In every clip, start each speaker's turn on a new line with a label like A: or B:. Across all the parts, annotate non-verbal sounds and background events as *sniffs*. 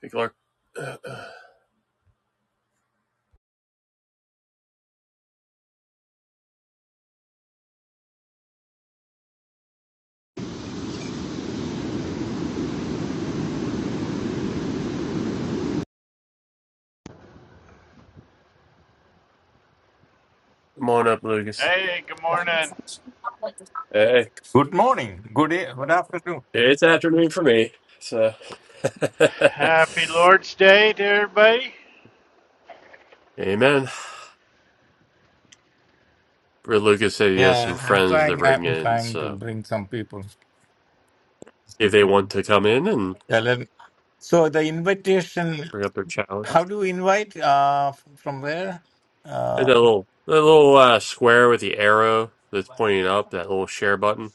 A: Hey, Clark. Uh, uh, Come on up, Lucas.
B: Hey, good morning.
A: Hey,
C: Good morning. Good e- what up?
A: it's afternoon for me. So, *laughs*
B: Happy Lord's Day to everybody.
A: amen. Where Lucas said he has some
C: Yeah, I'm
A: friends to
C: trying.
A: bring
C: I'm
A: in,
C: trying to
A: so
C: bring some people.
A: if they want to come in and
C: Yeah, let- so the invitation.
A: bring up their
C: How
A: challenge,
C: do we invite? Uh, f- from where?
A: Hit
C: Uh,
A: that little that little uh, square with the arrow that's pointing up, that little share button.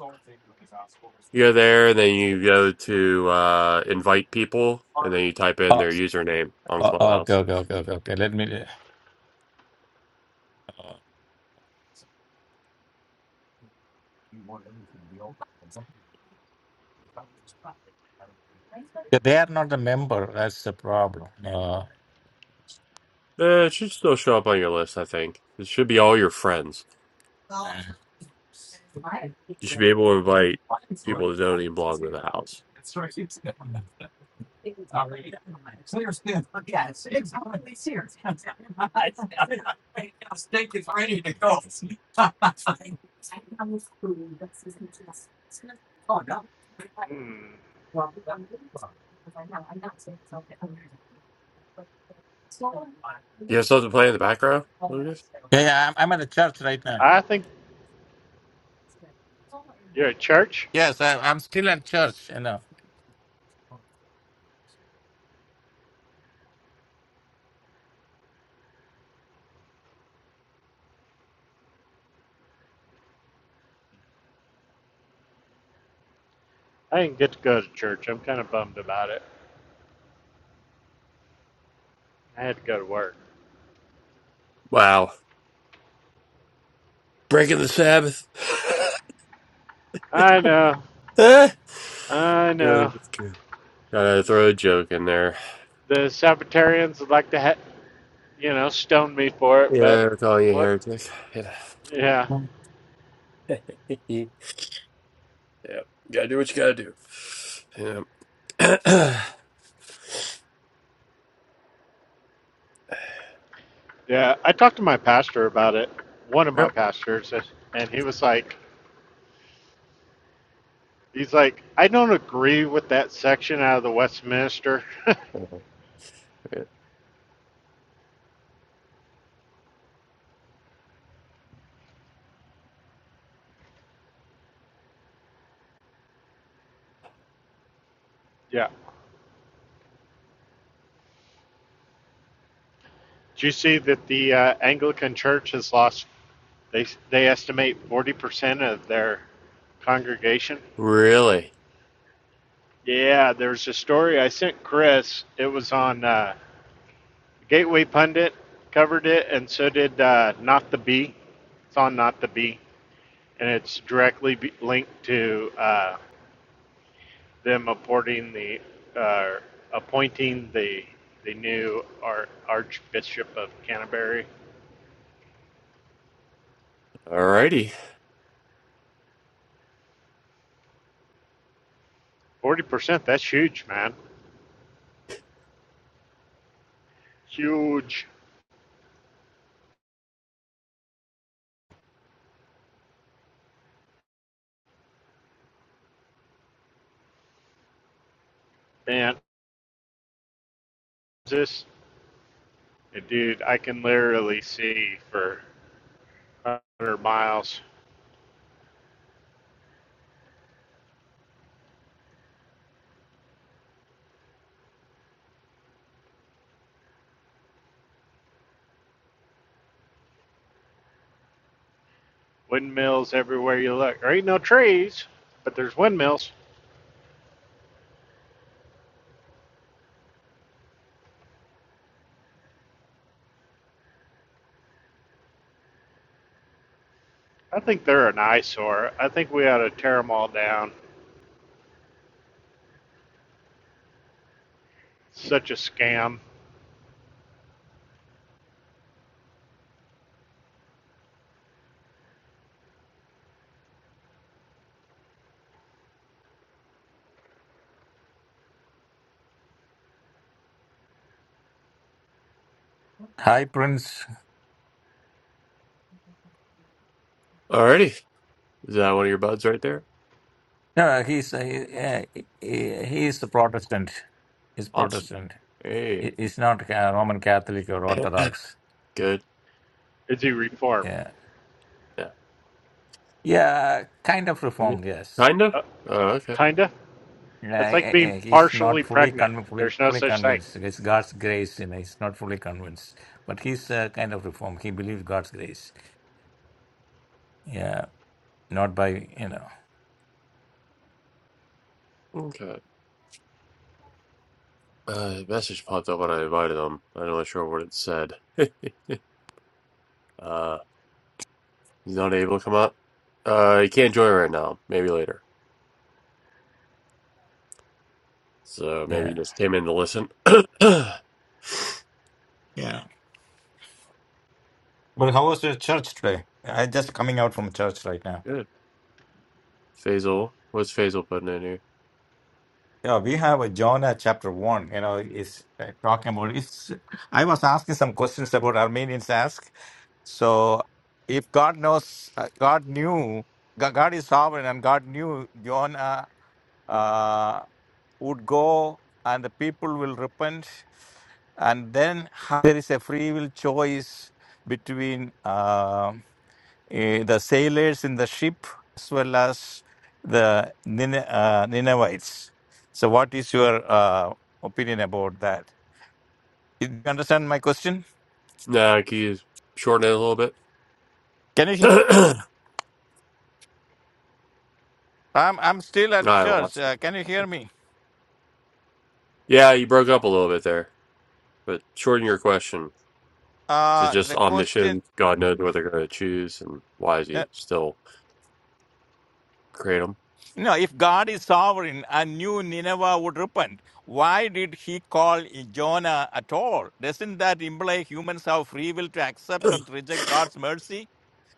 A: You go there, and then you go to uh, invite people, and then you type in their username on
C: oh, okay,
A: Clubhouse.
C: okay, okay, okay, okay. Let me. Yeah, they are not a member. That's the problem. Uh,
A: Eh, it should still show up on your list, I think. It should be all your friends. You should be able to invite people that don't even belong to the house.
B: Hmm.
A: You have something playing in the background, Lucas?
C: yeah, yeah, I'm, I'm at a church right now.
B: I think you're at church.
C: Yes, I, I'm still at church. You know.
B: I didn't get to go to church. I'm kind of bummed about it. I had to go to work.
A: Wow. Breaking the Sabbath. *laughs*
B: I know.
A: Eh?
B: I
A: Yeah,
B: know.
A: that's good. Gotta throw a joke in there.
B: The Sabbatarians would like to, ha- you know, stone me for it,
A: Yeah,
B: but
A: they're calling you a
B: what?
A: heretic. Yeah.
B: Yeah.
A: *laughs* yeah. Gotta do what you gotta do. Yeah.
B: Yeah. I talked to my pastor about it, one of my pastors, and and he was like, he's like, I don't agree with that section out of the Westminster.
A: *clears throat* yep.
B: *laughs* yeah. Do you see that the uh, Anglican Church has lost? They they estimate forty percent of their congregation.
A: Really?
B: Yeah, there's a story I sent Chris. It was on uh, Gateway Pundit covered it, and so did uh, Not the Bee. It's on Not the Bee, and it's directly be- linked to uh, them appointing the uh, appointing the the new Ar- Archbishop of Canterbury.
A: Alrighty.
B: Forty percent. That's huge, man. Huge. Man, This dude, I can literally see for one hundred miles. Windmills everywhere you look. There ain't no trees, but there's windmills. I think they're an eyesore. I think we ought to tear them all down. Such a scam.
C: Hi, Prince.
A: Alrighty. Is that one of your buds right there?
C: No, he's uh, he, yeah, he, he is a Protestant. He's
A: Awesome.
C: Protestant.
A: Hey.
C: He, he's not uh, Roman Catholic or
A: *clears throat* *laughs*
C: Orthodox.
A: Good.
B: Is he reformed?
C: Yeah.
A: Yeah.
C: Yeah, kind of reformed, yes.
A: Kind of?
B: Uh,
A: Oh, okay.
B: kinda.
C: Yeah,
B: It's like
C: eh,
B: being
C: eh, he's
B: partially
C: not fully
B: pregnant.
C: con fully
B: There's no
C: fully
B: such thing.
C: convinced. It's God's grace, you know, he's not fully convinced, but he's uh, kind of reformed. He believes God's grace. Yeah, not by, you know,
A: Okay. Uh, a message popped up when I invited him. I'm not sure what it said. *laughs* uh, he's not able to come up. Uh, he can't join right now. Maybe later. So maybe he
C: yeah.
A: just came in to listen. *coughs* *clears throat* Good.
C: Yeah. But how was your church today? I just coming out from church right now.
A: Faisal, what's Faisal putting in here?
C: Yeah, we have a Jonah chapter one, you know, is uh, talking about it's I was asking some questions about Armenians ask. So if God knows uh, God knew Go- God is sovereign and God knew Jonah uh, would go and the people will repent and then how there is a free will choice between uh, eh, the sailors in the ship as well as the Nine- uh, Ninevites. So, what is your uh, opinion about that? Did you understand my question?
A: Nah, he's shortening it a little bit. *coughs*
C: Can you?
A: *clears throat*
C: he-
A: I
C: I'm I'm still at church.
A: lost. it.
C: Uh, can you hear me?
A: Yeah, you broke up a little bit there. But shorten your question. Is it
C: Uh,
A: just
C: the question.
A: omniscient, God knows what they're going to choose, and why is
C: Uh,
A: he still create
C: no, if God is sovereign and knew Nineveh would repent, why did he call Jonah at all? Doesn't that imply humans have free will to accept or to reject God's mercy?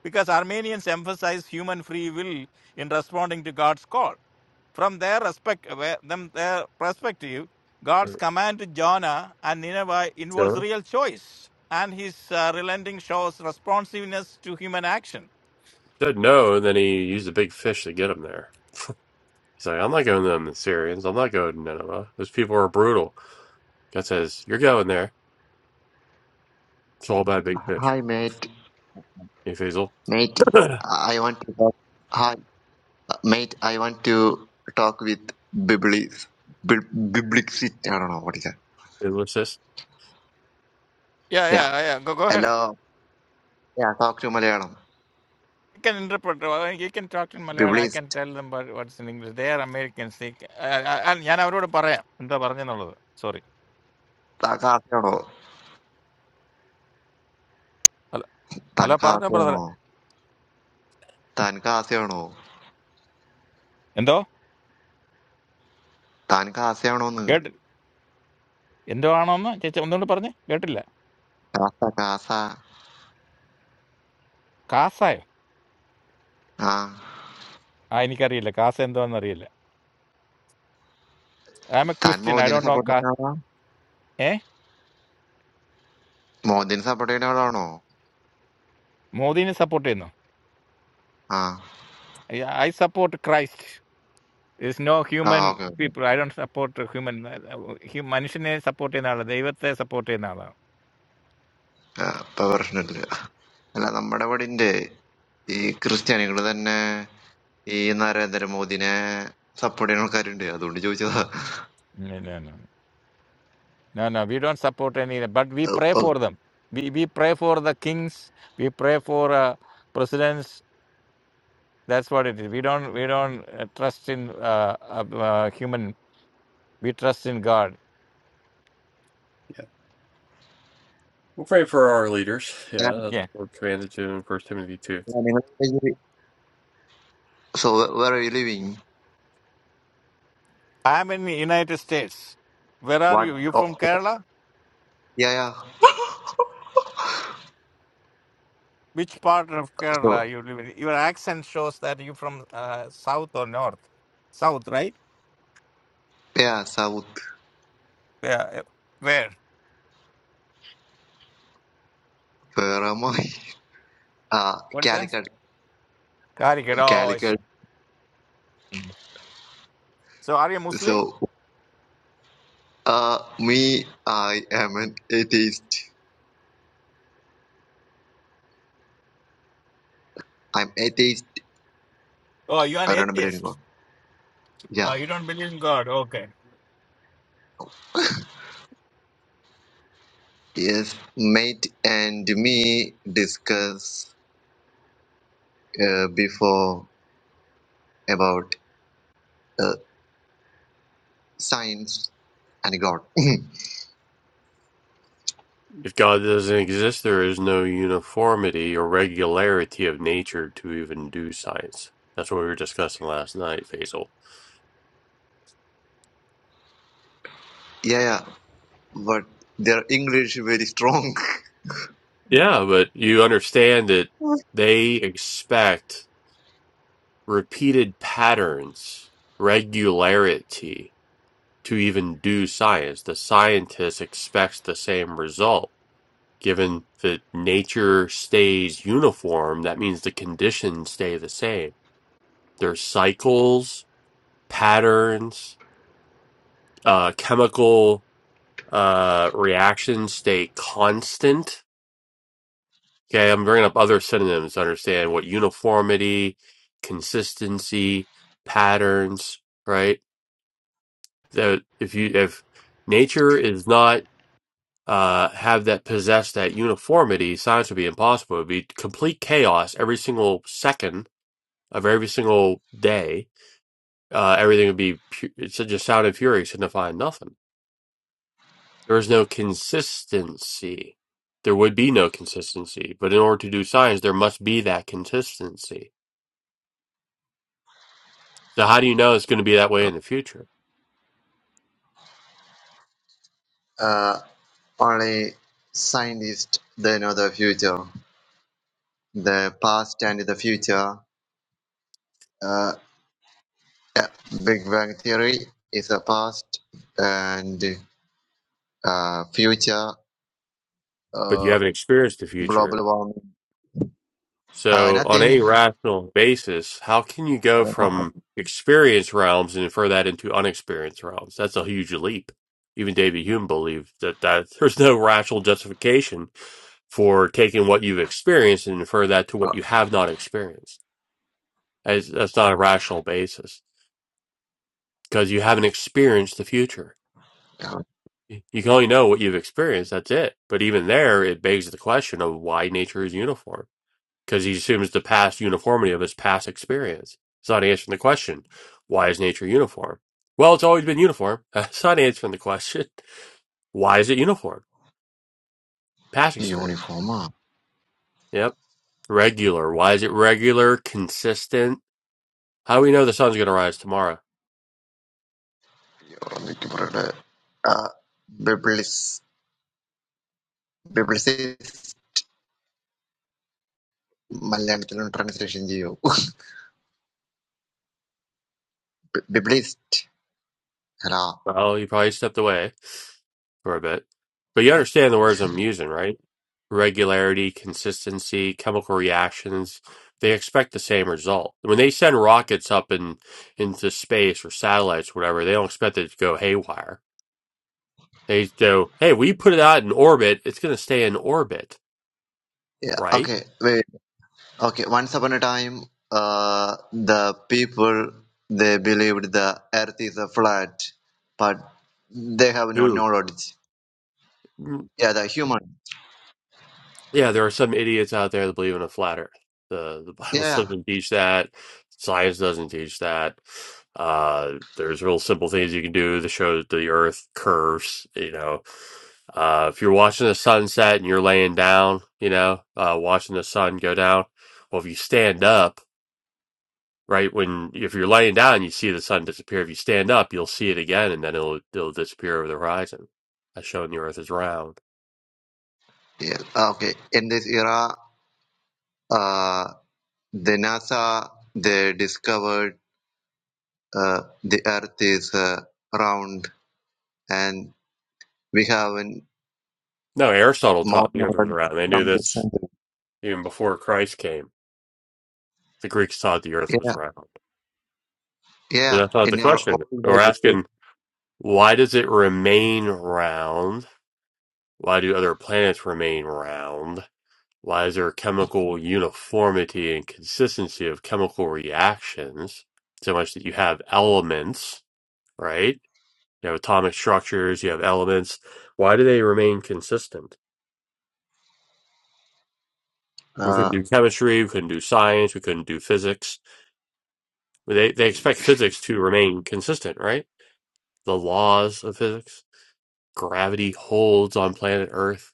C: because Armenians emphasize human free will in responding to God's call. From their respect, where- them their perspective, God's
A: them?
C: command to Jonah and Nineveh involves real choice, and His uh, relenting shows responsiveness to human action.
A: said no, and then he used a big fish to get him there. He's like, I'm not going to them Syrians. I'm not going to Nineveh. Those people are brutal. God says, You're going there. It's all about big fish.
D: Hi, mate.
A: Hey, Faisal.
D: Mate,
A: *clears throat* and
D: I want to talk. Hi, mate. I want to talk with Biblis. Bib- Biblicist. I don't know what is that.
A: what's *coughs* this?
C: Yeah, yeah,
D: Yeah.
C: yeah. Go, go ahead.
D: Hello. Yeah, talk to Malayalam.
C: I can interpret. uh, You can talk in Malayalam. I can
D: Biblicist.
C: tell them what- what's in English. They are Americans. They, ca- uh, uh, and ഞാൻ അവരോട് പറയാം എന്താ പറഞ്ഞെന്നുള്ളത് sorry
D: താൻകാശയാണോ
C: അല്ല അല്ല പറഞ്ഞോ brother
D: താൻകാശയാണോ താൻകാശയാണോ
C: എന്തോ
D: താൻകാശയാണോന്ന്
C: കേട്ടി എന്തോ ആണോന്ന് ചേച്ചി ഒന്നുകൊണ്ട് പറഞ്ഞേ കേട്ടില്ല
D: കാസ കാസ
C: Kashay?
D: ആ
C: I ni karile. Kashay endovan karile. I am a
D: താൻ
C: Christian. I
D: മോദിനെ
C: don't know.
D: സപ്പോർട്ട് ചെയ്യുന്ന ആളാ
C: K?
D: മോദിനെ സപ്പോർട്ട് ചെയ്യുന്ന ആളാണോ
C: Modi ni supporteno.
D: ആ
C: I support Christ. There's no
D: ആ
C: human
D: okay okay
C: people. I don't support human. Humanisheni supporteno. Devote supporteno.
D: ഇപ്പൊ പ്രശ്നമില്ല അല്ല നമ്മുടെ ഇവിടെ ഇണ്ട് ഈ ക്രിസ്ത്യാനികൾ തന്നെ ഈ നരേന്ദ്രമോദിനെ സപ്പോർട്ട് ചെയ്യുന്ന ആൾക്കാരുണ്ട് അതുകൊണ്ട് ചോദിച്ചതാ
C: No no. No no. We don't support anyone. But we pray for them. We we pray for the kings. We pray for uh, presidents. That's what it is. We don't we don't uh, trust in uh, uh, uh, human. We trust in God.
A: Yeah. We'll pray for our leaders. Yeah, that's
C: Yeah.
A: what we're commanded to in First Timothy 2.
D: നിങ്ങളുടെ so where you living
C: I'm in the United States. Where are
D: what
C: you? You from Kerala? Which part of
D: so
C: Kerala you live in? Your accent shows that you from uh, south or north. South, right?
D: Yeah south
C: Yeah. yeah. Where?
D: ഫെറമായി uh,
C: What is that?
D: Calicut,
C: Calicut. Oh, I see. Mm. So are you
D: So,
C: Muslim?
D: uh, me, I am an atheist. I'm atheist.
C: Oh, you're an
D: I don't believe in God.
C: atheist.
D: Yeah.
C: Uh, you don't believe in God. Okay.
D: Yes, mate and me discuss uh, before about uh, science and God.
A: If God doesn't exist, there is no uniformity or regularity of nature to even do science. That's what we were discussing last night, Faisal.
D: *laughs* Yeah, but their English very strong.
A: Yeah, but you understand that they expect. repeated patterns, regularity. To even do science, the scientist expects the same result. Given that nature stays uniform, that means the conditions stay the same. There's cycles, patterns, uh, chemical uh, reactions stay constant. Okay, I'm bringing up other synonyms to understand what uniformity, consistency, patterns, right? that if you if nature is not uh have that possess that uniformity science would be impossible it would be complete chaos every single second of every single day uh everything would be pu- it's just sound and fury signifying nothing there is no consistency there would be no consistency but in order to do science there must be that consistency so how do you know it's going to be that way in the future
D: Uh, only scientists they know the future, the past and the future. Uh, yeah, Big Bang Theory is a past and uh, future.
A: but you
D: Uh,
A: haven't experienced the future
D: global warming. Uh,
A: So, on
D: nothing.
A: any
D: I
A: rational basis, how can you go
D: don't know.
A: from experienced realms and infer that into unexperienced realms? That's a huge leap. Even David Hume believed that, that *laughs* there's no rational justification for taking what you've experienced and infer that to
D: Uh,
A: what you have not experienced. That's, that's not a rational basis because you haven't experienced the future.
D: uh,
A: You can only know what you've experienced. That's it. But even there, it begs the question of why nature is uniform because he assumes the past uniformity of his past experience. It's not answering the question, why is nature uniform? Well, it's always been uniform. *laughs* It's not answering the question, *laughs* why is it uniform? Past experience.
D: uniform. Ah,
A: Yep. Regular. Why is it regular, consistent? How do we know the sun's going to rise tomorrow?
D: എനിക്ക് പറയട്ടെ. Uh, biblis- biblicist മലയാളത്തിലൊന്ന് translation ചെയ്യൂ. Bi- Biblist. *laughs* അല്ല.
A: Well, you probably stepped away for a bit. But you understand the words I'm using, right? regularity, consistency, chemical reactions. They expect the same result. When they send rockets up in into space or satellites, or whatever, they don't expect it to go haywire. They go, hey, we put it out in orbit. It's going to stay in orbit,
D: Yeah,
A: right?
D: okay, wait. Okay, once upon a time, uh, the people they believed the earth is a flat, but they have no
A: Who?
D: knowledge. Yeah, the human.
A: Yeah, there are some idiots out there that believe in a flat earth. The the Bible *laughs*
D: Yeah,
A: doesn't teach that. Science doesn't teach that. Uh, there's real simple things you can do to show that the earth curves, you know. Uh, if you're watching the sunset and you're laying down, you know, uh, watching the sun go down, well, if you stand up, right, when if you're laying down, you see the sun disappear. If you stand up, you'll see it again, and then it'll it'll disappear over the horizon. That's showing the earth is round.
D: yeah. yeah. Okay, in this era, uh, the NASA they discovered uh, the earth is uh, round, and we have an-
A: No, Aristotle
D: more
A: taught the earth was
D: knowledge
A: round. They knew
D: from this
A: this
D: century.
A: even before Christ came, the Greeks thought the earth was
D: Yeah,
A: round. But
D: yeah.
A: that's not the
D: In our
A: question.
D: old
A: We're
D: Bible,
A: asking, why does it remain round? Why do other planets remain round? Why is there chemical uniformity and consistency of chemical reactions? So much that you have elements, right? You have atomic structures, you have elements. Why do they remain consistent? We couldn't
D: uh,
A: do chemistry, we couldn't do science, we couldn't do physics. They, they expect physics to remain consistent, right? the laws of physics. Gravity holds on planet Earth.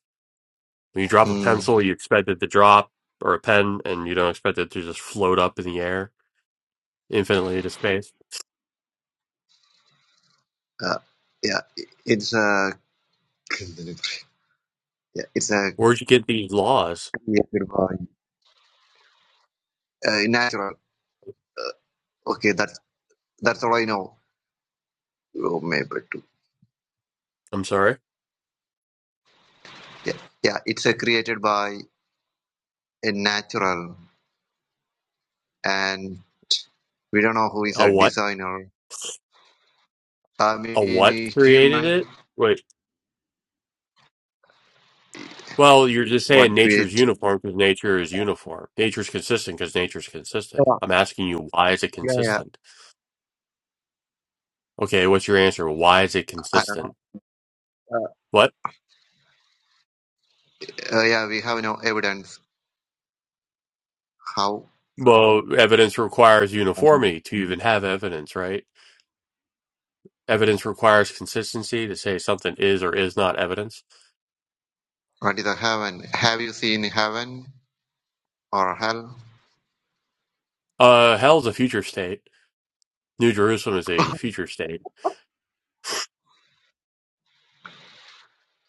A: When you drop a
D: hmm.
A: pencil, you expect it to drop, or a pen, and you don't expect it to just float up in the air infinitely into space.
D: Uh, yeah, i- it's a yeah, it's a
A: Where'd you get these laws?
D: created by uh, natural. Okay, that's that's all I know. Oh, maybe two.
A: I'm sorry.
D: Yeah, yeah, it's a created by a natural, and we don't know who is
A: A
D: a
A: what?
D: designer. I
A: A what
D: mean,
A: created
D: human
A: it? Wait. Well, you're just saying
D: what
A: nature's
D: create?
A: uniform because nature is uniform. Nature's consistent because nature's consistent.
D: Yeah,
A: I'm asking you, why is it
D: yeah, yeah.
A: consistent? Okay, what's your answer? Why is it
D: I don't
A: consistent?
D: know.
A: What?
D: Uh, yeah, we have no evidence how
A: Well, evidence requires
D: and
A: uniformity to even have evidence, right? Evidence requires consistency to say something is or is not evidence.
D: what is a heaven. Have you seen heaven or hell?
A: Uh, hell's a future state. New Jerusalem is a
D: *laughs*
A: future state.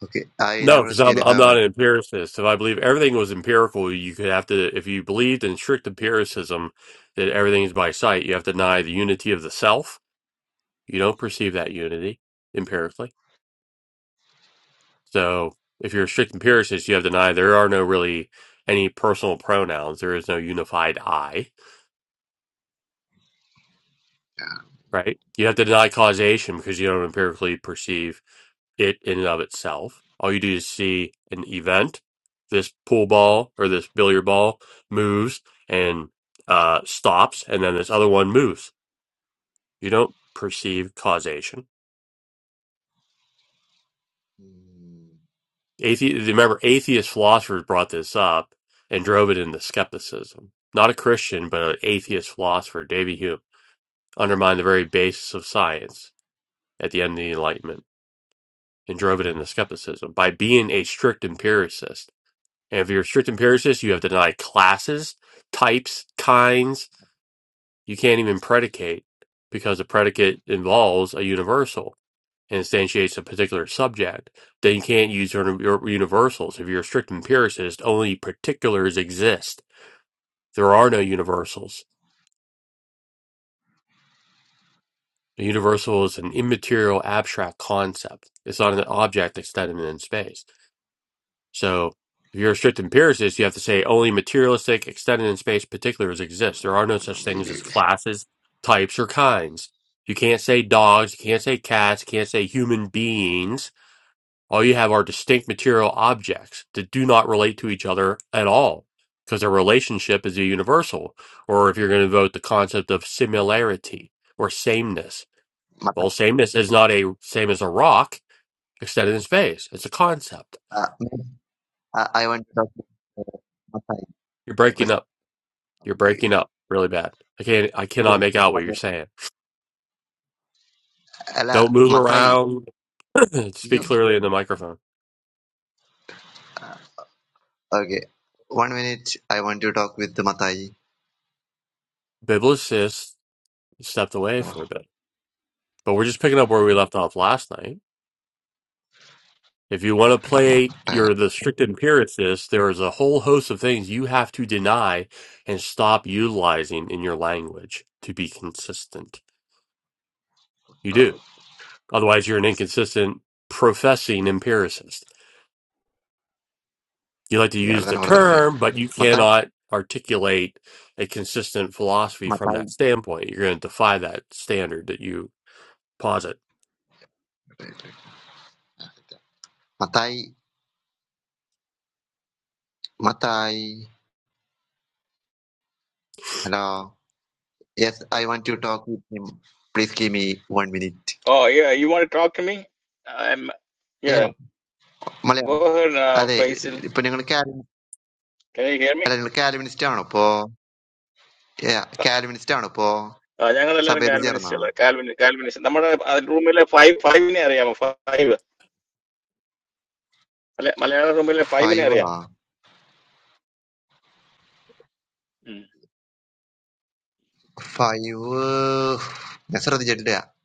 D: Okay, I
A: No,
D: never
A: because
D: seen
A: I'm I'm not
D: heaven.
A: an empiricist. If I believe everything was empirical, you could have to. If you believed in strict empiricism that everything is by sight, you have to deny the unity of the self. You don't perceive that unity empirically So if you're a strict empiricist, you have to deny there are no really any personal pronouns. There is no unified I, right? You have to deny causation because you don't empirically perceive it in and of itself. All you do is see an event. This pool ball or this billiard ball moves and uh, stops, and then this other one moves. You don't perceive causation
D: Hmm.
A: Athe- remember, atheist philosophers brought this up and drove it into skepticism. Not a Christian, but an atheist philosopher, David Hume, undermined the very basis of science at the end of the Enlightenment and drove it into skepticism by being a strict empiricist. And if you're a strict empiricist, you have to deny classes, types, kinds. You can't even predicate because a predicate involves a universal. instantiates a particular subject, then you can't use universals. If you're a strict empiricist, only particulars exist. There are no universals. The universal is an immaterial abstract concept. It's not an object extended in space. So if you're a strict empiricist, you have to say only materialistic, extended in space particulars exist.
D: I
A: There are no
D: don't know,
A: such things
D: maybe.
A: as classes, types, or kinds. You can't say dogs, you can't say cats, you can't say human beings All you have are distinct material objects that do not relate to each other at all because their relationship is a universal. Or if you're going to vote the concept of similarity or sameness,
D: Matai,
A: well, sameness is not a same as a rock extended in space. It's a concept.
D: uh, ma'am, uh, I want to talk to uh, Matai
A: You're breaking
D: because
A: up. You're breaking up really bad. I can't. I cannot make out what you're saying.
D: Ala
A: Don't move
D: Matai,
A: around. *clears throat*
D: you
A: Speak clearly in the microphone.
D: okay? One minute, I want to talk with the Matai.
A: Biblicist stepped away
D: Oh,
A: for a bit, but we're just picking up where we left off last night. If you want to
D: ta-
A: play
D: Matai,
A: you're the strict empiricist, there is a whole host of things you have to deny and stop utilizing in your language to be consistent. You do. Otherwise, you're an inconsistent professing empiricist. You like to
D: yeah, that's
A: use the
D: another number.
A: term, but you
D: Matai,
A: cannot articulate a consistent philosophy from
D: Matai,
A: that standpoint. You're going to defy that standard that you posit.
D: Matai, Matai. Hello. Yes, I want to talk with him. Please give me one minute.
C: Oh, yeah. You want to talk to me? I'm,
D: Yeah,
C: yeah.
D: Malayalam.
C: Go ahead, uh,
D: അതെ
C: Faisal.
D: ഇപ്പൊ നിങ്ങൾ കാലിൻ
C: Can you hear me?
D: അല്ല നിങ്ങൾ കാലിമിനിസ്റ്റ് ആണോ ഇപ്പോ Yeah, കാലിമിനിസ്റ്റ് ആണോ ഇപ്പോ
C: ഞങ്ങൾ എല്ലാവരും
D: Saber dijer na
C: കാൽവിനിസ്റ്റുള്ള കാൽവിൻ കാൽവിനിസ്റ്റ് നമ്മുടെ റൂമിലെ ഫൈവ് ഫൈവിനെ അറിയാമോ five Malayalam movie le five ne
D: fire
C: ariyam.
D: fire yesser dijer dey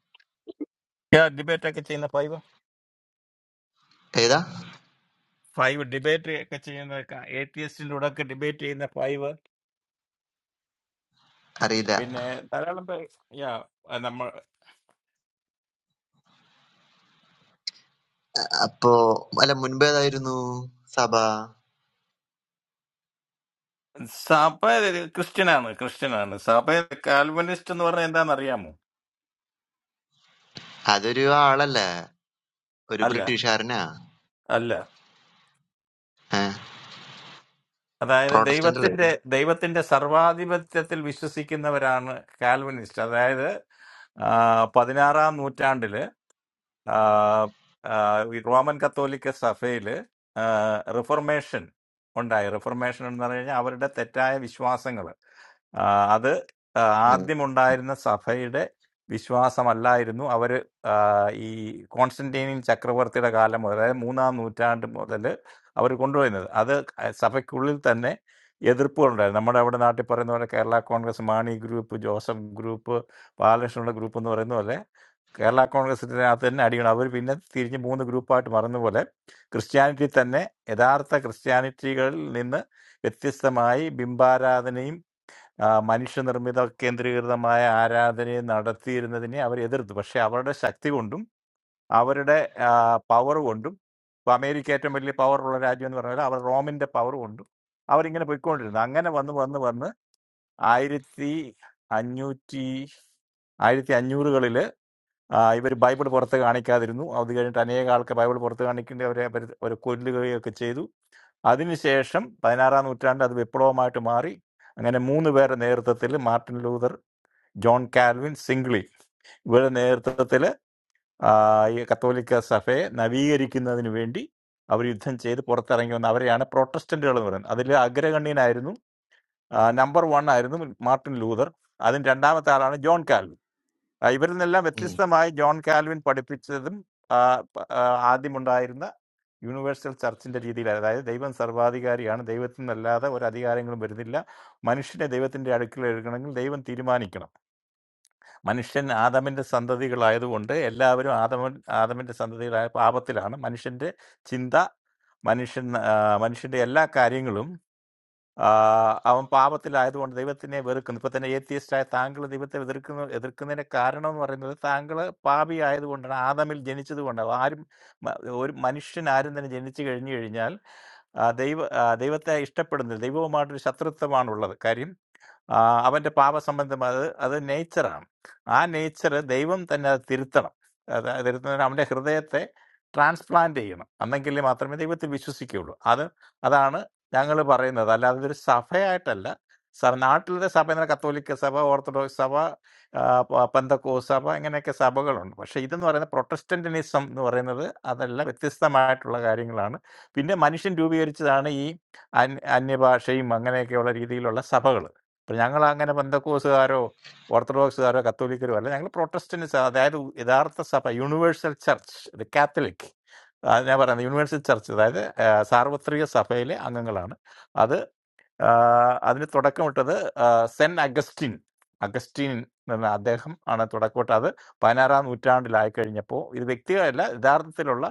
C: Ya debate ke chayna five.
D: da
C: Five debate ke chayna ka atheistin orakke debate ina five.
D: arida
C: Ina tharaalam pe ya na mar.
D: apo alam munba da irunu sabah
C: Sapa Christiana na Christiana na. Sapa Calvinistan orakke ina nariya mu.
D: aderiywa alal le kuri
C: Allah
D: prity share ne
C: Allah. അതായത്
D: protestant la
C: ദൈവത്തിന്റെ ദൈവത്തിന്റെ സർവാധിപത്യത്തിൽ വിശ്വസിക്കുന്നവരാണ് Calvinist അതായത് ആ, പതിനാറാം നൂറ്റാണ്ടില് ആ, ആ, ഈ റോമൻ കത്തോലിക്ക സഭയില് ആ, റിഫർമേഷൻ ഉണ്ടായി റിഫർമേഷൻ എന്ന് പറഞ്ഞു കഴിഞ്ഞാൽ അവരുടെ തെറ്റായ വിശ്വാസങ്ങൾ അത് ആദ്യമുണ്ടായിരുന്ന സഭയുടെ വിശ്വാസമല്ലായിരുന്നു അവർ ഈ കോൺസ്റ്റന്റീനിയൻ ചക്രവർത്തിയുടെ കാലം മുതൽ അതായത് മൂന്നാം നൂറ്റാണ്ട് മുതൽ അവർ കൊണ്ടുവരുന്നത് അത് സഭയ്ക്കുള്ളിൽ തന്നെ എതിർപ്പുകളുണ്ടായിരുന്നു നമ്മുടെ അവിടെ നാട്ടിൽ പറയുന്ന പോലെ കേരള കോൺഗ്രസ് മാണി ഗ്രൂപ്പ് ജോസഫ് ഗ്രൂപ്പ് ബാലകൃഷ്ണയുടെ ഗ്രൂപ്പ് എന്ന് പറയുന്ന പോലെ കേരള കോൺഗ്രസിൻ്റെ അകത്ത് തന്നെ അടിക്കണം അവർ പിന്നെ തിരിഞ്ഞ് മൂന്ന് ഗ്രൂപ്പായിട്ട് മറന്ന പോലെ ക്രിസ്ത്യാനിറ്റി തന്നെ യഥാർത്ഥ ക്രിസ്ത്യാനിറ്റികളിൽ നിന്ന് വ്യത്യസ്തമായി ബിംബാരാധനയും ആ, മനുഷ്യനിർമ്മിത കേന്ദ്രീകൃതമായ ആരാധനയും നടത്തിയിരുന്നതിനെ അവർ എതിർത്തു പക്ഷേ അവരുടെ ശക്തി കൊണ്ടും അവരുടെ പവർ കൊണ്ടും ഇപ്പോൾ അമേരിക്ക ഏറ്റവും വലിയ പവറുള്ള രാജ്യം എന്ന് പറഞ്ഞാൽ അവർ റോമിൻ്റെ പവർ കൊണ്ടും അവരിങ്ങനെ പോയിക്കൊണ്ടിരുന്നു അങ്ങനെ വന്ന് വന്ന് വന്ന് ആയിരത്തി അഞ്ഞൂറ്റി ആയിരത്തി അഞ്ഞൂറുകളിൽ ഇവർ ബൈബിൾ പുറത്ത് കാണിക്കാതിരുന്നു അത് കഴിഞ്ഞിട്ട് അനേക ആൾക്ക് ബൈബിൾ പുറത്ത് കാണിക്കേണ്ടി അവരെ അവര് ഒരു കൊല്ലുകയൊക്കെ ചെയ്തു അതിനുശേഷം പതിനാറാം നൂറ്റാണ്ട് അത് വിപ്ലവമായിട്ട് മാറി അങ്ങനെ മൂന്ന് പേരുടെ നേതൃത്വത്തിൽ Martin Luther John Calvin Zwingli ഇവരുടെ നേതൃത്വത്തിൽ ആ, ഈ കത്തോലിക്ക സഭയെ നവീകരിക്കുന്നതിന് വേണ്ടി അവർ യുദ്ധം ചെയ്ത് പുറത്തിറങ്ങി വന്ന അവരെയാണ് പ്രൊട്ടസ്റ്റന്റുകൾ എന്ന് പറയുന്നത് അതിൽ അഗ്രഗണ്യനായിരുന്നു നമ്പർ വൺ ആയിരുന്നു മാർട്ടിൻ ലൂതർ അതിന് രണ്ടാമത്തെ ആളാണ് ജോൺ കാൽവിൻ ആ, ഇവരിൽ നിന്നെല്ലാം വ്യത്യസ്തമായി ജോൺ കാൽവിൻ പഠിപ്പിച്ചതും ആ, പ- ആ, ആദ്യമുണ്ടായിരുന്ന യൂണിവേഴ്സൽ ചർച്ചിന്റെ രീതിയിൽ അതായത് ദൈവം സർവാധികാരിയാണ് ദൈവത്തിൽ നിന്നല്ലാതെ ഒരു അധികാരങ്ങളും വരുന്നില്ല മനുഷ്യനെ ദൈവത്തിന്റെ അടുക്കൽ എടുക്കണമെങ്കിൽ ദൈവം തീരുമാനിക്കണം Manishan Aadhaminte sandadhigal ayado vande. Ella abhiru Aadhamin Aadhaminte sandadhigal ayapo abathilahana. Manishanthe chinta, Manishan Manishanthe ella karyinglum. Ah, avam abathil ayado vande. Devatne vdrkundh pata ne yathya istha thangaladi vathne vdrkundh. Vdrkundh ne karanam varne thangalay pabi ayado vande. Aadhamil jenichido vande. Avari or Manishan ayendne jenichigal ne erinyaal. Ah, deva Ah, devatne istha pannde. Deva maardre sathrattha manvolla karyin. ആ, അവന്റെ പാപസംബന്ധമായ അത് അത് നേച്ചറാണ് ആ nature ദൈവം തന്നെ അത് തിരുത്തണം അത് തിരുത്തുന്നതിന് അവന്റെ ഹൃദയത്തെ ട്രാൻസ്പ്ലാന്റ് ചെയ്യണം അന്നെങ്കിൽ മാത്രമേ ദൈവത്തിൽ വിശ്വസിക്കുകയുള്ളൂ അത് അതാണ് ഞങ്ങൾ പറയുന്നത് അല്ലാതെ ഇതൊരു സഭയായിട്ടല്ല സ- നാട്ടിലത്തെ സഭ എന്ന കത്തോലിക്ക സഭ ഓർത്തഡോക്സ് സഭ ആ, പ- പെന്തക്കോ സഭ ഇങ്ങനെയൊക്കെ സഭകളുണ്ട് പക്ഷേ ഇതെന്ന് പറയുന്ന പ്രൊട്ടസ്റ്റന്റിനിസം എന്ന് പറയുന്നത് അതെല്ലാം വ്യത്യസ്തമായിട്ടുള്ള കാര്യങ്ങളാണ് പിന്നെ മനുഷ്യൻ രൂപീകരിച്ചതാണ് ഈ അന്യ- അന്യഭാഷയും അങ്ങനെയൊക്കെയുള്ള രീതിയിലുള്ള സഭകൾ അപ്പോൾ ഞങ്ങൾ അങ്ങനെ ബന്ധക്കോസുകാരോ ഓർത്തഡോക്സുകാരോ കത്തോലിക്കരോ അല്ല ഞങ്ങൾ പ്രൊട്ടസ്റ്റൻസ് അതായത് യഥാർത്ഥ സഭ യൂണിവേഴ്സൽ ചർച്ച് ദ കാത്തലിക് അത് ഞാൻ പറയുന്നത് യൂണിവേഴ്സൽ ചർച്ച് അതായത് ആ, സാർവത്രിക സഭയിലെ അംഗങ്ങളാണ് അത് ആ, അതിന് തുടക്കമിട്ടത് ആ, സെന്റ് അഗസ്റ്റിൻ അഗസ്റ്റീൻ എന്ന അദ്ദേഹം ആണ് തുടക്കമിട്ടത് അത് പതിനാറാം നൂറ്റാണ്ടിലായി കഴിഞ്ഞപ്പോൾ ഇത് വ്യക്തികളല്ല യഥാർത്ഥത്തിലുള്ള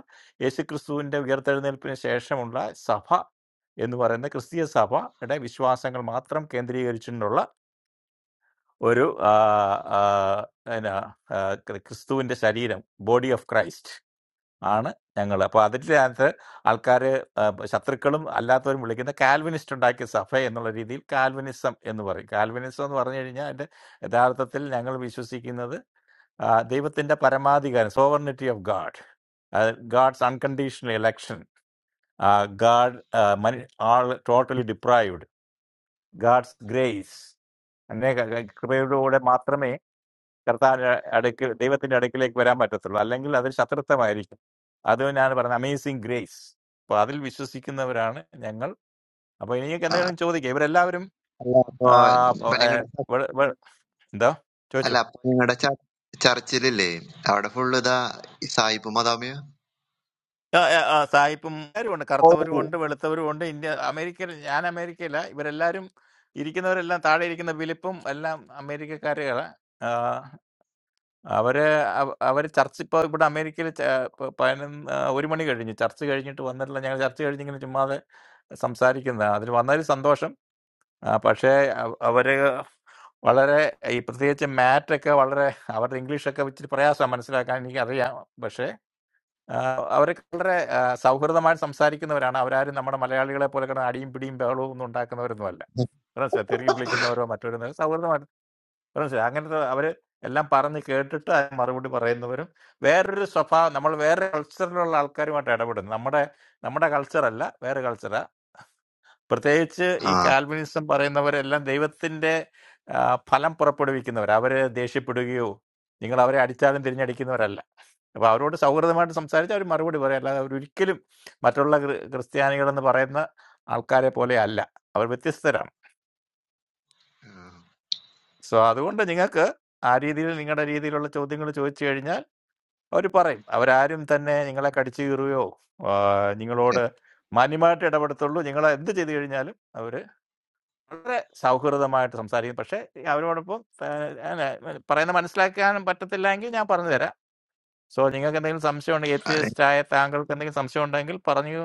C: യേശുക്രിസ്തുവിൻ്റെ ഉയർത്തെഴുന്നേൽപ്പിന് ശേഷമുള്ള സഭ എന്ന് പറയുന്ന ക്രിസ്തീയ സഭയുടെ വിശ്വാസങ്ങൾ മാത്രം കേന്ദ്രീകരിച്ചുകൊണ്ടുള്ള one, ah, ah, enna Christuinte sariya body of Christ, Anna, engalapu. After this answer, alkarre shatthrikalam allatho enmulikinte Calvinistundai ke saffai ennolari dil Calvinism ennu varik Calvinism ennu varane enniya. Adarathathil engalamishu siki enada. Ah, Deva thina paramadi gan sovereignty of God, God's unconditional election, God, mani all totally deprived. God's grace. God's grace എന്നെ കൃപയോടുകൂടെ മാത്രമേ കർത്താവിന്റെ അടുക്കൽ ദൈവത്തിന്റെ അടുക്കിലേക്ക് വരാൻ പറ്റത്തുള്ളൂ അല്ലെങ്കിൽ അത് ശത്രുത്വമായിരിക്കും അത് ഞാൻ പറഞ്ഞ അമേസിങ് ഗ്രേസ് അപ്പൊ അതിൽ വിശ്വസിക്കുന്നവരാണ് ഞങ്ങൾ അപ്പൊ എനിക്ക് എന്തെങ്കിലും ചോദിക്കാം ഇവരെല്ലാവരും
D: ala
C: ആ, അപ്പൊ,
D: apni
C: ഏ,
D: nga da
C: വെള്- വെള്- എന്താ ചോദിച്ചു
D: ala apni nga da churchile le awa da full da sahi pumada maya
C: സായിപ്പും എല്ലാവരും ഉണ്ട് കറുത്തവരും
D: oh
C: ഉണ്ട് വെളുത്തവരും ഉണ്ട് ഇന്ത്യ അമേരിക്കയിൽ ഞാൻ അമേരിക്കയില ഇവരെല്ലാവരും ഇരിക്കുന്നവരെല്ലാം താഴെ ഇരിക്കുന്ന ഫിലിപ്പും എല്ലാം അമേരിക്കക്കാരുകളാണ് അവര് അവ അവര് ചർച്ച് ഇപ്പൊ ഇവിടെ അമേരിക്കയില് ച പ പതിനൊന്ന് ആഹ് 1 മണി കഴിഞ്ഞു. ചർച്ച് കഴിഞ്ഞിട്ട് വന്നിട്ടില്ല. ഞങ്ങള് ചർച്ച് കഴിഞ്ഞിങ്ങനെ ചുമ്മാതെ സംസാരിക്കുന്നതാ. അതില് വന്നതിൽ സന്തോഷം. ആഹ് പക്ഷേ അവ അവര് വളരെ ഈ പ്രത്യേകിച്ച് മാറ്റൊക്കെ വളരെ അവരുടെ ഇംഗ്ലീഷൊക്കെ ഇച്ചിരി പ്രയാസാ മനസ്സിലാക്കാൻ എനിക്കറിയാം. പക്ഷേ ആഹ് അവരൊക്കെ വളരെ ആഹ് സൗഹൃദമായിട്ട് സംസാരിക്കുന്നവരാണ്. അവരാരും നമ്മുടെ മലയാളികളെ പോലെ കിടന്ന് അടിയും പിടിയും ബഹളവും ഒന്നും ഉണ്ടാക്കുന്നവരൊന്നും അല്ല. മനസ്സിലായോ? തെറി ഉം. വിളിക്കുന്നവരോ മറ്റവരൊന്നും സൗഹൃദമായിട്ട് മനസ്സിലായി അങ്ങനത്തെ അവര് എല്ലാം പറഞ്ഞ് കേട്ടിട്ട് അതിന് മറുപടി പറയുന്നവരും വേറൊരു സ്വഭാവം നമ്മൾ വേറെ കൾച്ചറിലുള്ള ആൾക്കാരുമായിട്ട് ഇടപെടുന്നു നമ്മുടെ നമ്മുടെ കൾച്ചറല്ല വേറെ കൾച്ചറാ പ്രത്യേകിച്ച്
D: ha
C: ഈ കാൽവിനിസം പറയുന്നവരെല്ലാം ദൈവത്തിന്റെ ആ, ഫലം പുറപ്പെടുവിക്കുന്നവർ അവര് ദേഷ്യപ്പെടുകയോ നിങ്ങൾ അവരെ അടിച്ചാലും തിരിഞ്ഞടിക്കുന്നവരല്ല അപ്പൊ അവരോട് സൗഹൃദമായിട്ട് സംസാരിച്ച് അവർ മറുപടി പറയും അല്ലാതെ അവരൊരിക്കലും മറ്റുള്ള ക്രി- ക്രിസ്ത്യാനികളെന്ന് പറയുന്ന ആൾക്കാരെ പോലെ അല്ല അവർ വ്യത്യസ്തരാണ് സോ അതുകൊണ്ട് നിങ്ങൾക്ക് ആ രീതിയിൽ നിങ്ങളുടെ രീതിയിലുള്ള ചോദ്യങ്ങൾ ചോദിച്ചു കഴിഞ്ഞാൽ അവർ പറയും. അവരാരും തന്നെ നിങ്ങളെ കടിച്ചു കീറുകയോ ആ, നിങ്ങളോട് മാന്യമായിട്ട് ഇടപെടത്തുള്ളൂ. നിങ്ങൾ എന്ത് ചെയ്തു കഴിഞ്ഞാലും അവർ വളരെ സൗഹൃദമായിട്ട് സംസാരിക്കും. പക്ഷേ അവരോടൊപ്പം ആ, അല്ല, പറയുന്നത് മനസ്സിലാക്കാനും പറ്റത്തില്ലെങ്കിൽ ഞാൻ പറഞ്ഞു തരാം. സോ നിങ്ങൾക്ക് എന്തെങ്കിലും സംശയം ഉണ്ടെങ്കിൽ, എത്തിയസ്റ്റ് ആയ താങ്കൾക്ക് എന്തെങ്കിലും സംശയം ഉണ്ടെങ്കിൽ പറഞ്ഞു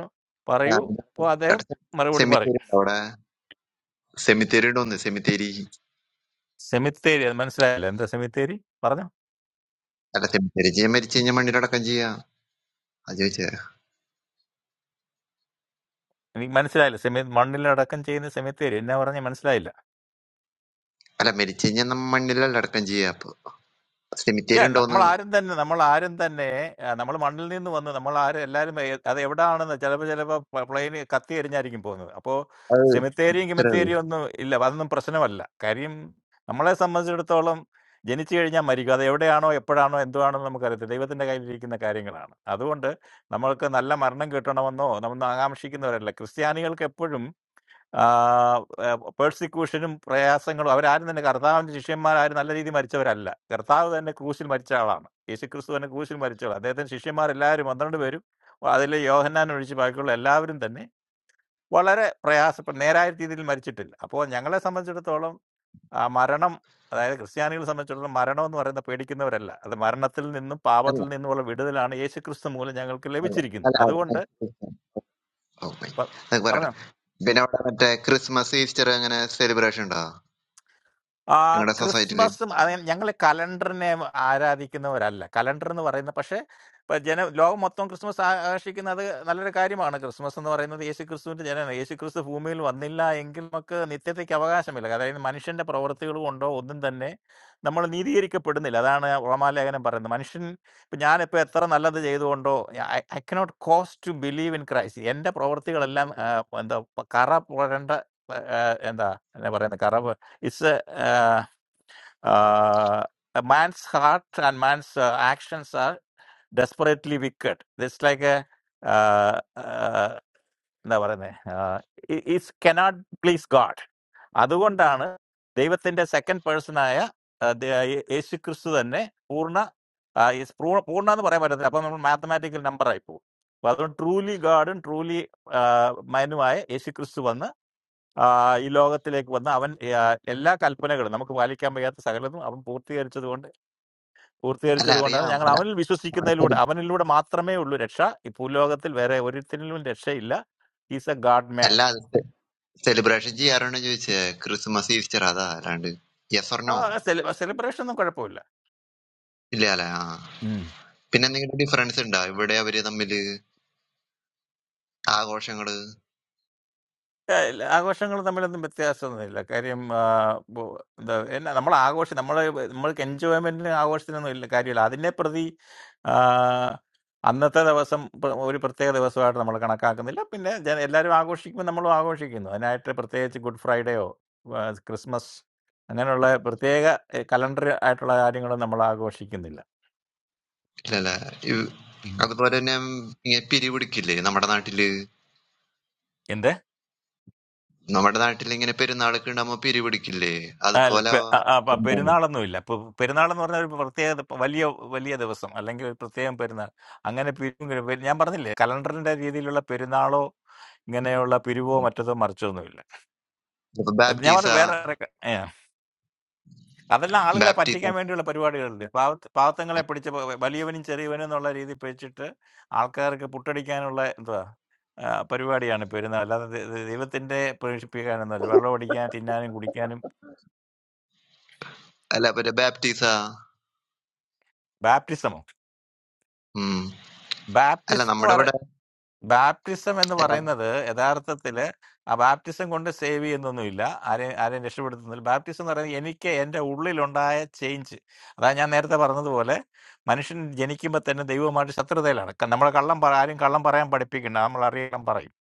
C: പറയൂ. അപ്പോൾ അദ്ദേഹം മറുപടി പറയും.
D: semitele awa Semiteerin don the semiteeriy.
C: സെമിത്തേരി, അത് മനസ്സിലായില്ല? എന്താ സെമിത്തേരി?
D: अल्ला semiteeriy. जे मेरी चीज़ जमाने लड़का जिया, आज़ू जाए.
C: എനിക്ക് മനസ്സിലായില്ല സെമി മണ്ണിലടക്കം ചെയ്യുന്ന സെമിത്തേരി എന്നാ പറഞ്ഞ മനസ്സിലായില്ല
D: अल्ला मेरी चीज़ जनमाने ललड़का जिया.
C: യാ
D: Semiteerin don
C: നമ്മൾ
D: the.
C: ആരും തന്നെ നമ്മൾ ആരും തന്നെ നമ്മൾ മണ്ണിൽ നിന്ന് വന്ന് നമ്മൾ ആരും എല്ലാവരും എ- അത് എവിടാണെന്ന് ചിലപ്പോൾ ചിലപ്പോൾ പ്ലെയിൻ കത്തി എറിഞ്ഞായിരിക്കും പോകുന്നത് അപ്പോൾ
D: Oh,
C: സെമിത്തേരിയും
D: चलो.
C: കിമത്തേരിയും ഒന്നും ഇല്ല അതൊന്നും പ്രശ്നമല്ല കാര്യം നമ്മളെ സംബന്ധിച്ചിടത്തോളം ജനിച്ചു കഴിഞ്ഞാൽ മരിക്കും അത് എവിടെയാണോ എപ്പോഴാണോ എന്താണോ നമുക്കറിയത്തില്ല ദൈവത്തിന്റെ കയ്യിലിരിക്കുന്ന കാര്യങ്ങളാണ് അതുകൊണ്ട് നമ്മൾക്ക് നല്ല മരണം കിട്ടണമെന്നോ നമ്മൾ ആകാംക്ഷിക്കുന്നവരല്ല ക്രിസ്ത്യാനികൾക്ക് എപ്പോഴും ആ, ആ, പേഴ്സിക്യൂഷനും പ്രയാസങ്ങളും അവരാരും തന്നെ കർത്താവിന്റെ ശിഷ്യന്മാരും നല്ല രീതിയിൽ മരിച്ചവരല്ല കർത്താവ് തന്നെ ക്രൂശിൽ മരിച്ച ആളാണ് യേശുക്രിസ്തു തന്നെ ക്രൂശിൽ മരിച്ചവൾ അദ്ദേഹത്തിന് ശിഷ്യന്മാരെല്ലാവരും പന്ത്രണ്ട് പേരും അതിൽ യോഹന്നാൻ ഒഴിച്ച് ബാക്കിയുള്ള എല്ലാവരും തന്നെ വളരെ പ്രയാസപ്പെട്ട നേരായ രീതിയിൽ മരിച്ചിട്ടില്ല അപ്പോൾ ഞങ്ങളെ സംബന്ധിച്ചിടത്തോളം ആ മരണം അതായത് ക്രിസ്ത്യാനികളെ സംബന്ധിച്ചിടത്തോളം മരണം എന്ന് പറയുന്ന പേടിക്കുന്നവരല്ല അത് മരണത്തിൽ നിന്നും പാപത്തിൽ
D: अल्ला.
C: നിന്നുമുള്ള വിടുതലാണ് യേശുക്രിസ്തു മൂലം ഞങ്ങൾക്ക് ലഭിച്ചിരിക്കുന്നത് അതുകൊണ്ട്
D: अल्ला. Oh my. तो बराड़.
C: പറഞ്ഞോ
D: बिना वाला मतलब Christmas Eve चलो अगर celebration डा.
C: Ah,
D: इंगला society डे.
C: Christmas. I mean, we have calendar name, area, that kind of thing. Calendar is not for that. But generally, most of the Christmas, I think, that all the carriers are on Christmas. So, for that, the easy Christmas, that generally the easy Christmas, email, vanilla, English, Mac, Nitty, the Kabbagash, we don't have. That is the manishan's property. We go on. Oh, then that's it. Our Nidhi is going to be done. That is the Ramallah. That is the manishan. But I, at that time, all the things are on. I, I cannot cost to believe in Christ. And the property is all that. That carap property. That that is the carap. It's a uh, uh, a man's heart and man's uh, actions are desperately wicked. This like a never name. It it cannot please God. आधुगंडा है ना? देवत्ते Indra second person आया दे ये एशी कृष्ण धन्ने पूर्णा आ ये पूर्णा तो बराबर आता है. अपने अपने mathematical number आये थे. वादों truly God and truly मायनू आये एशी Krishna Dhanna. Uh Ilogati like one uh Ella Kalpanagar, Namakam Sagalam, Avan Purti Chadwanda, Urti
D: Allah
C: Chadwanda,
D: अरियाम.
C: and
D: Allah.
C: Avan Visu Sikan Lud, Avan Luda Matrame Ludesha, Ipulogatil wherever it's in Illa, he's a god man.
D: Allah. Celebration जी आरोने जो जाए. Christmas Eve चलो आधा रांडे. Yes or no?
C: Ah, a celebration of Karapula.
D: इल्�
C: Yeah, Augustingal da mela da mettyaasa naiyla. Kariyam ah, the enna... We enjoy when we are Augustingal naiyla. Kariyalaadi neperdi ah, another da vasm... One particular day vasaartha... We cannot come. Nila... All the Augustingal we are Augustingal. I atre particular good Friday or Christmas... I no like particular calendar atre dayiyan nala we are Augustingal naiyla.
D: ഇല്ലല്ല ഇ- അതുപോലെ തന്നെ ഇങ്ങനെ പിരിപിടിക്കില്ലേ നമ്മുടെ നാട്ടില്
C: In the
D: നമ്മുടെ നാട്ടിൽ ഇങ്ങനെ പെരുന്നാളൊക്കെ ഉണ്ടാകുമ്പോ പിരിപിടിക്കില്ലേ
C: അല്ല
D: അതുപോലെ
C: പെ- അ- അ- അപ്പൊ
D: എന്താണ്
C: പെരുന്നാളൊന്നുമില്ല ഇപ്പൊ പെരുന്നാളെന്ന് പറഞ്ഞ ഒരു പ്രത്യേകത ഇപ്പൊ വലിയ വലിയ ദിവസം അല്ലെങ്കിൽ ഒരു പ്രത്യേകം പെരുന്നാൾ അങ്ങനെ പിരിവും കിഴിവും- പെ- ഞാൻ പറഞ്ഞില്ലേ കലണ്ടറിന്റെ രീതിയിലുള്ള പെരുന്നാളോ ഇങ്ങനെയുള്ള പിരിവോ മറ്റതോ മറിച്ചോ ഒന്നുമില്ല
D: ഇപ്പൊ
C: ഇത് ഞാൻ
D: ബാപ്റ്റീസ
C: പറഞ്ഞ വേറെ ഒരു ക- ഏ. അതെല്ലാം ആളുകളെ
D: ബാപ്റ്റീസ
C: പറ്റിക്കാൻ വേണ്ടിയുള്ള പരിപാടികളുണ്ട് പാവത്ത് പാവത്തങ്ങളെ പിടിച്ച് പ- വലിയവനും ചെറിയവനും എന്നുള്ള രീതിയിൽ പിടിച്ചിട്ട് ആൾക്കാർക്ക് പുട്ടടിക്കാനുള്ള എന്തുവാ ആ, പരിപാടിയാണ് പെരുന്നാൾ അല്ലാതെ ദ- ദ- ദൈവത്തിന്റെ പ്രവേശിപ്പിക്കാനൊന്നുമല്ല വെള്ളം അടിക്കാൻ തിന്നാനും കുടിക്കാനും
D: അല്ല പിന്നെ ബാപ്റ്റീസ
C: ബാപ്റ്റിസമോ
D: ഉം അല്ല നമ്മുടെ
C: ബാപ്റ്റിസം
D: ഇവിടെ
C: ബാപ്റ്റിസം എന്ന്
D: അല്ല
C: പറയുന്നത് യഥാർത്ഥത്തില് ആ ബാപ്റ്റിസം കൊണ്ട് സേവ് ചെയ്യുന്നൊന്നുമില്ല, ആരെയും ആരെയും രക്ഷപ്പെടുത്തുന്നില്ല. ബാപ്റ്റിസം എന്ന് പറയുന്നത് എനിക്ക് എൻ്റെ ഉള്ളിലുണ്ടായ ചേഞ്ച്. അതായത് ഞാൻ നേരത്തെ പറഞ്ഞതുപോലെ മനുഷ്യൻ ജനിക്കുമ്പോൾ തന്നെ ദൈവമായിട്ട് ശത്രുതയിലാണ്. ക- നമ്മളെ കള്ളം പറ- ആരും കള്ളം പറയാൻ പഠിപ്പിക്കണ്ട, നമ്മൾ അറിയാൻ പറയും,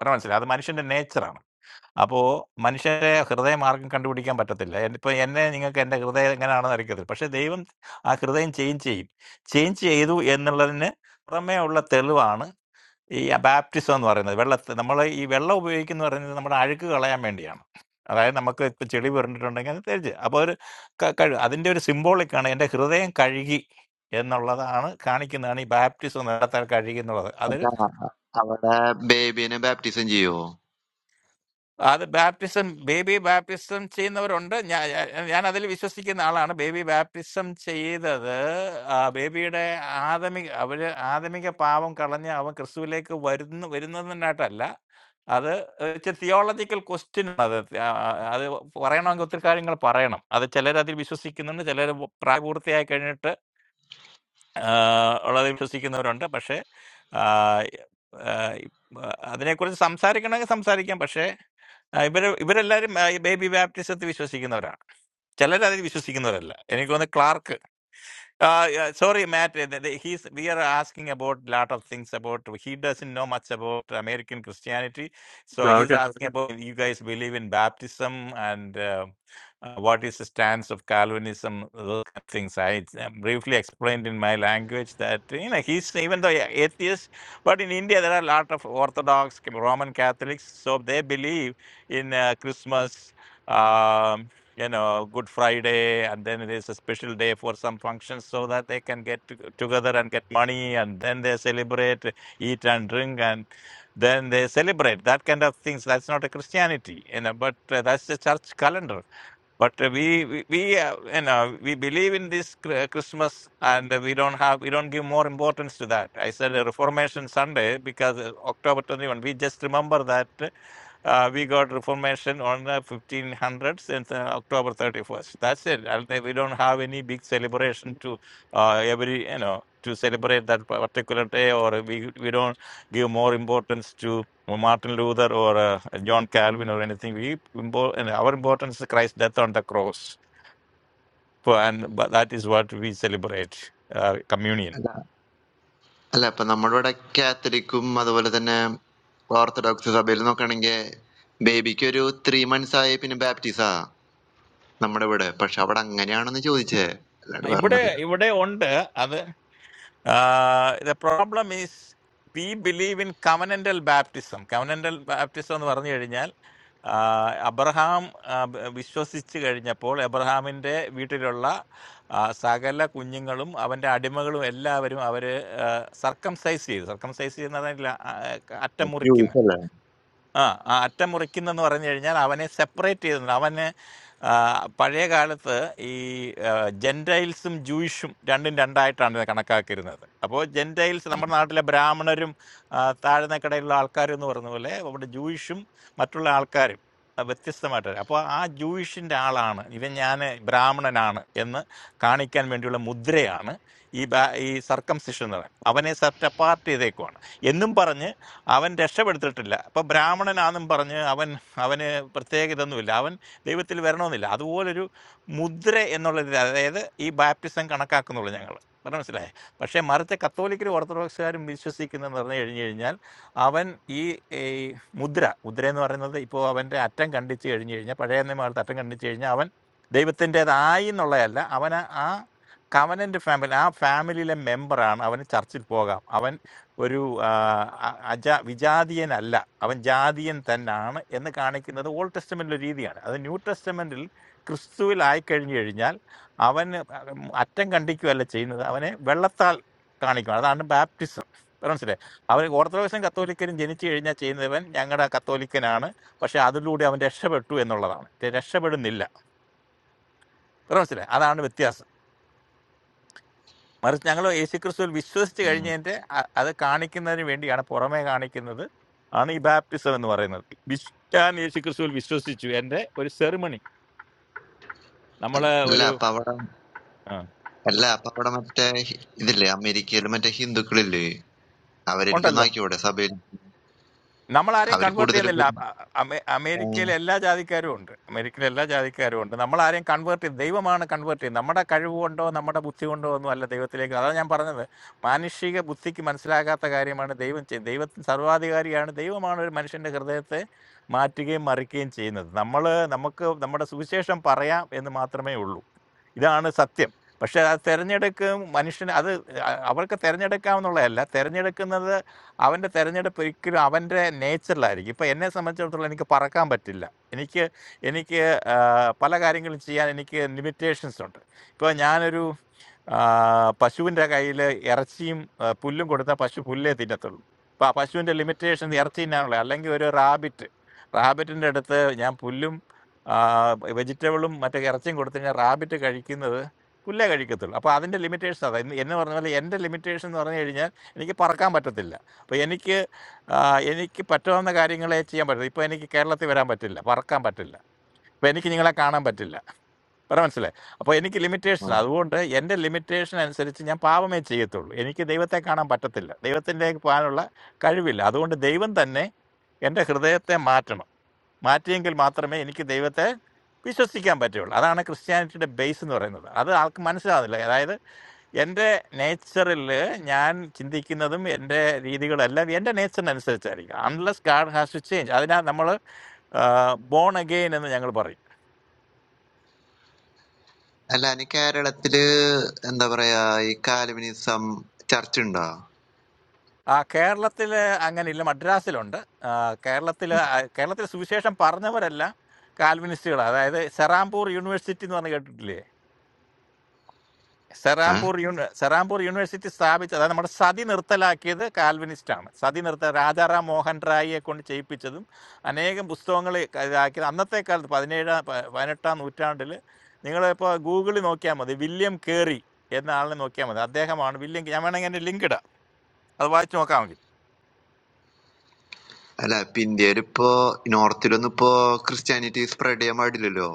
C: പറഞ്ഞാൽ മനസ്സിലായി, അത് മനുഷ്യന്റെ നേച്ചറാണ്. അപ്പോ മനുഷ്യന്റെ ഹൃദയം ആർക്കും കണ്ടുപിടിക്കാൻ പറ്റത്തില്ല. എൻ- ഇപ്പൊ എന്നെ നിങ്ങൾക്ക് എൻ്റെ ഹൃദയം എങ്ങനെയാണെന്ന് അറിയത്തില്ല, പക്ഷെ ദൈവം ആ ഹൃദയം ചേഞ്ച് ചെയ്യും. ചേഞ്ച് ചെയ്തു എന്നുള്ളതിന് പുറമേ ഉള്ള തെളിവാണ് ഈ ബാപ്റ്റിസം എന്ന് പറയുന്നത് വെള്ളത്തെ നമ്മൾ ഈ വെള്ളം ഉപയോഗിക്കുന്ന പറയുന്നത് നമ്മുടെ അഴുക്ക് കളയാൻ വേണ്ടിയാണ് അതായത് നമുക്ക് ഇപ്പം ചെളി പറഞ്ഞിട്ടുണ്ടെങ്കിൽ അത് തേച്ച് അപ്പോൾ ഒരു ക- കഴു അതിൻ്റെ ഒരു സിംബോളിക്കാണ് എൻ്റെ ഹൃദയം കഴുകി എന്നുള്ളതാണ് കാണിക്കുന്നതാണ് ഈ ബാപ്റ്റിസം നേരത്തെ കഴുകി എന്നുള്ളത് അത്
D: അല്ല, അവിടെ ബേബീനെ ബാപ്റ്റിസം ചെയ്യുവോ
C: അത് ബാപ്റ്റിസം ബേബി ബാപ്റ്റിസം ചെയ്യുന്നവരുണ്ട് ഞാൻ ഞാൻ അതിൽ വിശ്വസിക്കുന്ന ആളാണ് ബേബി ബാപ്റ്റിസം ചെയ്തത് ആ, ബേബിയുടെ ആദമിക അവര് ആദമിക പാപം കളഞ്ഞ് അവൻ ക്രിസ്തുവിലേക്ക് വരുന്ന വരുന്നതിനായിട്ടല്ല അത് തിയോളജിക്കൽ ക്വസ്റ്റ്യൻ ആണ്. അത് ആ, ആ, അത് പറയണമെങ്കിൽ ഒത്തിരി കാര്യങ്ങൾ പറയണം അത് ചിലർ അതിൽ വിശ്വസിക്കുന്നുണ്ട് ചിലർ പ്രായപൂർത്തിയായി കഴിഞ്ഞിട്ട് ആഹ് വളരെ വിശ്വസിക്കുന്നവരുണ്ട്. പക്ഷേ, ആഹ് ആഹ് ആഹ് അതിനെക്കുറിച്ച് സംസാരിക്കണമെങ്കിൽ സംസാരിക്കാം. പക്ഷേ, ആഹ് ഇവര് ഇവരെല്ലാരും ആഹ് ഈ ബേബി ബാപ്റ്റിസത്തിൽ വിശ്വസിക്കുന്നവരാണ്. ചിലരതിൽ വിശ്വസിക്കുന്നവരല്ല. എനിക്ക് തോന്നുന്നു Clark uh, yeah, sorry, Matt. uh, the- the- He's, we are asking about a lot of things about. He doesn't know much about American Christianity, so he's
A: okay.
C: asking about you guys believe in baptism and uh, uh, what is the stance of Calvinism, those kind of things. I uh, briefly explained in my language that you know he's even though a- atheist, but in India there are a lot of Orthodox Roman Catholics, so they believe in uh, Christmas. um, you know, Good Friday, and then it is a special day for some functions so that they can get to- together and get money, and then they celebrate, eat and drink, and then they celebrate that kind of things. That's not a Christianity, you know, but uh, that's the church calendar. But uh, we we, we uh, you know we believe in this Chri- Christmas, and uh, we don't have we don't give more importance to that. I said uh, Reformation Sunday because uh, October twenty one. We just remember that uh, we got Reformation on the fifteen hundreds and uh, October thirty first. That's it. And then we don't have any big celebration to uh, every you know to celebrate that particular day, or we we don't give more importance to or Martin Luther or uh, John Calvin or anything. We impo- and our importance is Christ's death on the cross. For, and but that is what we celebrate uh, communion.
D: അല്ല അല്ല ഇപ്പൊ നമ്മുടെ ഇവിടെ കാത്തലിക്കും അതുപോലെ തന്നെ orthodox സഭയിൽ നോക്കുകയാണെങ്കിൽ ബേബിക്ക് ഒരു ത്രീ മന്ത്സ് ആയി പിന്നെ ബാപ്റ്റിസാ നമ്മടെ ഇവിടെ. പക്ഷെ അവിടെ അങ്ങനെയാണെന്ന് ചോദിച്ചേ. അല്ലാണ്ട്
C: ഇവിടെ
D: വേറൊന്നുമല്ല.
C: ഇവിടെ ഉണ്ട് അത് Uh, the problem is we believe in covenantal baptism. Covenantal baptism എന്ന് പറഞ്ഞു കഴിഞ്ഞാൽ ആ, അബ്രഹാം ആ, ബ- വിശ്വസിച്ച് കഴിഞ്ഞപ്പോൾ അബ്രഹാമിന്റെ വീട്ടിലുള്ള ആ, സകല കുഞ്ഞുങ്ങളും അവന്റെ അടിമകളും എല്ലാവരും അവര് സർക്കംസൈസ് ചെയ്തു സർക്കംസൈസ് ചെയ്യുന്നതല്ല അറ്റം
D: അത്
C: മുറിക്കുന്നത്
D: ചോദിച്ചല്ലേ.
C: ആ ആ അറ്റം മുറിക്കുന്നെന്ന് പറഞ്ഞു കഴിഞ്ഞാൽ അവനെ സെപ്പറേറ്റ് ചെയ്തു അവന് ആ, പഴയ കാലത്ത് ഈ ആ, ജെൻറ്റൈൽസും ജൂയിഷും രണ്ടും രണ്ടായിട്ടാണ് ഇത് കണക്കാക്കിയിരുന്നത് അപ്പോൾ ജെൻറ്റൈൽസ് നമ്മുടെ നാട്ടിലെ ബ്രാഹ്മണരും ആ, താഴ്ന്ന കിടയിലുള്ള ആൾക്കാരും എന്ന് പറഞ്ഞ പോലെ അവിടെ ജൂയിഷും മറ്റുള്ള ആൾക്കാരും ആ, വ്യത്യസ്തമായിട്ട് അപ്പോൾ ആ ജൂയിഷിൻ്റെ ആളാണ് ഇവൻ ഞാൻ ബ്രാഹ്മണനാണ് എന്ന് കാണിക്കാൻ വേണ്ടിയുള്ള മുദ്രയാണ് ഈ ബാ ഈ സർക്കംസിഷൻ എന്ന് പറയുന്നത് അവനെ സെറ്റ് അപ്പാർട്ട് ചെയ്തേക്കുവാണ് എന്നും പറഞ്ഞ് അവൻ രക്ഷപ്പെടുത്തിട്ടില്ല അപ്പൊ ബ്രാഹ്മണനാന്നും പറഞ്ഞ് അവൻ അവന് പ്രത്യേക ഇതൊന്നുമില്ല അവൻ ദൈവത്തിൽ വരണമെന്നില്ല അതുപോലൊരു മുദ്ര എന്നുള്ള രീതി അതായത് ഈ ബാപ്റ്റിസം കണക്കാക്കുന്നുള്ളൂ ഞങ്ങൾ പറഞ്ഞു മനസ്സിലായേ പക്ഷേ മറിച്ച് കത്തോലിക്കരും ഓർത്തഡോക്സുകാരും വിശ്വസിക്കുന്നതെന്ന് പറഞ്ഞു കഴിഞ്ഞു കഴിഞ്ഞാൽ അവൻ ഈ ഈ മുദ്ര മുദ്ര എന്ന് പറയുന്നത് ഇപ്പോൾ അവൻ്റെ അറ്റം കണ്ടിച്ച് കഴിഞ്ഞു കഴിഞ്ഞാൽ പഴയ നിയമകാലത്ത് അറ്റം കണ്ടിച്ച് കഴിഞ്ഞാൽ അവൻ ദൈവത്തിൻ്റെതായി എന്നുള്ളതല്ല അവൻ ആ കവനൻ്റ് ഫാമിലി ആ ഫാമിലിയിലെ മെമ്പറാണ് അവന് ചർച്ചിൽ പോകാം അവൻ ഒരു ആ, അ- അജ വിജാതീയനല്ല അവൻ ജാതീയൻ തന്നാണ് എന്ന് കാണിക്കുന്നത് ഓൾഡ് ടെസ്റ്റമെന്റിലെ രീതിയാണ് അത് ന്യൂ ടെസ്റ്റമെന്റിൽ ക്രിസ്തുവിൽ ആയിക്കഴിഞ്ഞു കഴിഞ്ഞാൽ അവന് അറ്റം കണ്ടിക്കുകയല്ല ചെയ്യുന്നത് അവനെ വെള്ളത്താൽ കാണിക്കണം അതാണ് ബാപ്റ്റിസം മനസ്സിലായി അവൻ ഓർത്തഡോക്സും കത്തോലിക്കനും ജനിച്ചു കഴിഞ്ഞാൽ ചെയ്യുന്നവൻ ഞങ്ങളുടെ കത്തോലിക്കനാണ് പക്ഷെ അതിലൂടെ അവൻ രക്ഷപ്പെട്ടു എന്നുള്ളതാണ് രക്ഷപ്പെടുന്നില്ല മനസ്സിലായി അതാണ് വ്യത്യാസം മറിച്ച് ഞങ്ങൾ യേശുക്രിസ്തുവിൽ വിശ്വസിച്ച്
D: ഉം.
C: കഴിഞ്ഞതിന്റെ അ- അത് കാണിക്കുന്നതിന് വേണ്ടിയാണ് പുറമേ കാണിക്കുന്നത് ആണ് ഈ ബാപ്റ്റിസം എന്ന് പറയുന്നത് വിശ്- ഞാൻ യേശുക്രിസ്തുവിൽ വിശ്വസിച്ചു എന്റെ ഒരു സെറിമണി
D: അല്ല
C: നമ്മള്
D: അല്ല,
C: ഒരു
D: അപ്പൊ അവിടെ
C: ആ,
D: അല്ല അപ്പൊ അവിടെ മറ്റേ ഹി- ഇതില്ലേ അമേരിക്കയിൽ മറ്റേ ഹിന്ദുക്കളില്ലേ അവരെനിക്കൊന്ന്
C: ഉണ്ടല്ലോ
D: ആക്കിയോടെ സഭയിൽ
C: നമ്മൾ ആരെയും
D: അവര്
C: കൺവേർട്ട്
D: കൂടുതലും
C: ചെയ്യുന്നില്ല അ- അ- അമേ-
D: ഏഹ്,
C: അമേരിക്കയിലെ എല്ലാ ജാതിക്കാരും ഉണ്ട് അമേരിക്കയിലെ എല്ലാ ജാതിക്കാരും ഉണ്ട് നമ്മൾ ആരെയും കൺവേർട്ട് ചെയ്ത് ദൈവമാണ് കൺവേർട്ട് ചെയ്യുന്നത് നമ്മുടെ കഴിവ് കൊണ്ടോ നമ്മുടെ ബുദ്ധി കൊണ്ടോ ഒന്നും അല്ല ദൈവത്തിലേക്ക് അതാണ് ഞാൻ പറഞ്ഞത് മാനുഷിക ബുദ്ധിക്ക് മനസ്സിലാകാത്ത കാര്യമാണ് ദൈവം ചെയ്യുന്നത് ദൈവത്തിന് സർവാധികാരിയാണ് ദൈവമാണ് ഒരു മനുഷ്യന്റെ ഹൃദയത്തെ മാറ്റുകയും മറിക്കുകയും ചെയ്യുന്നത് നമ്മൾ നമുക്ക് നമ്മുടെ സുവിശേഷം പറയാം എന്ന് മാത്രമേ ഉള്ളൂ ഇതാണ് സത്യം. പക്ഷെ ആ തെരഞ്ഞെടുക്കും മനുഷ്യന് അത് അ അവർക്ക് തെരഞ്ഞെടുക്കാമെന്നുള്ളതല്ല. തെരഞ്ഞെടുക്കുന്നത് അവന്റെ തെരഞ്ഞെടുപ്പ് ഒരിക്കലും അവന്റെ നേച്ചറിലായിരിക്കും. ഇപ്പൊ എന്നെ സംബന്ധിച്ചിടത്തോളം എനിക്ക് പറക്കാൻ പറ്റില്ല. എനിക്ക് എനിക്ക് ആഹ്, പല കാര്യങ്ങളും ചെയ്യാൻ എനിക്ക് ലിമിറ്റേഷൻസ് ഉണ്ട്. ഇപ്പൊ ഞാനൊരു ആഹ്, പശുവിന്റെ കയ്യില് ഇറച്ചിയും ആഹ്, പുല്ലും കൊടുത്താൽ പശു പുല്ലേ തിന്നത്തുള്ളൂ. അപ്പൊ ആ പശുവിന്റെ ലിമിറ്റേഷൻ ഇറച്ചി തിന്നാനുള്ള അല്ലെങ്കിൽ ഒരു റാബിറ്റ് റാബിറ്റിന്റെ അടുത്ത് ഞാൻ പുല്ലും Ah, vegetableum mattekarthing gortheena rabbitegadi kinada pullaegadi kotho. Apo adenye limitations ada. Ini ende ornovali ende limitations orneye dinya. Enikke parakkam matte dilla. Apo enikke enikke patraamna garingalai chiyam badhi. Poyo enikke Kerala thevaram badhi dilla. Parakkam badhi dilla. Poyo enikke yingala kaanam badhi dilla. Paravamsile. Apo enikke
D: ആ.
C: limitations ada. Ado onda ende limitations answerichiyam paavame chiyetho. Enikke devata kaanam badhi dilla. Devata nek povala kali vil. Ado onda devan thannye ende krudaya thannye matram. മാറ്റിയെങ്കിൽ മാത്രമേ എനിക്ക് ദൈവത്തെ വിശ്വസിക്കാൻ പറ്റുള്ളൂ അതാണ് ക്രിസ്ത്യാനിറ്റിയുടെ base എന്ന് പറയുന്നത് അത് ആൾക്ക് മനസ്സിലാവുന്നില്ല അതായത് എൻ്റെ നേച്ചറിൽ ഞാൻ ചിന്തിക്കുന്നതും എൻ്റെ രീതികളെല്ലാം എൻ്റെ നേച്ചറിനനുസരിച്ചായിരിക്കും unless God has to change അതിനാൽ നമ്മൾ ബോൺ അഗെയിൻ എന്ന് ഞങ്ങൾ പറയും
D: അല്ല അതിന് കേരളത്തില് എന്താ പറയാ ഈ കാൽവിനിസം ചർച്ച ഉണ്ടോ
C: ആ കേരളത്തിൽ അങ്ങനെയില്ല മദ്രാസിലുണ്ട് കേരളത്തിൽ കേരളത്തിൽ സുവിശേഷം പറഞ്ഞവരെല്ലാം കാൽവിനിസ്റ്റുകളാണ് അതായത് സെറാംപൂർ യൂണിവേഴ്സിറ്റി എന്ന് പറഞ്ഞ് കേട്ടിട്ടില്ലേ
D: ഏഹ്?
C: Sarabpur Un, Sarabpur University. Sahib chada na mada sadhi nartala akhe the Kalvinistama. Sadhi nartaa Raja Ram Mohan Rai ekond chayi pichadum. Ane ekam bostho angale akhe amnatte karth padhe nee da vaynatan uttan dille. Nigaladap Googlei mokya madhe William Carey. Yena aale mokya madhe adhya ka man William. Ja mana ye link da. Alwaj chhokkaungi.
D: അല്ല ഇപ്പൊ ഇന്ത്യയിൽ ഇപ്പോ നോർത്തിലൊന്നും ഇപ്പോ Christianity spread ചെയ്യാൻ പാടില്ലല്ലോ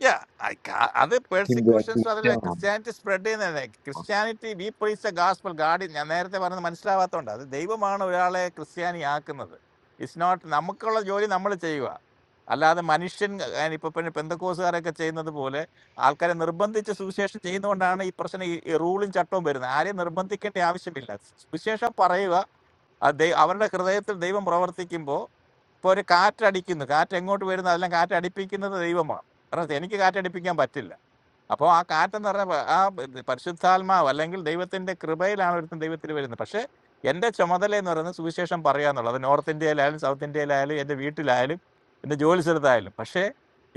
C: Yeah, Ika. That
D: Hindu
C: persecution's part of the
D: activist
C: Christianity spreading. Now Christianity, we preach the gospel, God. Now, when they come to the manila, they are going to say, "It's not. We are not going to follow it." All that manichin, any purpose, any pentecostal, any thing, any rule in church. But the Holy Spirit is not going to follow it. Especially, if you are going to say, "We are going to follow the Holy Spirit," then the Holy Spirit is going to come and give you the Holy Spirit. ഇപ്പൊ ഒരു കാറ്റടിക്കുന്നു കാറ്റ് എങ്ങോട്ട് വരുന്നു അതെല്ലാം കാറ്റടിപ്പിക്കുന്നത് ദൈവമാണ് കാരണം എനിക്ക് കാറ്റടിപ്പിക്കാൻ പറ്റില്ല അപ്പോൾ ആ കാറ്റെന്ന് പറഞ്ഞ പ- ആ പരിശുദ്ധാത്മാവ് അല്ലെങ്കിൽ ദൈവത്തിന്റെ കൃപയിലാണ് ഒരുത്തൻ ദൈവത്തിൽ വരുന്നത് പക്ഷേ എന്റെ ചുമതല എന്ന് പറയുന്നത് സുവിശേഷം പറയുക എന്നുള്ളത് അത് നോർത്ത് ഇന്ത്യയിലായാലും സൗത്ത് ഇന്ത്യയിലായാലും എന്റെ വീട്ടിലായാലും എന്റെ ജോലി സ്ഥലത്തായാലും പക്ഷേ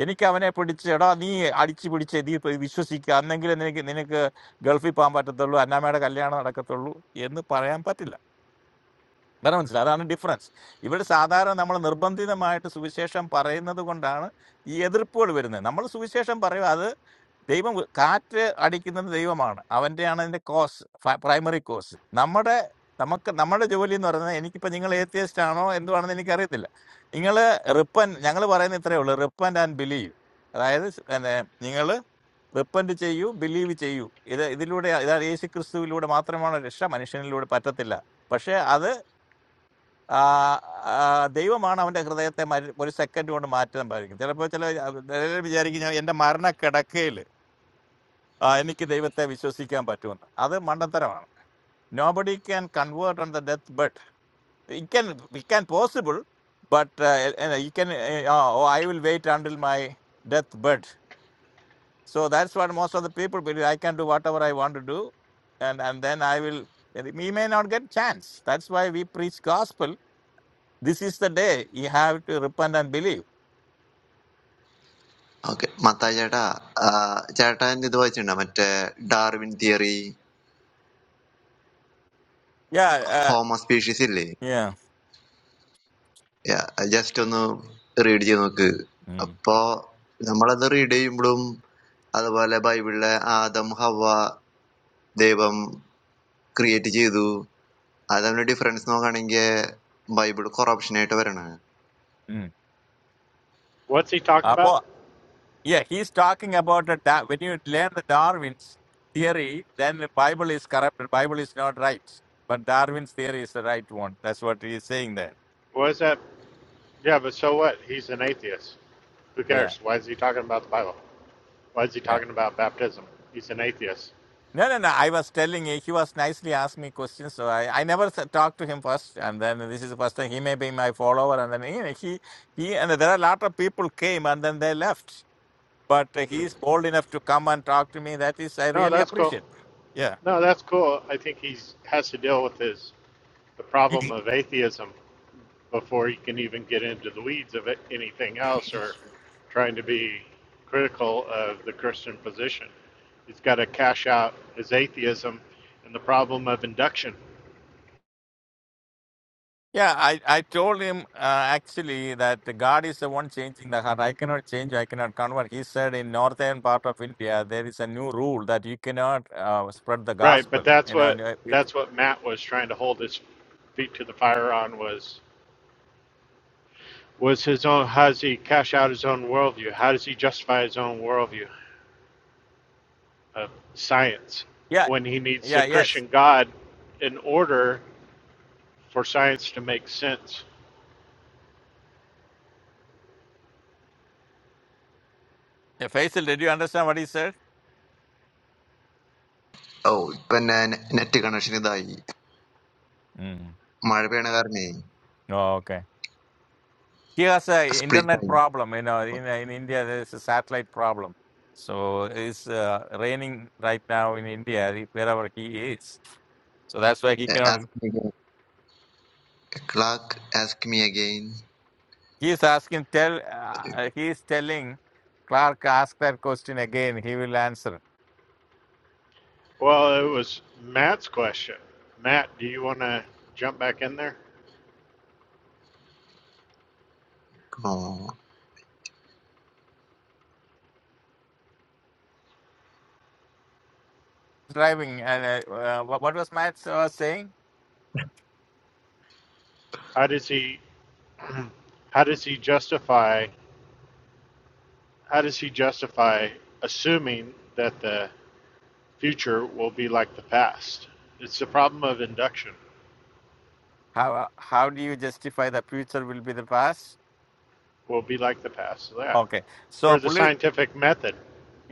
C: എനിക്ക് അവനെ പിടിച്ച് എടാ നീ അടിച്ചു പിടിച്ച് നീ ഇപ്പൊ വിശ്വസിക്കുക അന്നെങ്കിലും നിനക്ക് നിനക്ക് ഗൾഫിൽ പോകാൻ പറ്റത്തുള്ളൂ അന്നാമ്മയുടെ കല്യാണം നടക്കത്തുള്ളൂ എന്ന് പറയാൻ പറ്റില്ല വേറെ മനസ്സിലായി അതാണ് ഡിഫറൻസ് ഇവിടെ സാധാരണ നമ്മൾ നിർബന്ധിതമായിട്ട് സുവിശേഷം പറയുന്നത് കൊണ്ടാണ് ഈ എതിർപ്പുകൾ വരുന്നത് നമ്മൾ സുവിശേഷം പറയും അത് ദൈവം കാറ്റ് അടിക്കുന്നത് ദൈവമാണ് അവൻ്റെയാണ് അതിൻ്റെ കോസ് പ്രൈമറി കോസ് നമ്മുടെ നമുക്ക് നമ്മുടെ ജോലി എന്ന് പറയുന്നത് എനിക്കിപ്പോൾ നിങ്ങൾ ഏത്തിയസ്റ്റ് ആണോ എന്തുവാണെന്ന് എനിക്കറിയത്തില്ല നിങ്ങൾ റിപ്പൻ ഞങ്ങൾ പറയുന്ന ഇത്രയേ ഉള്ളൂ റിപ്പൻ ആൻഡ് ബിലീവ് അതായത് നിങ്ങൾ റിപ്പൻറ്റ് ചെയ്യൂ ബിലീവ് ചെയ്യൂ ഇത് ഇതിലൂടെ ഇതാ യേശു ക്രിസ്തുവിലൂടെ മാത്രമാണ് രക്ഷ മനുഷ്യനിലൂടെ പറ്റത്തില്ല പക്ഷേ അത് uh uh Deva Mana Kradate what is second one Martin Bargain. There are in the Marna Kadakale. Uh Niki Devata Vishosikan Batun. Other Mandataravan. Nobody can convert on the death bed. It can, it can possible, but uh, uh, you can. uh, Oh, I will wait until my death bed. So that's what most of the people believe. I can do whatever I want to do, and and then I will. We may not get chance. That's why we preach gospel. This is the day you have to repent and believe.
D: Okay, mataya thaa. Chhaya thaa yindi doy chhunna. Matte Darwin theory,
C: Yeah, uh,
D: Homo speciesi le.
C: yeah.
D: Ya just thunu religionu ki.
C: Mm,
D: Appo na maladuri deity mluum. Adavale Bible le. Ah, adamha wa devam createji du. Adamne difference moga nengye Bible ko corruption ete varana.
C: mm.
B: What's he talking about?
C: Apo, yeah, he's talking about that, that when you learn the Darwin's theory, then the Bible is corrupted. Bible is not right, but Darwin's theory is the right one. That's what he is saying there.
B: What is that? Yeah, but so what? He's an atheist. Who
C: Yeah,
B: cares? Why is he talking about the Bible? Why is he
C: yeah.
B: talking about baptism? He's an atheist.
C: No, no, no. I was telling you, he was nicely asking me questions, so I, I never s- talked to him first, and then this is the first time he may be my follower, and then you know, he he and there are a lot of people came and then they left, but
B: Hmm.
C: he is bold enough to come and talk to me. That is, I
B: No,
C: really
B: that's cool.
C: appreciate. Yeah.
B: No, that's cool. I think he's has to deal with his the
C: *laughs*
B: problem of atheism before he can even get into the weeds of it, anything else or trying to be critical of the Christian position. He's got to cash out his atheism and the problem of induction.
C: Yeah, I, I told him uh, actually that God is the one changing the heart. I cannot change, I cannot convert. He said in northern part of India, there is a new rule that you cannot uh, spread the
B: Right, but
C: gospel.
B: that's
C: You know, and,
B: what
C: uh, it-
B: that's what Matt was trying to hold his feet to the fire on was was his own how does he cash out his own worldview? How does he justify his own worldview? of science
C: yeah,
B: when he needs a
C: yeah, yes.
B: Christian God in order for science to make sense.
C: Yeah, Faisal, did you understand what he said?
D: Oh, panna neti kana shini daai.
C: Mm.
D: Marpe na karne.
C: Oh, okay. He has a internet
D: Splitai.
C: problem. You know, in, in India, there is a satellite problem. So it's uh, raining right now in India, wherever he is. So that's why he cannot.
D: Ask me again. Clock. Ask me again.
C: He is asking, tell, uh, he is telling Clark, ask that question again. He will answer.
B: Well, it was Matt's question. Matt, do you want to jump back in there?
D: No.
C: Driving, and uh, uh, what what was Matt uh, saying?
B: How does he *clears throat* how does he justify how does he justify assuming that the future will be like the past? It's the problem of induction.
C: How uh, how do you justify the future will be the past?
B: Will be like the past. Yeah.
C: Okay. So,
B: For the
C: പുള്ളി,
B: scientific method,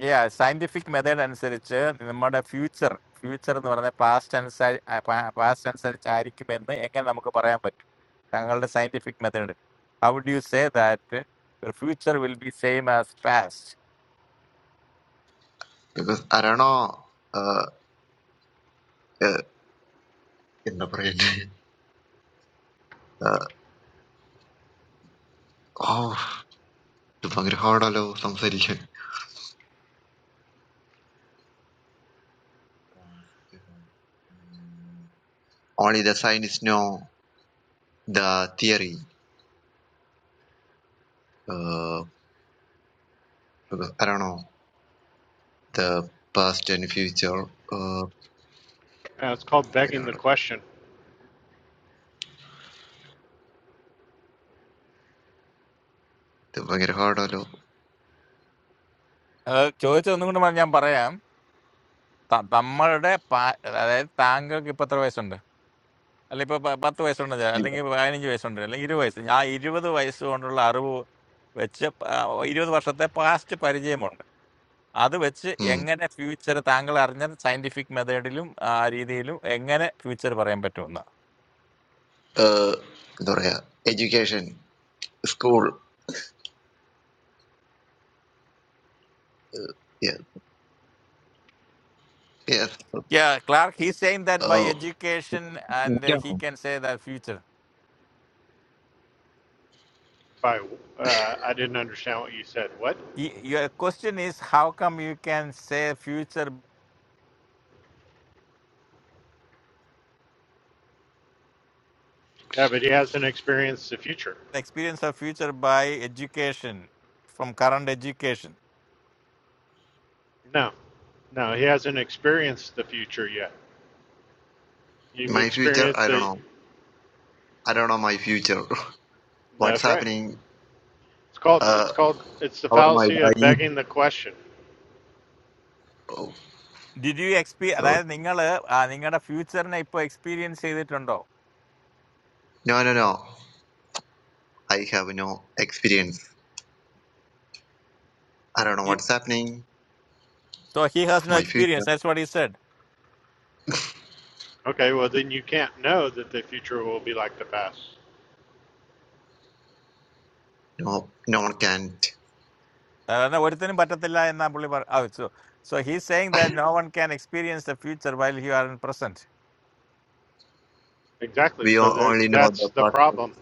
C: yeah, scientific method അനുസരിച്ച് നമ്മുടെ future, future എന്ന് പറഞ്ഞ past അനുസരി ആ, pa- past അനുസരിച്ച് ആയിരിക്കുമെന്ന് എങ്ങനെ നമുക്ക് പറയാൻ പറ്റും? താങ്കളുടെ scientific method. How would you say that your future will be same as past?
D: because I don't know. Uh, uh, in the brain. *laughs* Uh, oh, the Pangrihadalo, some solution. Only the scientists know the theory. Uh, because I don't know the past and future. Uh,
B: uh, it's called begging the
D: the
B: question.
D: Pangrihadalo.
C: അത് ചോദിച്ചത് ഒന്നും കൂടെ ഞാൻ പറയാം ത- നമ്മളുടെ പാ- അതായത് താങ്കൾക്ക് ഇപ്പൊ എത്ര വയസ്സുണ്ട് അല്ല ഇപ്പൊ പ- പത്ത് വയസ്സുണ്ട് ചെ- അല്ലെങ്കിൽ പതിനഞ്ച് വയസ്സുണ്ട് അല്ലെങ്കിൽ ഇരുപത് വയസ്സ് ആ ഇരുപത് വയസ്സ് കൊണ്ടുള്ള അറിവ് വെച്ച് പ- ആ ഇരുപത് വർഷത്തെ പാസ്റ്റ് പരിചയമുണ്ട് അത് വെച്ച്
D: Hmm.
C: എങ്ങനെ ഫ്യൂച്ചർ താങ്കൾ അറിഞ്ഞ സയന്റിഫിക് മെത്തേഡിലും ആ രീതിയിലും എങ്ങനെ ഫ്യൂച്ചർ പറയാൻ പറ്റുമെന്ന്
D: Uh, എന്താ പറയാ, education, school. Uh, yeah, yes.
C: Clark he same that by
D: Uh,
C: education and
D: എനിക്കറിയാം.
C: He can say the future
B: By uh, I didn't understand what you said. What?
C: Your question is how come you can say future
B: Yeah, but he hasn't experienced the future.
C: the Experience the future by education from current education.
B: No, no, he hasn't experienced the future yet. You've
D: my future,
B: experienced
D: I don't
B: it.
D: know. I don't know my future. *laughs* What's
B: That's right.
D: happening?
B: It's called.
D: Uh,
B: It's called. It's the
D: how am I
B: fallacy of
D: dying?
B: begging the question.
D: Oh,
C: Did you expe?
D: so
C: That is, youngal a, youngal a future na ipo experience is it ano?
D: no, no, no. I have no experience. I don't know what's happening
C: So he has
D: of
C: no
D: my
C: experience.
D: future.
C: That's what he said.
B: Okay, well then you can't know that the future will be like the past.
D: No, no one can.
C: Na wala niya batad nila na bulibar. So, so he's saying that no one can experience the future while he is present.
B: Exactly.
D: We
B: So
D: o-
B: there,
D: only know
B: that's
D: the
B: the
D: past.
B: problem.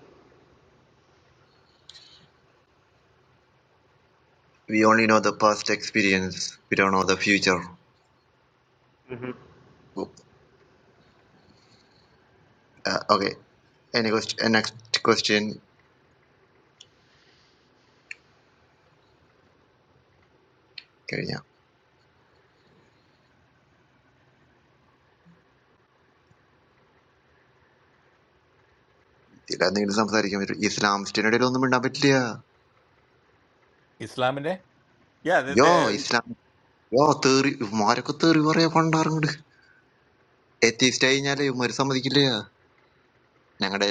D: We only know the past experience. We don't know the future.
B: hmm
D: Oh, Uh, okay. Any question? Uh, next question. കഴിഞ്ഞോ? ഇതിലെന്തെങ്കിലും സംസാരിക്കാൻ പറ്റും ഇസ്ലാമിസ്റ്റിന് ഇടയിൽ ഒന്നും മിണ്ടാൻ പറ്റില്ല
C: Islamine? Yeah,
D: യോ
C: the,
D: ഇസ്ലാം യോ തേറി ഇവന്മാരൊക്കെ തേറി പറയാ പണ്ടാറുണ്ട് എത്തിസ്റ്റ് കഴിഞ്ഞാലേ ഇവന്മാര് സമ്മതിക്കില്ല ഞങ്ങളുടെ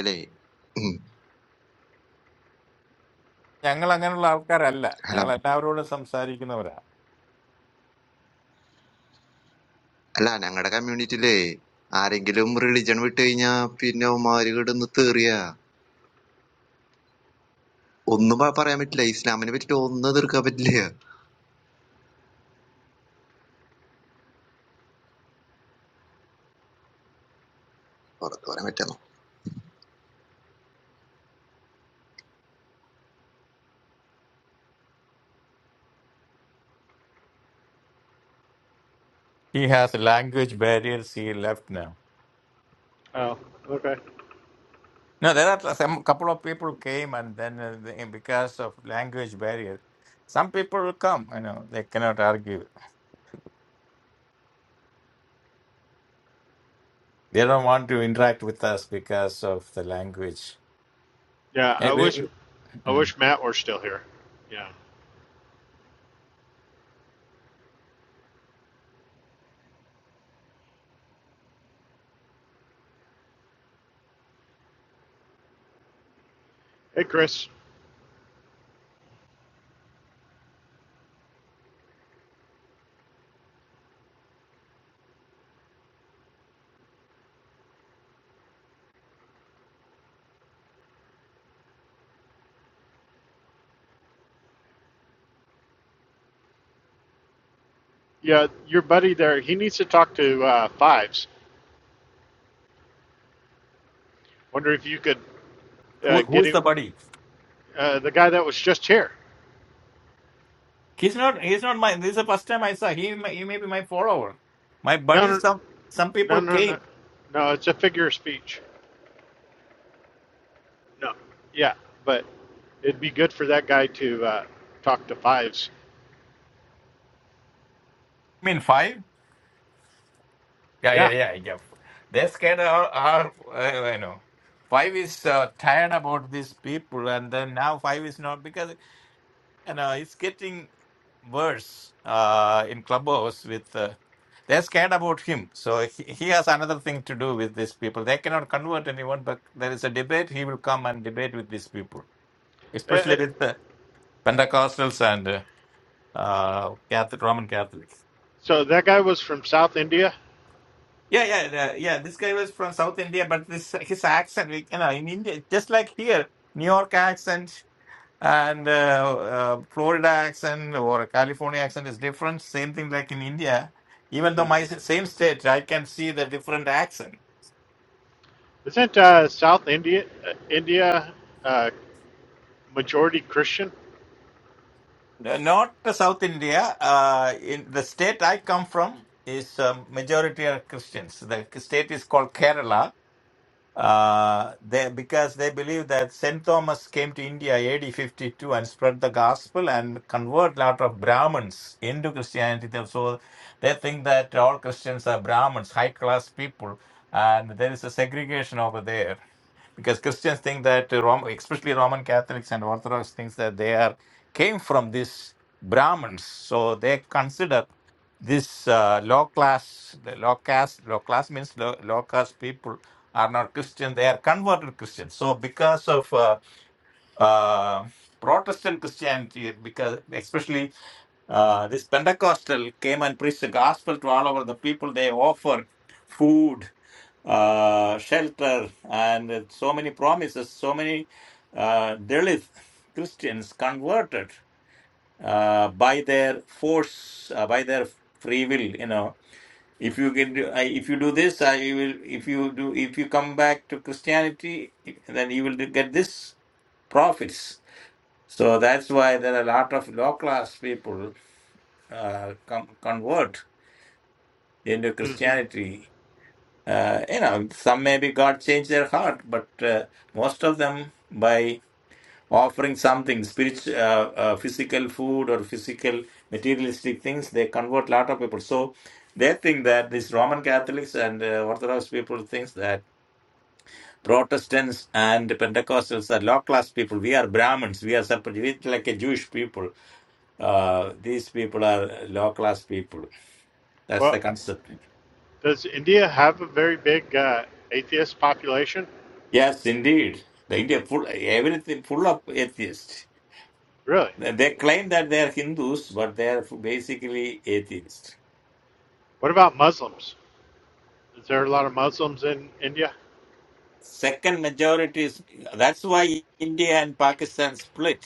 C: youngal ang ano lao ka rallya.
D: Hello
C: Youngal na towerone samseri kinawa.
D: അല്ല ഞങ്ങളുടെ കമ്മ്യൂണിറ്റിയിലേ ആരെങ്കിലും റിലിജൻ വിട്ട് കഴിഞ്ഞാ പിന്നെ ഉമാര് കിടന്ന് തെറിയ ഒന്നും പ- പറയാൻ പറ്റില്ല ഇസ്ലാമിനെ പറ്റിട്ട് ഒന്നും തീർക്കാൻ പറ്റില്ല പുറത്ത് പറയാൻ പറ്റില്ല
C: He has language barriers. He left now.
B: Oh, okay.
C: No, there are some couple of people came, and then uh, the- because of language barrier, some people will come. You know, they cannot argue. They don't want to interact with us because of the language.
B: Yeah,
C: Eh,
B: I wish.
C: we-
B: I
C: Mm.
B: wish Matt were still here. Yeah. Hey, Chris. Yeah, your buddy there. He needs to talk to uh, Fives. Wonder if you could uh,
C: Who, who
B: get
C: is
B: him
C: the buddy?
B: Uh, the guy that was just here.
C: He's not. He's not my. This is the first time I saw. He may- he may be my follower. My
B: No,
C: buddy.
B: no,
C: Some some
B: no,
C: people
B: no, no.
C: came.
B: No, it's a figure of speech. No. Yeah, but it'd be good for that guy to uh, talk to fives.
C: I mean five. Yeah, yeah,
B: Yeah.
C: yeah. yeah. They scared Are our uh, you know. Five is uh, tired about these people, and then now five is not because you know, it's getting worse uh, in Clubhouse with. Uh, they're scared about him, so he, he has another thing to do with these people. They cannot convert anyone, but there is a debate. He will come and debate with these people,
B: Uh, uh,
C: especially with the Pentecostals and uh, uh, Catholic, Roman Catholics.
B: so that guy was from South India.
C: Yeah, yeah, uh, yeah. This guy was from South India, but this his accent, you know, in India, just like here, New York accent. and uh, uh, Florida accent or California accent is different. Same thing like in India. Even though
B: Mm.
C: my s- same state, I can see the different accent.
B: Isn't uh, South India uh, India uh, majority Christian?
C: Uh, Not the South India. Uh, in the state I come from is um majority are Christians. The state is called Kerala uh, they because they believe that Saint Thomas came to India AD 52 and spread the gospel and convert lot of Brahmins into Christianity. They- So they think that all Christians are Brahmins, high class people, and there is a segregation over there because Christians think that uh, Rom- especially Roman Catholics and Orthodox thinks that they are came from these Brahmins, so they consider this uh, low class, the low caste, low class means low, low caste people are not Christian; they are converted Christians. So because of uh, uh, Protestant Christianity, because especially uh, this Pentecostal came and preached the gospel to all over the people, they offer food uh, shelter, and so many promises, so many uh, Dalit Christians converted uh, by their force, uh, by their free will. You know, if you can, do, I, if you do this, I will. If you do, if you come back to Christianity, then you will get this profits. So that's why there are a lot of low class people uh, com- convert into
B: Mm.
C: Christianity uh, you know, some maybe God changed their heart, but uh, most of them by offering something spiritual, uh, uh, physical food or physical materialistic things, they convert a lot of people. So they think that these Roman Catholics and uh, Orthodox people thinks that Protestants and Pentecostals are low class people. We are Brahmins. We are separate. We are like a Jewish people. Uh, these people are low class people. That's
B: Well,
C: the concept.
B: does India have a very big uh, atheist population?
C: Yes, indeed. The India full everything full of atheists.
B: Really?
C: They claim that they are Hindus, but they are basically atheists.
B: What about Muslims? Is there a lot of Muslims in India?
C: Second majority is that's why India and Pakistan split.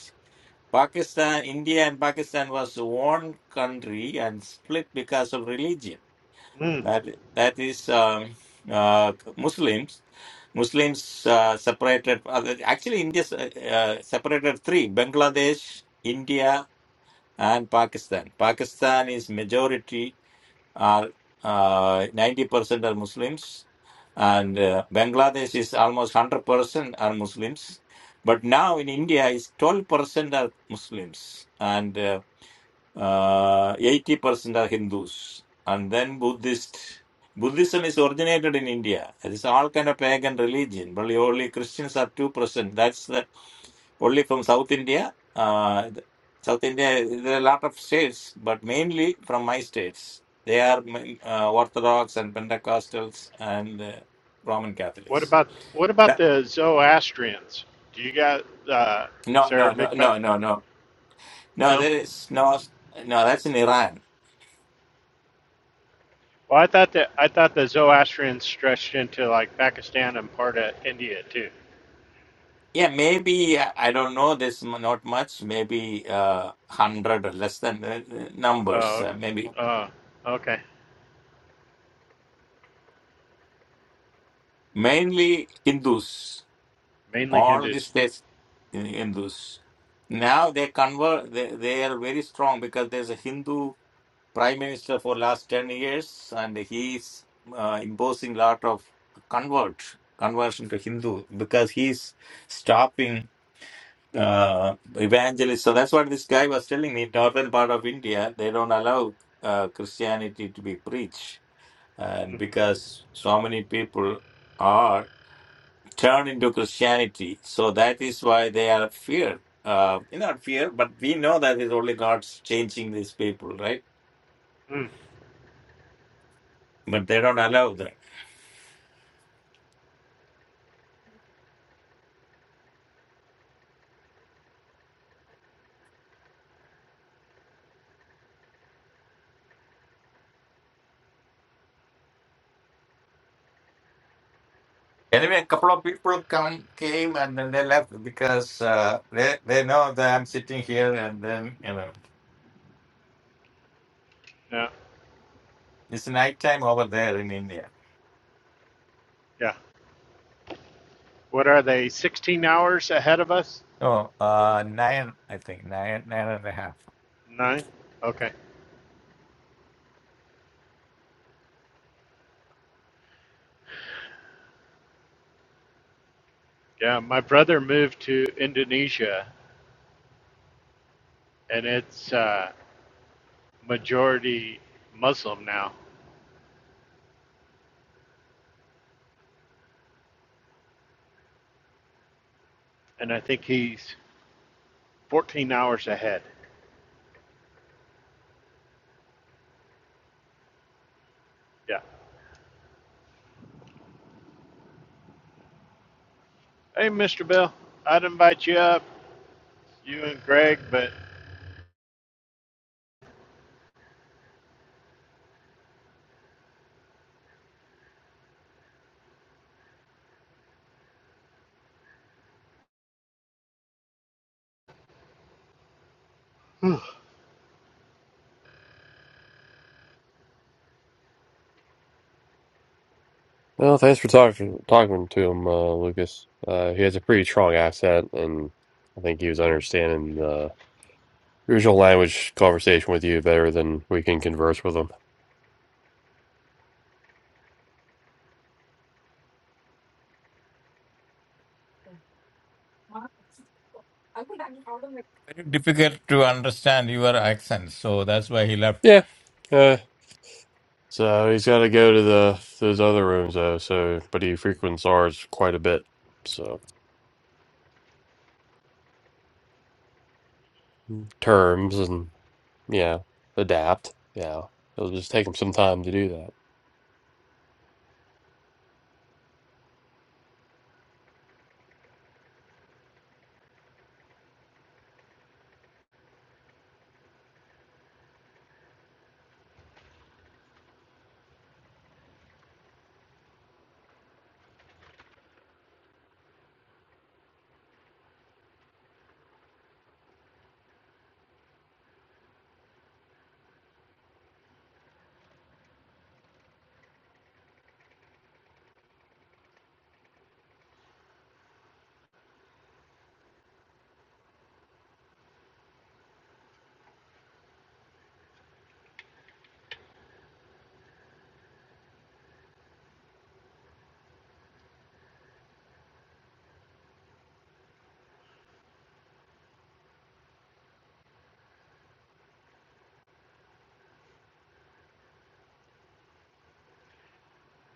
C: Pakistan, India and Pakistan was one country and split because of religion.
B: Mm.
C: That that is um, uh, Muslims. Muslims uh, separated. uh, Actually, India uh, uh, separated three: Bangladesh, India, and Pakistan. Pakistan is majority are uh, 90% are Muslims, and uh, Bangladesh is almost 100% are Muslims. But now in India, is 12% are Muslims, and uh, uh, 80% are Hindus. And then Buddhist. Buddhism is originated in India. It's all kind of pagan religion. But only Christians are 2%. That's the, only from South India. Uh, th- South India, there are a lot of states, but mainly from my states. They are mm, uh, Orthodox and Pentecostals and uh, Roman
B: What
C: Catholics.
B: about what about
C: That-
B: the Zoroastrians? Do you got uh, is
C: no,
B: there
C: no,
B: a
C: no,
B: big pa-
C: no, no, no. No,
B: no?
C: there is no, no, that's in Iran.
B: Well, I thought that I thought the Zoroastrians stretched into like Pakistan and part of India too.
C: Yeah, maybe uh, I don't know this m- not much, maybe uh, 100 or less than uh, uh, numbers,
B: Uh,
C: uh, maybe
B: uh, okay,
C: mainly Hindus,
B: mainly
C: all
B: Hindus.
C: these days in Hindus. Now they convert, they, they are very strong because there's a Hindu prime minister for last 10 years and he's uh, imposing lot of convert, conversion to Hindu because he's stopping. uh, evangelist. So that's what this guy was telling me. Northern part of India, they don't allow uh, Christianity to be preached, and
B: Mm,
C: because so many people are turned into Christianity, so that is why they are feared. Uh, not fear, but we know that is only God's changing these people, right?
B: mm,
C: But they don't allow that. Anyway, a couple of people come, came and then they left because uh, they they know that I'm sitting here, and then you know
B: yeah,
C: it's nighttime over there in India.
B: yeah. What are they? Sixteen hours ahead of us?
C: Oh, uh, nine, I think, nine, nine and a half.
B: Nine. Okay. Yeah, my brother moved to Indonesia, and it's uh, majority Muslim now, and I think he's fourteen hours ahead. Yeah. Hey, Mr. Bill, I'd invite you up, you and Greg, but *sighs*
A: Well, thanks for talking talking to him, uh, Lucas. Uh, he has a pretty strong accent, and I think he was understanding the original language conversation with you better than we can converse with him.
C: Very difficult to understand your accent, so that's why he left.
A: Yeah. Uh, so he's got to go to the those other rooms though. So, but he frequents ours quite a bit. So terms and yeah, adapt. Yeah, it'll just take him some time to do that.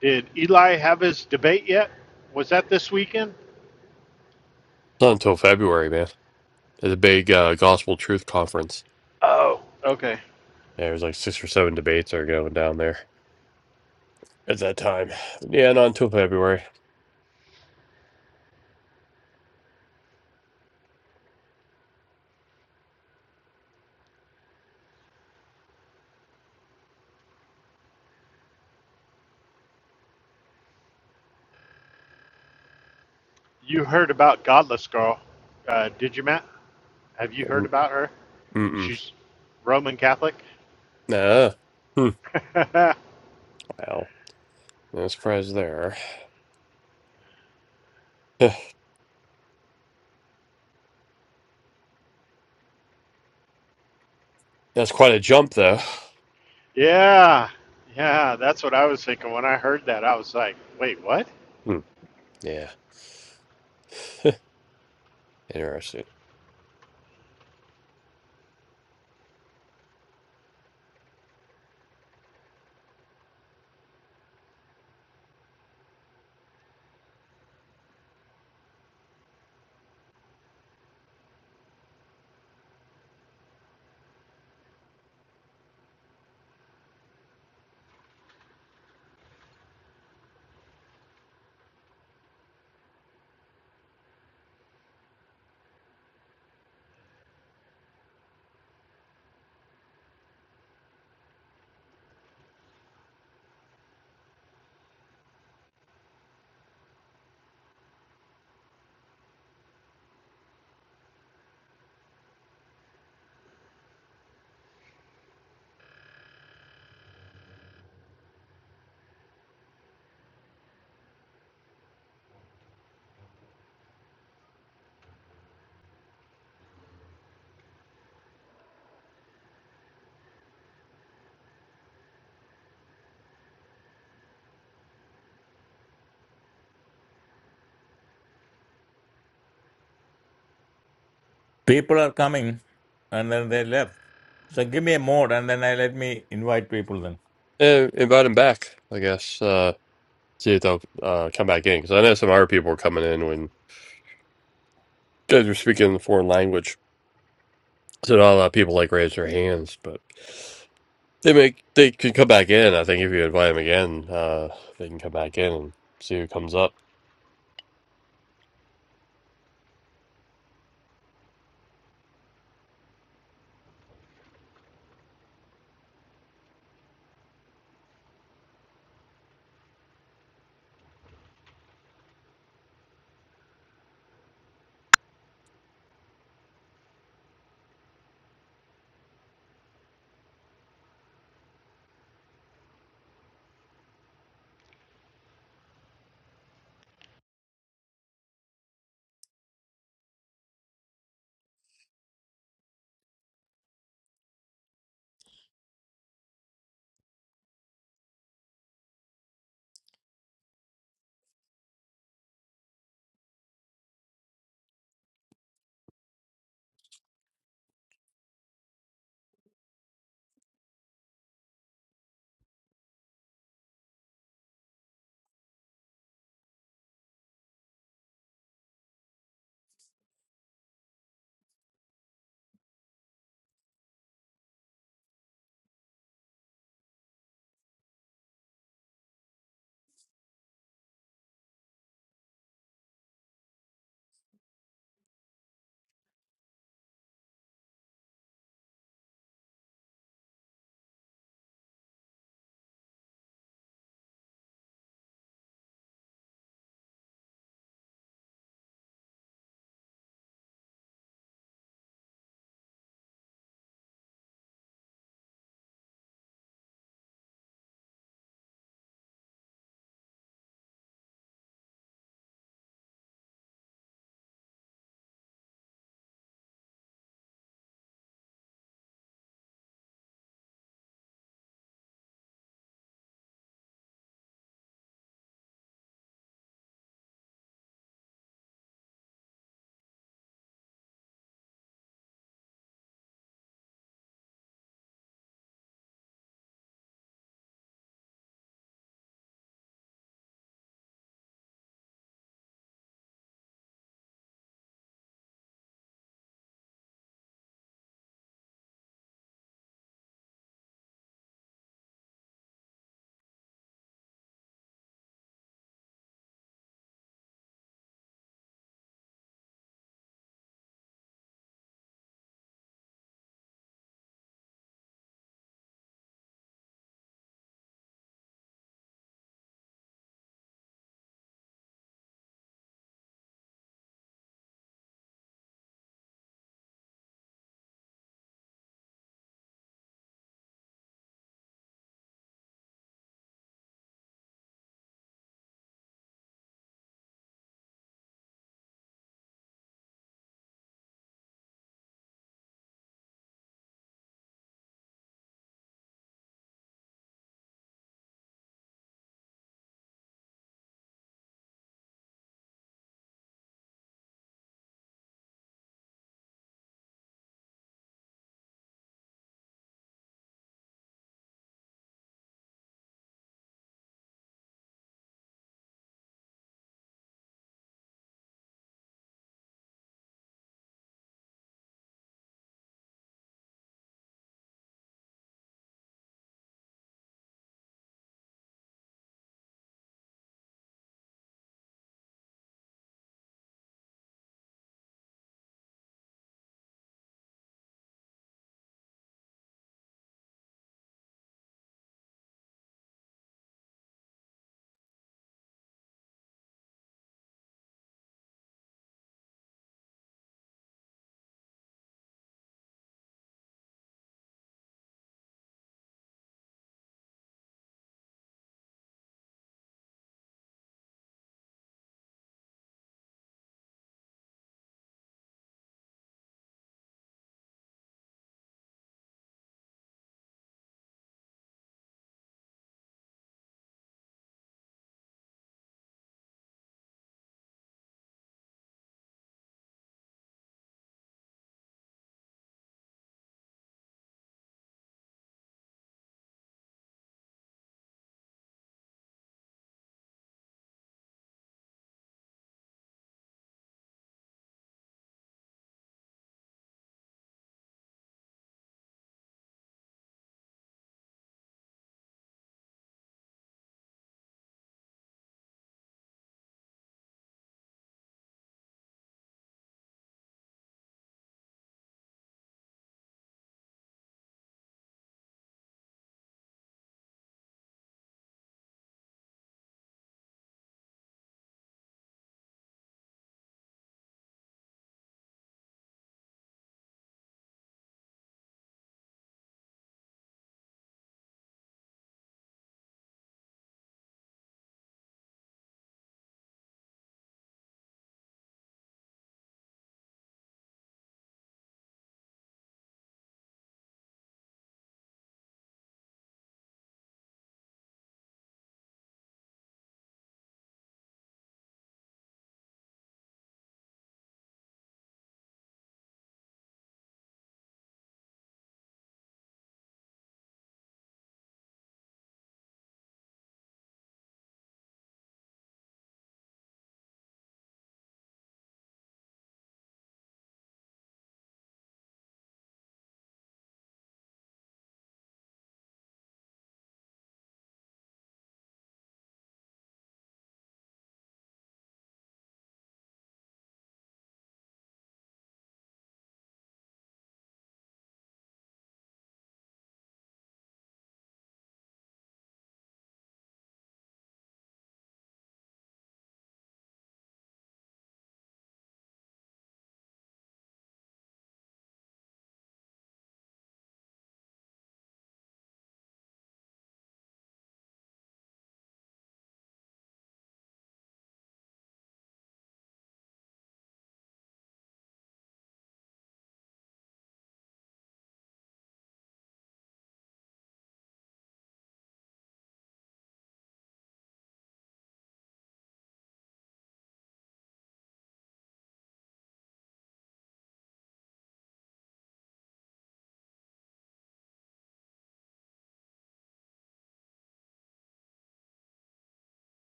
B: did Eli have his debate yet? Was that this weekend?
A: Not until February, man. There's a big uh, gospel truth conference.
B: Oh, okay.
A: Yeah, there's like six or seven debates are going down there. at that time. Yeah, not until February.
B: You heard about Godless Girl, uh, did you, Matt? Have you heard
A: Mm-
B: about her?
A: Mm-mm.
B: She's Roman Catholic.
A: Nah. Hmm.
B: *laughs*
A: Well, no surprise there. Huh. That's quite a jump, though.
B: yeah, yeah, that's what I was thinking when I heard that. I was like, wait, what?
A: Hmm. Yeah. Huh, Interesting.
C: People are coming, and then they left. So give me a mode, and then I let me invite people. Then
A: And invite him back, I guess. Uh, see if they'll uh, come back in. Because I know some other people were coming in when guys were speaking the foreign language. So not a lot of people like raise their hands, but they make they can come back in. I think if you invite them again, uh, they can come back in and see who comes up.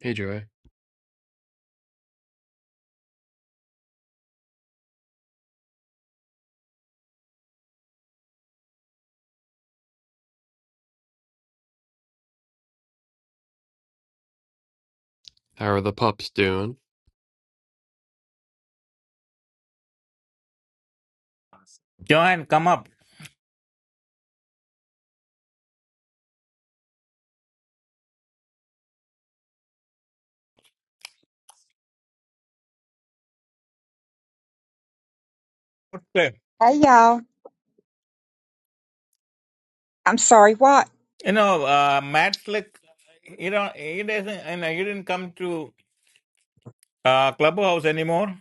A: Hey, Joy. How are the pups doing?
C: Joanne, come up. Okay.
E: Hey y'all. I'm sorry, what?
C: You know, uh, Matt Slick. You know, he doesn't. You know, he didn't come to uh, clubhouse anymore.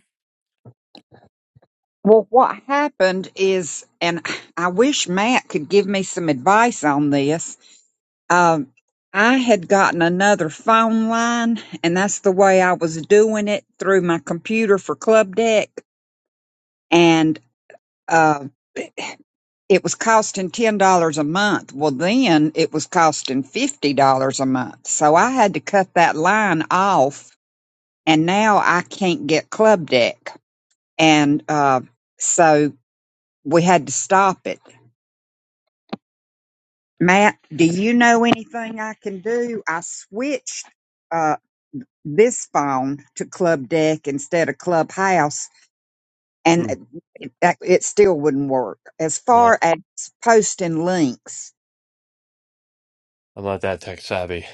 E: Well, what happened is, and I wish Matt could give me some advice on this. Um, I had gotten another phone line, and that's the way I was doing it through my computer for Club Deck, and uh, it was costing ten dollars a month. Well, then it was costing fifty dollars a month, so I had to cut that line off, and now I can't get Club Deck, and uh, so we had to stop it. Matt, do you know anything I can do? I switched uh, this phone to Club Deck instead of Clubhouse, and it, it still wouldn't work. As
A: I'm not
E: far as posting links,
A: I'm not that tech savvy.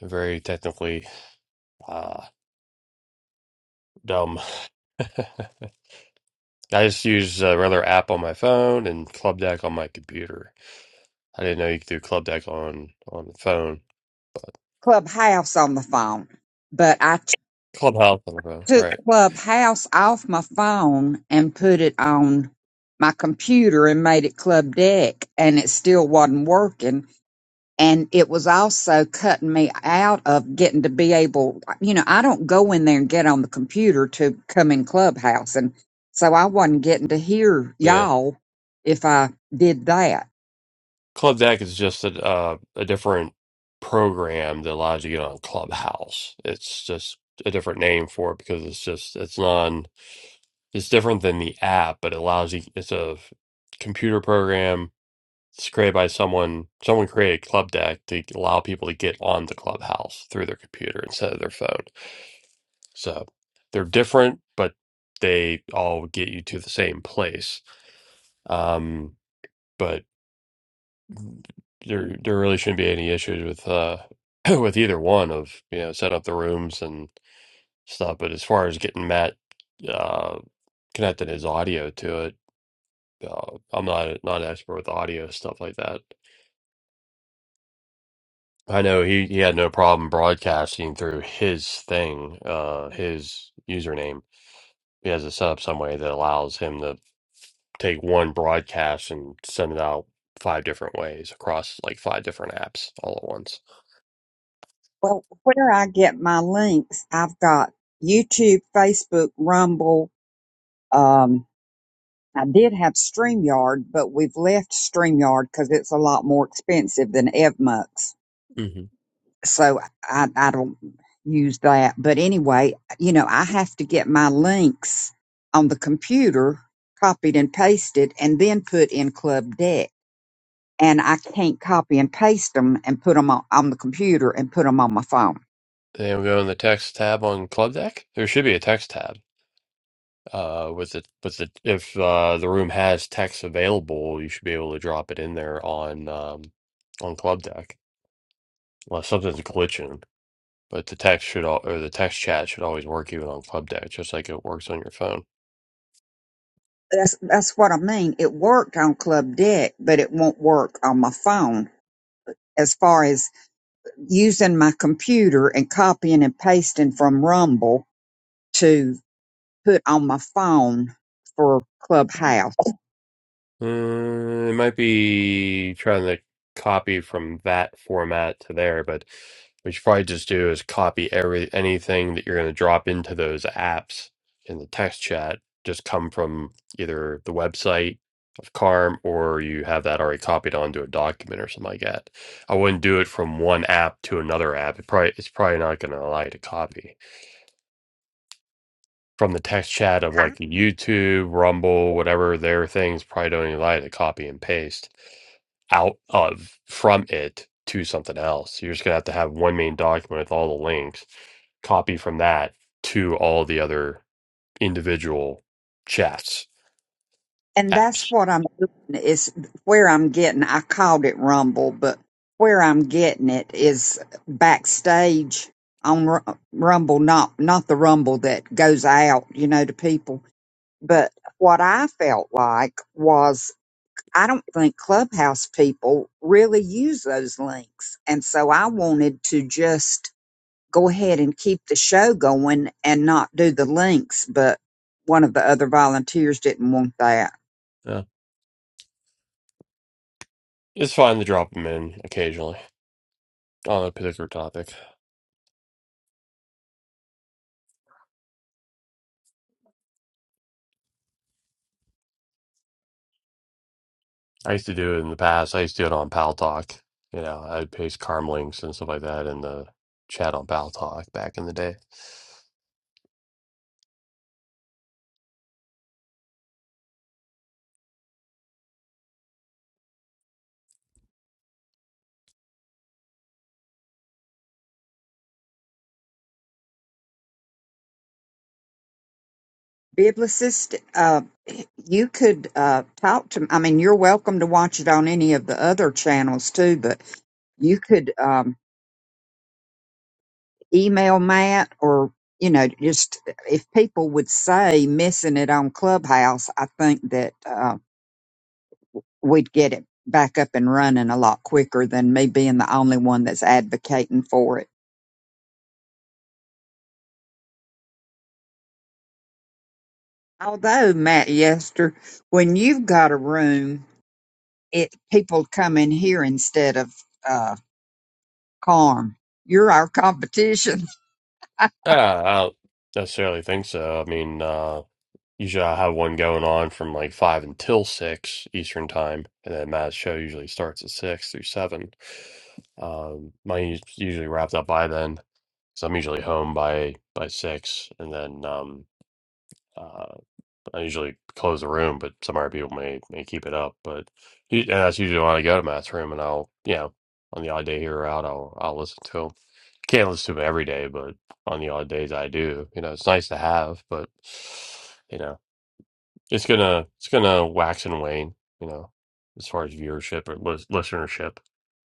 A: I'm very technically uh, dumb. *laughs* I just use uh, rather app on my phone and Club Deck on my computer. I didn't know you could do Club Deck on on the phone, but
E: Clubhouse on the phone, but I t-
A: Clubhouse on the phone,
E: took
A: right?
E: Clubhouse off my phone and put it on my computer and made it Club Deck, and it still wasn't working and it was also cutting me out of getting to be able you know i don't go in there and get on the computer to come in clubhouse and so i wasn't getting to hear
A: Yeah,
E: y'all if i did that
A: Club Deck is just a uh, a different program that allows you to get on Clubhouse. It's just a different name for it because it's just it's non it's different than the app, but it allows you. It's a computer program It's created by someone. Someone created Club Deck to allow people to get on the Clubhouse through their computer instead of their phone. So they're different, but they all get you to the same place. Um, but there, there really shouldn't be any issues with uh, *clears throat* with either one of you know set up the rooms and stuff. But as far as getting Matt uh, connecting his audio to it, uh, I'm not not an expert with audio stuff like that. I know he, he had no problem broadcasting through his thing, uh, his username. He has it set up some way that allows him to take one broadcast and send it out five different ways across like five different apps all at once.
E: well where i get my links i've got youtube facebook rumble um I did have StreamYard, but we've left StreamYard because it's a lot more expensive than EvMux.
A: Mm-hmm.
E: so I, I don't use that. But anyway, you know, I have to get my links on the computer copied and pasted and then put in Club Deck. And I can't copy and paste them and put them on, on the computer and put them on my phone.
A: Then we go in the text tab on Club Deck. There should be a text tab. Uh, with the with the if uh the room has text available, you should be able to drop it in there on um on Club Deck. Unless something's glitching. But the text should all or the text chat should always work even on Club Deck, just like it works on your phone.
E: That's, that's what I mean. It worked on Club Deck, but it won't work on my phone as far as using my computer and copying and pasting from Rumble to put on my phone for Clubhouse
A: Uh, it might be trying to copy from that format to there, but what you probably just do is copy every anything that you're going to drop into those apps in the text chat. Just come from either the website of Carm or you have that already copied onto a document or something like that. I wouldn't do it from one app to another app. It probably it's probably not going to allow you to copy from the text chat of
E: I,
A: like YouTube, Rumble, whatever their things probably don't even allow you to copy and paste out of from it to something else. You're just gonna have to have one main document with all the links, copy from that to all the other individual chats
E: and that's
A: apps.
E: what I'm doing is where I'm getting. I called it Rumble, but where I'm getting it is backstage on Ru- Rumble, not not the Rumble that goes out, you know, to people. But what I felt like was I don't think Clubhouse people really use those links, and so I wanted to just go ahead and keep the show going and not do the links, but one of the other volunteers didn't want that.
A: Yeah. It's fine to drop them in occasionally on a particular topic. I used to do it in the past. I used to do it on Pal Talk. You know, I'd paste Carm links and stuff like that in the chat on Pal Talk back in the day.
E: Biblicist, uh, you could uh, talk to. I mean, you're welcome to watch it on any of the other channels too, but you could um, email Matt or you know just if people would say missing it on Clubhouse, I think that uh, we'd get it back up and running a lot quicker than me being the only one that's advocating for it. Although, Matt Yester, when you've got a room, it people come in here instead of uh, Carm. You're our competition. *laughs*
A: Yeah, I don't necessarily think so. I mean, uh, usually I have one going on from like five until six Eastern time, and then Matt's show usually starts at six through seven. Um, mine's usually wrapped up by then, so I'm usually home by by six, and then um, uh, I usually close the room, but some other people may may keep it up. But u- and that's usually when I go to Matt's room, and I'll you know on the odd day here or out, I'll I'll listen to him. Can't listen to him every day, but on the odd days I do. You know, it's nice to have, but you know, it's gonna it's gonna wax and wane. You know, as far as viewership or lis- listenership,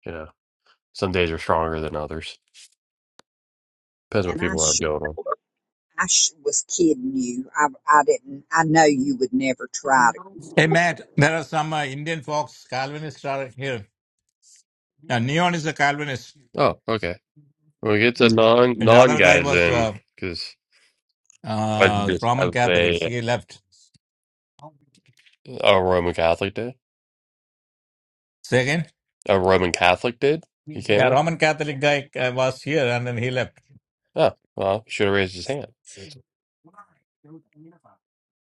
A: you know, some days are stronger than others. Depends what
E: And I,
A: people have
E: sh-
A: going on.
E: I sh- was kidding you. I, I didn't. I know you would never try
C: Hey
E: to.
C: Matt, there are some uh, Indian folks Calvinists are here. Neon is a Calvinist,
A: Oh, okay. When we get the non
C: and the
A: non
C: other guy
A: guys
C: was.
A: in,
C: uh,
A: because I
C: uh,
A: just
C: Roman
A: have a
C: Catholics. He left.
A: A Roman Catholic did?
C: Say again?
A: A Roman Catholic did? He came
C: Yeah,
A: in?
C: Roman Catholic guy uh, was here and then he left.
A: Oh, well, he should have raised his hand.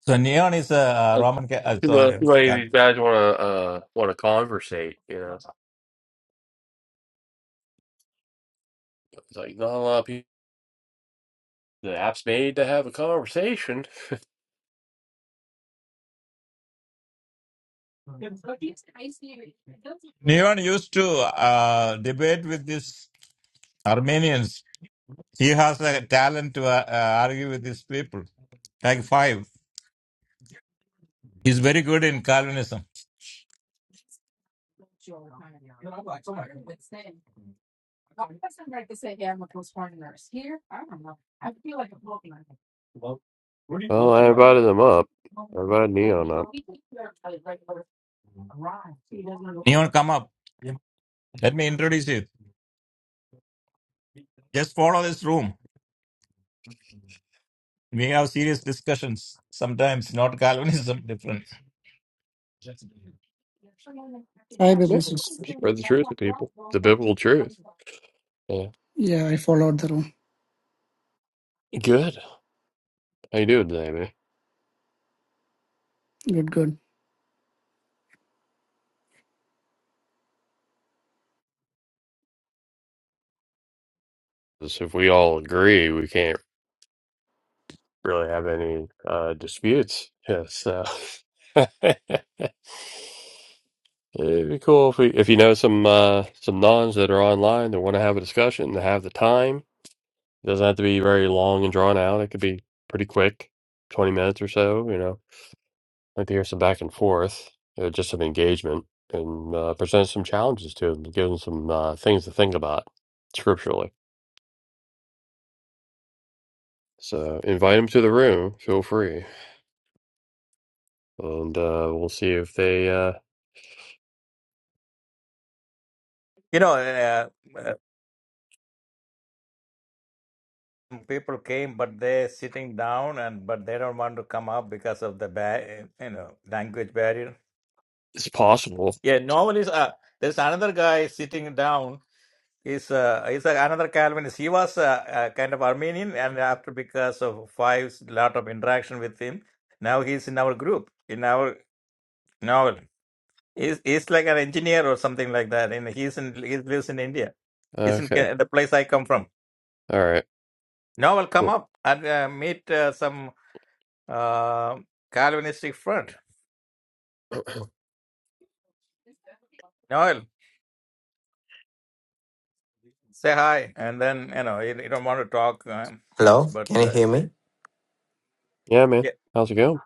C: So Neon is a uh,
A: Like,
C: Roman. Ca- Uh,
A: too
C: so
A: many
C: uh,
A: too many of
C: that
A: these guys want to uh, want to conversate, you know. It's like not a lot of people. The app's made to have a conversation. *laughs*
C: Neon used to uh, debate with these Armenians. He has a talent to uh, uh, argue with these people. Like five. He's very good in Calvinism.
A: Well, I invited them up. I invited Neon up.
C: Neon, come up. Let me introduce you. Just follow this room. We have serious discussions. Sometimes not Calvinism, *laughs* different.
F: Hi,
A: Yes,
F: publicist.
A: spread the truth to people. The biblical truth. Yeah.
F: Yeah, I followed the room.
A: Good. How you doing today, man? man?
F: Good, good.
A: 'Cause If we all agree, we can't really have any uh, disputes. Yeah, so. *laughs* It'd be cool if we, if you know some uh, some nuns that are online that want to have a discussion, that have the time. It doesn't have to be very long and drawn out. It could be pretty quick, twenty minutes or so. You know, I'd like to hear some back and forth, uh, just some engagement, and uh, present some challenges to them, give them some uh, things to think about scripturally. So invite them to the room. Feel free, and uh, we'll see if they uh,
C: You know, uh, people came, but they're sitting down and but they don't want to come up because of the ba- you know language barrier.
A: it's possible.
C: Yeah, normally uh, there's another guy sitting down. He's uh, he's uh, another Calvinist. He was uh, uh, kind of Armenian, and after because of five lot of interaction with him, now he's in our group in our novel. He's he's like an engineer or something like that, and he's in he lives in India. He's in
A: Okay,
C: uh, the place I come from.
A: all right,
C: Novel, come
A: cool.
C: up and uh, meet uh, some. uh, Calvinistic friend,
A: *clears throat*
C: Noel. Say hi. And then, you know, you, you don't want to talk uh, much,
G: Hello,
C: but
G: can you
C: uh,
G: hear
C: say,
G: me?
A: yeah, man,
C: yeah.
A: how's it going?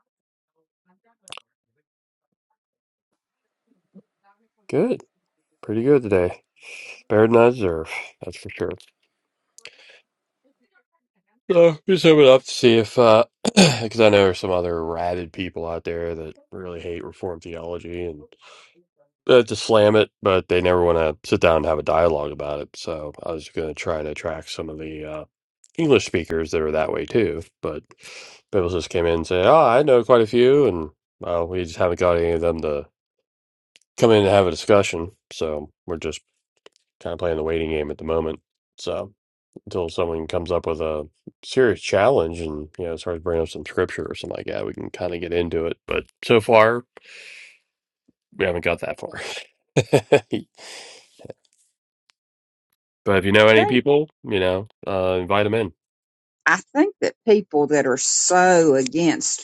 A: Good, pretty good today. Better than I deserve, that's for sure. So just hoping up to see if, uh, *clears throat* because I know there's some other rabid people out there that really hate Reformed theology and uh, to slam it, but they never want to sit down and have a dialogue about it. So I was going to try to attract some of the uh, English speakers that are that way too. But people just came in and say, "Oh, I know quite a few," and well, we just haven't got any of them to come in and have a discussion. So we're just kind of playing the waiting game at the moment. So. until someone comes up with a serious challenge and you know starts bringing up some scripture or something like that we can kind of get into it but so far we haven't got that far *laughs* but if you know any
E: think
A: people you know uh, invite them in
E: I think that people that are so against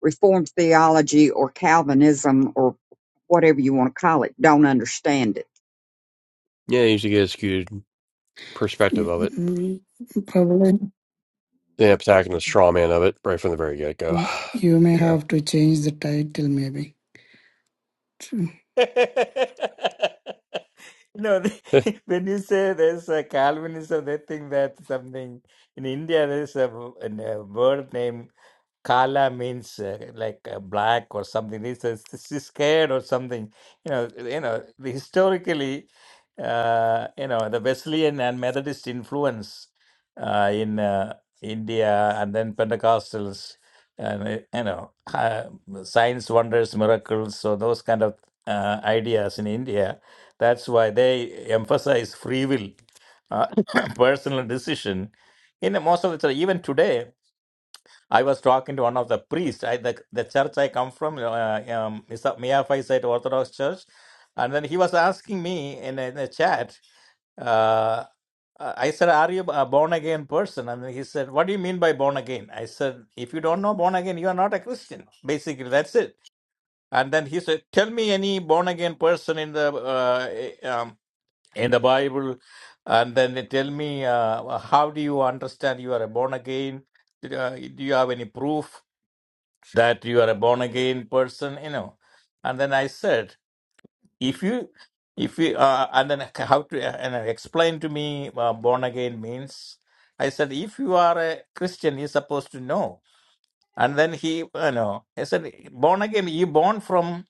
E: Reformed theology or Calvinism or whatever you want to call it don't understand it.
A: yeah you usually get a skewed perspective of it
F: Mm, Probably
A: they end up attacking the straw man of it right from the very get-go
F: you may
A: *sighs* you
F: have to change the title, maybe.
C: No, *laughs* when you say there's a Calvinism, they think that something in India there's a, w- a word name. Kala means uh, like uh, black or something. This is this is scared or something. You know, you know. the- Historically, uh, you know, the Wesleyan and Methodist influence uh, in uh, India, and then Pentecostals, and uh, you know, uh, science, wonders, miracles. So those kind of uh, ideas in India. That's why they emphasize free will, uh, *coughs* personal decision. In the most of the time, even today I was talking to one of the priests. I, the, the church I come from, uh, um, is a Miaphysite Orthodox Church, and then he was asking me in a, in a chat. Uh, uh, I said, "Are you a born again person?" And then he said, "What do you mean by born again?" I said, "If you don't know born again, you are not a Christian. Basically, that's it." And then he said, "Tell me any born again person in the uh, eh, um, in the Bible, and then they tell me uh, how do you understand you are a born again? uh, do you have any proof?" that you are a born again person you know and then i said if you if you uh, and then *laughs* how to and I explain to me uh, born again means i said if you are a christian you're supposed to know and then he you know i said born again you born from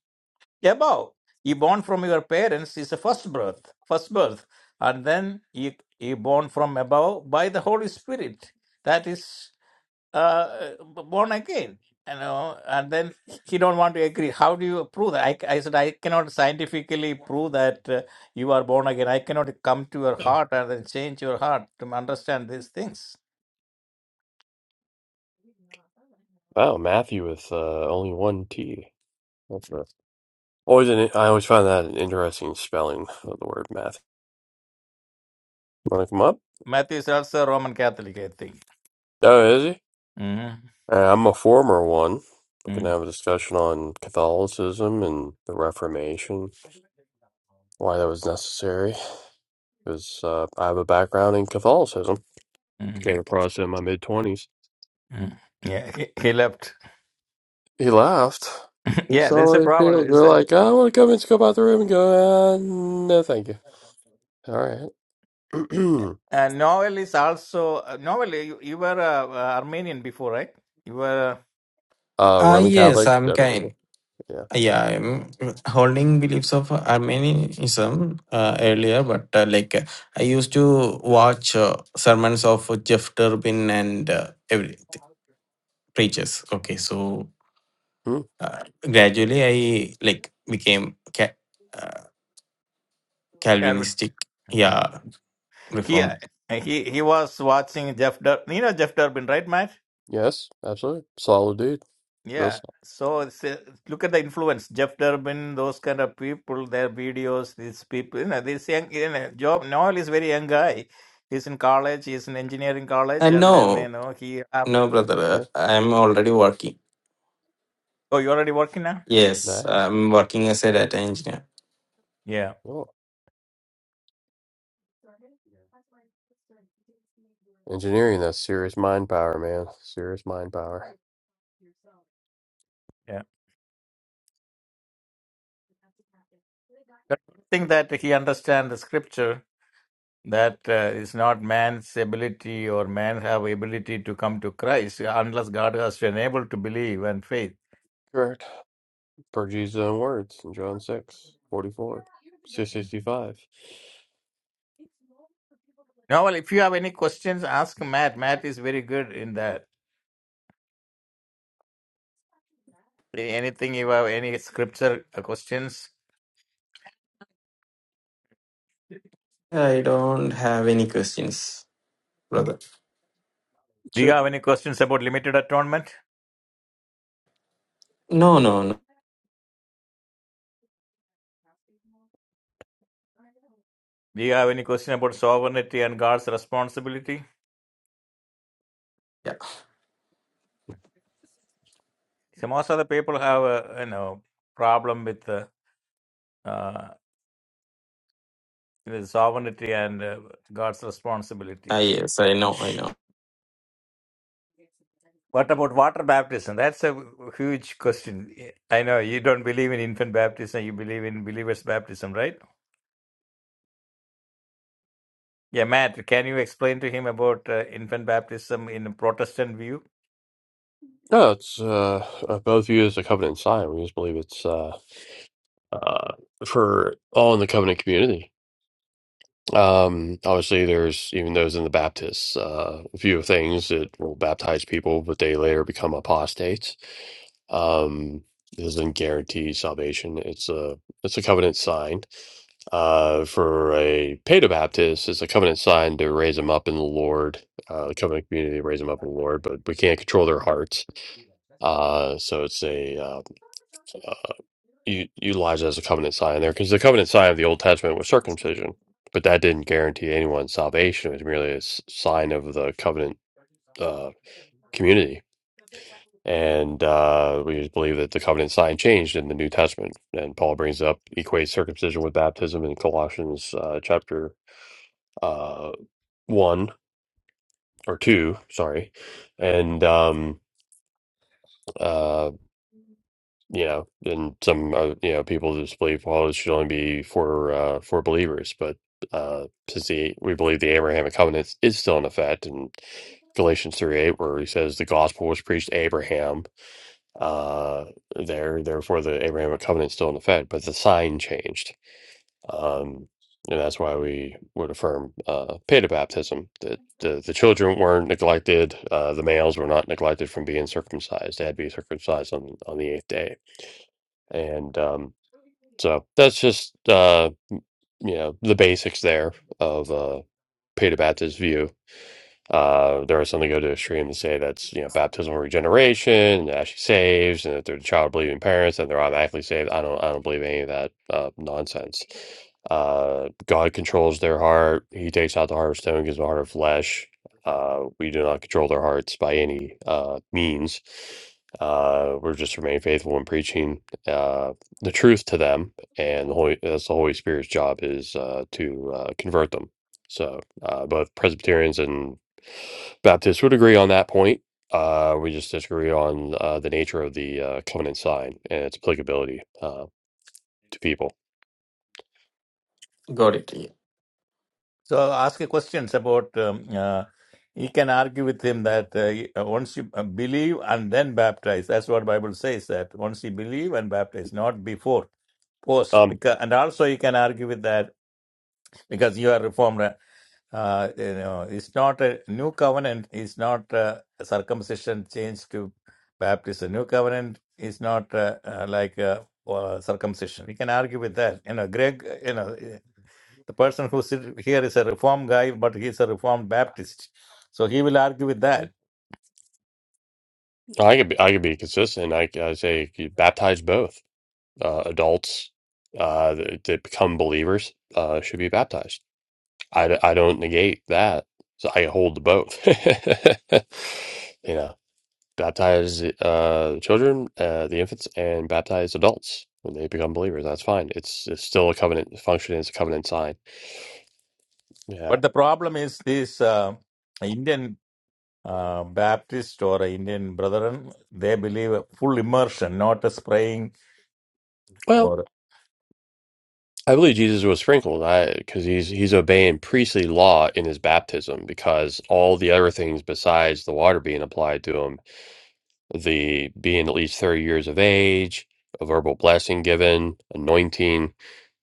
C: above you born from your parents is a first birth first birth and then you you born from above by the holy spirit that is uh, born again you know and then he don't want to agree how do you prove that i, I said i cannot scientifically prove that uh, you are born again i cannot come to your
A: know *laughs*
C: heart and then change your heart to understand these things
A: wow matthew with uh, only one t that's a, always an, i always find that an interesting spelling of the word Matthew. want to come up
C: matthew is also roman catholic i think
A: oh is he
C: hmm
A: Uh, I'm a former one. We can
C: mm
A: have a discussion on Catholicism and the Reformation, why that was necessary, because uh, I have a background in Catholicism.
C: mm
A: Came across it in my mid 20s.
C: mm. yeah he, he left
A: He laughed.
C: *laughs*
A: He's
C: yeah there's
A: all
C: a
A: like, they're
C: problem it's a,
A: like, I want to come and scope out the room and go, uh, no, thank you. All right.
C: uh, noel is also uh, noel you, you were uh, uh, armenian before right you were
A: *clears throat* uh,
G: Uh,
A: Roman
G: yes,
A: Catholic.
G: I'm
A: No, no, really.
G: kind.
A: Yeah.
G: Uh, Yeah, I'm holding beliefs of Armenianism uh, earlier, but uh, like uh, I used to watch uh, sermons of Jeff Turbin and uh, every preachers. Okay, so
A: Hmm.
G: uh, gradually I like became ca- uh, Calvinistic.
C: uh,
G: Yeah,
C: He uh,
G: reformed.
C: he he was watching Jeff Dur. You know Jeff Durbin, right, Matt?
A: Yes, absolutely. Solid dude. Real
C: Yeah.
A: solid.
C: So it's, uh, look at the influence. Jeff Durbin, those kind of people, their videos, these people. You know, this young. You know, Job Noel is very young guy. He's in college. He's in engineering college,
G: And
C: and then you
G: no,
C: know he. Uh,
G: no, brother,
A: Yeah.
G: uh, I'm already working.
C: oh, you already working now?
G: Yes,
A: Nice.
G: I'm working as a data engineer.
C: Yeah,
A: Cool. Engineering, that's serious mind power, man. Serious mind power.
C: yeah. think that he understands the scripture that uh, is not man's ability or man have ability to come to Christ unless God has been able to believe and faith.
A: Correct. per Jesus own words in John six forty four, 44 to 65.
C: Now, well, if you have any questions, ask Matt. Matt is very good in that. Anything you have, any scripture uh, questions?
G: I don't have any questions. brother.
C: Do you
A: Sure.
C: have any questions about limited atonement?
G: No, no, no.
C: Do you have any question about sovereignty and God's responsibility?
G: Yeah,
C: So most of the people have a you know problem with uh, uh, It is sovereignty and uh, God's responsibility.
G: Ah, yes, I know, I know.
C: What about water baptism? That's a huge question. I know you don't believe in infant baptism, you believe in believer's baptism, right? Yeah, Matt, can you explain to him about uh, infant baptism in a Protestant view?
A: No, it's uh, uh, both viewed as a covenant sign. We just believe it's uh, uh, for all in the covenant community. Um, obviously, there's even those in the Baptists, uh, a few things that will baptize people, but they later become apostates. Um, this doesn't guarantee salvation. It's a it's a covenant sign. Uh, for a paedobaptist, it's a covenant sign to raise them up in the Lord, uh, the covenant community to raise them up in the Lord, but we can't control their hearts. Uh, so it's a, uh, uh, u- utilized as a covenant sign there because the covenant sign of the Old Testament was circumcision, but that didn't guarantee anyone salvation. It was merely a s- sign of the covenant uh, community. And uh, we just believe that the covenant sign changed in the New Testament. And Paul brings up, equates circumcision with baptism in Colossians uh, chapter uh, 1 or 2, sorry. And um, uh, you know, and some uh, you know people just believe well, it should only be for uh, for believers, but uh, since the we believe the Abrahamic covenant is still in effect, and Galatians three eight, where he says the gospel was preached to Abraham, uh, there therefore the Abrahamic covenant is still in effect, but the sign changed, um, and that's why we would affirm uh, baptism that the the children weren't neglected, uh, the males were not neglected from being circumcised; they had to be circumcised on on the eighth day and um, so that's just uh, m- you know the basics there of uh, Peter Bata's view. Uh, there are some that go to extreme and say that's you know baptismal regeneration and that actually saves, and that they're the child of believing parents and they're automatically saved. I don't I don't believe any of that uh, nonsense. Uh, God controls their heart. He takes out the heart of stone, gives them a heart of flesh. Uh, we do not control their hearts by any uh, means. Uh, we're just remain faithful in preaching uh, the truth to them, and the Holy, that's the Holy Spirit's job is uh, to uh, convert them. So uh, both Presbyterians and Baptists would agree on that point. Uh, we just disagree on uh, the nature of the uh, covenant sign and its applicability uh, to people.
G: Got it. Yeah.
C: So I'll ask you questions about. Um, uh, you can argue with him that uh, uh, once you uh, believe and then baptize, that's what Bible says. That once you believe and baptize, not before post
A: Um,
C: because and also you can argue with that because you are reformed Uh, you know, it's not a new covenant. It's not uh, circumcision changed to baptism. New covenant is not uh, uh, like uh, uh, circumcision. We can argue with that. You know, Greg. You know, eh, the person who sit here is a reformed guy, but he's a reformed Baptist, so he will argue with that.
A: I could be, I could be consistent. I, I say you baptize both uh, adults uh, that, that become believers uh, should be baptized. I, d- I don't negate that. So I hold to both. *laughs* you know, baptize uh, children, uh, the infants, and baptize adults when they become believers. That's fine. It's, it's still a covenant function. It's a covenant sign. Yeah.
C: But the problem is this: uh, Indian uh, Baptist or Indian brethren, they believe a full immersion, not a spraying
A: Well,
C: or
A: I believe Jesus was sprinkled. I because he's he's obeying priestly law in his baptism because all the other things besides the water being applied to him the being at least 30 years of age, a verbal blessing given, anointing.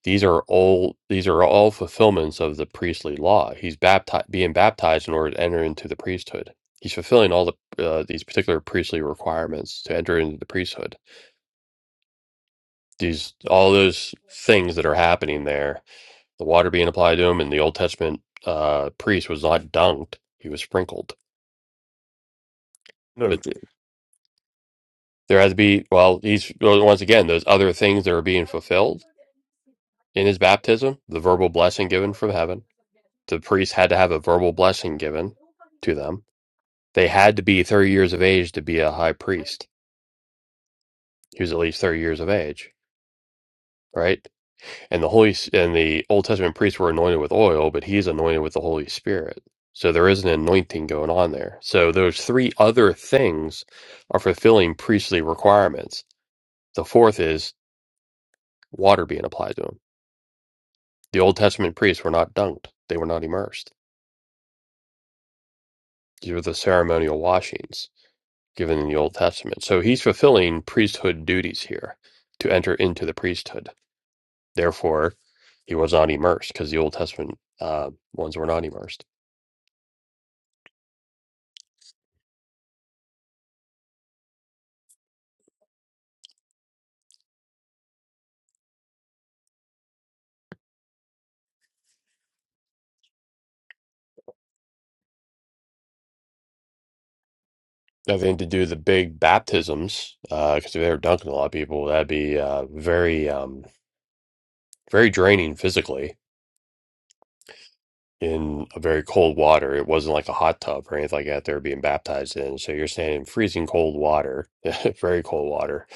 A: These are all these are all fulfillments of the priestly law. He's baptized, being baptized in order to enter into the priesthood. He's fulfilling all the uh, these particular priestly requirements to enter into the priesthood. These all those things that are happening there, the water being applied to him, and the Old Testament uh, priest was not dunked; he was sprinkled. But th- there has to be well, these well, once again those other things that are being fulfilled in his baptism, the verbal blessing given from heaven. The priests had to have a verbal blessing given to them. They had to be 30 years of age to be a high priest. He was at least 30 years of age, right? And the Holy and the Old Testament priests were anointed with oil, but he's anointed with the Holy Spirit. So there is an anointing going on there. So those three other things are fulfilling priestly requirements. The fourth is water being applied to them. The Old Testament priests were not dunked. They were not immersed. These were the ceremonial washings given in the Old Testament. So he's fulfilling priesthood duties here to enter into the priesthood. Therefore, he was not immersed because the Old Testament uh, ones were not immersed. Nothing to do with the big baptisms because if they were dunking a lot of people, that'd be uh, very, um, very draining physically in a very cold water. It wasn't like a hot tub or anything like that they were being baptized in. So you're standing in freezing cold water, *laughs* very cold water,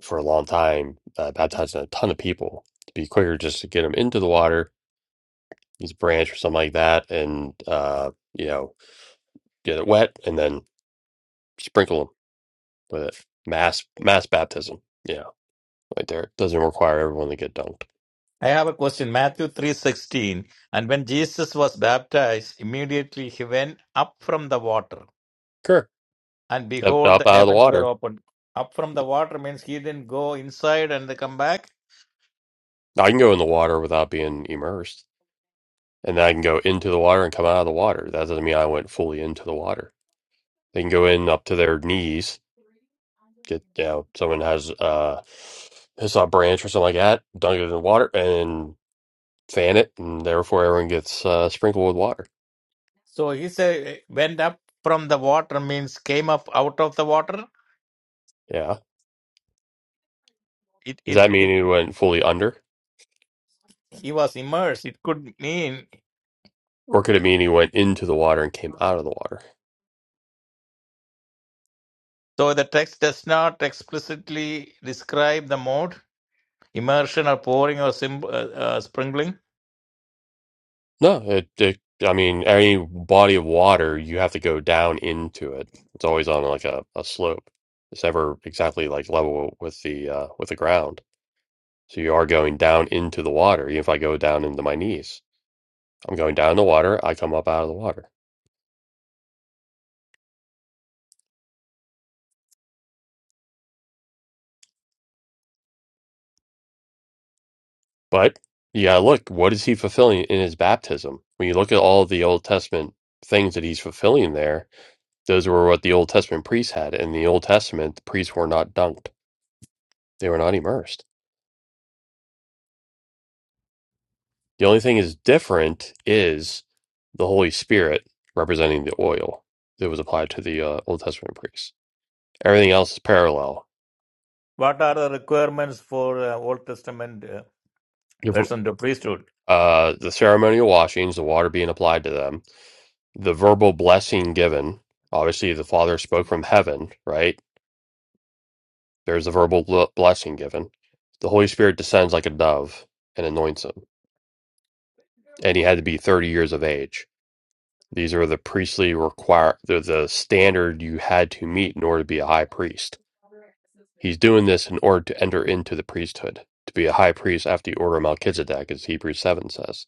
A: for a long time, uh, baptizing a ton of people. It'd be quicker just to get them into the water, use a branch or something like that, and uh, you know, get it wet and then sprinkle them with it. Mass mass baptism, yeah, right there. Doesn't require everyone to get dunked.
C: I have a question. Matthew 3:16. And when Jesus was baptized, immediately he went up from the water,
A: Sure,
C: and
A: up,
C: behold,
A: up
C: the
A: out of the
C: heavens were
A: water.
C: opened. Up from the water means he didn't go inside and then come back.
A: I can go in the water without being immersed. and then I can go into the water and come out of the water. That doesn't mean I went fully into the water. They can go in up to their knees. Get you know, someone has uh, it's a branch or something like that, dunk it in the water and fan it, and therefore everyone gets uh, sprinkled with water.
C: So he said went up from the water means came up out of the water.
A: Yeah.
C: It,
A: Does
C: it,
A: that mean
C: it
A: he went fully under,
C: he was immersed. It could mean
A: or could it mean he went into the water and came out of the water?
C: so the text does not explicitly describe the mode immersion or pouring or sim, uh, uh, sprinkling.
A: No, it, it, I mean, any body of water, you have to go down into it. It's always on like a, a slope. It's never exactly like level with the uh, with the ground. So you are going down into the water. Even if I go down into my knees, I'm going down in the water. I come up out of the water. But yeah, look, what is he fulfilling in his baptism? When you look at all the Old Testament things that he's fulfilling there, those were what the Old Testament priests had. In the Old Testament, the priests were not dunked; they were not immersed The only thing is different is the Holy Spirit representing the oil that was applied to the uh, Old Testament priests. Everything else is parallel.
C: What are the requirements for uh, Old Testament? uh,
A: The ver-
C: person to priesthood.
A: Uh, the ceremonial washings, the water being applied to them, the verbal blessing given. Obviously, the Father spoke from heaven, right? There's a verbal bl- blessing given. The Holy Spirit descends like a dove and anoints him, and he had to be 30 years of age. These are the priestly require. They're the standard you had to meet in order to be a high priest He's doing this in order to enter into the priesthood, to be a high priest after the order of Melchizedek, as Hebrews 7 says.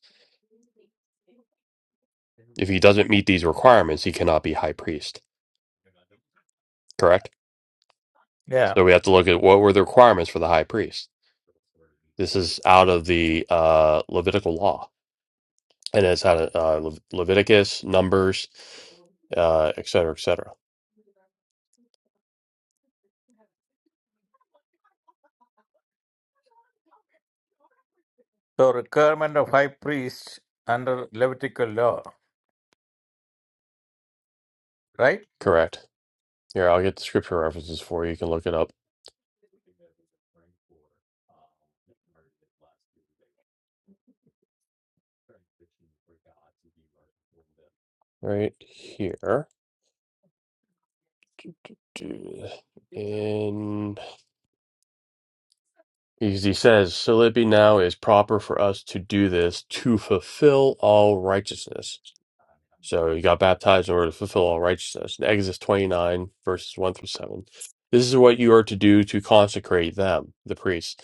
A: If he doesn't meet these requirements, he cannot be high priest, correct?
C: Yeah.
A: So we have to look at what were the requirements for the high priest. This is out of the uh, Levitical law, and it's out of uh, Le- Leviticus, Numbers, uh, et cetera, et cetera.
C: So requirement of high priest under Levitical law, right?
A: Correct. Here, I'll get the scripture references for you. You can look it up right here. Do- In Because he says, So it be now is proper for us to do this to fulfill all righteousness. So he got baptized in order to fulfill all righteousness. In Exodus 29, verses 1 through 7. This is what you are to do to consecrate them, the priests,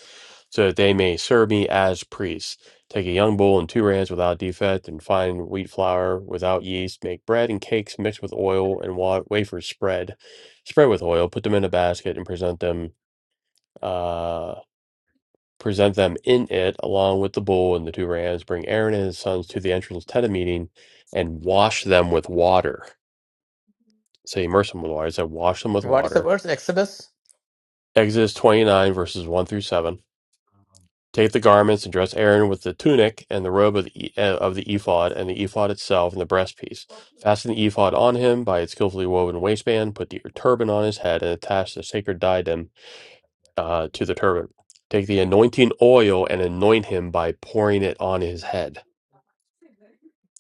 A: so that they may serve me as priests. Take a young bull and two rams without defect, and fine wheat flour without yeast. Make bread and cakes mixed with oil and wa- wafers spread. Spread with oil, put them in a basket, and present them. uh, present them in it along with the bull and the two rams, bring Aaron and his sons to the entrance tent of meeting, and wash them with water. Say, immerse them with water. I said, wash them with
C: What is the
A: water.
C: verse? Exodus.
A: Exodus 29, verses 1 through 7. Take the garments and dress Aaron with the tunic and the robe of the, e- uh, of the ephod and the ephod itself and the breastpiece. Fasten the ephod on him by its skillfully woven waistband, put the turban on his head, and attach the sacred diadem uh, to the turban. Take the anointing oil and anoint him by pouring it on his head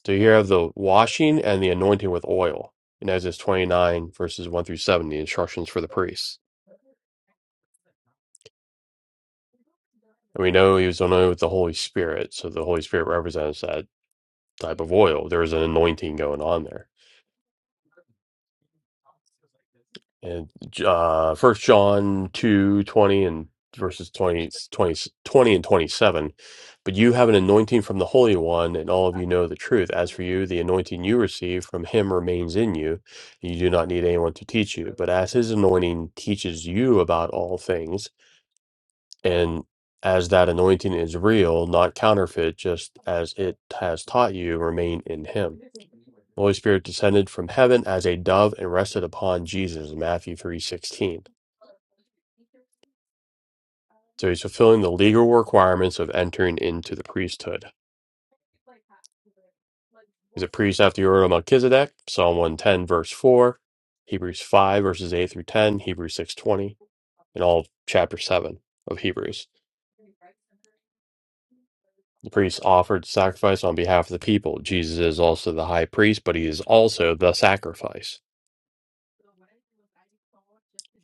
A: So here have the washing and the anointing with oil in Exodus 29, verses 1 through 7, the instructions for the priests. And we know he was anointed with the Holy Spirit. So the Holy Spirit represents that type of oil. There is an anointing going on there. and uh first john 2 20 and verses 20 20 20 and 27 but you have an anointing from the holy one and all of you know the truth as for you the anointing you receive from him remains in you and you do not need anyone to teach you but as his anointing teaches you about all things and as that anointing is real not counterfeit just as it has taught you remain in him the holy spirit descended from heaven as a dove and rested upon jesus matthew three sixteen. So he's fulfilling the legal requirements of entering into the priesthood. He's a priest after the order of Melchizedek, Psalm 110, verse 4, Hebrews 5, verses 8 through 10, Hebrews 6.20, and all of chapter 7 of Hebrews. The priest offered sacrifice on behalf of the people. Jesus is also the high priest, but he is also the sacrifice.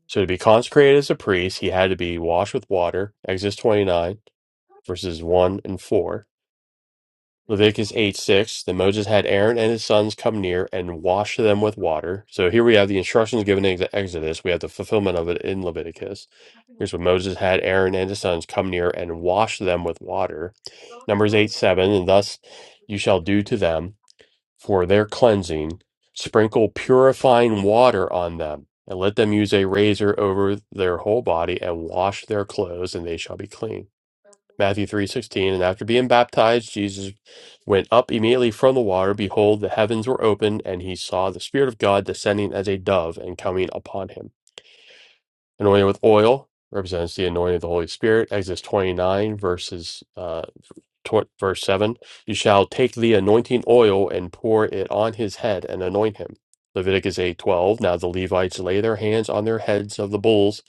A: So to be consecrated as a priest, he had to be washed with water, Exodus 29, verses 1 and 4 Leviticus 8 6. Then Moses had Aaron and his sons come near and wash them with water. So here we have the instructions given in Exodus. We have the fulfillment of it in Leviticus. Here's what Moses had Aaron and his sons come near and wash them with water. Numbers 8 7. And thus you shall do to them for their cleansing, sprinkle purifying water on them. And let them use a razor over their whole body and wash their clothes, and they shall be clean. Matthew 3:16 and after being baptized Jesus went up immediately from the water behold the heavens were opened and he saw the spirit of God descending as a dove and coming upon him anointed with oil represents the anointing of the Holy Spirit Exodus 29 verses uh, tw- verse 7 you shall take the anointing oil and pour it on his head and anoint him leviticus 8:12 now the levites lay their hands on their heads of the bulls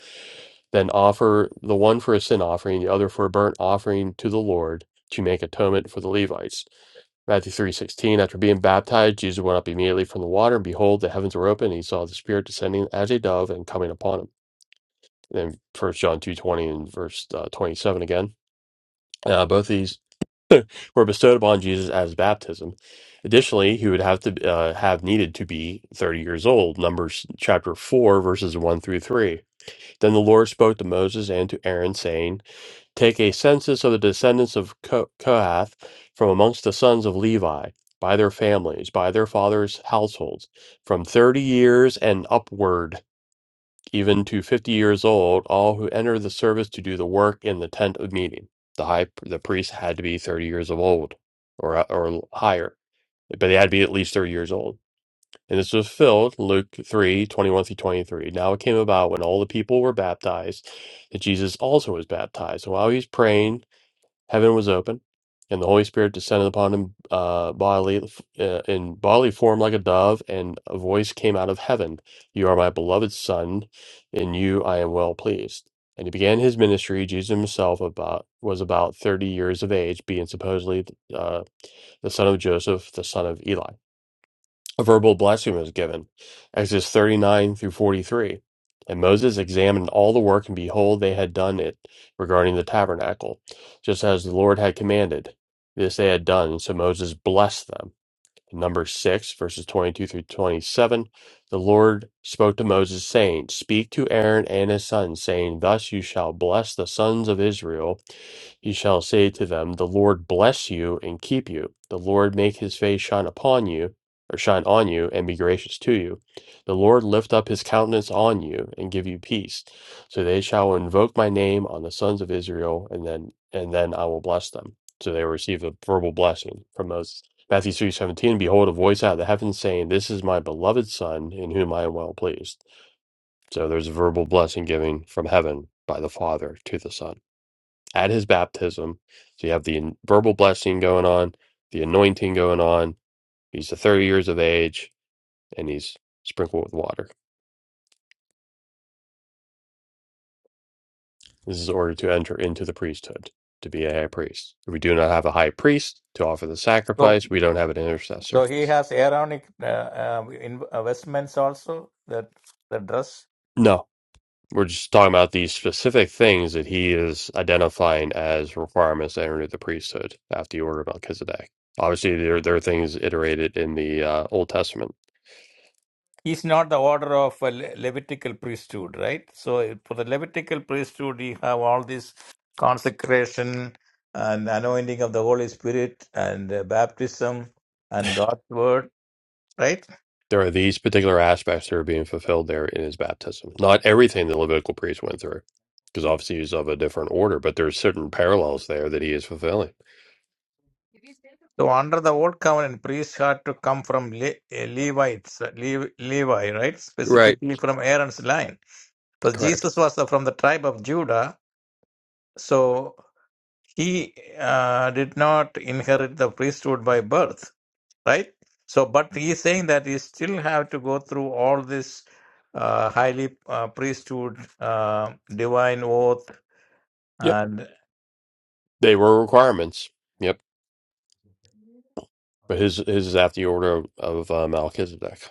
A: then offer the one for a sin offering the other for a burnt offering to the lord to make atonement for the levites matthew 3:16 after being baptized jesus went up immediately from the water and behold the heavens were open and he saw the spirit descending as a dove and coming upon him and then First john 2:20 and verse uh, 27 again uh, both these were bestowed upon Jesus as baptism. Additionally, he would have to uh, have needed to be 30 years old. Numbers chapter 4 verses 1 through 3. Then the Lord spoke to Moses and to Aaron saying, "Take a census of the descendants of Ko- Kohath from amongst the sons of Levi, by their families, by their fathers' households, from 30 years and upward." even to fifty years old, all who enter the service to do the work in the tent of meeting. The high the priest had to be thirty years of old, or uh, or higher, but they had to be at least thirty years old. And this was filled Luke three twenty one through twenty three. Now it came about when all the people were baptized that Jesus also was baptized. And while he was praying Heaven was open, and the Holy Spirit descended upon him uh, bodily uh, in bodily form like a dove, and a voice came out of heaven, "You are my beloved Son; in you I am well pleased." And he began his ministry. Jesus himself about was about thirty years of age, being supposedly uh, the son of Joseph, the son of Eli a verbal blessing was given. Exodus 39 through 43. And Moses examined all the work, and behold, they had done it regarding the tabernacle, just as the Lord had commanded. This they had done, so Moses blessed them. In Numbers 6, verses 22 through 27, the Lord spoke to Moses, saying, Speak to Aaron and his sons, saying, Thus you shall bless the sons of Israel he shall say to them, The Lord bless you and keep you. The Lord make his face shine upon you, or shine on you, and be gracious to you. The Lord lift up his countenance on you and give you peace. So they shall invoke my name on the sons of Israel, and then and then I will bless them. So they will receive a verbal blessing from Moses. Matthew three seventeen, behold a voice out of the heavens saying, This is my beloved son in whom I am well pleased. So there's a verbal blessing giving from heaven by the Father to the Son at his baptism. So you have the an- verbal blessing going on, the anointing going on. He's the 30 years of age and he's sprinkled with water. This is ordered to enter into the priesthood, to be a high priest. We do not have a high priest to offer the
C: So,
A: sacrifice. We don't have an intercessor.
C: so he has Aaronic uh, uh, in, uh, vestments also. That the dress.
A: No, we're just talking about these specific things that he is identifying as requirements to enter into the priesthood after the order of Melchizedek. Obviously, there, there are things iterated in the uh, Old Testament
C: He's not the order of a Le- Levitical priesthood, right? So for the Levitical priesthood, you have all this consecration and anointing of the Holy Spirit and uh, baptism and God's word right?
A: There are these particular aspects that are being fulfilled there in his baptism. Not everything the Levitical priest went through, because obviously he's of a different order, but there's certain parallels there that he is fulfilling.
C: So under the old covenant, priests had to come from Le- eh, Levites, uh, Le- Levi, right? Specifically from Aaron's line. But Jesus was the- from the tribe of Judah, so he uh, did not inherit the priesthood by birth, right? So, but he is saying that he still have to go through all this uh, highly uh, priesthood, uh, divine oath,
A: Yep. They were requirements. Yep. But his, his is after the order of, of uh, Melchizedek.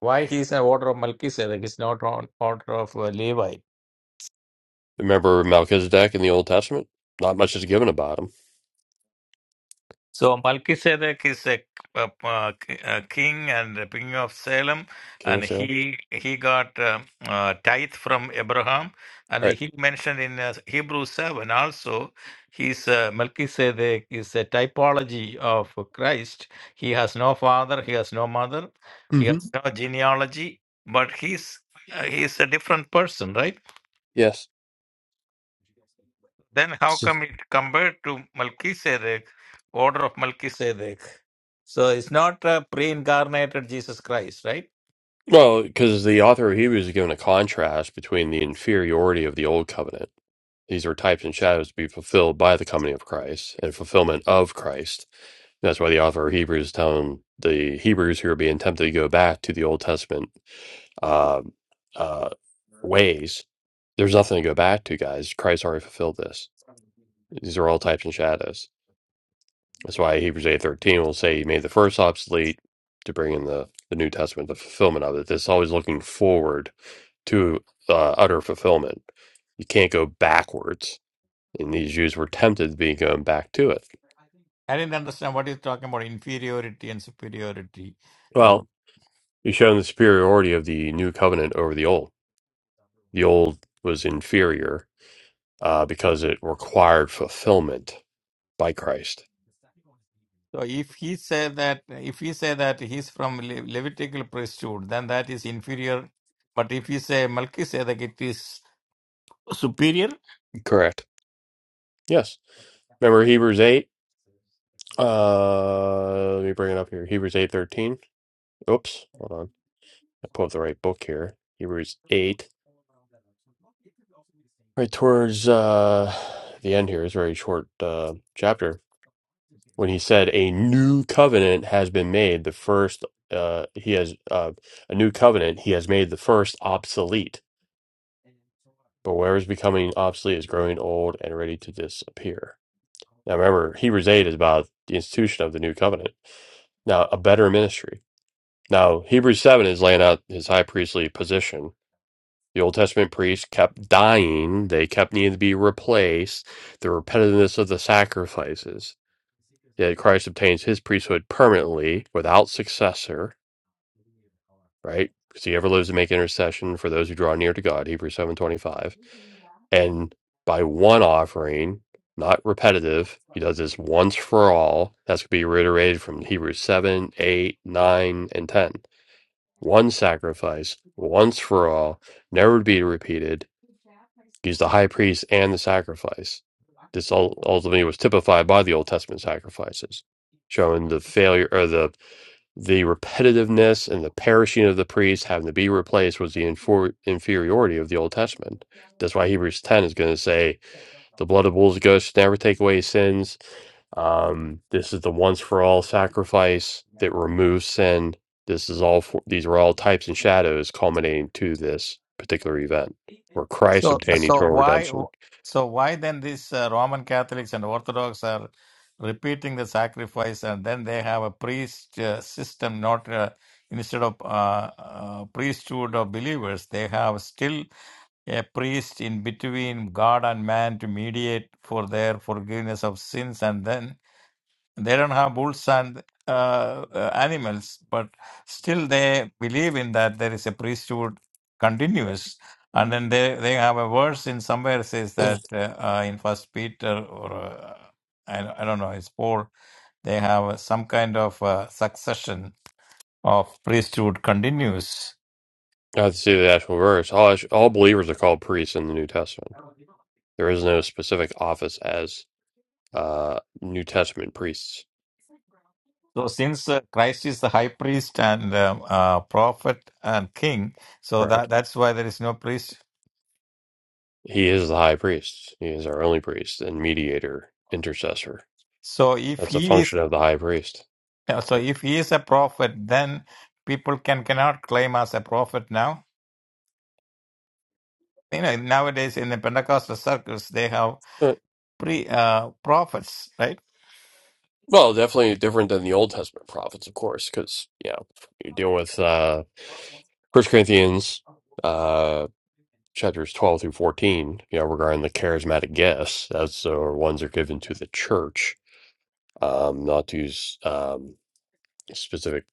C: Why he is an order of Melchizedek? He's not on order of uh, Levi.
A: Remember Melchizedek in the Old Testament? Not much is given about him.
C: So Melchizedek is a, a, a king and a king of Salem,
A: King
C: and
A: of Salem.
C: he he got uh, uh, tithe from Abraham, and
A: All right.
C: he mentioned in uh, Hebrews seven also. He's uh, Melchizedek is a typology of Christ. He has no father, he has no mother, he
A: hmm
C: has no genealogy, but he's uh, he's a different person, right?
A: Yes.
C: Then how
A: S-
C: come it compared to Melchizedek, order of Melchizedek? So it's not a pre-incarnated Jesus Christ, right?
A: Well, because the author of Hebrews is given a contrast between the inferiority of the old covenant These are types and shadows to be fulfilled by the coming of Christ and fulfillment of Christ. And That's why the author of Hebrews is telling the Hebrews who are being tempted to go back to the Old Testament uh, uh, ways. There's nothing to go back to, guys. Christ already fulfilled this. These are all types and shadows. That's why Hebrews eight thirteen will say he made the first obsolete to bring in the, the New Testament, the fulfillment of it. This is always looking forward to uh, utter fulfillment. You can't go backwards and these Jews were tempted to be going back to it.
C: I didn't understand what he's talking about inferiority and superiority.
A: Well,
C: About
A: he's shown the superiority of the new covenant over the old. The old was inferior uh, because it required fulfillment by Christ.
C: so if he said that if he say that he's from Le- Levitical priesthood, then that is inferior. But if he say Melchizedek, it is superior.
A: Correct. Yes. Remember Hebrews eight. Uh, let me bring it up here. Hebrews eight thirteen. Oops. Hold on. I pulled up the right book here. Hebrews eight. Right towards uh, the end here is a very short uh, chapter when he said a new covenant has been made the first uh, he has uh, a new covenant he has made the first obsolete but whatever is becoming obsolete is growing old and ready to disappear now remember hebrews 8 is about the institution of the new covenant now a better ministry now hebrews 7 is laying out his high priestly position the old testament priests kept dying they kept needing to be replaced the repetitiveness of the sacrifices that Christ obtains his priesthood permanently without successor, right? Because he ever lives to make intercession for those who draw near to God, Hebrews 7.25. And by one offering, not repetitive, he does this once for all. That's going to be reiterated from Hebrews 7 8 9 and 10. One sacrifice, once for all, never to be repeated He's the high priest and the sacrifice. This ul- ultimately was typified by the Old Testament sacrifices, showing the failure or the the repetitiveness and the perishing of the priests having to be replaced was the infor- inferiority of the Old Testament. That's why Hebrews 10 is going to say the blood of bulls and goats should never take away sins. Um, this is the once for all sacrifice that removes sin. This is all for, these are all types and shadows culminating to this particular event where Christ
C: So,
A: obtained
C: so
A: eternal
C: why,
A: redemption.
C: so why then these uh, Roman Catholics and Orthodox are repeating the sacrifice, and then they have a priest uh, system, not uh, instead of uh, uh, priesthood of believers, they have still a priest in between God and man to mediate for their forgiveness of sins, and then they don't have bulls and uh, uh, animals, but still they believe in that there is a priesthood continuous. And then they, they have a verse in somewhere says that uh, uh, in First Peter or uh, I, I don't know, it's Paul. They have some kind of uh, succession of priesthood continues.
A: Now to see the actual verse, all, actu- all believers are called priests in the New Testament. There is no specific office as uh, New Testament priests.
C: So since uh, Christ is the high priest and um, uh, prophet and king, so
A: Correct.
C: that that's why there is no priest.
A: He is the high priest. He is our only priest and mediator, intercessor.
C: So if
A: That's a
C: he is
A: function of the high priest.
C: Yeah, so
A: Yep.
C: if he is a prophet, then people can cannot claim as a prophet now. You know, nowadays in the Pentecostal circles, they have pre uh, prophets, right?
A: Well, definitely different than the Old Testament prophets, of course, because you know you're dealing with uh, First Corinthians uh, chapters twelve through fourteen. You know, regarding the charismatic gifts, as the ones are given to the church, um, not to s- um, specific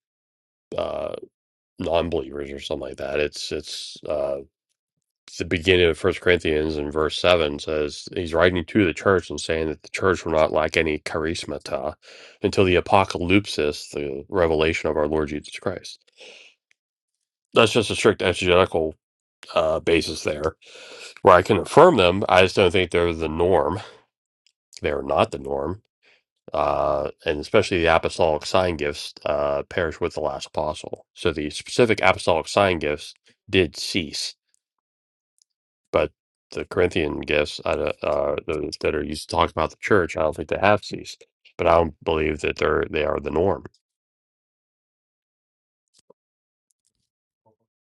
A: uh, non-believers or something like that. It's it's uh, the beginning of First Corinthians in verse seven says he's writing to the church and saying that the church will not lack any charismata until the apocalypsis, the revelation of our Lord Jesus Christ. That's just a strict exegetical uh, basis there, where I can affirm them. I just don't think they're the norm. They are not the norm, uh, and especially the apostolic sign gifts uh, perish with the last apostle. So the specific apostolic sign gifts did cease But the Corinthian gifts, I don't- uh, those that are used to talk about the church, I don't think they have ceased. But I don't believe that they're they are the norm.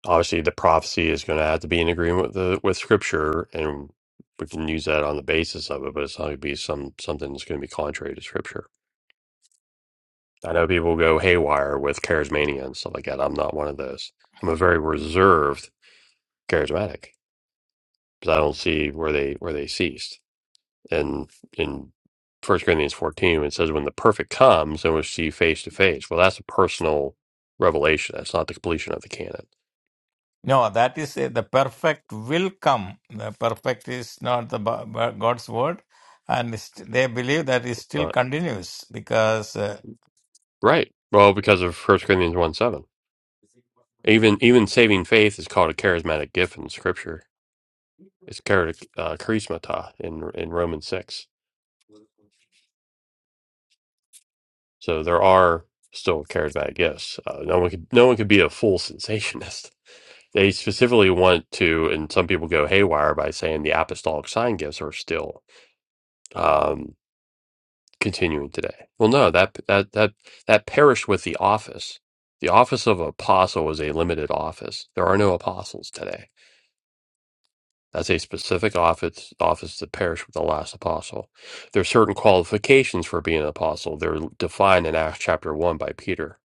A: Obviously, the prophecy is going to have to be in agreement with the, with Scripture, and we can use that on the basis of it. But it's not going to be some something that's going to be contrary to Scripture. I know people go haywire with charismania and stuff like that. I'm not one of those. I'm a very reserved charismatic because I don't see where they where they ceased. And in First Corinthians 14, it says, when the perfect comes, then we'll see face to face. Well, that's a personal revelation. That's not the completion of the canon.
C: No, that is uh, the perfect will come. The perfect is not the Bi- Bi- God's word, and st- they believe that it still
A: But,
C: continues because uh,
A: right. Well, because of First Corinthians 1 7. Even, even saving faith is called a charismatic gift in Scripture. It's char- uh, charismata in, in Romans 6. So there are still charismatic gifts. Uh, no one could no one could be a full *laughs* sensationist. They specifically want to, and some people go haywire by saying the apostolic sign gifts are still. um, continuing today. Well, no, that that that that perished with the office. The office of apostle was a limited office. There are no apostles today. That's a specific office office that perished with the last apostle. There are certain qualifications for being an apostle. They're defined in Acts chapter one by Peter.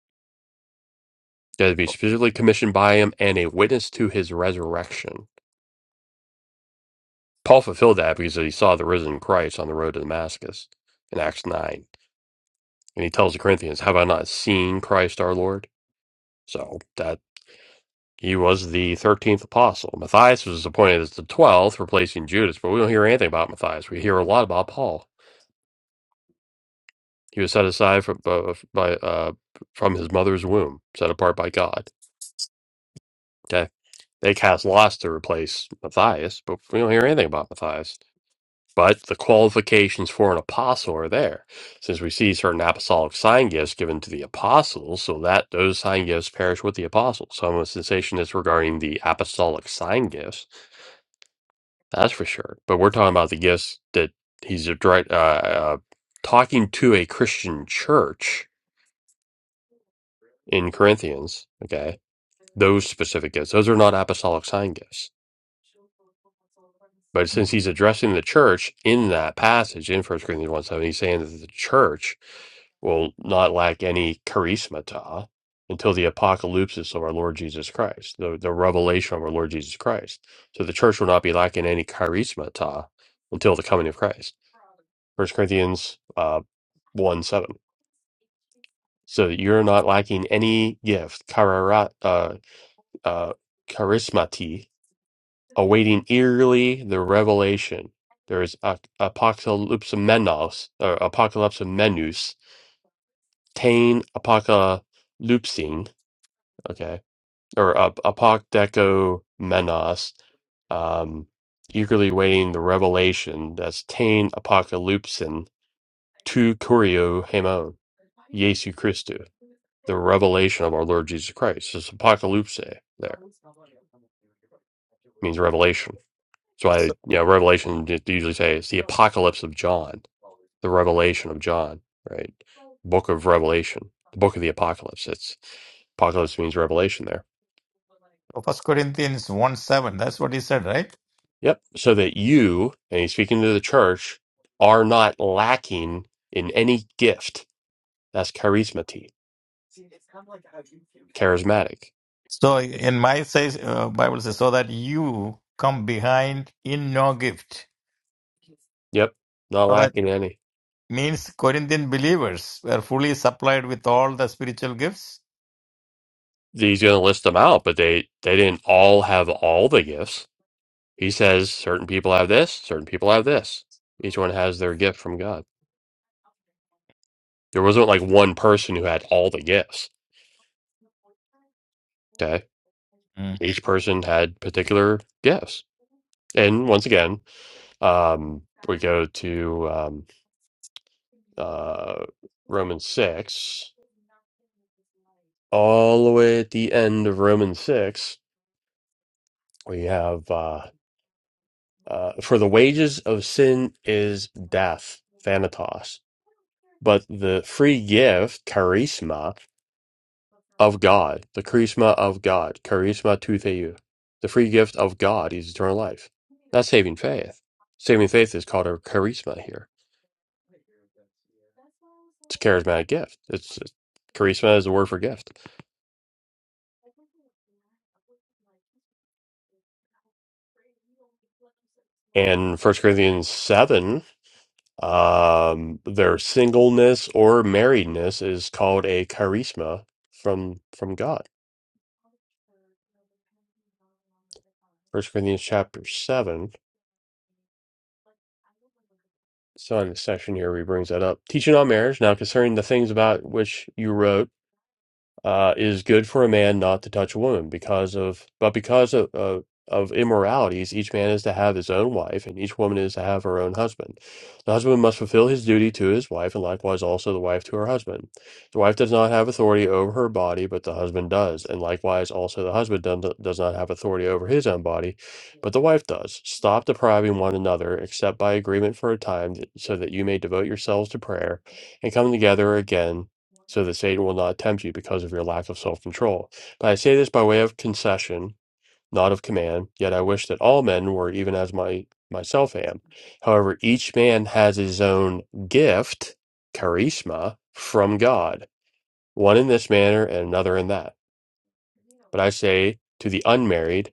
A: They had to be specifically commissioned by him and a witness to his resurrection. Paul fulfilled that because he saw the risen Christ on the road to Damascus in Acts nine. And he tells the Corinthians, Have I not seen Christ our Lord? So that he was the thirteenth apostle. Matthias was appointed as the twelfth, replacing Judas. But we don't hear anything about Matthias. We hear a lot about Paul. He was set aside from, by, by, uh, from his mother's womb, set apart by God. Okay, they cast lots to replace Matthias, but we don't hear anything about Matthias. But the qualifications for an apostle are there, since we see certain apostolic sign gifts given to the apostles, so that those sign gifts perish with the apostles. So I'm a sensation is regarding the apostolic sign gifts That's for sure. But we're talking about the gifts that he's a direct, uh, uh, talking to a Christian church in Corinthians. Okay. Those specific gifts. Those are not apostolic sign gifts. But since he's addressing the church in that passage in First Corinthians 1 7, he's saying that the church will not lack any charismata until the apocalypse of our Lord Jesus Christ, the, the revelation of our Lord Jesus Christ. So the church will not be lacking any charismata until the coming of Christ. First Corinthians uh, 1 7. So that you're not lacking any gift, charara, uh, uh, charismati, awaiting eagerly the revelation. There is a- apocalypsemenos, or apocalypsemenus, tain apocalypsing, okay, or uh, apokdecomenos, um, eagerly waiting the revelation that's tain apocalypsin, tu kurio hemon, Jesu Christu. the revelation of our Lord Jesus Christ. It's apocalypse there. It means revelation. So I, you know, revelation they usually say it's the apocalypse of John, the revelation of John, right? Book of Revelation, the book of the apocalypse. It's apocalypse means revelation there.
C: First Corinthians one seven. That's what he said, right?
A: Yep. So that you, and he's speaking to the church, are not lacking in any gift. That's charismati, charismatic.
C: So in my says uh, Bible says so that you come behind in no gift.
A: Yep. Not
C: So that
A: lacking any.
C: means Corinthian believers were fully supplied with all the spiritual gifts.
A: He's going to list them out, but they, they didn't all have all the gifts He says certain people have this, certain people have this. Each one has their gift from God. There wasn't like one person who had all the gifts. Okay.
C: Mm.
A: Each person had particular gifts. And once again, um, we go to um, uh, Romans 6. All the way at the end of Romans 6, we have uh, uh, For the wages of sin is death, thanatos. But the free gift, charisma, of God, the charisma of God, charisma tou theou. The free gift of God is eternal life, not saving faith. Saving faith is called a charisma here. It's a charismatic gift. It's charisma is the word for gift. And First Corinthians seven, um, their singleness or marriedness is called a charisma from from God. First Corinthians chapter seven. So in the section here, he brings that up. Teaching on marriage now concerning the things about which you wrote uh, it is good for a man not to touch a woman because of but because of, of of immoralities each man is to have his own wife and each woman is to have her own husband the husband must fulfill his duty to his wife and likewise also the wife to her husband the wife does not have authority over her body but the husband does and likewise also the husband done- does not have authority over his own body but the wife does stop depriving one another except by agreement for a time th- so that you may devote yourselves to prayer and come together again so that Satan will not tempt you because of your lack of self control. But I say this by way of concession, not of command, yet I wish that all men were even as my myself am. However, each man has his own gift, charisma, from God, one in this manner and another in that. But I say to the unmarried,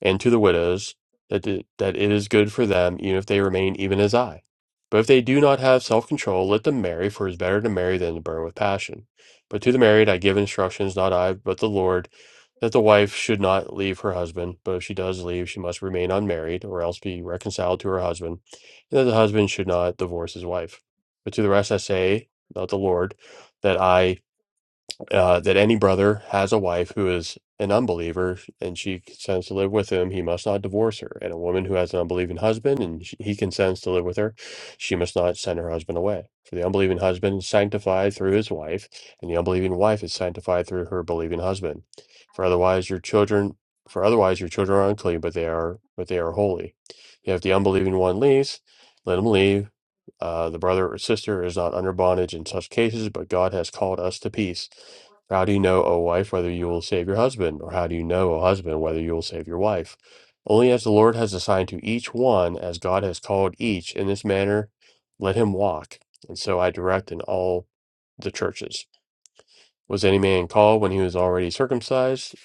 A: and to the widows that it, that it is good for them even if they remain even as I. But if they do not have self-control, let them marry, for it is better to marry than to burn with passion. But to the married I give instructions, not I, but the Lord, that the wife should not leave her husband, but if she does leave, she must remain unmarried, or else be reconciled to her husband, and that the husband should not divorce his wife. But to the rest I say, not the Lord, that I uh, that any brother has a wife who is an unbeliever and she consents to live with him, he must not divorce her. And a woman who has an unbelieving husband and she, he consents to live with her, she must not send her husband away. For the unbelieving husband is sanctified through his wife, and the unbelieving wife is sanctified through her believing husband. For otherwise your children for otherwise your children are unclean, but they are but they are holy. If the unbelieving one leaves, let him leave uh, the brother or sister is not under bondage in such cases, but God has called us to peace. How do you know, O wife, whether you will save your husband? Or how do you know, O husband, whether you will save your wife? Only as the Lord has assigned to each one, as God has called each, in this manner let him walk. And so I direct in all the churches. Was any man called when he was already circumcised?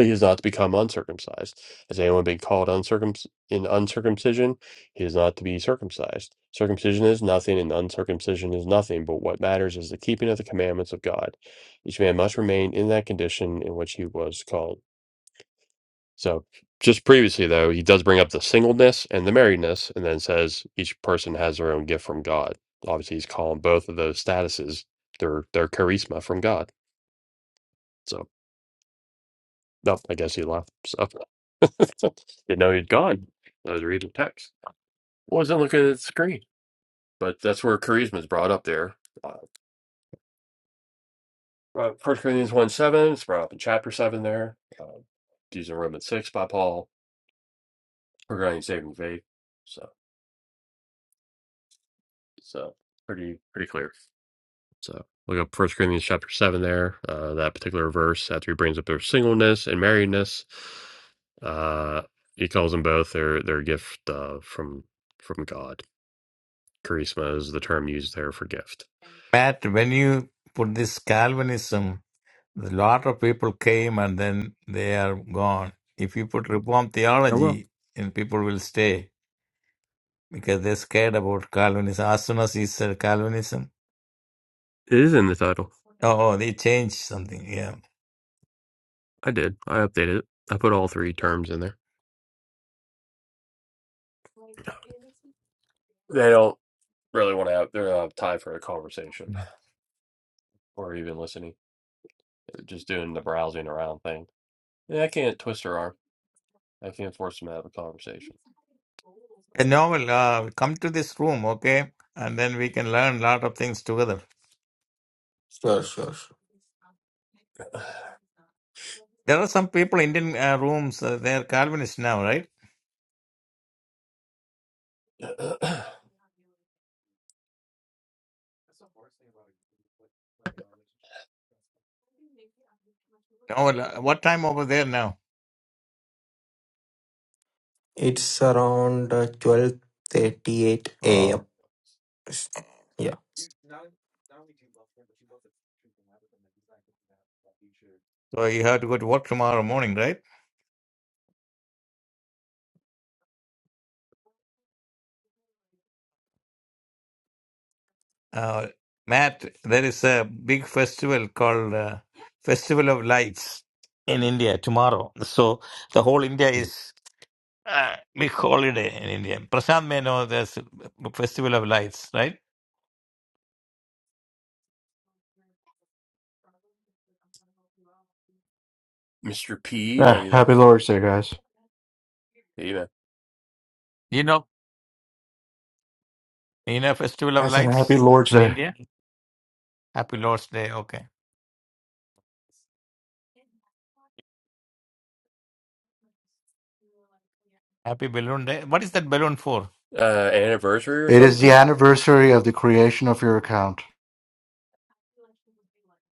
A: He is not to become uncircumcised. Has anyone been called uncircum in uncircumcision? He is not to be circumcised. Circumcision is nothing, and uncircumcision is nothing, but what matters is the keeping of the commandments of God. Each man must remain in that condition in which he was called. So, just previously, though, he does bring up the singleness and the marriedness, and then says each person has their own gift from God. Obviously, he's calling both of those statuses their their charisma from God. So. No, I guess he left. So *laughs* didn't know he'd gone. I was reading text. Wasn't looking at the screen, but that's where charisma is brought up there. Uh, uh, First Corinthians one seven. It's brought up in chapter seven there. Uh, using Romans six by Paul regarding saving faith. So so pretty pretty clear. So look up First Corinthians chapter seven there. Uh, that particular verse after he brings up their singleness and marriedness. Uh, he calls them both their their gift uh, from from God Charisma is the term used there for gift.
C: Matt, when you put this Calvinism, a lot of people came and then they are gone. If you put Reformed
A: Oh well,
C: theology, and people will stay because they're scared about Calvinism. As soon as he said Calvinism,
A: it is in the title.
C: oh, they changed something. Yeah.
A: I did. I updated it. I put all three terms in there. They don't really want to have. they do not have time for a conversation or even listening. They're just doing the browsing around thing. Yeah, I can't twist her arm. I can't force them to have a conversation.
C: Oh, Well, uh, come to this room, okay? And then we can learn a lot of things together.
G: sure, sure, sure.
C: There are some people Indian uh, rooms, uh, they're Calvinist now, right? Oh, well, uh, what time over there now?
G: It's around uh, 12.38
C: Oh,
G: a.m. Yeah.
C: so you have to go to work tomorrow morning, right? Uh, Matt, there is a big festival called uh, Festival of Lights in India tomorrow. So the whole India
A: *clears throat*
C: is uh, big holiday in India. Prasad may know there's a Festival of Lights, right?
A: Mr. P, are
H: Ah,
A: you
H: happy
A: there?
H: Lord's Day, guys.
A: Hey, man.
C: You know In a Festival
H: I
C: of
H: said happy
C: Lights
H: Lord's
C: in
H: Day.
C: India. Happy Lord's Day. Okay. Happy Balloon Day. What is that balloon for?
A: uh anniversary or
H: It is the
A: something?
H: anniversary of the creation of your account.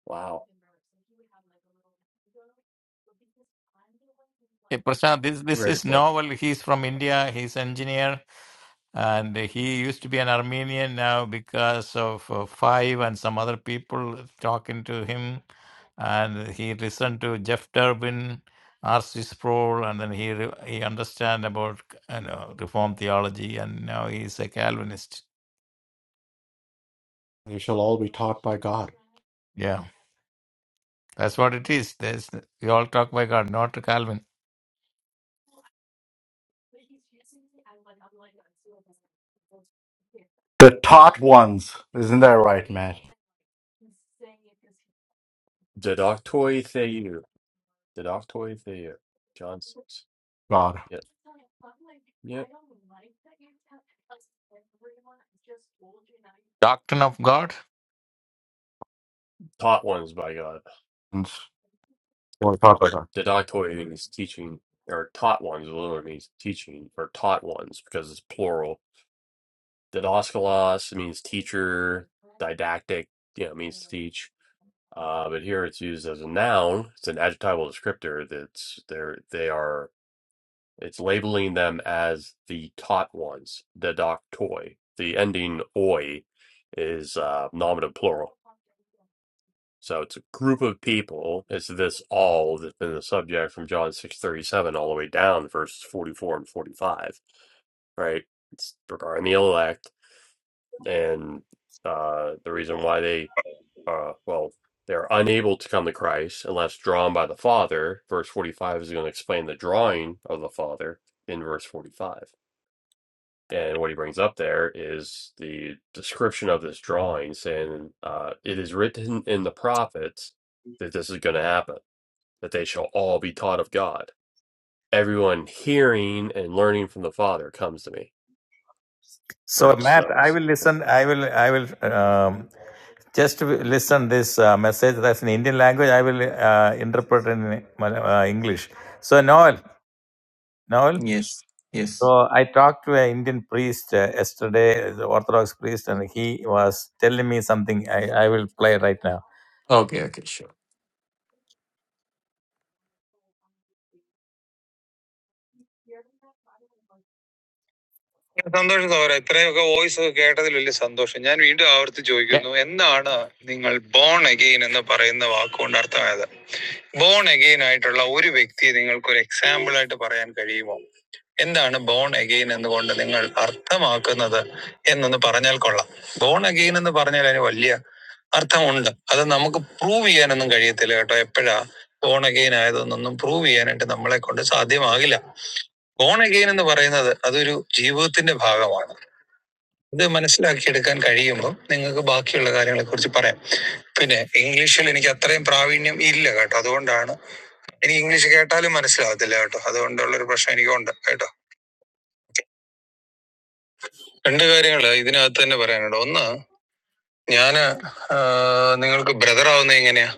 A: Wow.
C: Prashant, this this
A: Very
C: is
A: cool.
C: novel. He's from India. He's engineer, and he used to be an Armenian. Now, because of uh, Five and some other people talking to him, and he listened to Jeff Durbin, R.C. Sproul, and then he re- he understand about you know Reform theology, and now he's a Calvinist.
H: You shall all be taught by God.
C: Yeah. That's what it is. There's we all talk by God, not Calvin.
H: The taught ones. Isn't that right, Matt?
A: Dedoctoi Theou. Dedoctoi Theou. Johnson's.
H: God.
A: Yep. Yep.
C: Doctrine of God.
A: Taught ones by God.
H: And Or taught by God.
A: Dedoctoi means teaching, or taught ones literally means teaching, or taught ones because it's plural. Didaskalos means teacher, didactic, you know, means to teach. Uh, but here it's used as a noun. It's an adjectival descriptor that's there. They are. It's labeling them as the taught ones, the doctoi. The ending oi is uh, nominative plural. So it's a group of people. It's this all that's been the subject from John 6.37 all the way down, verses 44 and 45, right? It's regarding the elect. And uh, the reason why they, uh, well, they're unable to come to Christ unless drawn by the Father. Verse 45 is going to explain the drawing of the Father in verse 45 And what he brings up there is the description of this drawing saying, uh, It is written in the prophets that this is going to happen, that they shall all be taught of God. Everyone hearing and learning from the Father comes to me.
C: So
A: Verse, uh,
C: Matt, I
A: s-
C: will
A: four.
C: listen. I will. I will um, just listen this uh, message that's in Indian language. I will uh, interpret in Mal- uh, English. So Noel, Noel.
G: Yes, yes.
C: So I talked to an Indian priest uh, yesterday, the Orthodox priest, and he was telling me something. I, I will play right now.
G: Okay, okay, sure.
C: ഞാൻ വീണ്ടും ആവർത്തി ചോദിക്കുന്നു എന്താണ് നിങ്ങൾ born again എന്ന് പറയുന്ന വാക്കുകൊണ്ട് അർത്ഥമായത് born again ആയിട്ടുള്ള ഒരു വ്യക്തിയെ നിങ്ങൾക്ക് ഒരു എക്സാമ്പിൾ ആയിട്ട് പറയാൻ കഴിയുമോ എന്താണ് ബോൺ അഗെയിൻ എന്നുകൊണ്ട് നിങ്ങൾ അർത്ഥമാക്കുന്നത് എന്നൊന്ന് പറഞ്ഞാൽ കൊള്ളാം ബോൺ അഗെയിൻ എന്ന് പറഞ്ഞാൽ അതിന് വലിയ അർത്ഥമുണ്ട് അത് നമുക്ക് പ്രൂവ് ചെയ്യാനൊന്നും കഴിയത്തില്ല കേട്ടോ എപ്പോഴാ ബോൺ അഗെയിൻ ആയതൊന്നും പ്രൂവ് ചെയ്യാനായിട്ട് നമ്മളെ കൊണ്ട് സാധ്യമാകില്ല ബോൺ അഗെയിൻ എന്ന് പറയുന്നത് അതൊരു ജീവിതത്തിന്റെ ഭാഗമാണ് ഇത് മനസ്സിലാക്കിയെടുക്കാൻ കഴിയുമ്പോൾ നിങ്ങൾക്ക് ബാക്കിയുള്ള കാര്യങ്ങളെ കുറിച്ച് പറയാം പിന്നെ ഇംഗ്ലീഷിൽ എനിക്ക് അത്രയും പ്രാവീണ്യം ഇല്ല കേട്ടോ അതുകൊണ്ടാണ് എനിക്ക് ഇംഗ്ലീഷ് കേട്ടാലും മനസ്സിലാവത്തില്ല കേട്ടോ അതുകൊണ്ടുള്ള ഒരു പ്രശ്നം എനിക്കുണ്ട് കേട്ടോ രണ്ട് കാര്യങ്ങൾ ഇതിനകത്ത് തന്നെ പറയാനുണ്ട് ഒന്ന് ഞാൻ നിങ്ങൾക്ക് ബ്രദർ ആവുന്നത് എങ്ങനെയാ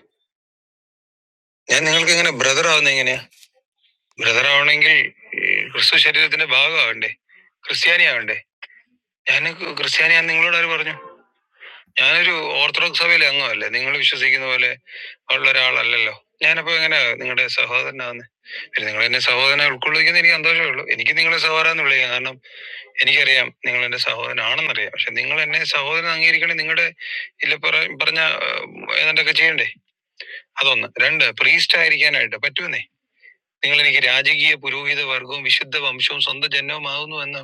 C: ഞാൻ നിങ്ങൾക്ക് എങ്ങനെ ബ്രദർ ആവുന്നത് എങ്ങനെയാ ബ്രദർ ആവണമെങ്കിൽ ഈ, ക്രിസ്തു ശരീരത്തിന്റെ ഭാഗമാവണ്ടേ ക്രിസ്ത്യാനി ആവണ്ടേ ഞാൻ ക്രിസ്ത്യാനിയാന്ന് നിങ്ങളോട് ആര് പറഞ്ഞു ഞാനൊരു ഓർത്തഡോക്സ് സഭയിലെ അംഗമല്ലേ നിങ്ങൾ വിശ്വസിക്കുന്ന പോലെ ഉള്ള ഒരാളല്ലല്ലോ ഞാനപ്പോ എങ്ങനെ നിങ്ങളുടെ സഹോദരനാകുന്നത് പിന്നെ നിങ്ങൾ എന്നെ സഹോദരനെ ഉൾക്കൊള്ളിക്കുന്ന എനിക്ക് സന്തോഷമേ ഉള്ളൂ എനിക്ക് നിങ്ങളെ സഹോദരൻ എന്ന് വിളിക്കാം കാരണം എനിക്കറിയാം നിങ്ങൾ എന്റെ സഹോദരനാണെന്നറിയാം പക്ഷെ നിങ്ങൾ എന്നെ സഹോദരൻ അംഗീകരിക്കണേ നിങ്ങളുടെ ഇല്ല പറ- പറഞ്ഞ ആ, ഏതാണ്ടൊക്കെ ചെയ്യണ്ടേ അതൊന്ന് രണ്ട് പ്രീസ്റ്റ് ആയിരിക്കാനായിട്ട് പറ്റുമെന്നേ നിങ്ങൾ എനിക്ക് രാജകീയ പുരോഹിത വർഗവും വിശുദ്ധ വംശവും സ്വന്തം ജന്മവും ആകുന്നു എന്ന്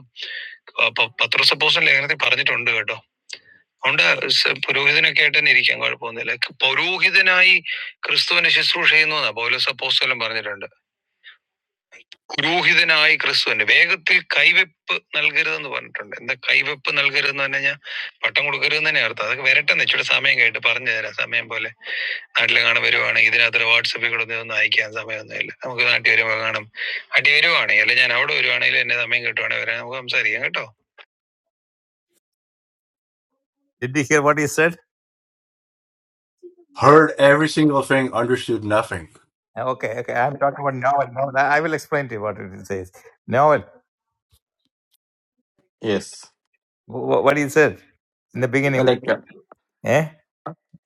C: പത്രോസ് അപ്പോസ്തലൻ ലേഖനത്തിൽ പറഞ്ഞിട്ടുണ്ട് കേട്ടോ അതുകൊണ്ട് പുരോഹിതനൊക്കെ ആയിട്ട് തന്നെ ഇരിക്കാൻ കുഴപ്പമൊന്നുമില്ല. പൗരോഹിതനായി ക്രിസ്തുവിന്റെ ശുശ്രൂഷ ചെയ്യുന്നു എന്നാ പൗലോസ് അപ്പോസ്തലൻ പറഞ്ഞിട്ടുണ്ട്. പുരോഹിതനായി ക്രിസ്തുവിന്റെ വേഗത്തിൽ കൈവെപ്പ് നൽകരുതെന്ന് പറഞ്ഞിട്ടുണ്ട്. എന്താ കൈവെപ്പ് നൽകരുതെന്ന് പറഞ്ഞു കഴിഞ്ഞാൽ പട്ടം കൊടുക്കരുതെന്ന് തന്നെ അർത്ഥം. അതൊക്കെ വരട്ടെന്ന് ഇച്ചിരി സമയം കഴിഞ്ഞിട്ട് പറഞ്ഞു തരാം. സമയം പോലെ നാട്ടിൽ കാണാൻ വരുവാണെങ്കിൽ ഇതിനകത്ത് വാട്സപ്പിൽ കൂടെ ഒന്നും അയക്കാൻ സമയമൊന്നുമില്ല. നമുക്ക് നാട്ടിൽ വരുമ്പോൾ കാണും. നാട്ടിൽ വരുവാണെങ്കിൽ അല്ലെ ഞാൻ അവിടെ വരുവാണെങ്കിൽ എന്നെ സമയം കിട്ടുവാണെങ്കിൽ വരാൻ നമുക്ക് സംസാരിക്കാം കേട്ടോ. Did you hear what he said?
H: Heard every single thing, understood nothing.
C: Okay, okay. I'm talking about novel. novel. I I will explain to you what it says. Novel.
G: Yes.
C: wh- wh- What he said in the
G: Uh,
C: beginning.
G: Like, uh,
C: Eh?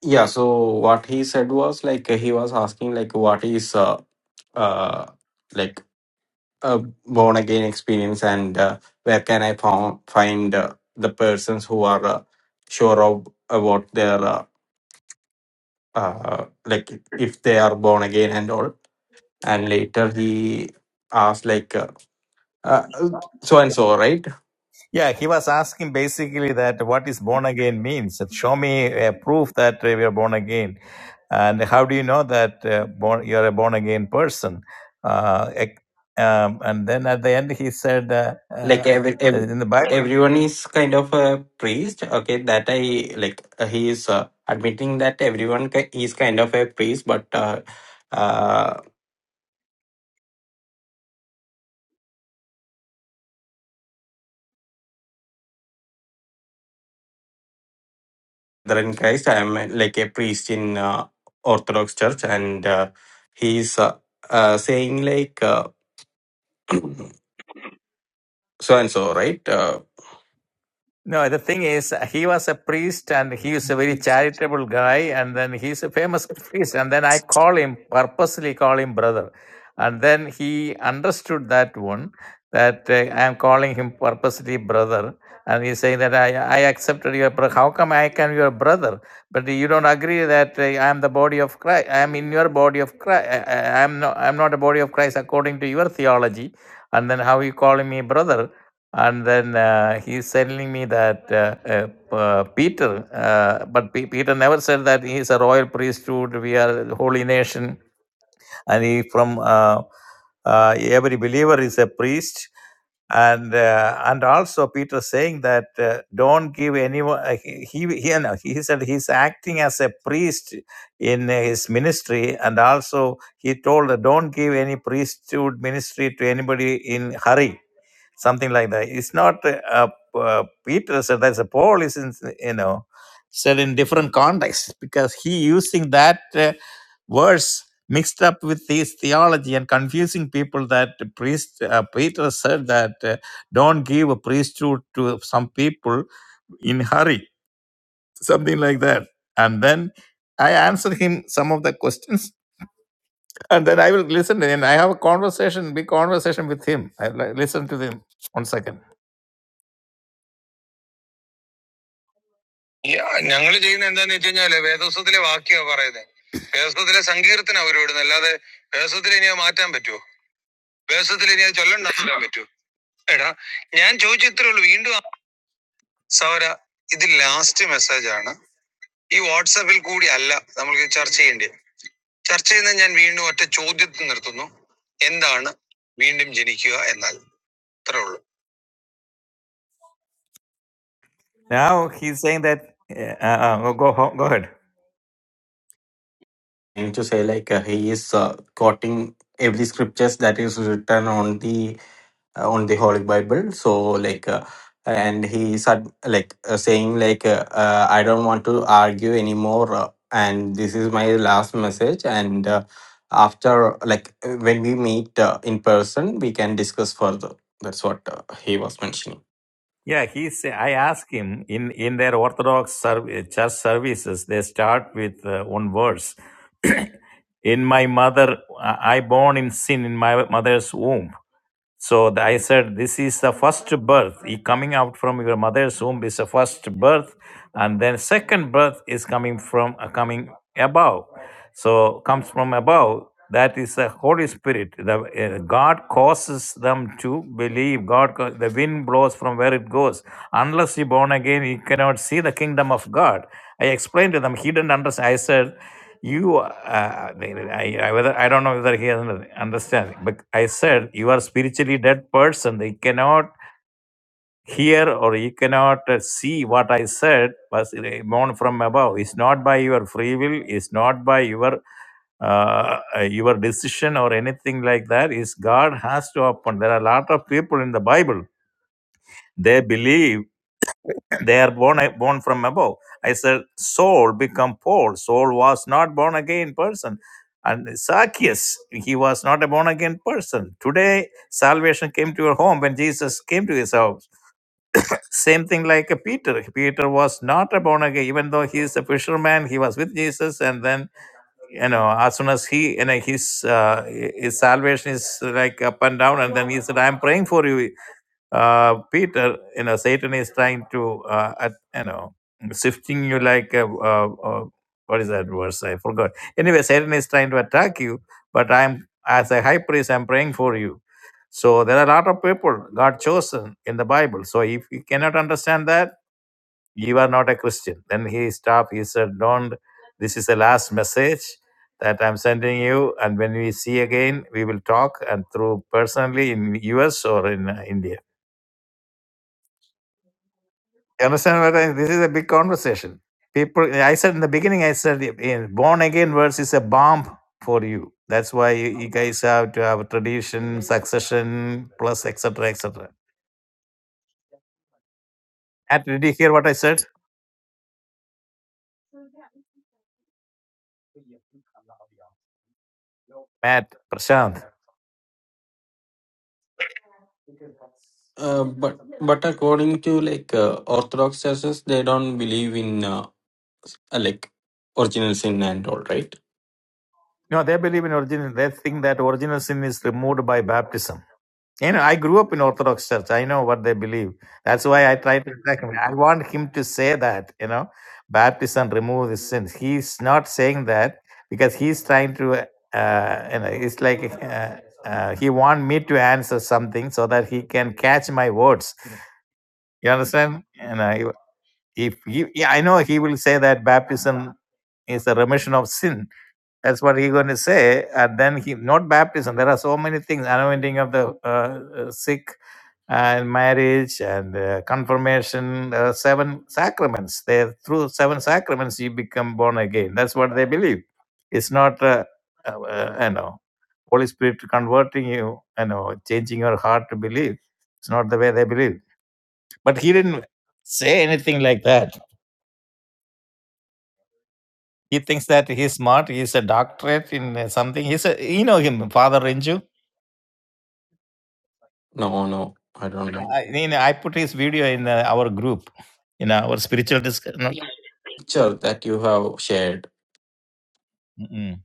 G: yeah, so what he said was like uh, he was asking like what is uh, uh like a born again experience and uh, where can I found, find uh, the persons who are uh, sure of about their uh, uh, like if they are born again and all and later he asked like uh, uh, so and so right
C: Yeah, he was asking basically that what is born again means. That Show me a proof that uh, we are born again. And how do you know that uh, born, you're a born again person? Uh, ec- um, and then at the end, he said uh, uh,
G: like every, every
C: in the Bible.
G: everyone is kind of a priest okay that i like uh, he is uh, admitting that everyone ki- is kind of a priest but uh, uh brother in christ i am uh, like a priest in uh, orthodox church and uh, he is uh, uh, saying like uh, *clears throat* so and so right
C: No, the thing is, he was a priest and he was a very
G: uh,
C: charitable guy. And then he's a famous priest. And then I call him, purposely call him brother. And then he understood that one, that uh, I am calling him purposely brother. And he's saying that I, I accepted your brother. How come I can your brother? But you don't agree that uh, I am the body of Christ. I am in your body of Christ. I, I, I am not, I'm not a body of Christ according to your theology. And then how you calling me brother? And then uh, he's telling me that uh, uh, p- uh, Peter, uh, but P- Peter never said that he is a royal priesthood, we are a holy nation, and he from uh, uh, every believer is a priest. And uh, and also Peter saying that uh, don't give anyone uh, he he he, no, he said he's acting as a priest in his ministry and also he told that don't give any priesthood ministry to anybody in hurry something like that. It's not uh, uh, Peter said that's a Paul is in, you know said in different context because he using that uh, verse mixed up with his theology and confusing people that the priest uh, Peter said that uh, don't give a priesthood to some people in hurry something like that and then I answered him some of the questions *laughs* and then I will listen and I have a conversation big conversation with him I li- listen to him one second ഞങ്ങൾ ചെയ്യുന്ന എന്താന്ന് വെച്ച് കഴിഞ്ഞാല് വേദോസത്തിലെ വാക്യാ പറയുന്നത് വേദോസത്തിലെ സങ്കീർത്തന അവർ ഇവിടുന്ന് അല്ലാതെ വേദോസത്തിൽ ഇനി അത് മാറ്റാൻ പറ്റുമോ വേദോസത്തിൽ ഇനി അത് ചൊല്ലണ്ടാക്കാൻ പറ്റുമോ എടാ ഞാൻ ചോദിച്ച ഇത്രേ ഉള്ളൂ വീണ്ടും ആ- സൗര ഇത് ലാസ്റ്റ് മെസ്സേജ് ആണ് ഈ വാട്സാപ്പിൽ കൂടി അല്ല നമ്മൾക്ക് ചർച്ച ചെയ്യേണ്ടത് ചർച്ച ചെയ്യുന്ന ഞാൻ വീണ്ടും ഒറ്റ ചോദ്യത്തിൽ നിർത്തുന്നു എന്താണ് വീണ്ടും ജനിക്കുക എന്നാൽ ഇത്രേ ഉള്ളൂ Yeah,
G: trying to say like uh, he is uh, quoting every scriptures that is written on the uh, on the holy bible so like uh, and he said like uh, saying like uh, uh, i don't want to argue anymore uh, and this is my last message and uh, after like uh, when we meet uh, in person we can discuss further that's what uh, he was mentioning
C: Yeah, he say, I ask him in, in their Orthodox serv- uh, church services, they start with uh, one verse. *clears throat* in my mother, I I born in sin in my mother's womb. So the, I said, this is the first birth. He coming out from your mother's womb is the first birth, and then second birth is coming from uh, coming above. So comes from above. That is the Holy Spirit. The uh, God causes them to believe. God, co- the wind blows from where it goes. Unless you born again, you cannot see the kingdom of God. I explained to them. He didn't understand. I said. You, uh, I, I, whether I don't know whether he has an understanding, but I said you are spiritually dead person. They cannot hear or you cannot uh, see what I said was born from above. It's not by your free will. It's not by your uh, uh, your decision or anything like that. Is God has to open. There are a lot of people in the Bible. They believe. They are born, born from above. I said, Saul become Paul. Saul was not born again person. And Zacchaeus, he was not a born again person. Today, salvation came to your home when Jesus came to his house. Same thing like a Peter. Peter was not a born again, even though he is a fisherman. He was with Jesus, and then you know, as soon as he, you know, his uh, his salvation is like up and down, and then he said, "I'm praying for you uh, Peter, you know, Satan is trying to, uh, at, you know, sifting you like a, uh, uh, what is that verse? I forgot. Anyway, Satan is trying to attack you, but I'm, as a high priest, I'm praying for you. So there are a lot of people God chosen in the Bible. So if you cannot understand that, you are not a Christian. Then he stopped. He said, don't, this is the last message that I'm sending you. And when we see again, we will talk and through personally in US or in uh, India. You understand what I This is a big conversation. People, I said in the beginning, I said in born again verse is a bomb for you. That's why you, you guys have to have a tradition and plus etc etc. Matt, did you hear what I said? Matt, Prashant.
G: uh, but but according to like uh, orthodox churches they don't believe in uh, uh, like original sin and all, right?
C: No, they believe in original. They think that original sin is removed by baptism. You know, I grew up in Orthodox Church. I know what they believe. That's why I try to attack him. I want him to say that, you know, baptism remove the sins. He's not saying that because he's trying to, uh, you know, it's like uh, uh, he want me to answer something so that he can catch my words. You understand? You know, if he, yeah, I know he will say that baptism is a remission of sin that's what he's going to say. And then he, not baptism. There are so many things anointing of the uh, uh, sick and marriage and uh, confirmation, uh, seven sacraments. They through seven sacraments you become born again. That's what they believe. It's not, uh, uh, uh, you know, Holy Spirit converting you, you know, changing your heart to believe. It's not the way they believe. But he didn't say anything like that. He thinks that he's smart. He's a doctorate in uh, something. He's a, you know him, Father Renju.
G: No, no, I don't know.
C: I, you know, I put his video in uh, our group, in our spiritual discussion.
G: Picture that you have shared.
C: Mm-mm.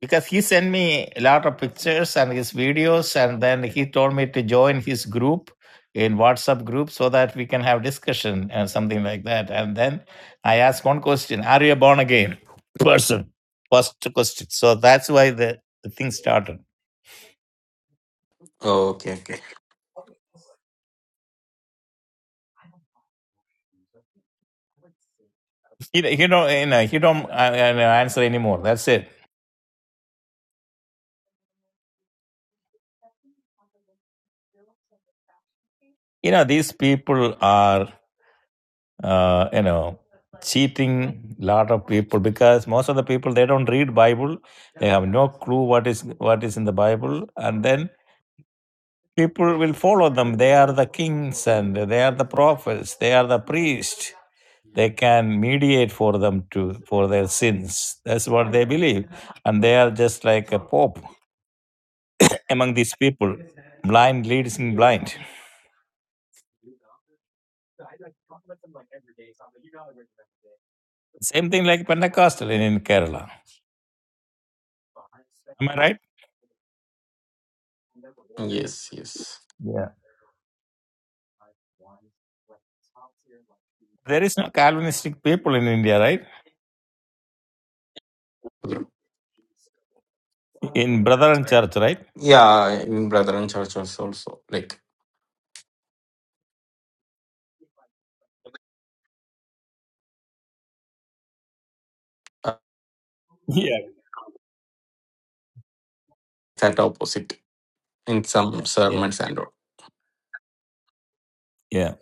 C: Because he sent me a lot of pictures and his videos, and then he told me to join his group in WhatsApp group so that we can have discussion and something like that. And then I asked one question: Are you a born again *laughs* person? First question. So that's why the, the thing started. *laughs*
G: Oh, okay, okay.
C: You know, you know, you know, he don't uh, uh, answer anymore. That's it. You know, these people are uh, you know cheating lot of people because most of the people they don't read bible have no clue what is what is in the bible and then people will follow them they are the kings and they are the prophets they are the priests they can mediate for them to for their sins that's what they believe and they are just like a pope among these people blind leading blind same thing like pentecostal in, in kerala am i right
G: Yes, yes.
C: yeah there is no calvinistic people in india right
G: Brother.
C: in brethren church right
G: Yeah, in Brethren Church was also like uh,
C: Yeah.
G: that opposite in some
C: Yeah.
G: sermons and all.
C: Yeah.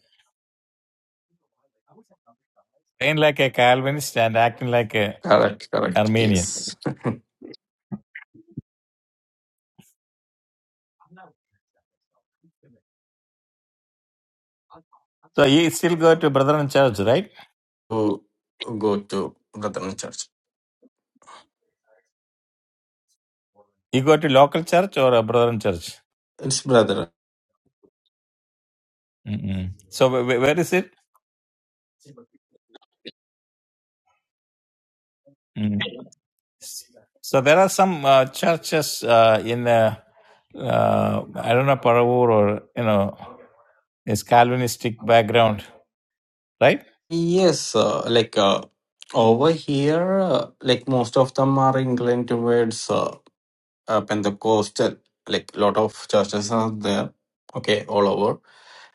C: Train like a Calvin
G: Correct, correct.
C: Armenian.
G: Yes.
C: still go to Brethren Church, right?
G: Who go to Brethren Church?
C: You go to local church or a Brethren Church?
G: It's Brethren.
C: Mm-mm. So wh- wh- where is it? Mm. So there are some uh, churches uh, in, uh, uh, I don't know, Paravur or, you know, is Calvinistic background. right
G: Yes, uh, like uh, over here, uh, like most of them are inclined towards. uh, uh, Pentecostal, like a lot of churches are there, okay, all over.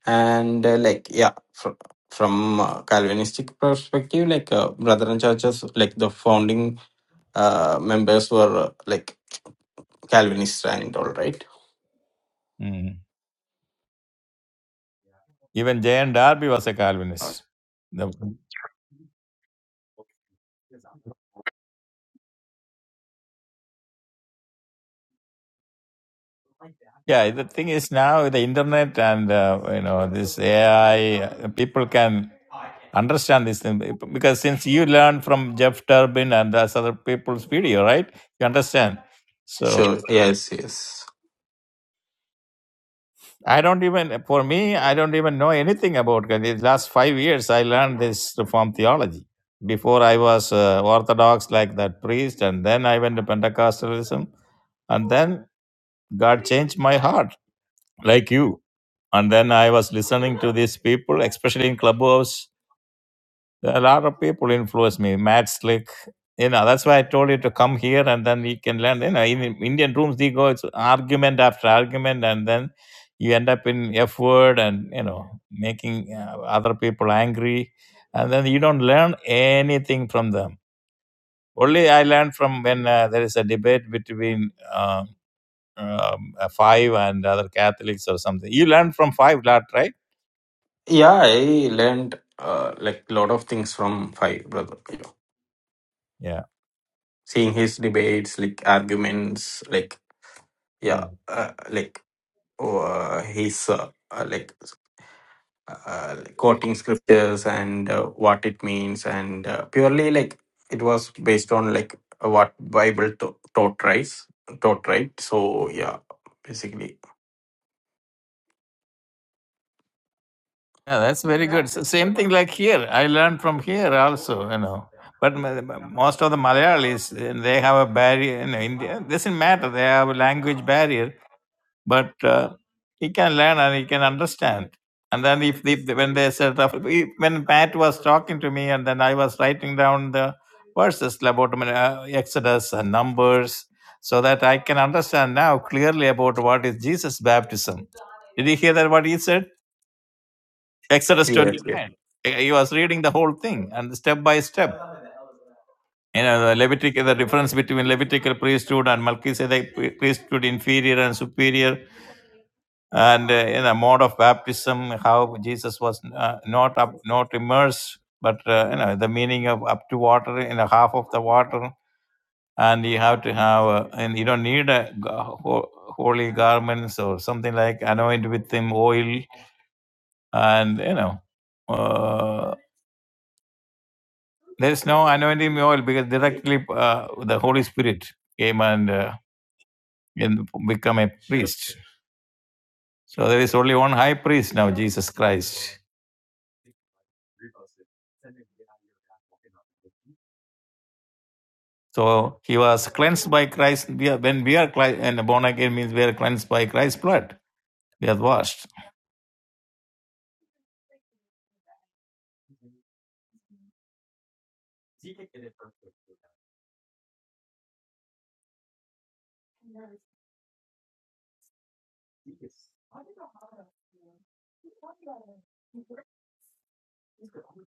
G: And uh, like, yeah, fr- from uh, Calvinistic perspective, like uh, Brethren churches, like the founding uh, members were uh, like Calvinist and all right.
C: Mm. Even J.N. Darby was a
G: Uh,
C: Calvinist. The, yeah, the thing is now with the internet and uh, you know this AI, uh, people can understand this thing because since you learned from Jeff Turbin and those other people's video, right? You understand. so.
G: sure, yes, yes.
C: I don't even, for me, I don't even know anything about it. These last five years, I learned this Reformed theology. Before I was uh, Orthodox, like that priest, and then I went to Pentecostalism, and then God changed my heart, like you. And then I was listening to these people, especially in Clubhouse, a lot of people influence me. Matt Slick, you know, that's why I told you to come here and then you can learn. You know, in Indian rooms, they go, it's argument after argument, and then you end up in F word and, you know, making uh, other people angry. And then you don't learn anything from them. Only I learned from when uh, there is a debate between uh, um, uh, five and other Catholics or something. You learn from five lot, right?
G: Yeah, I learned uh, like a lot of things from Five Brother. You know,
C: Yeah.
G: seeing his debates, like arguments, like
C: Mm-hmm.
G: yeah, uh, like oh, uh, his uh, uh, like uh, like, quoting scriptures and uh, what it means, and uh, purely like it was based on like what Bible to- taught, right? Taught, right? So yeah, basically.
C: Yeah, that's very good. S- same thing like here. I learned from here also, you know. But ma- ma- most of the Malayalis, eh, they have a barrier. You know, India doesn't matter. They have a language barrier, but uh, you can learn and he can understand. And then if, if when they said when Pat was talking to me, and then I was writing down the verses about uh, Exodus and Numbers, so that I can understand now clearly about what is Jesus' baptism. Did you hear that? What he said? Exodus
G: Yes. Yes.
C: 29. He was reading the whole thing and step by step. You know, the Levitical the difference between Levitical priesthood and Melchizedek priesthood, inferior and superior, and uh, in a mode of baptism, how Jesus was uh, not up, not immersed, but uh, you know the meaning of up to water in a half of the water, and you have to have, uh, and you don't need a ho- holy garments or something like anoint with him oil, and you know. Uh, There's no anointing oil because directly uh, the Holy Spirit came and, uh, and become a. So there is only one high priest now, Jesus Christ. So he was cleansed by Christ. We are, when we are cli- and born again means we are cleansed by Christ's blood. We are washed.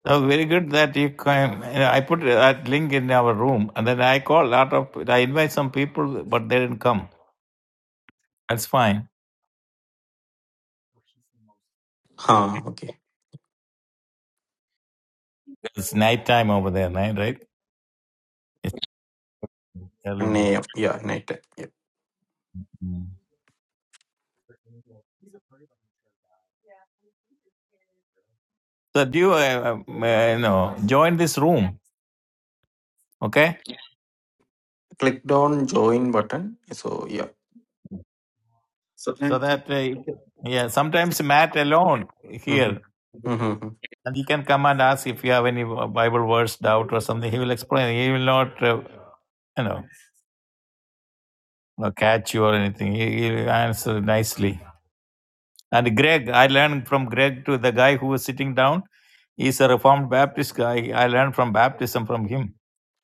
C: So very good that you can. You know, I put that link in our room, and then I call lot of. I invite some people, but they didn't come. That's fine.
G: Huh. Okay.
C: It's night time over there, night right? It's early
G: 1 a.m. Yeah. Night. time. Yeah.
C: morning. that you uh, um, uh, you know join this room okay
G: Clicked on join button. So yeah. So
C: so that uh, you- can- yeah sometimes matt alone
G: Mm-hmm.
C: here
G: Mm-hmm.
C: and he can come and ask if you have any bible verse doubt or something he will explain he will not uh, you know not catch you or anything he he will answer nicely and greg i learned from greg to the guy who was sitting down he's a reformed baptist guy i learned from baptism from him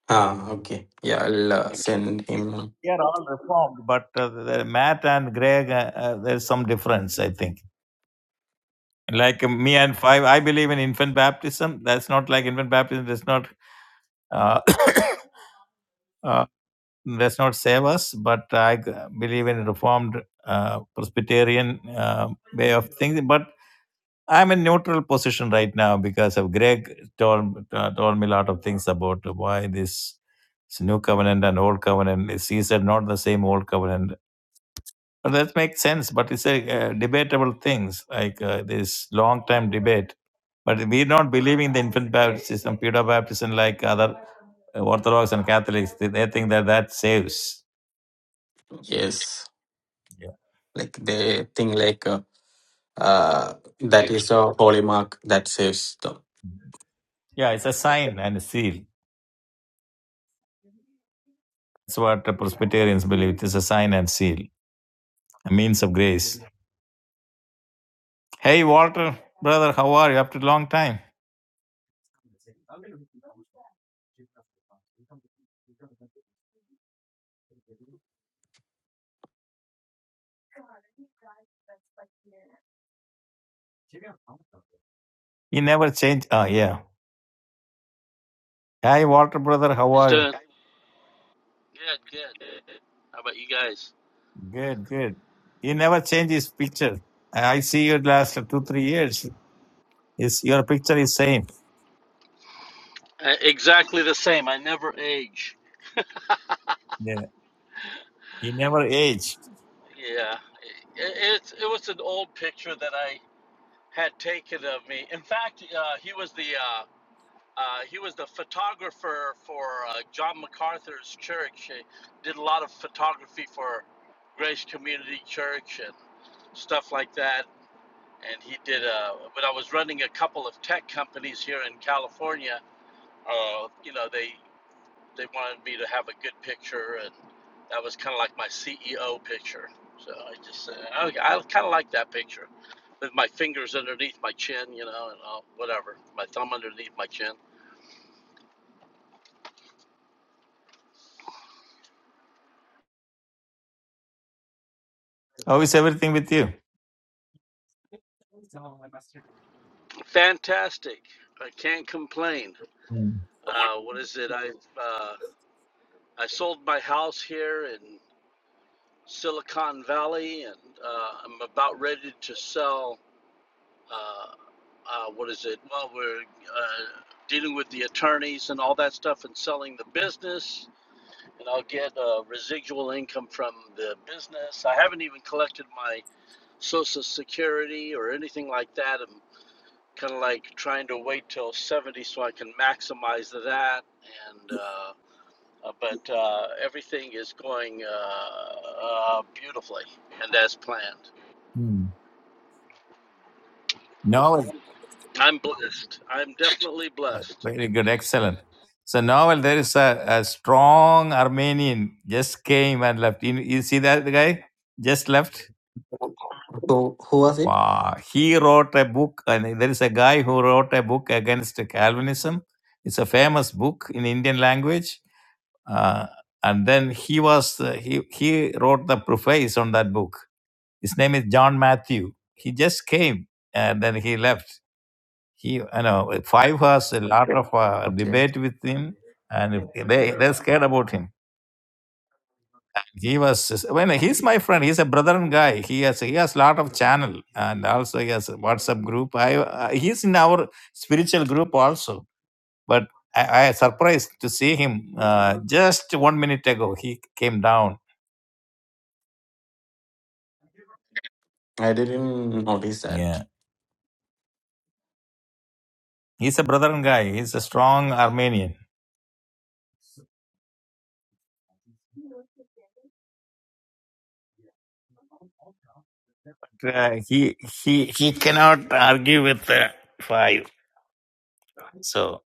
G: Ah, okay. Yeah, I'll uh, send him.
C: they are all reformed but uh, the, matt and greg uh, uh, there's some difference i think Like uh, me and five, I believe in infant baptism. That's not like infant baptism does not uh, *coughs* uh, does not save us, but I g- believe in reformed uh, Presbyterian uh, way of thinking. But I'm in neutral position right now because of Greg told uh, told me a lot of things about why this, this new covenant and old covenant is. He said not the same old covenant well, That makes sense, but it's a uh, debatable things like uh, this long time debate. But we don't believe in the infant baptism, pedo baptism, like other uh, Orthodox and Catholics. They, they think that that saves.
G: Yes,
C: Yeah.
G: like they think like uh, uh that is a holy mark that saves them.
C: yeah, it's a sign and a seal. That's what the Presbyterians believe. It's a sign and seal, a means of grace. Hey, Walter, brother, how are you? After a long time, you never change. Ah, yeah. Hey, Walter, brother, how
I: It's
C: are you?
I: doing good, good. How about you guys?
C: Good, good. He never change his picture. I I see you last two, three years. Is your picture is same.
I: Uh, exactly the same. I never age.
C: Yeah. You never age.
I: Yeah, it, it's it was an old picture that I had taken of me. In fact, uh, he was the uh, uh, he was the photographer for uh, John MacArthur's church. He did a lot of photography for Grace Community Church and stuff like that. And he did. Uh, when I was running a couple of tech companies here in California, uh, you know, they they wanted me to have a good picture, and that was kind of like my CEO picture. So I just said, I, like, I kind of like that picture with my fingers underneath my chin, you know, and all, whatever, my thumb underneath my chin.
C: How is everything with you?
I: Fantastic. I can't complain. Uh, what is it? I uh, I sold my house here in Silicon Valley, and uh, I'm about ready to sell uh, uh, what is it? Well, we're uh, dealing with the attorneys and all that stuff and selling the business, and I'll get uh, residual income from the business. I haven't even collected my Social Security or anything like that. I'm kind of like trying to wait till 70 so I can maximize that. And uh, uh, but uh, everything is going uh, uh, beautifully and as planned.
C: Hmm. Novel.
I: I'm blessed. I'm definitely blessed.
C: Very good. Excellent. So Novel, there is a, a strong Armenian just came and left. You, you see that guy? Just left.
G: So who was it?
C: Wow. He wrote a book and there is a guy who wrote a book against Calvinism. It's a famous book in Indian language Uh, and then he was uh, he he wrote the preface on that book. His name is John Matthew. He just came and then he left. He you know five has a lot of uh,
G: Okay,
C: debate with him, and they they scared about him. He was when he's my friend. He's a brethren guy. He has he has lot of channel and also he has a WhatsApp group. I uh, he's in our spiritual group also, but I, I surprised to see him uh, just one minute ago. He came down
G: I didn't notice that.
C: Yeah, he's a brethren guy. He's a strong Armenian. Uh, he he he cannot argue with uh, five. So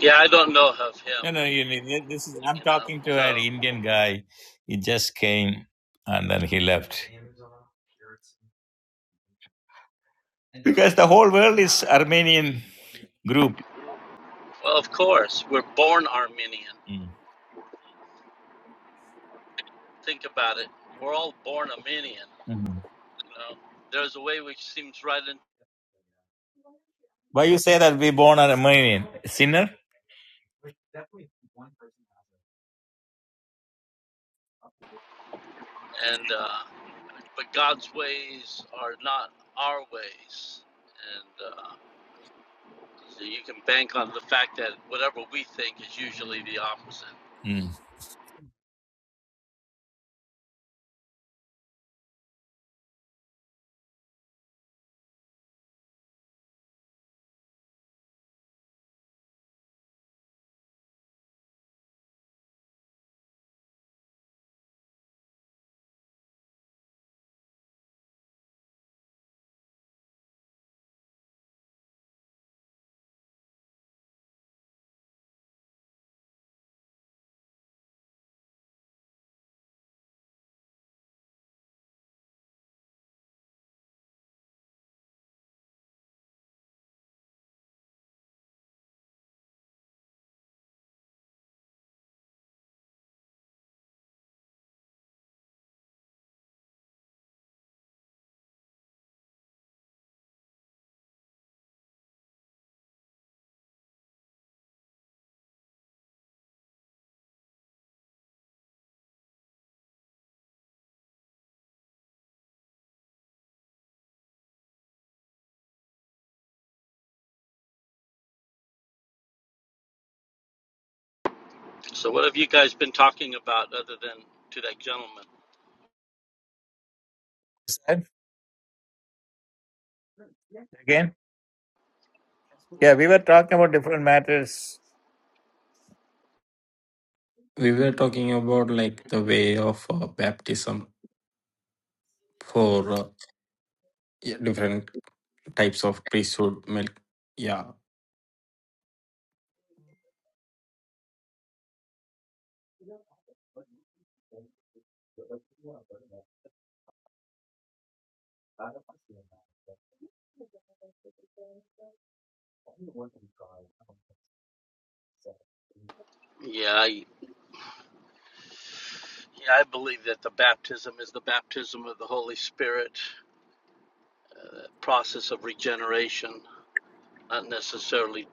I: Yeah, I don't know of him.
C: no, no. You need, this is
I: you
C: I'm talking
I: know.
C: to an
I: So,
C: Indian guy. He just came and then he left because the whole world is Armenian group.
I: well, of course, we're born Armenian.
C: Mm.
I: Think about it. We're all born Armenian,
C: Mhm.
I: you know. There's a way which seems right, and,
C: Why you say that we born an Armenian sinner?
I: and uh, but God's ways are not our ways, and uh, so you can bank on the fact that whatever we think is usually the opposite.
C: Mm.
I: So, what have you guys been talking about other than to that gentleman?
C: Said Again, yeah, we were talking about different matters.
G: We were talking about like the way of uh, baptism for uh, yeah, different types of priesthood. Milk. Yeah.
I: Yeah, I, yeah, I believe that the baptism is the baptism of the Holy Spirit, process of regeneration, not necessarily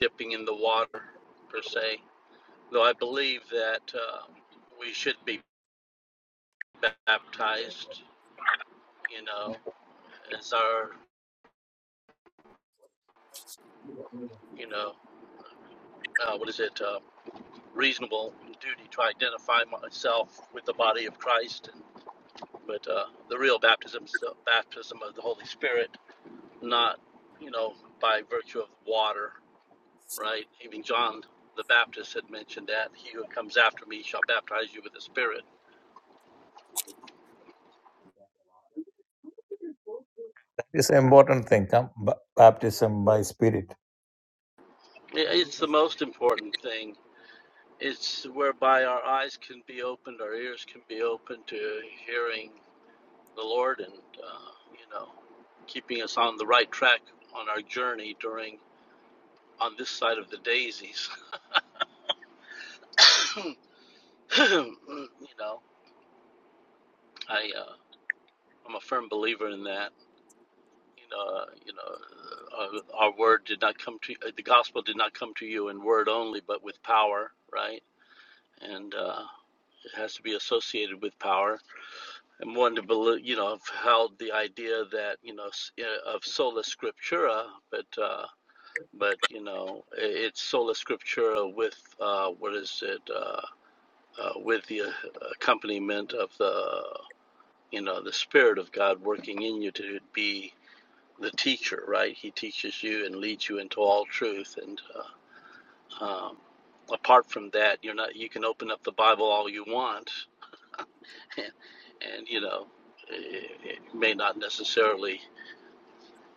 I: dipping in the water per se. Though I believe that um, we should be baptized, you know, as our, you know, uh, what is it, uh, reasonable duty to identify myself with the body of Christ. And, but uh, the real baptism is the baptism of the Holy Spirit, not, you know, by virtue of water right? Even John the Baptist had mentioned that he who comes after me shall baptize you with the Spirit.
C: It's an important thing. Come, ba- baptism by spirit.
I: Yeah, It's the most important thing. It's whereby our eyes can be opened, our ears can be opened to hearing the Lord, and uh, you know, keeping us on the right track on our journey during on this side of the daisies. *coughs* you know, I uh, I'm a firm believer in that. you know, you know, uh, our word did not come to uh, the gospel did not come to you in word only, but with power, right? And uh, it has to be associated with power. I'm one to believe, you know, I've held the idea that you know s- uh, of sola scriptura, but uh, but you know, i- it's sola scriptura with uh, what is it? Uh, uh, with the uh, accompaniment of the you know the spirit of God working in you to be. the teacher, right? He teaches you and leads you into all truth. And uh, um, apart from that, you're not. You can open up the Bible all you want, *laughs* and, and you know, it, it may not necessarily.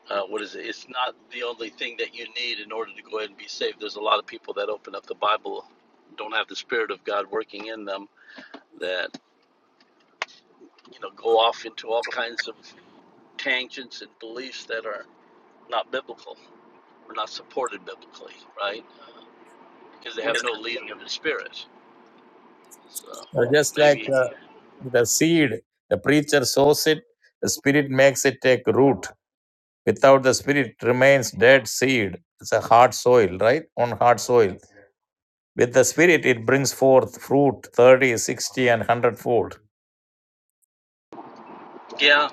I: Uh, what is it? It's not the only thing that you need in order to go ahead and be saved. There's a lot of people that open up the Bible, don't have the Spirit of God working in them, that you know go off into all kinds of tangents and beliefs that are not biblical or not supported biblically, right? because they have no leading of the Spirit. So
C: Uh, just like uh,
I: maybe,
C: the seed, the preacher sows it, the spirit makes it take root. Without the spirit, it remains dead seed. It's a hard soil, right? On hard soil. With the spirit, it brings forth fruit thirty, sixty, and 100 fold.
I: yeah,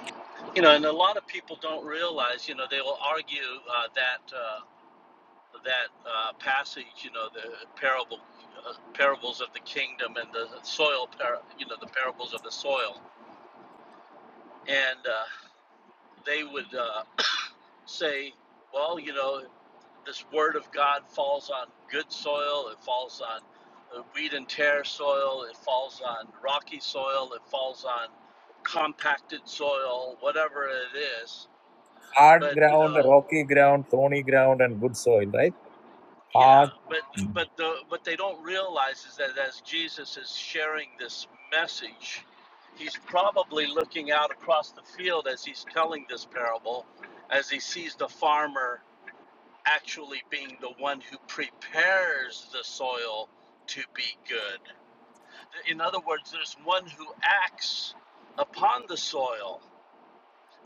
I: you know, and a lot of people don't realize, you know, they will argue uh, that uh, that uh, passage, you know, the parable. Uh, parables of the kingdom and the soil, par- you know, the parables of the soil, and uh, they would uh, *coughs* say, well, you know, this word of God falls on good soil, it falls on uh, weed and tear soil, it falls on rocky soil, it falls on compacted soil, whatever it is.
C: Hard
I: But you
C: ground,
I: know,
C: rocky ground, thorny ground, and good soil, right?
I: yeah, but
C: Hard.
I: but the what they don't realize is that as Jesus is sharing this message, he's probably looking out across the field as he's telling this parable, as he sees the farmer actually being the one who prepares the soil to be good. In other words, there's one who acts upon the soil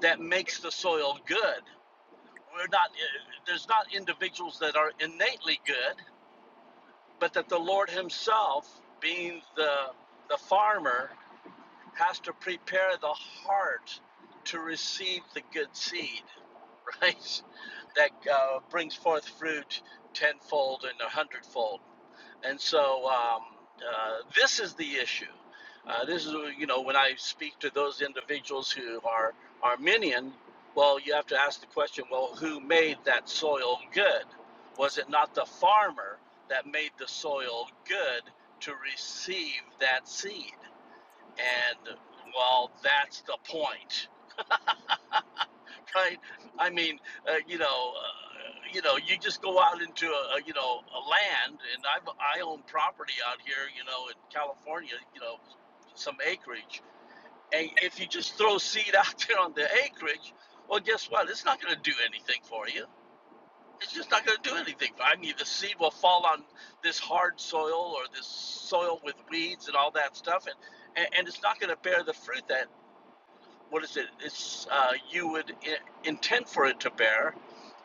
I: that makes the soil good. We're not there's not individuals that are innately good, but that the Lord himself, being the the farmer, has to prepare the heart to receive the good seed, *laughs* right? That uh, brings forth fruit tenfold and a hundredfold. And so um, uh, this is the issue. Uh, this is, you know, when I speak to those individuals who are Armenian, well, you have to ask the question well, who made that soil good? Was it not the farmer that made the soil good to receive that seed? And, well, that's the point right? I mean, uh, you know, uh, you know, you just go out into a, a you know a land, and I have I own property out here, you know, in California, you know, some acreage, and if you just throw seed *laughs* out there on the acreage, well, guess what? It's not going to do anything for you. It's just not going to do anything. I mean, the seed will fall on this hard soil or this soil with weeds and all that stuff, and and, and it's not going to bear the fruit that what is it? It's uh, you would I- intend for it to bear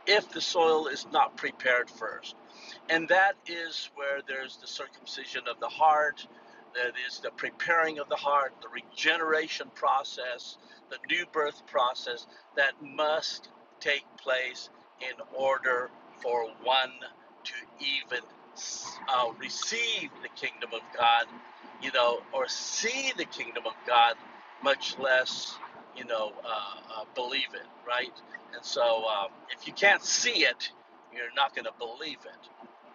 I: if the soil is not prepared first. And that is where there's the circumcision of the heart, that is the preparing of the heart, the regeneration process, the new birth process that must take place in order for one to even uh, receive the kingdom of God, you know, or see the kingdom of God, much less, you know, uh, uh, believe it, right? And so um, if you can't see it, you're not going to believe it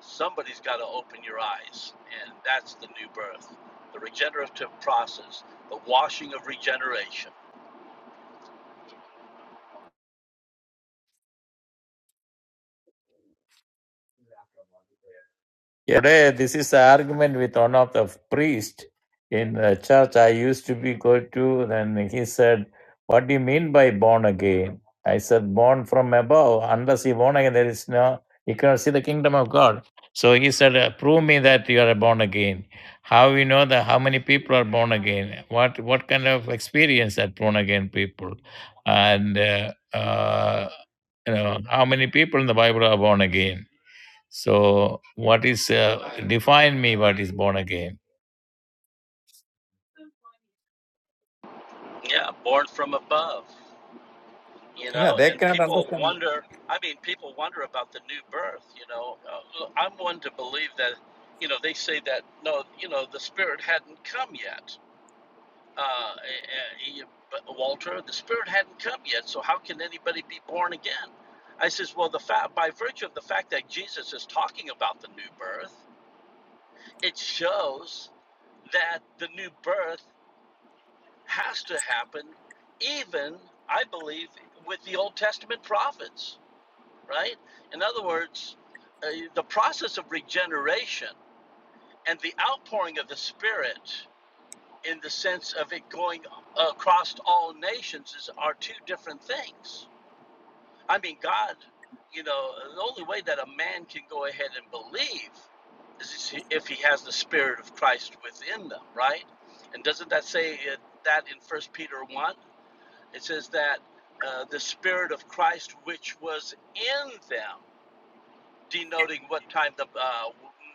I: somebody's got to open your eyes, and that's the new birth, the regenerative process, the washing of regeneration.
C: Yeah. Today, this is an argument with one of the priest in the church I used to be go to. Then he said, "What do you mean by born again?" I said, "Born from above. Unless you born again, there is no you cannot see the kingdom of God." So he said, "Uh, "Prove me that you are born again. How we know that? How many people are born again? What what kind of experience that born again people, and uh, uh, you know how many people in the Bible are born again?" So, what is uh, define me? What is born again?
I: Yeah, born from above, you
C: You know,
I: know,
C: they
I: and
C: cannot
I: people
C: understand.
I: wonder. I mean, people wonder about the new birth, you know. Uh, I'm one to believe that, you know, they say that, no, you know, the Spirit hadn't come yet. Uh, uh, Walter, the Spirit hadn't come yet, so how can anybody be born again? I says, well, the fa- by virtue of the fact that Jesus is talking about the new birth, It shows that the new birth has to happen, even, I believe, with the Old Testament prophets, right? In other words, uh, the process of regeneration and the outpouring of the Spirit in the sense of it going across all nations is, are two different things. I mean, God, you know, the only way that a man can go ahead and believe is if he has the Spirit of Christ within them, right? And doesn't that say it, that in First Peter 1? It says that uh, the Spirit of Christ which was in them denoting what time the, uh,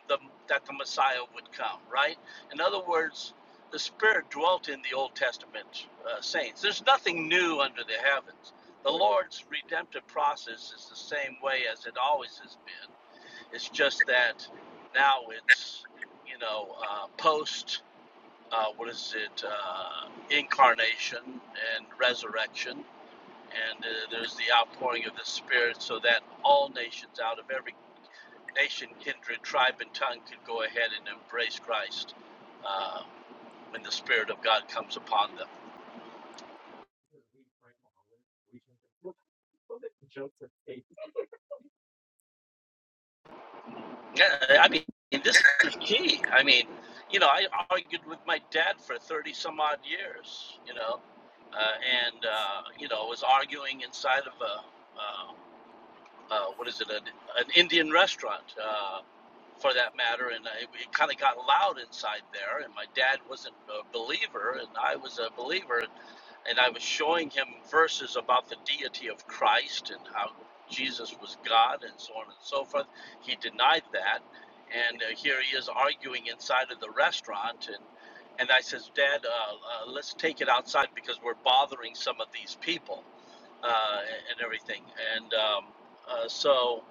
I: the that the Messiah would come, right? In other words, the Spirit dwelt in the Old Testament uh, saints. There's nothing new under the heavens. The Lord's redemptive process is the same way as it always has been. It's just that now it's, you know, uh, post, uh, what is it, uh, incarnation and resurrection. And uh, there's the outpouring of the Spirit so that all nations out of every nation, kindred, tribe, and tongue could go ahead and embrace Christ uh, when the Spirit of God comes upon them. Yeah, I mean, this is key. I mean, you know, I argued with my dad for 30 some odd years, you know, uh, and, uh, you know, was arguing inside of a, uh, uh, what is it, an, an Indian restaurant uh, for that matter. And I, it kind of got loud inside there. And my dad wasn't a believer, and I was a believer. and I was showing him verses about the deity of Christ and how Jesus was God and so on and so forth. He denied that, and uh, here he is arguing inside of the restaurant. And and I says, Dad, uh, uh, let's take it outside because we're bothering some of these people uh, and everything. And um, uh, so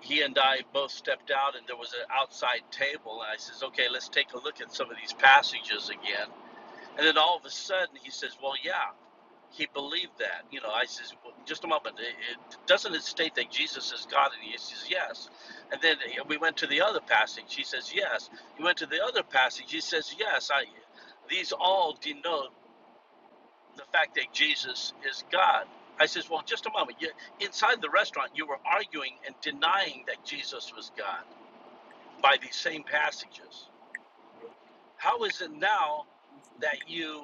I: he and I both stepped out, and there was an outside table. And I says, Okay, let's take a look at some of these passages again. And then all of a sudden, he says, Well, yeah he believed that. You know, I says, well, just a moment. It, it, doesn't it state that Jesus is God? And he says, yes. And then uh, we went to the other passage. He says, yes. We went to the other passage. He says, yes. I, these all denote the fact that Jesus is God. I says, well, just a moment. You, inside the restaurant, you were arguing and denying that Jesus was God by these same passages. How is it now that you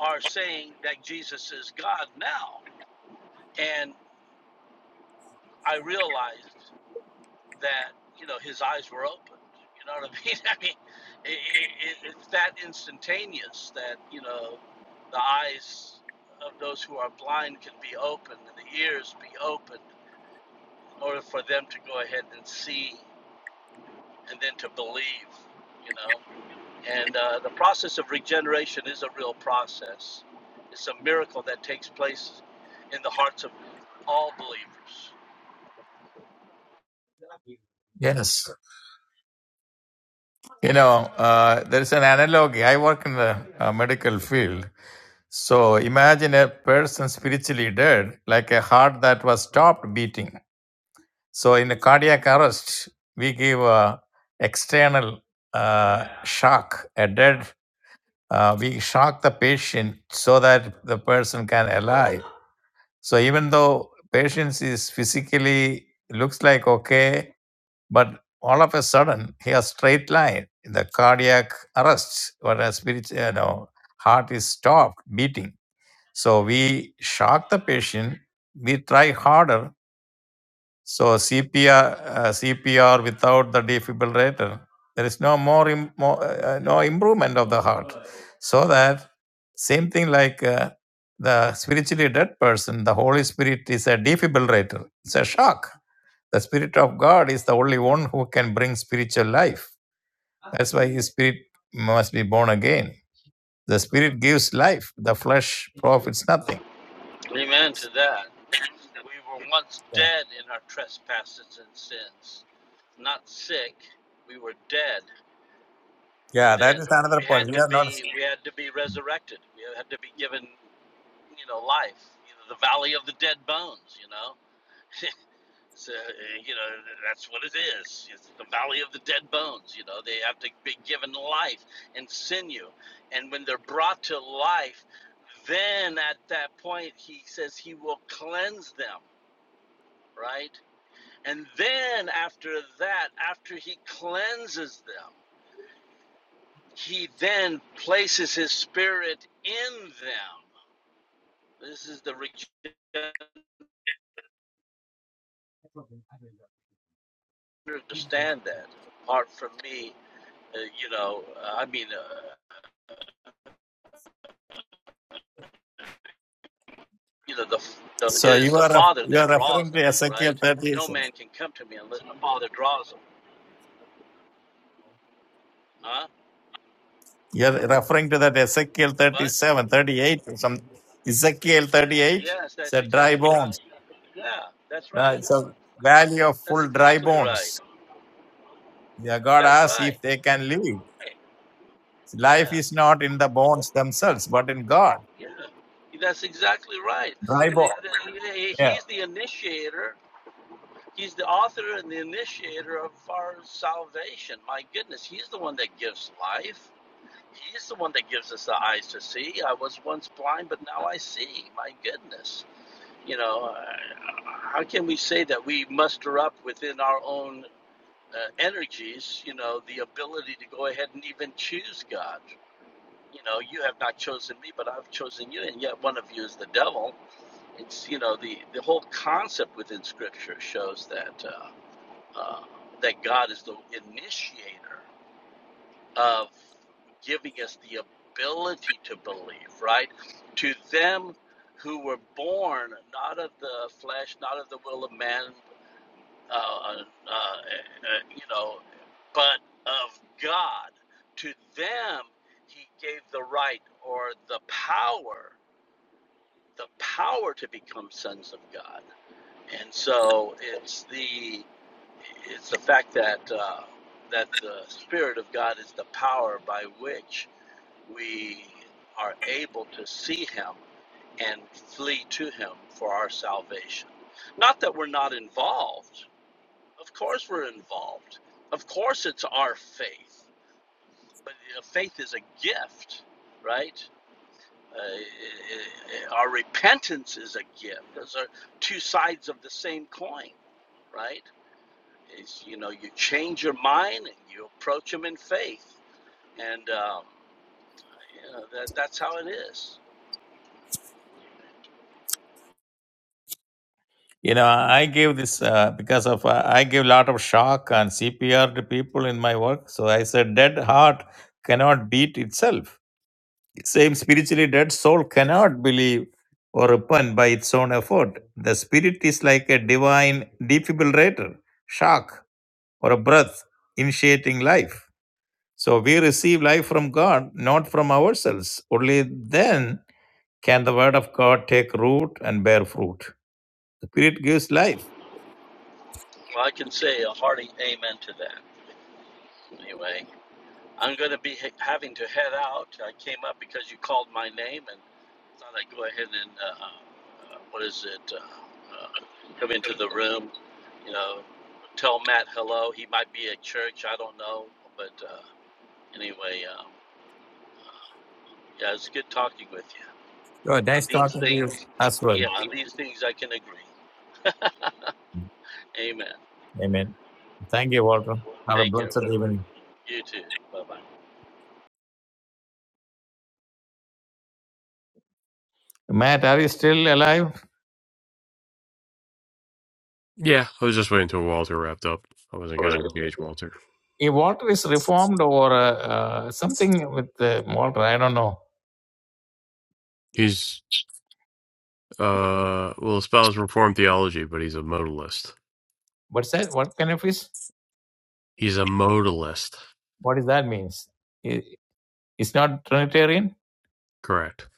I: are saying that Jesus is God now? And I realized that you know his eyes were opened. You know what I *laughs* mean? I mean, i it, it's that instantaneous that you know the eyes of those who are blind can be opened and the ears be opened in order for them to go ahead and see and then to believe. You know, and uh, the process of regeneration is a real process. It's a miracle that takes place in the hearts of all believers.
C: You know, uh, there is an analogy. I work in the uh, medical field. So imagine a person spiritually dead, like a heart that was stopped beating. So in a cardiac arrest, we give a external uh, shock, a dead. Uh, we shock the patient so that the person can alive. So even though patient is physically looks like okay, But all of a sudden, he has straight line, the cardiac arrest, whereas spirit, you know, heart is stopped beating. So we shock the patient, we try harder. So CPR, uh, CPR without the defibrillator, there is no more, Im- more uh, uh, no improvement of the heart. So that same thing like uh, the spiritually dead person, the Holy Spirit is a defibrillator. It's a shock the Spirit of God is the only one who can bring spiritual life. That's why His Spirit must be born again. The Spirit gives life, the flesh profits nothing.
I: Amen to that. We were once
C: Yeah,
I: dead in our trespasses and sins. Not sick, we were dead. And
C: yeah that
I: then
C: is another
I: we
C: point.
I: had
C: You
I: to
C: are not.
I: be we had to be resurrected. We had to be given, you know, life. You know, the valley of the dead bones, you know. So, uh, you know, that's what it is. It's the valley of the dead bones, you know. They have to be given life and sinew. And when they're brought to life, then at that point he says he will cleanse them, right? And then after that, after he cleanses them, he then places his spirit in them. This is the regeneration. Understand that. Apart from me, uh, you know, uh, I mean, uh, you know, the, the it
C: So
I: is
C: you
I: the
C: are ref-
I: Father
C: you
I: that
C: are
I: draws
C: referring
I: them,
C: to Ezekiel
I: right? No
C: 37.
I: man can come to me unless the Father draws them, huh?
C: You are referring to that Ezekiel
I: But
C: 37, 38, or some Ezekiel 38.
I: yes, that's
C: said dry
I: exactly right.
C: bones.
I: Yeah, that's
C: Now,
I: right.
C: It's a valley of
I: That's
C: full dry
I: exactly right.
C: bones. Yeah, God
I: That's
C: asks
I: right.
C: if they can live. Life
I: Yeah.
C: is not in the bones themselves, but in God.
I: Yeah, that's exactly right. So,
C: dry ball. Yeah.
I: He's the initiator. He's the author and the initiator of our salvation. My goodness, he's the one that gives life. He's the one that gives us the eyes to see. I was once blind, but now I see. My goodness. You know, uh, how can we say that we muster up within our own uh, energies, you know, the ability to go ahead and even choose God? You know, you have not chosen me, but I've chosen you, and yet one of you is the devil it's you know the the whole concept within scripture shows that uh, uh, that God is the initiator of giving us the ability to believe right to them who were born not of the flesh not of the will of man uh, uh, uh, you know but of God to them he gave the right or the power the power to become sons of God and so it's the it's the fact that uh, that the spirit of God is the power by which we are able to see Him and flee to Him for our salvation. Not that we're not involved. Of course, we're involved. Of course, it's our faith. But uh, faith is a gift, right? Uh, i- i- our repentance is a gift. Those are two sides of the same coin right? It's, you know, you change your mind and you approach them in faith. And, um, you know, that, that's how it is.
C: You know, I gave this uh, because of uh, I gave a lot of shock and CPR to people in my work. So I said, dead heart cannot beat itself. Same spiritually dead soul cannot believe or repent by its own effort. The spirit is like a divine defibrillator, shock or a breath initiating life. So we receive life from God, not from ourselves. Only then can the word of God take root and bear fruit. The Spirit gives life
I: Well, I can say a hearty amen to that. Anyway, I'm going to be ha- having to head out. I came up because you called my name and thought I'd go ahead and, uh, uh, what is it, uh, uh, come into the room,
C: Good.
I: you know, tell Matt hello. He might be at church. I don't know. But uh, anyway, um, yeah, it's good talking with you. On
C: Nice
I: these
C: talking to you
I: things,
C: as well.
I: yeah, on these things I can agree. Amen.
C: Amen. Thank you, Walter. Have a
I: Take care,
C: blessed
I: buddy.
C: evening.
I: You too. Bye bye.
C: Matt, are you still alive?
A: Yeah, I was just waiting until Walter wrapped up. I wasn't going to engage Walter.
C: If Walter is reformed or uh, uh, something with uh, Walter, I don't know.
A: He's uh will espouse reformed theology, but he's a modalist.
C: What's that? What kind of is?
A: He's a modalist,
C: What does that mean? It's not Trinitarian?
A: correct?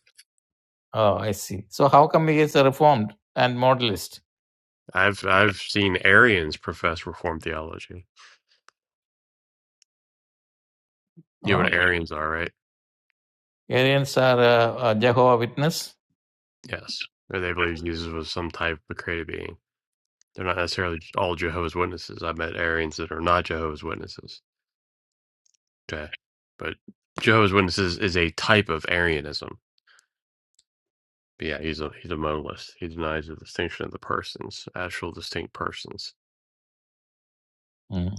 C: Oh, I see. So how come he is a reformed and modalist?
A: I've I've seen Arians profess reformed theology. You know
C: Oh,
A: what Arians are, right?
C: Arians are uh, Jehovah Witness?
A: Yes. Or they believe Jesus was some type of created being. They're not necessarily all Jehovah's Witnesses. I've met Arians that are not Jehovah's Witnesses. Okay. But Jehovah's Witnesses is a type of Arianism. But yeah, he's a he's a modalist. He denies the distinction of the persons, actual distinct persons.
C: Mm,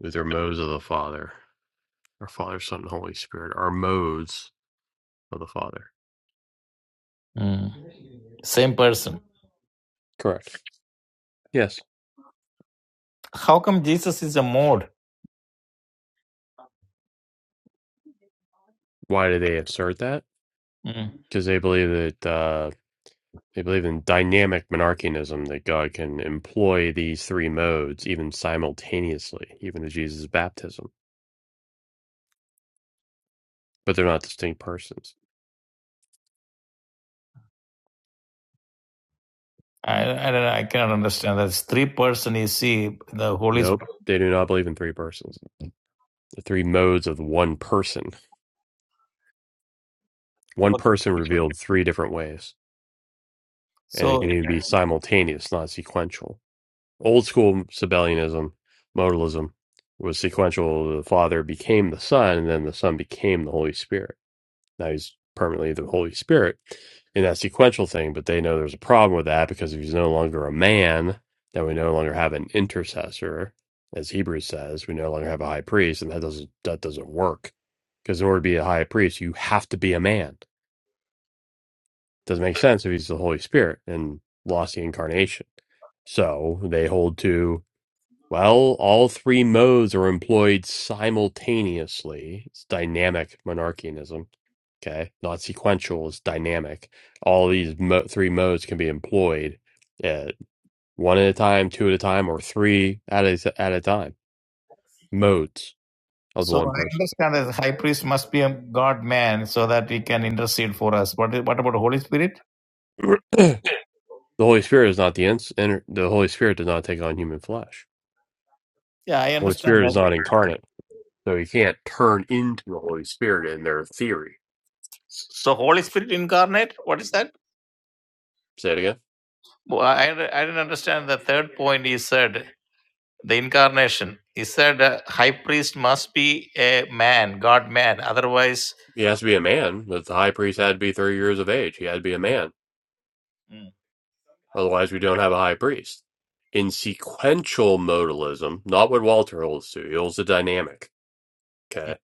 A: They're modes of the Father, or Father, Son, and Holy Spirit, are modes of the Father.
C: mm. Same person.
A: Correct. Yes.
C: How come Jesus is a mod?
A: Why do they assert that?
C: Mm.
A: Because they believe that. They believe in dynamic monarchianism that God can employ these three modes even simultaneously, even at Jesus' baptism. But they're not distinct persons.
C: I, I don't know. I cannot understand that. It's three person you see the Holy
A: Nope.
C: Spirit.
A: They do not believe in three persons. The three modes of one person. One person revealed three different ways. And it
C: So
A: can even be simultaneous, not sequential. Old school Sabellianism, modalism, was sequential. The Father became the Son, and then the Son became the Holy Spirit Now he's permanently the Holy Spirit in that sequential thing, but they know there's a problem with that because if he's no longer a man, then we no longer have an intercessor, as Hebrews says, we no longer have a high priest, and that doesn't that doesn't work. Because in order to be a high priest, you have to be a man. Doesn't make sense if he's the Holy Spirit and lost the incarnation. So they hold to well, all three modes are employed simultaneously, it's dynamic monarchianism, okay, not sequential, it's dynamic. All these mo- three modes can be employed uh, one at a time, two at a time, or three at a, at a time. Modes of the
C: so
A: one
C: I
A: person.
C: understand that the high priest must be a God man so that he can intercede for us. What is, what about the Holy Spirit?
A: *clears throat* The Holy Spirit is not the ins- inner, the Holy Spirit does not take on human flesh.
C: Yeah, I
A: The Holy
C: understand
A: Spirit
C: that.
A: is not incarnate, so he can't turn into the Holy Spirit in their theory.
C: So Holy Spirit incarnate. What is that?
A: Say it again.
C: Well, I I didn't understand the third point. He said the incarnation. He said uh, high priest must be a man, God man. Otherwise,
A: He has to be a man, but the high priest had to be 30 years of age. He had to be a man. Otherwise, we don't have a high priest. In sequential modalism, not what Walter holds to, he holds the dynamic. Okay.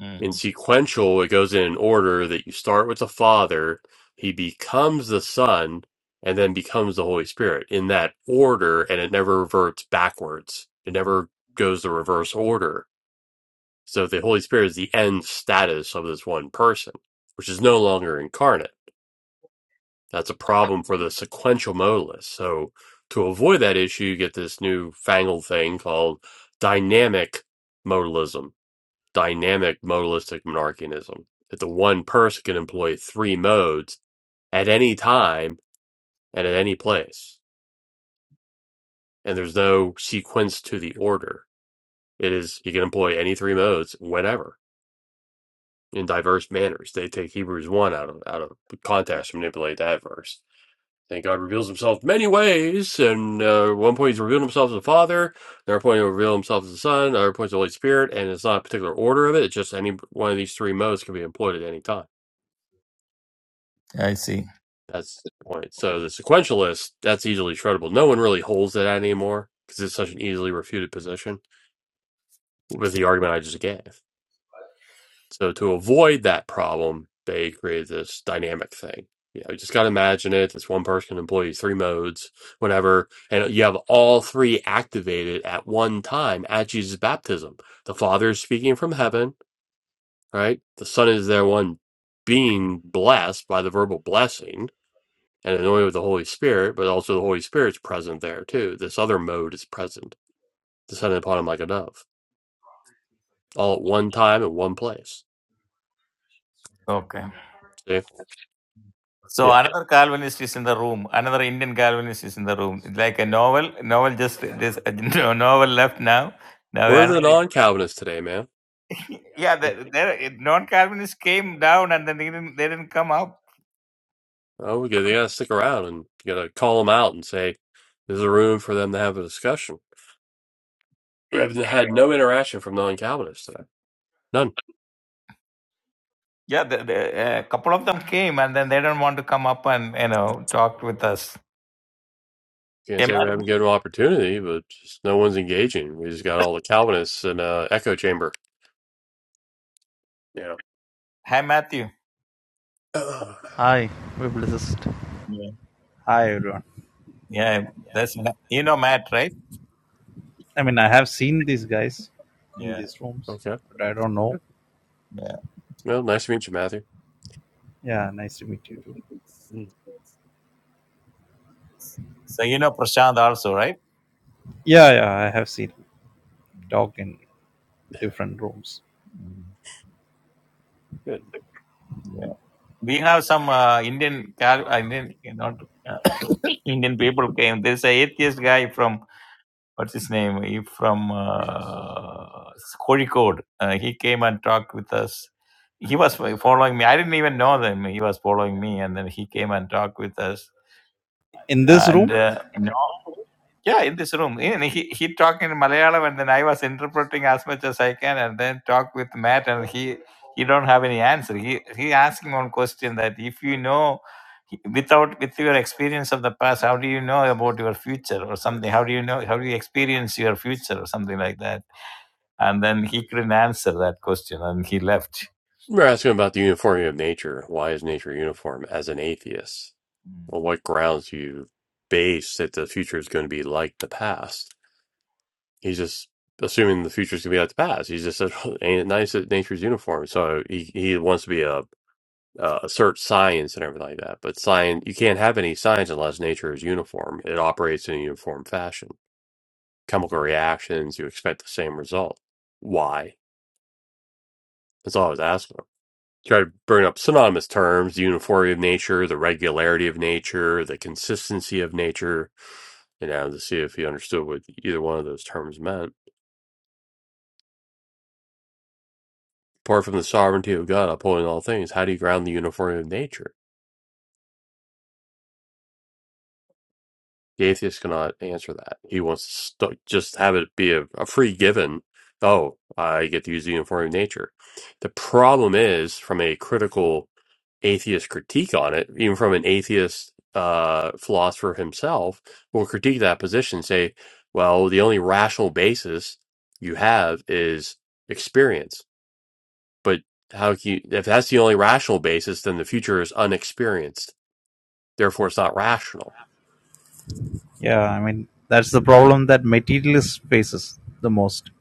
C: Mm,
A: In sequential, it goes in an order that you start with the Father, he becomes the Son, and then becomes the Holy Spirit in that order, and it never reverts backwards. It never goes the reverse order. So the Holy Spirit is the end status of this one person, which is no longer incarnate That's a problem for the sequential mode list. So to avoid that issue, you get this new fangled thing called dynamic modalism, dynamic modalistic monarchianism. That the one person can employ three modes at any time and at any place. And there's no sequence to the order. It is you can employ any three modes whenever in diverse manners. They take Hebrews one out of out of context to manipulate that verse Thank God reveals himself many ways, and uh, at one point he's revealing himself as the father, another point he'll reveal himself as the son, another point is the Holy Spirit, and it's not a particular order of it, it's just any one of these three modes can be employed at any time.
C: I see.
A: That's the point. So the sequentialist, that's easily shreddable. No one really holds that anymore because it's such an easily refuted position with the argument I just gave. So to avoid that problem, they created this dynamic thing. You know, you just got to imagine it. It's one person, employee, three modes, whatever. And you have all three activated at one time at Jesus' baptism. The Father is speaking from heaven, right? The Son is there, one being blessed by the verbal blessing and anointed with the Holy Spirit, but also the Holy Spirit's present there too. This other mode is present, descended upon him like a dove, all at one time in one place.
C: Okay.
A: See?
C: So
A: Yeah.
C: another Calvinist is in the room. Another Indian Calvinist is in the room. It's like a novel. Novel just this *laughs* novel left now. Now
A: We're the
C: another.
A: non Calvinists today, man.
C: Yeah, the, there non-Calvinists came down and then they didn't they didn't come up.
A: Oh, we got they got to stick around and you got to call them out and say there's a room for them to have a discussion. We have had no interaction from non-Calvinists today. None.
C: Yeah, the, the, a couple of them came and then they don't want to come up and you know talk with us.
A: Can't
C: Hey,
A: say
C: Matt.
A: we haven't given them opportunity, but just no one's engaging. We just got all the Calvinists in a echo chamber. Yeah.
C: Hi, Matthew.
A: *clears throat* Ugh.
J: Hi, publicist.
C: Yeah,
J: Hi everyone.
C: yeah. That's you know Matt, right?
J: I mean, I have seen these guys in
C: Yeah,
J: these rooms,
A: okay.
J: but I don't know.
C: yeah.
A: Well, nice to meet you, Matthew.
J: Yeah, nice to meet you too.
A: Mm,
C: So you know Prashant also, right?
J: Yeah, yeah, I have seen him talk in different rooms.
C: Mhm.
A: Good.
C: Yeah. We have some uh, Indian Cal Indian not. Indian people came. There's a atheist guy from what's his name? He from uh, Kozhikode. Uh, he came and talked with us. He was following me. I didn't even know them. He was following me, and then he came and talked with us
J: In this
C: and
J: room,
C: uh, no, yeah, in this room, and he he talked in Malayalam, and then I was interpreting as much as I can, and then talk with Matt, and he he don't have any answer. He he asking one question that if you know without with your experience of the past, how do you know about your future or something? How do you know how do you experience your future or something like that? And then he couldn't answer that question, and he left.
A: We're asking about the uniformity of nature. Why is nature uniform as an atheist? On what grounds do you base that the future is going to be like the past? he's just assuming the future's gonna be like the past. He's just said, *laughs* "Ain't it nice that nature's uniform." So he he wants to be a uh, assert science and everything like that. But science, you can't have any science unless nature is uniform. It operates in a uniform fashion. Chemical reactions, you expect the same result. Why? That's all I was asking him. Try to bring up synonymous terms: the uniformity of nature, the regularity of nature, the consistency of nature. You know, to see if he understood what either one of those terms meant. Apart from the sovereignty of God upholding all things, how do you ground the uniformity of nature? The atheist cannot answer that. He wants to st- just have it be a, a free given. Oh, I get to use the uniformity of nature. The problem is, from a critical atheist critique on it, even from an atheist uh, philosopher himself, will critique that position, say, well, the only rational basis you have is experience But how can you, if that's the only rational basis, then the future is unexperienced. Therefore, it's not rational.
J: yeah, I mean that's the problem that materialist faces the most.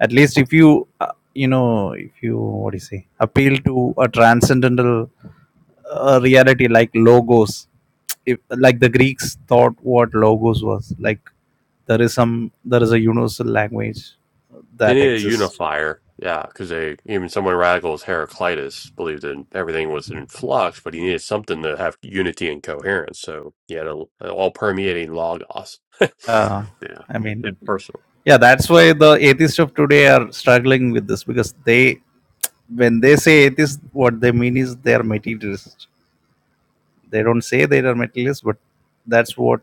J: At least if you, uh, you know, if you what do you say, appeal to a transcendental uh, reality like logos if like the greeks thought what logos was like there is some there is a universal language
A: They
J: that
A: need a
J: exists
A: unifier. Yeah, because they even someone radical as Heraclitus believed that everything was in flux, but he needed something to have unity and coherence. So he had a, an all permeating logos. *laughs*
J: uh,
A: yeah,
J: i mean
A: impersonal.
J: yeah that's why the atheists of today are struggling with this because they when they say atheist what they mean is they are materialist they don't say they are materialist but that's what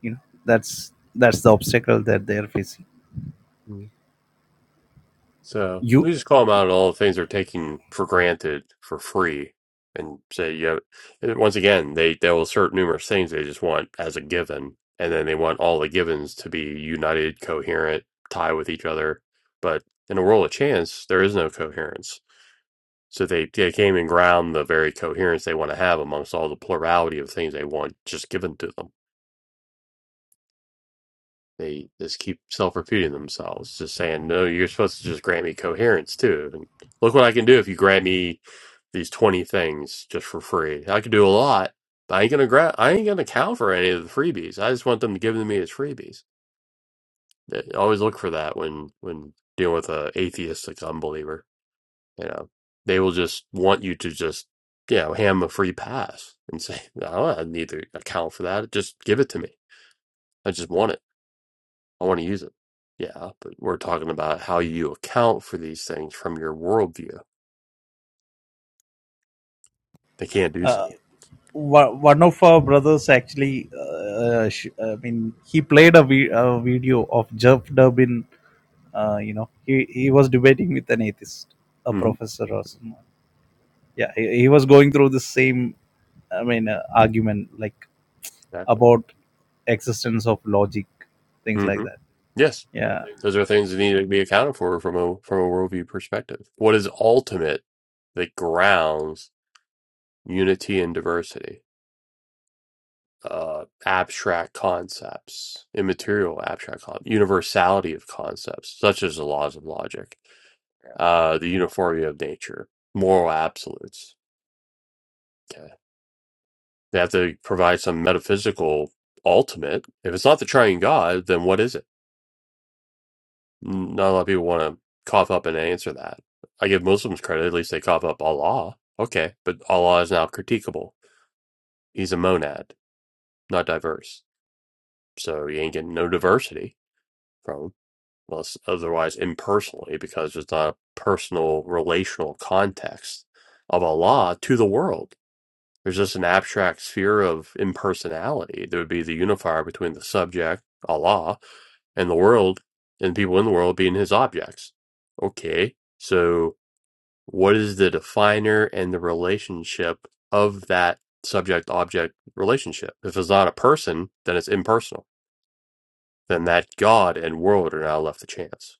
J: you know that's that's the obstacle that they are facing
A: So
J: you
A: we just call them out on all the things they're taking for granted for free and say, you know, and once again, they, they will assert numerous things they just want as a given. And then they want all the givens to be united, coherent, tie with each other. But in a world of chance, there is no coherence. So they, they came and ground the very coherence they want to have amongst all the plurality of things they want just given to them. They just keep self-repeating themselves, just saying, "No, you're supposed to just grant me coherence too." And look what I can do if you grant me these 20 things just for free. I could do a lot, but I ain't gonna grant. I ain't gonna count for any of the freebies. I just want them to give them to me as freebies. They- Always look for that when when dealing with a atheistic unbeliever. You know, they will just want you to just you know hand 'em a free pass and say, "No, I don't need to account for that. Just give it to me. I just want it." I want to use it. Yeah, but we're talking about how you account for these things from your worldview. They can't do
J: uh,
A: so.
J: one one of our brothers actually uh, sh- i mean he played a, vi- a video of jeff durbin uh, you know he, he was debating with an atheist a
A: hmm
J: professor or someone yeah he, he was going through the same i mean uh, argument like
A: Exactly.
J: about existence of logic things like
A: hmm
J: that
A: Yes,
J: yeah
A: those are things that need to be accounted for from a from a worldview perspective. What is ultimate that grounds unity and diversity? Uh, abstract concepts, immaterial abstract concepts, universality of concepts, such as the laws of logic, uh, the uniformity of nature, moral absolutes. okay? They have to provide some metaphysical ultimate. If it's not the triune God, then what is it? Not a lot of people want to cough up and answer that. I give Muslims credit, at least they cough up Allah. Okay, but Allah is now critiquable. He's a monad, not diverse. So you ain't getting no diversity from him, unless otherwise impersonally, because it's not a personal relational context of Allah to the world. There's just an abstract sphere of impersonality There would be the unifier between the subject, Allah, and the world, and people in the world being his objects. Okay, so what is the definer and the relationship of that subject object relationship? If it's not a person, then it's impersonal. Then that God and world are now left to chance.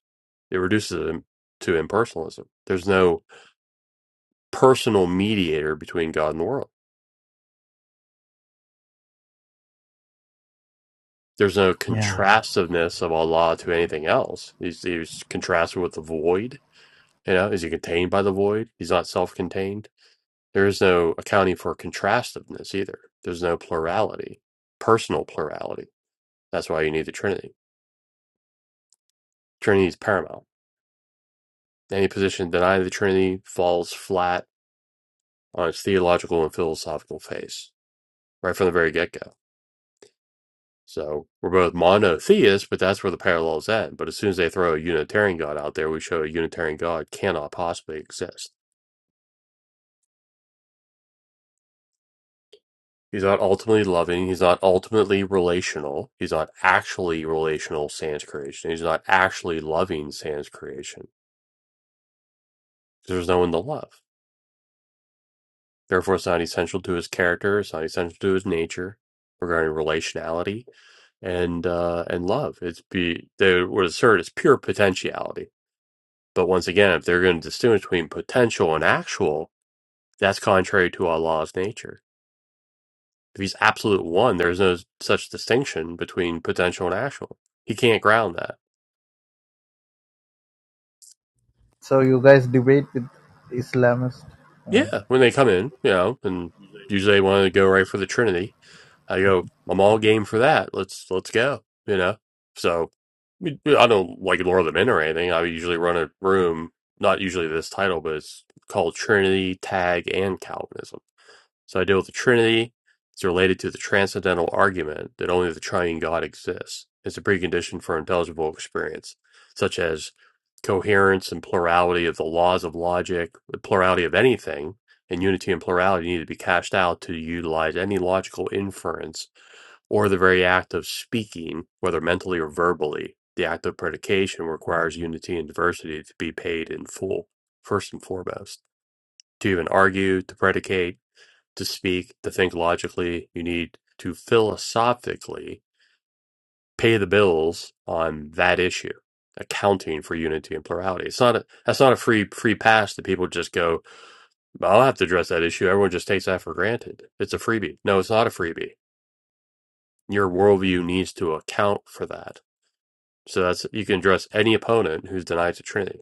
A: It reduces it to impersonalism. There's no personal mediator between God and the world. there's no
J: Yeah.
A: contrastiveness of Allah to anything else. He's, he's contrasted with the void. You know, is he contained by the void? He's not self contained. There is no accounting for contrastiveness either. There's no plurality, personal plurality. That's why you need the Trinity. Trinity is paramount. Any position denying the Trinity falls flat on its theological and philosophical face right from the very get go So we're both monotheists, but that's where the parallel's end. But as soon as they throw a Unitarian God out there, we show a Unitarian God cannot possibly exist. He's not ultimately loving. He's not ultimately relational. He's not actually relational sans creation. He's not actually loving sans creation. There's no one to love. Therefore, it's not essential to his character. It's not essential to his nature regarding relationality and uh, and love. It's be they would assert it's pure potentiality But once again, if they're going to distinguish between potential and actual, that's contrary to Allah's nature. If he's absolute one, there's no such distinction between potential and actual. He can't ground that.
J: So you guys debate with Islamists? I mean,
A: Yeah, when they come in, you know, and usually they want to go right for the Trinity. I go, I'm all game for that. Let's let's go. You know, so I don't like lure them in or anything. I usually run a room, not usually this title, but it's called Trinity, Tag, and Calvinism So I deal with the Trinity. It's related to the transcendental argument that only the triune God exists. It's a precondition for intelligible experience, such as coherence and plurality of the laws of logic, the plurality of anything, and unity and plurality need to be cashed out to utilize any logical inference or the very act of speaking, whether mentally or verbally. The act of predication requires unity and diversity to be paid in full, first and foremost. To even argue, to predicate, to speak, to think logically. You need to philosophically pay the bills on that issue, accounting for unity and plurality. It's not a, that's not a free free pass that people just go. "Well, I'll have to address that issue. Everyone just takes that for granted. It's a freebie. No, it's not a freebie. Your worldview needs to account for that. So that's you can address any opponent who's denied the Trinity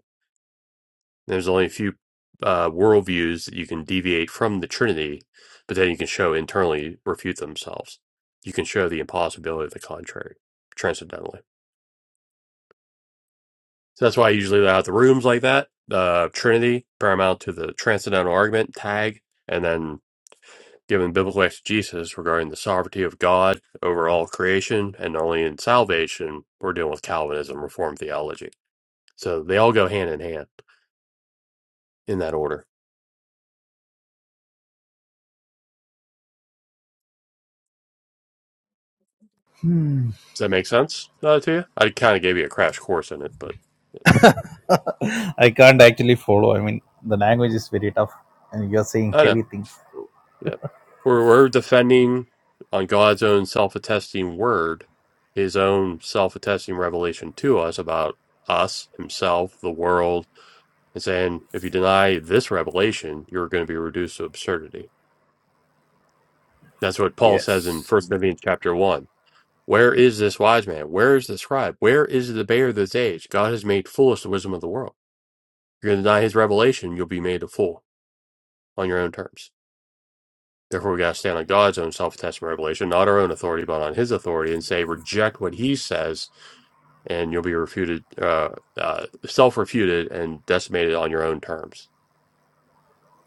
A: There's only a few uh, worldviews that you can deviate from the Trinity, but then you can show internally refute themselves. You can show the impossibility of the contrary transcendentally. So that's why I usually lay out the rooms like that. The Trinity paramount to the transcendental argument tag, and then given biblical exegesis regarding the sovereignty of God over all creation and only in salvation, we're dealing with Calvinism, Reformed theology. So they all go hand in hand in that order. Does that make sense uh, to you? I kind of gave you a crash course in it, but
J: *laughs* i can't actually follow i mean the language is very tough and you're saying
A: I know.
J: heavy things
A: Yeah. We're, we're defending on God's own self attesting word, his own self attesting revelation to us about us, himself, the world, and saying, if you deny this revelation, you're going to be reduced to absurdity. That's what Paul says in
J: Yes.
A: First Corinthians chapter 1. Where is this wise man? Where is the scribe? Where is the debater of this age? God has made foolish the wisdom of the world. You're going to deny his revelation, you'll be made a fool on your own terms. Therefore, we got to stand on God's own self attested revelation, not our own authority, but on His authority, and say, reject what He says, and you'll be refuted, uh, uh, self refuted, and decimated on your own terms.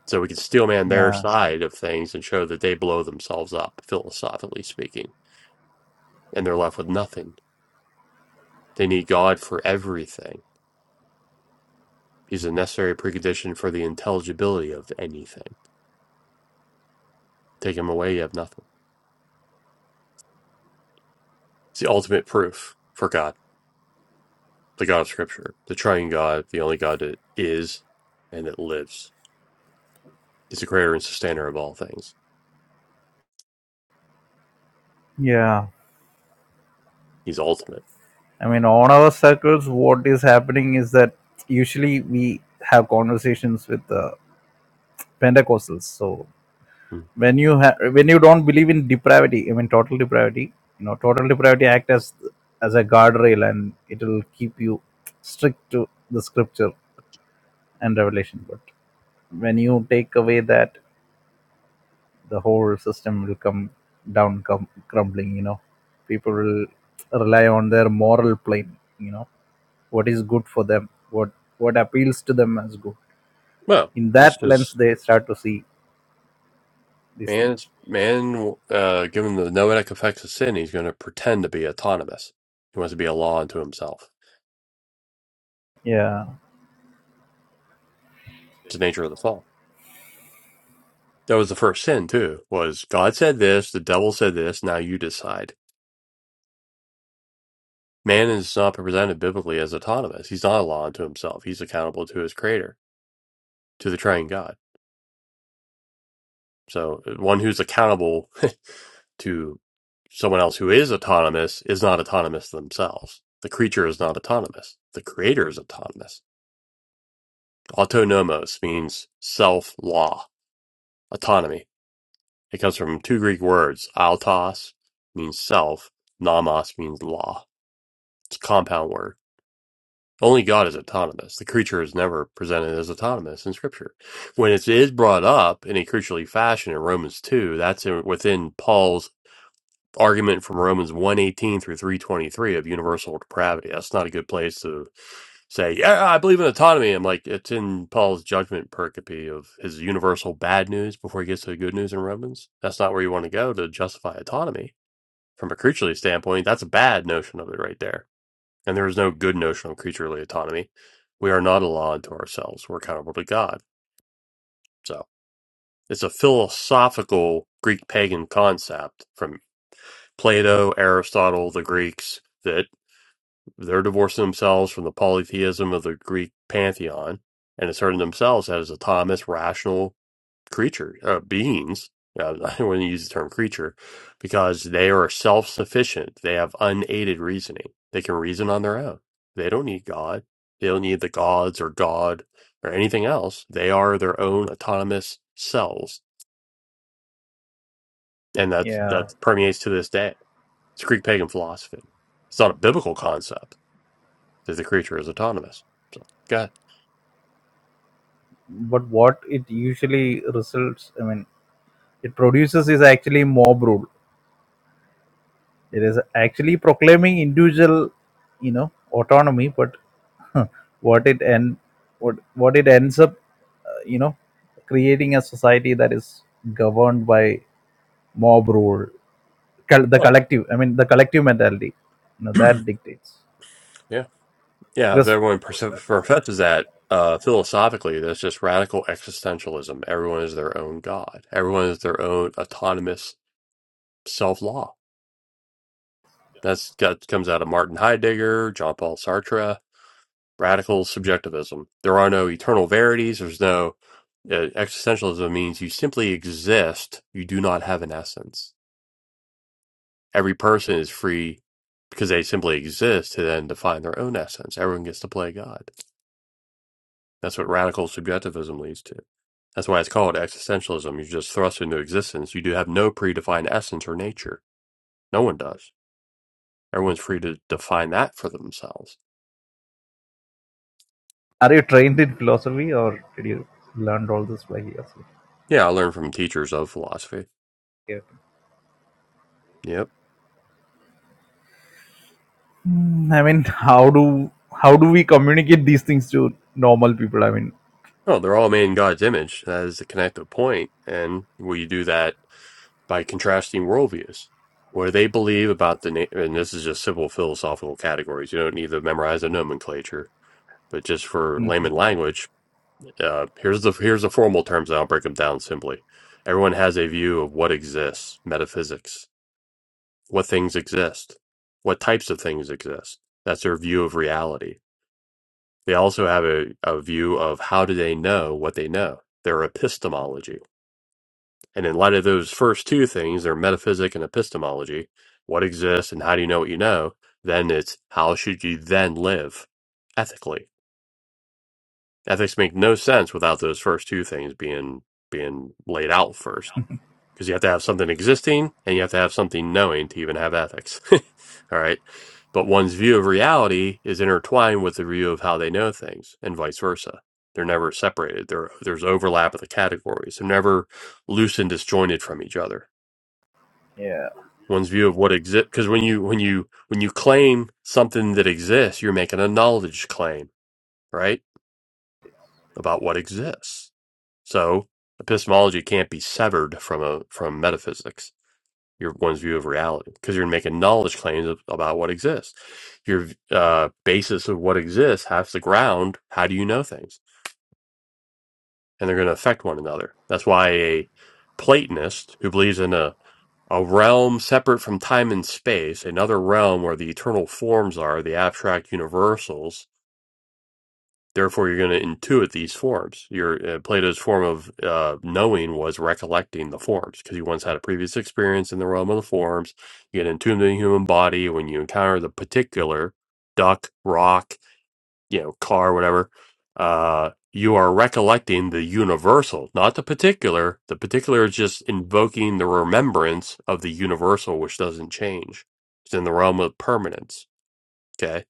A: So we can steel man their
J: Yeah,
A: side of things and show that they blow themselves up, philosophically speaking, and they're left with nothing. They need God for everything. He's a necessary precondition for the intelligibility of anything. Take Him away, you have nothing. It's the ultimate proof for God. the God of Scripture, the Triune God, the only God that is and that lives. He's the creator and sustainer of all things.
J: yeah.
A: He's ultimate.
J: I mean, on our circles, what is happening is that usually we have conversations with the Pentecostals. So
A: Mm.
J: when you ha- when you don't believe in depravity, I mean total depravity, you know, total depravity act as as a guardrail and it will keep you strict to the scripture and revelation. But when you take away that, the whole system will come down, come crumbling. You know, people will rely on their moral plane. You know what is good for them, what what appeals to them as good.
A: Well,
J: In
A: that's
J: that lens,
A: because
J: they start to see these
A: man,
J: things.
A: man, uh, given the noetic effects of sin, he's going to pretend to be autonomous. He wants to be a law unto himself.
J: Yeah,
A: It's the nature of the fall. That was the first sin too. Was God said this? The devil said this. Now you decide. Man is not presented biblically as autonomous. He's not a law unto himself. He's accountable to his creator, to the Triune God. So uh, one who's accountable *laughs* to someone else who is autonomous is not autonomous themselves. The creature is not autonomous. The creator is autonomous. Autonomos means self law, autonomy. It comes from two Greek words. Autos means self, nomos means law. It's a compound word. Only God is autonomous. The creature is never presented as autonomous in Scripture. When it is brought up in a creaturely fashion in Romans 2, that's in, within Paul's argument from Romans 118 through 323 of universal depravity. That's not a good place to say, yeah, I believe in autonomy. I'm like, it's in Paul's judgment pericope of his universal bad news before he gets to the good news in Romans. That's not where you want to go to justify autonomy. From a creaturely standpoint, that's a bad notion of it right there. And there is no good notion of creaturely autonomy. We are not a law unto ourselves. We're accountable to God. So it's a philosophical Greek pagan concept from Plato, Aristotle, the Greeks, that they're divorcing themselves from the polytheism of the Greek pantheon and asserting themselves as autonomous, rational creature uh, beings. Uh, *laughs* I wouldn't use the term creature because they are self sufficient. They have unaided reasoning. They can reason on their own. They don't need God. They don't need the gods or God or anything else. They are their own autonomous selves. And that's, that
J: yeah.
A: permeates to this day It's Greek pagan philosophy. It's not a biblical concept that the creature is autonomous. So, go ahead.
J: But what it usually results, I mean, it produces is actually mob rule. It is actually proclaiming individual, you know, autonomy. But *laughs* what it end, what what it ends up, uh, you know, creating a society that is governed by mob rule, col- the
A: Well,
J: collective. I mean, the collective mentality. You know,
A: *clears throat*
J: that dictates.
A: yeah, yeah. If
J: Because
A: everyone perse- professes that uh, philosophically, that's just radical existentialism. Everyone is their own god. Everyone is their own autonomous self law. That's that comes out of Martin Heidegger, John Paul Sartre. radical subjectivism. There are no eternal verities. There's no uh, existentialism means you simply exist. You do not have an essence. Every person is free because they simply exist to then define their own essence. Everyone gets to play God. That's what radical subjectivism leads to. That's why it's called existentialism. You're just thrust into existence. You do have no predefined essence or nature. No one does. Everyone's free to define that for themselves.
J: are you trained in philosophy or did you learn all this by yourself?
A: Yeah, I learned from teachers of philosophy.
J: Yeah.
A: Yep.
J: Mm, I mean, how do how do we communicate these things to normal people? I mean,
A: No, they're all made in God's image. That is the connective point. And we do that by contrasting worldviews, where they believe about the, na- and this is just simple philosophical categories. You don't need to memorize the nomenclature, but just for
J: mm,
A: layman language, uh, here's the, here's the formal terms. and I'll break them down simply. Everyone has a view of what exists, metaphysics, what things exist, what types of things exist. That's their view of reality. They also have a, a view of how do they know what they know, their epistemology And in light of those first two things, their metaphysic and epistemology, what exists and how do you know what you know, then it's how should you then live ethically? Ethics make no sense without those first two things being being laid out first. Because you have to have something existing and you have to have something knowing to even have ethics. *laughs* All right. But one's view of reality is intertwined with the view of how they know things and vice versa. They're never separated. There, there's overlap of the categories. They're never loose and disjointed from each other
J: yeah,
A: one's view of what exists because when you when you when you claim something that exists you're making a knowledge claim right about what exists so epistemology can't be severed from a from metaphysics your one's view of reality because you're making knowledge claims of, about what exists your uh, basis of what exists has to ground how do you know things and they're going to affect one another that's why a platonist who believes in a a realm separate from time and space, another realm where the eternal forms are, the abstract universals. Therefore, you're going to intuit these forms. Your uh, Plato's form of uh, knowing was recollecting the forms because you once had a previous experience in the realm of the forms. You get entombed in the human body when you encounter the particular duck, rock, you know car whatever uh you are recollecting the universal not the particular the particular is just invoking the remembrance of the universal which doesn't change it's in the realm of permanence okay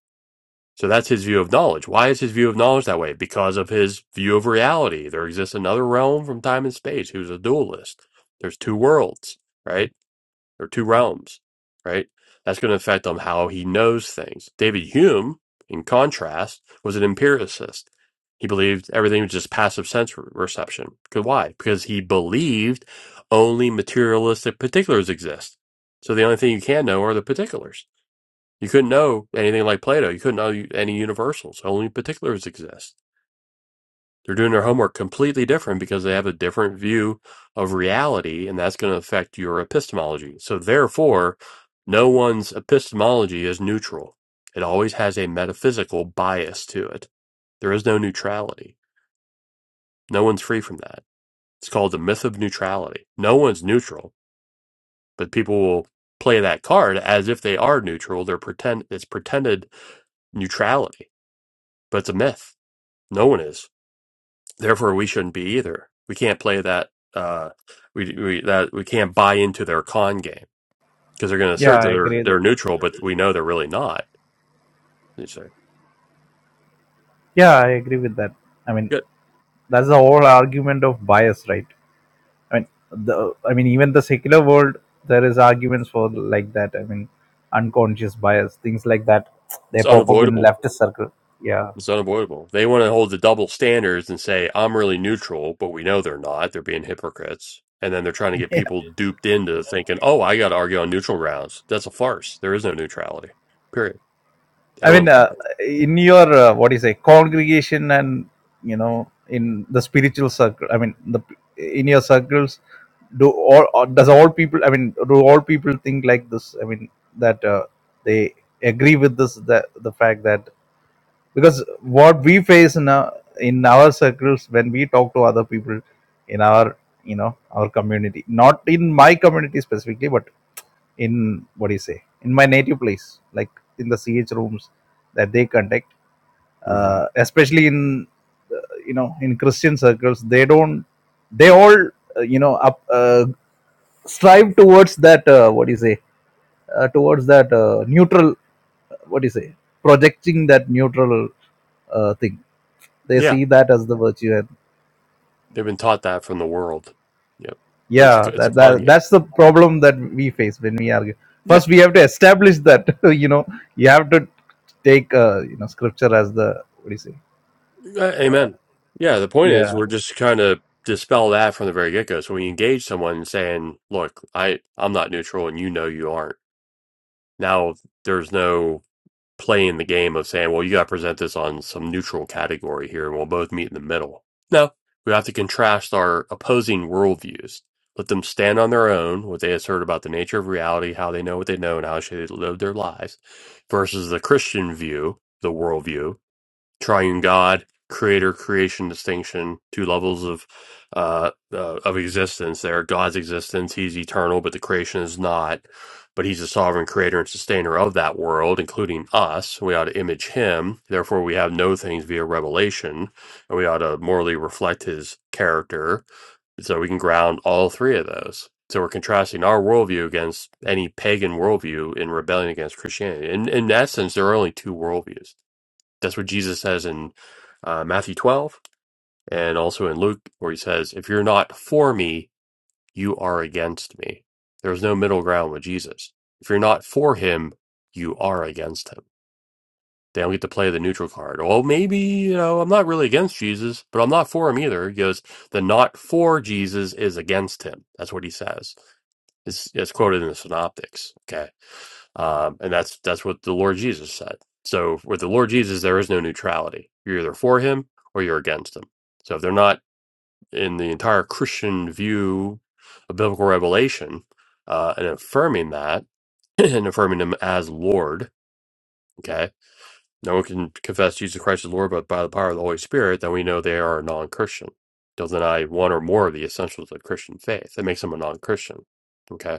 A: so that's his view of knowledge why is his view of knowledge that way because of his view of reality there exists another realm from time and space He was a dualist there's two worlds right there are two realms, right? That's going to affect on how he knows things. David Hume, in contrast, was an empiricist. He believed everything was just passive sense re- perception. Because why? Because he believed only materialistic particulars exist. So the only thing you can know are the particulars. You couldn't know anything like Plato. You couldn't know any universals. Only particulars exist they're doing their homework completely different because they have a different view of reality, and that's going to affect your epistemology. So, therefore, no one's epistemology is neutral. It always has a metaphysical bias to it. There is no neutrality. No one's free from that. It's called the myth of neutrality. No one's neutral, but people will play that card as if they are neutral. They're pretend it's pretended neutrality, but it's a myth. No one is. Therefore, we shouldn't be either. We can't play that. Uh, we we that we can't buy into their con game because they're going to
J: yeah,
A: assert that
J: I
A: they're
J: agree. That,
A: they're neutral, but we know they're really not. It's like,
J: yeah, I agree with that. I mean,
A: yeah,
J: that's the whole argument of bias, right? I mean, the I mean, even the secular world, there is arguments for like that. I mean, unconscious bias, things like that.
A: it's
J: They pop up in
A: unavoidable.
J: leftist circle. Yeah.
A: It's unavoidable. They want to hold the double standards and say I'm really neutral, but we know they're not. They're being hypocrites, and then they're trying to get
J: *laughs*
A: people duped into thinking, "Oh, I got to argue on neutral grounds." That's a farce. There is no neutrality. Period.
J: I
A: Everyone's
J: mean, uh,
A: bad.
J: in your uh, what do you say, congregation, and you know, in the spiritual circle. I mean, the in your circles, do all or does all people? I mean, do all people think like this? I mean, that uh, they agree with this that the fact that because what we face in our, in our circles when we talk to other people in our you know our community not in my community specifically but in what do you say in my native place like in the ch rooms that they conduct
A: hmm
J: uh, especially in uh, you know in christian circles they don't they all uh, you know up, uh, strive towards that uh, what do you say uh, towards that uh, neutral what do you say projecting that neutral uh, thing they
A: Yeah,
J: see that as the virtue and
A: they've been taught that from the world. Yep, but it's
J: yeah
A: a, it's a
J: that,
A: con
J: that
A: game.
J: that's the problem that we face when we argue
A: Yeah.
J: first we have to establish that *laughs* you know you have to take uh, you know scripture as the what do you say
A: Uh, Amen. Yeah, the point
J: yeah
A: is we're just trying to dispel that from the very get go. So when you engage someone saying, "Look, I I'm not neutral, and you know you aren't," now there's no playing the game of saying, "Well, you got to present this on some neutral category here, and we'll both meet in the middle." No, we have to contrast our opposing worldviews. Let them stand on their own, what they assert about the nature of reality, how they know what they know, and how they should live their lives, versus the Christian view, the worldview, triune God, creator creation distinction, two levels of uh, uh of existence there. God's existence, he's eternal, but the creation is not. But he's a sovereign creator and sustainer of that world, including us. We ought to image him. Therefore, we have no things via revelation, and we ought to morally reflect his character. So we can ground all three of those. So we're contrasting our worldview against any pagan worldview in rebellion against Christianity. In, in essence, there are only two worldviews that's what Jesus says in uh, Matthew 12 and also in Luke, where he says, If you're not for me, you are against me. There's no middle ground with Jesus. If you're not for him, you are against him. They don't get to play the neutral card. Well, maybe, you know, I'm not really against Jesus, but I'm not for him either. He goes, The not for Jesus is against him. That's what he says. It's, it's quoted in the Synoptics. Okay um, and that's that's what the Lord Jesus said. So with the Lord Jesus, there is no neutrality. You're either for him or you're against him. So if they're not in the entire Christian view of biblical revelation uh, and affirming that *clears throat* and affirming him as Lord, okay, no one can confess Jesus Christ as Lord, but by the power of the Holy Spirit, then we know they are a non-Christian. They'll deny one or more of the essentials of Christian faith. That makes them a non-Christian. Okay.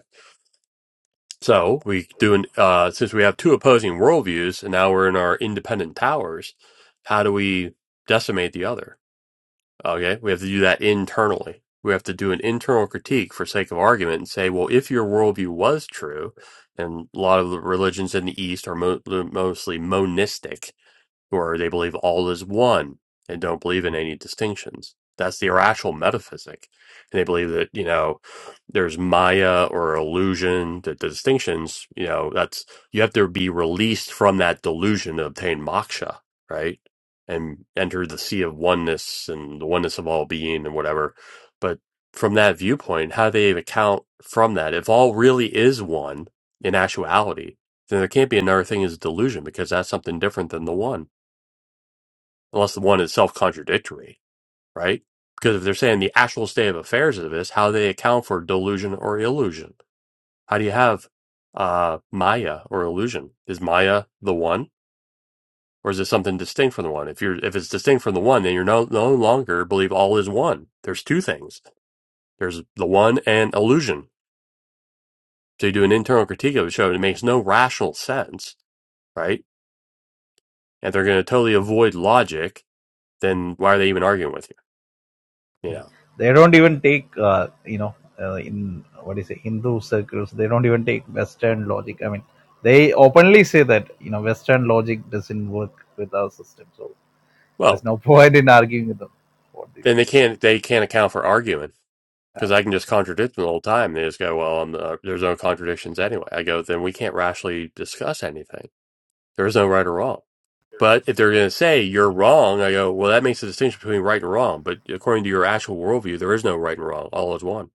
A: So we do an uh, since we have two opposing worldviews, and now we're in our independent towers. How do we decimate the other? Okay, we have to do that internally. We have to do an internal critique for sake of argument and say, well, if your worldview was true, and a lot of the religions in the East are mo- mostly monistic, or they believe all is one and don't believe in any distinctions. That's the irrational metaphysic. And they believe that, you know, there's Maya or illusion, that the distinctions, you know, that's, you have to be released from that delusion to obtain moksha, right? And enter the sea of oneness and the oneness of all being and whatever. But from that viewpoint, how do they account from that? If all really is one in actuality, then there can't be another thing as delusion because that's something different than the one unless the one is self contradictory, right? Because if they're saying the actual state of affairs of this, how they account for delusion or illusion? How do you have uh, Maya or illusion? Is Maya the one, or is it something distinct from the one? If you're if it's distinct from the one, then you're no no longer believe all is one. There's two things. There's the one and illusion. So you do an internal critique of the show, and it makes no rational sense, right? And they're going to totally avoid logic. Then why are they even arguing with you? You know.
J: they don't even take uh, you know uh, in what do you say hindu circles they don't even take western logic i mean they openly say that you know western logic doesn't work with our system so there
A: Well,
J: is no *laughs* point in arguing with them for these
A: And they
J: things
A: can't they can't account for arguing because I can just contradict them the whole time. They just go, "Well, I'm the, uh, there's no contradictions anyway." I go, "Then we can't rationally discuss anything. There is no right or wrong." But if they're going to say you're wrong, I go, "Well, that makes a distinction between right and wrong." But according to your actual worldview, there is no right and wrong. All is one.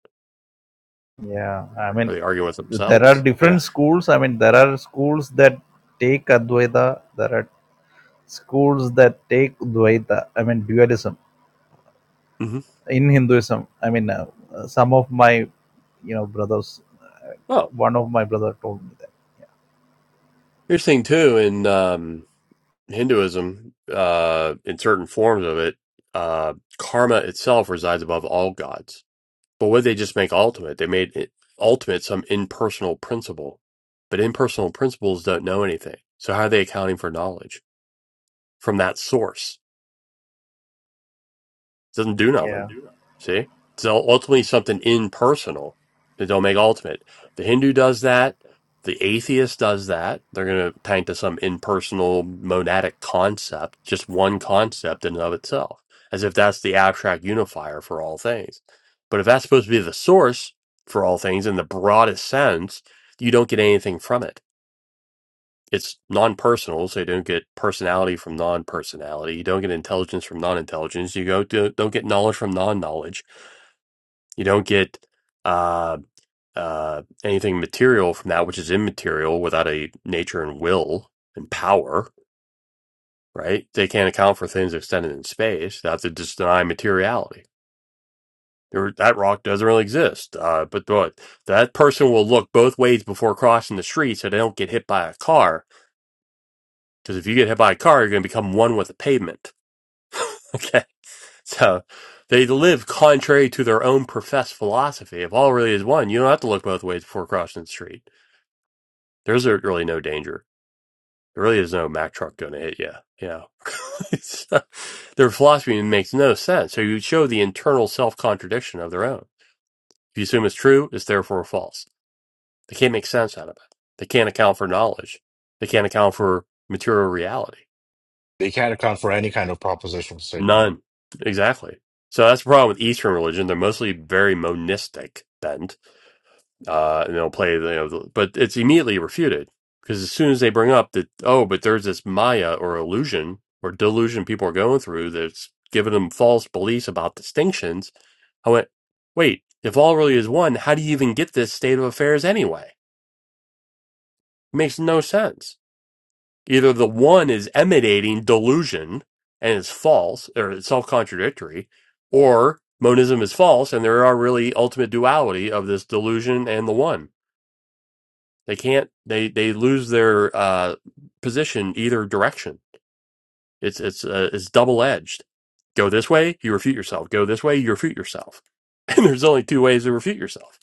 J: Yeah, I mean,
A: Are they arguing with
J: there are
A: themselves? Yeah.
J: different schools. I mean, there are schools that take Advaita, there are schools that take Dvaita, I mean, dualism
A: hmm
J: in Hinduism. I mean, uh, uh, some of my, you know, brothers, uh,
A: Oh,
J: one of my brother told me that.
A: here's the thing too in um, Hinduism, uh, in certain forms of it, uh, karma itself resides above all gods But what did they just make ultimate? They made it, ultimate some impersonal principle, but impersonal principles don't know anything. So how are they accounting for knowledge from that source? doesn't do nothing.
J: Yeah.
A: See? it's ultimately something impersonal that don't make ultimate. The Hindu does that. The atheist does that. They're going to paint to some impersonal monadic concept, just one concept in and of itself, as if that's the abstract unifier for all things. But if that's supposed to be the source for all things in the broadest sense, you don't get anything from it it's non-personal, so you don't get personality from non-personality. You don't get intelligence from non-intelligence. You go to, don't get knowledge from non-knowledge. You don't get uh, uh, anything material from that which is immaterial without a nature and will and power. Right? They can't account for things extended in space. They have to just deny materiality. There, that rock doesn't really exist. Uh, but what that person will look both ways before crossing the street, so they don't get hit by a car. Because if you get hit by a car, you're going to become one with the pavement *laughs* Okay. So they live contrary to their own professed philosophy. If all really is one, you don't have to look both ways before crossing the street. There's really no danger. There really is no Mack truck going to hit you. You know, *laughs* It's- uh, their philosophy makes no sense. So you show the internal self contradiction of their own. If you assume it's true, it's therefore false. They can't make sense out of it. They can't account for knowledge. They can't account for material reality.
H: They can't account for any kind of propositional statement.
A: None. Exactly. So that's the problem with Eastern religion. They're mostly very monistic bent uh, and they'll play, you know, the- but it's immediately refuted because as soon as they bring up that, oh, but there's this Maya or illusion or delusion people are going through that's giving them false beliefs about distinctions, I went, wait, if all really is one, how do you even get this state of affairs anyway? It makes no sense. Either the one is emanating delusion and is false or it's self contradictory, or monism is false and there are really ultimate duality of this delusion and the one. They can't. They they lose their uh, position either direction. It's it's uh, it's double edged. Go this way, you refute yourself. Go this way, you refute yourself. *laughs* And there's only two ways to refute yourself.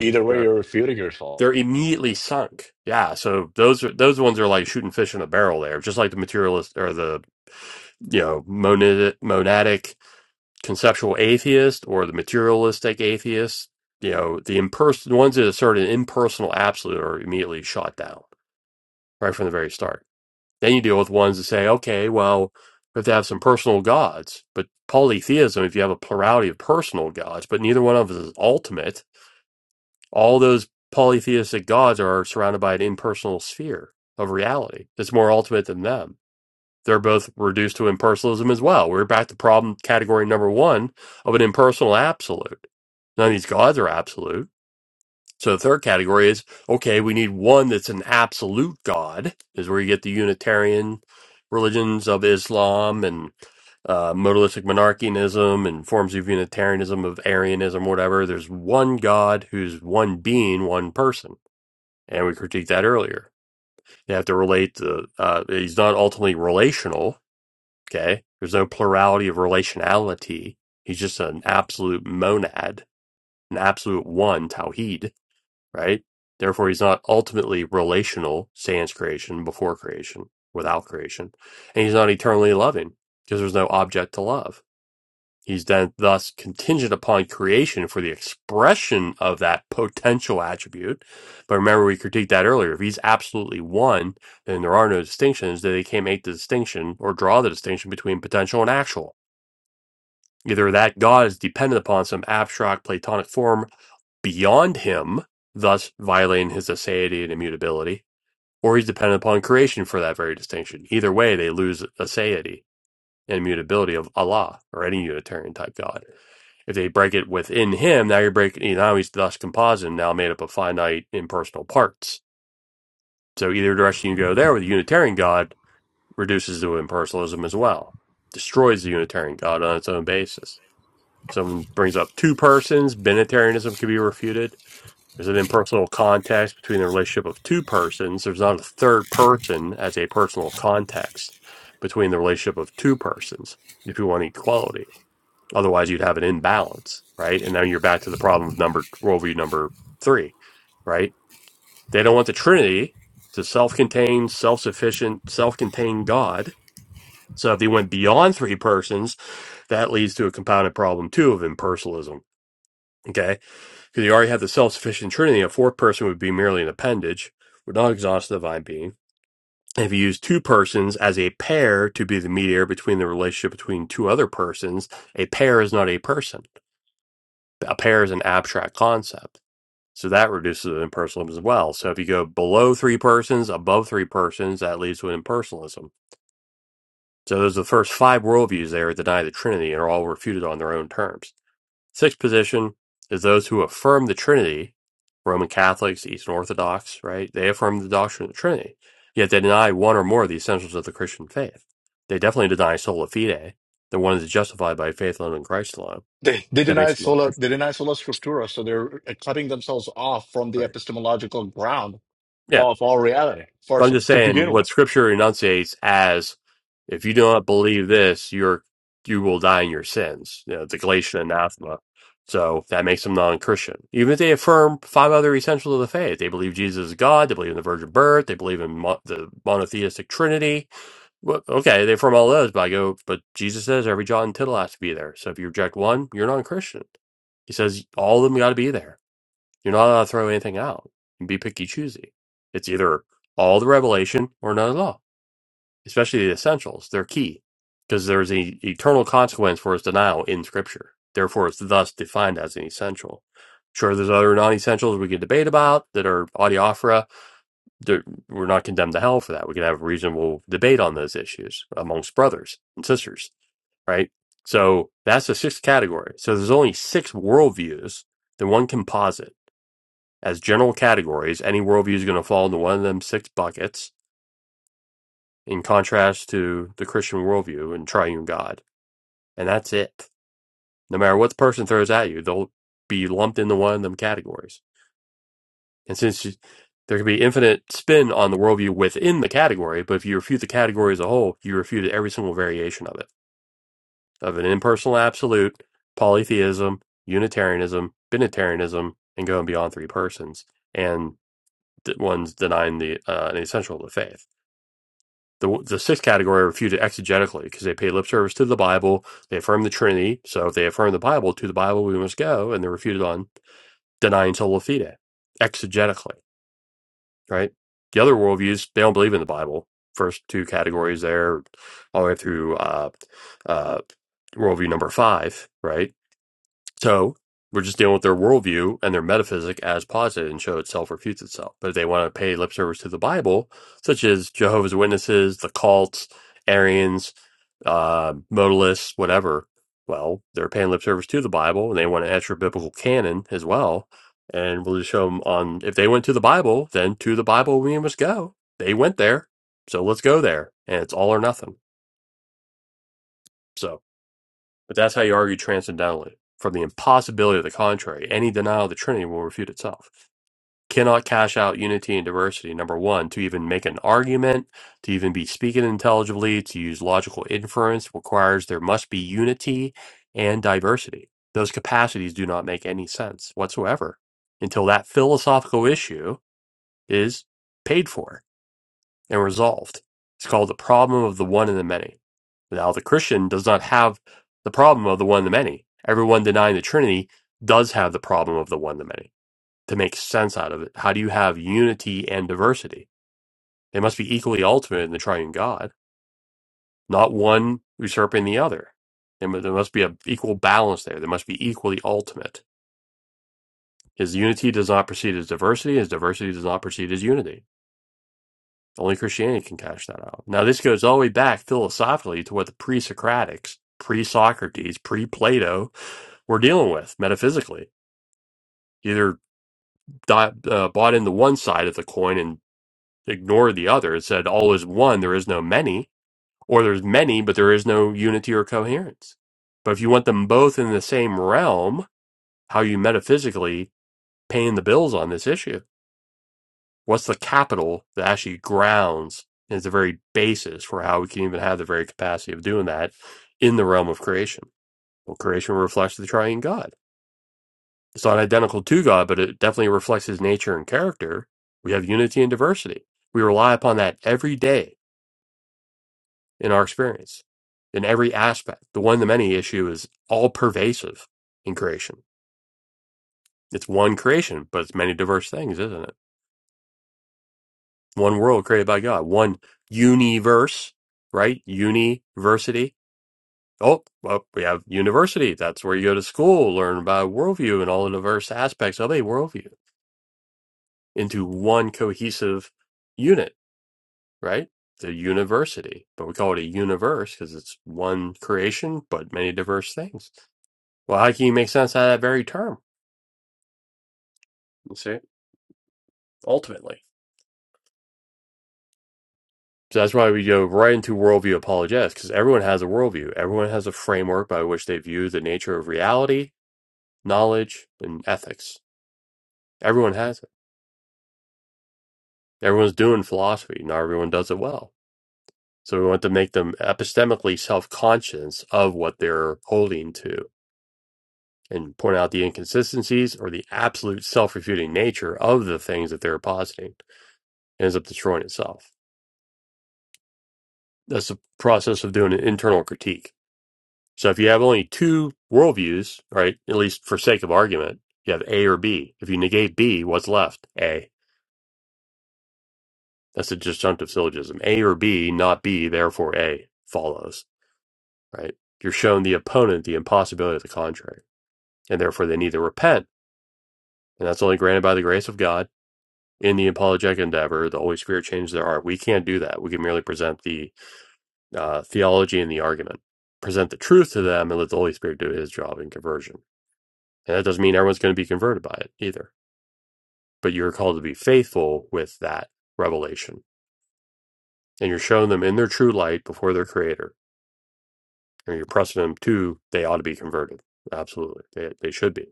H: Either way,
A: So
H: you're refuting yourself.
A: they're immediately sunk. Yeah. So those are those ones are like shooting fish in a barrel. There, just like the materialist or the you know monad, monadic conceptual atheist or the materialistic atheist. You know the imperson ones that assert an impersonal absolute are immediately shot down right from the very start Then you deal with ones that say, okay, well, we have to have some personal gods. But polytheism, if you have a plurality of personal gods, but neither one of us is ultimate, all those polytheistic gods are surrounded by an impersonal sphere of reality that's more ultimate than them. They're both reduced to impersonalism as well. We're back to problem category number one of an impersonal absolute. None of these gods are absolute so the third category is okay, we need one that's an absolute God, is where you get the Unitarian religions of Islam and uh, modalistic monarchianism and forms of Unitarianism, of Arianism, whatever. There's one God who's one being, one person. And we critiqued that earlier. They have to relate the, uh, he's not ultimately relational, okay? There's no plurality of relationality. He's just an absolute monad, an absolute one, Tawheed right? Therefore, he's not ultimately relational, sans creation, before creation, without creation. And he's not eternally loving because there's no object to love. He's then thus contingent upon creation for the expression of that potential attribute. But remember, we critiqued that earlier. If he's absolutely one, then there are no distinctions, then they can't make the distinction or draw the distinction between potential and actual. Either that God is dependent upon some abstract Platonic form beyond him, thus violating his aseity and immutability, or he's dependent upon creation for that very distinction. Either way, they lose aseity and immutability of Allah or any Unitarian type God. If they break it within him, now you're breaking, you know, now he's thus composite, now made up of finite impersonal parts. So either direction you go there with the Unitarian God reduces to impersonalism as well, destroys the Unitarian God on its own basis. Someone brings up two persons, Binitarianism can be refuted there's an impersonal context between the relationship of two persons. There's not a third person as a personal context between the relationship of two persons if you want equality. Otherwise, you'd have an imbalance, right? And then you're back to the problem of number worldview number three, right? They don't want the Trinity to self contained, self sufficient, self contained God. So if they went beyond three persons, that leads to a compounded problem too of impersonalism. Okay because you already have the self sufficient trinity, a fourth person would be merely an appendage, would not exhaust the divine being. And if you use two persons as a pair to be the mediator between the relationship between two other persons, a pair is not a person. A pair is an abstract concept. So that reduces the impersonalism as well. So if you go below three persons, above three persons, that leads to an impersonalism. So those are the first five worldviews there that deny the Trinity and are all refuted on their own terms. Sixth position is those who affirm the Trinity, Roman Catholics, Eastern Orthodox, right? They affirm the doctrine of the Trinity, yet they deny one or more of the essentials of the Christian faith. They definitely deny sola fide, the one that is justified by faith alone in Christ alone.
H: They, they
A: That
H: deny
A: makes them not
H: sola
A: Christian,
H: they deny sola scriptura, so they're cutting themselves off from the
A: right?
H: epistemological ground
A: Yeah.
H: of all reality.
A: So I'm
H: First,
A: just
H: to
A: saying
H: begin with.
A: what Scripture enunciates as if you do not believe this, you're you will die in your sins. You know, the Galatian anathema. So that makes them non-Christian. Even if they affirm five other essentials of the faith, they believe Jesus is God, they believe in the virgin birth, they believe in mo- the monotheistic Trinity. Well, okay, they affirm all those, but I go, but Jesus says every jot and tittle has to be there. So if you reject one, you're non-Christian. He says all of them got to be there. You're not allowed to throw anything out and be picky choosy. It's either all the revelation or none at all, especially the essentials. They're key because there's an eternal consequence for its denial in Scripture. Therefore, it's thus defined as an essential. Sure, there's other non essentials we can debate about that are audiophora. They're- We're not condemned to hell for that. We can have a reasonable debate on those issues amongst brothers and sisters, right? So that's the sixth category. So there's only six worldviews that one can posit as general categories, any worldview is going to fall into one of them six buckets, in contrast to the Christian worldview and triune God. And that's it. No matter what the person throws at you, they'll be lumped into one of them categories. And since you, there can be infinite spin on the worldview within the category, but if you refute the category as a whole, you refute every single variation of it, of an impersonal absolute, polytheism, Unitarianism, Binitarianism, and going beyond three persons, and the ones denying the uh, an essential of the faith. The, the sixth category are refuted exegetically because they pay lip service to the Bible. They affirm the Trinity. So if they affirm the Bible, to the Bible we must go. And they're refuted on denying sola fide exegetically, right? The other worldviews, they don't believe in the Bible. First two categories there, all the way through uh, uh, worldview number five, right? So we're just dealing with their worldview and their metaphysic as posited and show itself refutes itself. But if they want to pay lip service to the Bible, such as Jehovah's Witnesses, the cults, Arians uh, modalists, whatever. Well, they're paying lip service to the Bible, and they want an extra biblical canon as well. And we'll just show them on if they went to the Bible, then to the Bible we must go. They went there, so let's go there. And it's all or nothing. So, but that's how you argue transcendentally from the impossibility of the contrary. Any denial of the Trinity will refute itself cannot cash out unity and diversity, number one, to even make an argument, to even be speaking intelligibly, to use logical inference requires there must be unity and diversity. Those capacities do not make any sense whatsoever until that philosophical issue is paid for and resolved. It's called the problem of the one and the many. Now, the Christian does not have the problem of the one and the many. Everyone denying the Trinity does have the problem of the one and the many to make sense out of it. How do you have unity and diversity? They must be equally ultimate in the triune God, not one usurping the other. There mu- there must be an equal balance there. There must be equally ultimate. His unity does not precede his diversity. His diversity does not precede his unity. Only Christianity can cash that out. Now, this goes all the way back philosophically to what the pre Socratics, pre Socrates, pre Plato were dealing with metaphysically. Either di- uh, bought into one side of the coin and ignore the other. It said, all is one, there is no many, or there's many, but there is no unity or coherence. But if you want them both in the same realm, how are you metaphysically paying the bills on this issue? What's the capital that actually grounds and is the very basis for how we can even have the very capacity of doing that in the realm of creation? Well, creation reflects the triune God. It's not identical to God, but it definitely reflects his nature and character. We have unity and diversity. We rely upon that every day in our experience in every aspect. The one to many issue is all pervasive in creation. It's one creation, but it's many diverse things, isn't it? One world created by God, one universe, right? University. Oh, well, we have university. That's where you go to school, learn about worldview and all the diverse aspects of a worldview into one cohesive unit, right? The university, but we call it a universe because it's one creation, but many diverse things Well, how can you make sense out of that very term? You see, ultimately, So that's why we go right into worldview apologetics, because everyone has a worldview. Everyone has a framework by which they view the nature of reality, knowledge, and ethics. Everyone has it. Everyone's doing philosophy. Not everyone does it well. So we want to make them epistemically self conscious of what they're holding to and point out the inconsistencies or the absolute self refuting nature of the things that they're positing. It ends up destroying itself. That's the process of doing an internal critique. So if you have only two worldviews, right, at least for sake of argument, you have A or B. If you negate B, what's left? A. That's a disjunctive syllogism. A or B, not B, therefore A follows, right? You're showing the opponent the impossibility of the contrary, and therefore they need to repent. And that's only granted by the grace of God in the apologetic endeavor. The Holy Spirit changed their heart. We can't do that. We can merely present the uh, theology and the argument, present the truth to them, and let the Holy Spirit do his job in conversion. And that doesn't mean everyone's going to be converted by it either but you're called to be faithful with that revelation. And you're showing them in their true light before their creator. And you're pressing them to, they ought to be converted. Absolutely. They, they should be.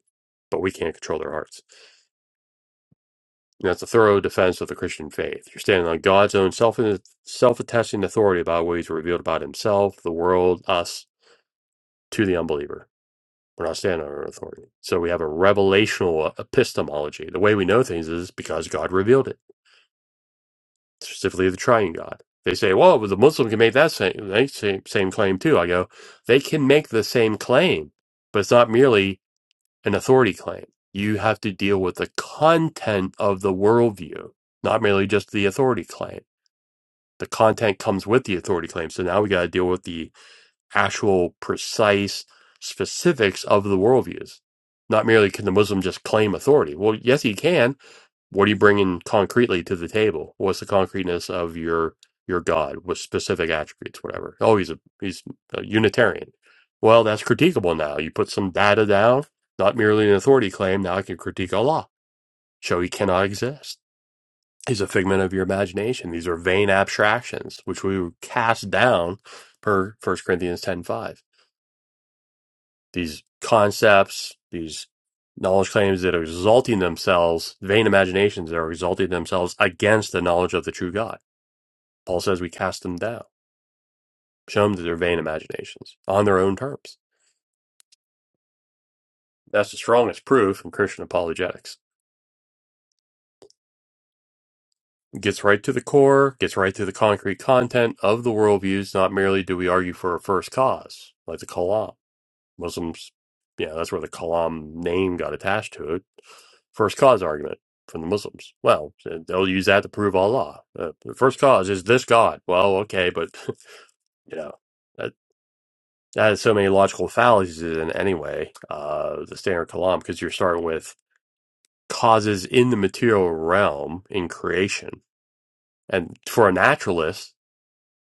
A: But we can't control their hearts. And that's a thorough defense of the Christian faith. You're standing on God's own self self attesting authority about what he's revealed about himself, the world, us, to the unbeliever. We're not standing on our own authority. So we have a revelational e-, epistemology. The way we know things is because God revealed it. specifically the Triune God. They say, "Well, but the Muslim can make that same they same same claim too." I go, they can make the same claim, but it's not merely an authority claim. You have to deal with the content of the worldview, not merely just the authority claim. The content comes with the authority claim, so now we got to deal with the actual precise specifics of the worldviews. Not merely can the Muslim just claim authority. Well, yes, he can what are you bringing concretely to the table? What's the concreteness of your your God with specific attributes, whatever? Oh, he's a he's a Unitarian. Well, that's critiquable now. You put some data down, not merely an authority claim. Now I can critique Allah, show he cannot exist. He's a figment of your imagination. These are vain abstractions, which we would cast down per First Corinthians ten five these concepts, these knowledge claims that are exalting themselves, vain imaginations that are exalting themselves against the knowledge of the true God. Paul says we cast them down, show them that they're vain imaginations on their own terms. That's the strongest proof in Christian apologetics. It gets right to the core, gets right to the concrete content of the worldviews. Not merely do we argue for a first cause, like the Kalam. Muslims, yeah, that's where the Kalam name got attached to it. First cause argument from the Muslims. Well, they'll use that to prove Allah. Uh, the first cause is this God. Well, okay, but *laughs* you know that that has so many logical fallacies in it anyway. Uh, the standard Kalam because you're starting with causes in the material realm in creation, and for a naturalist,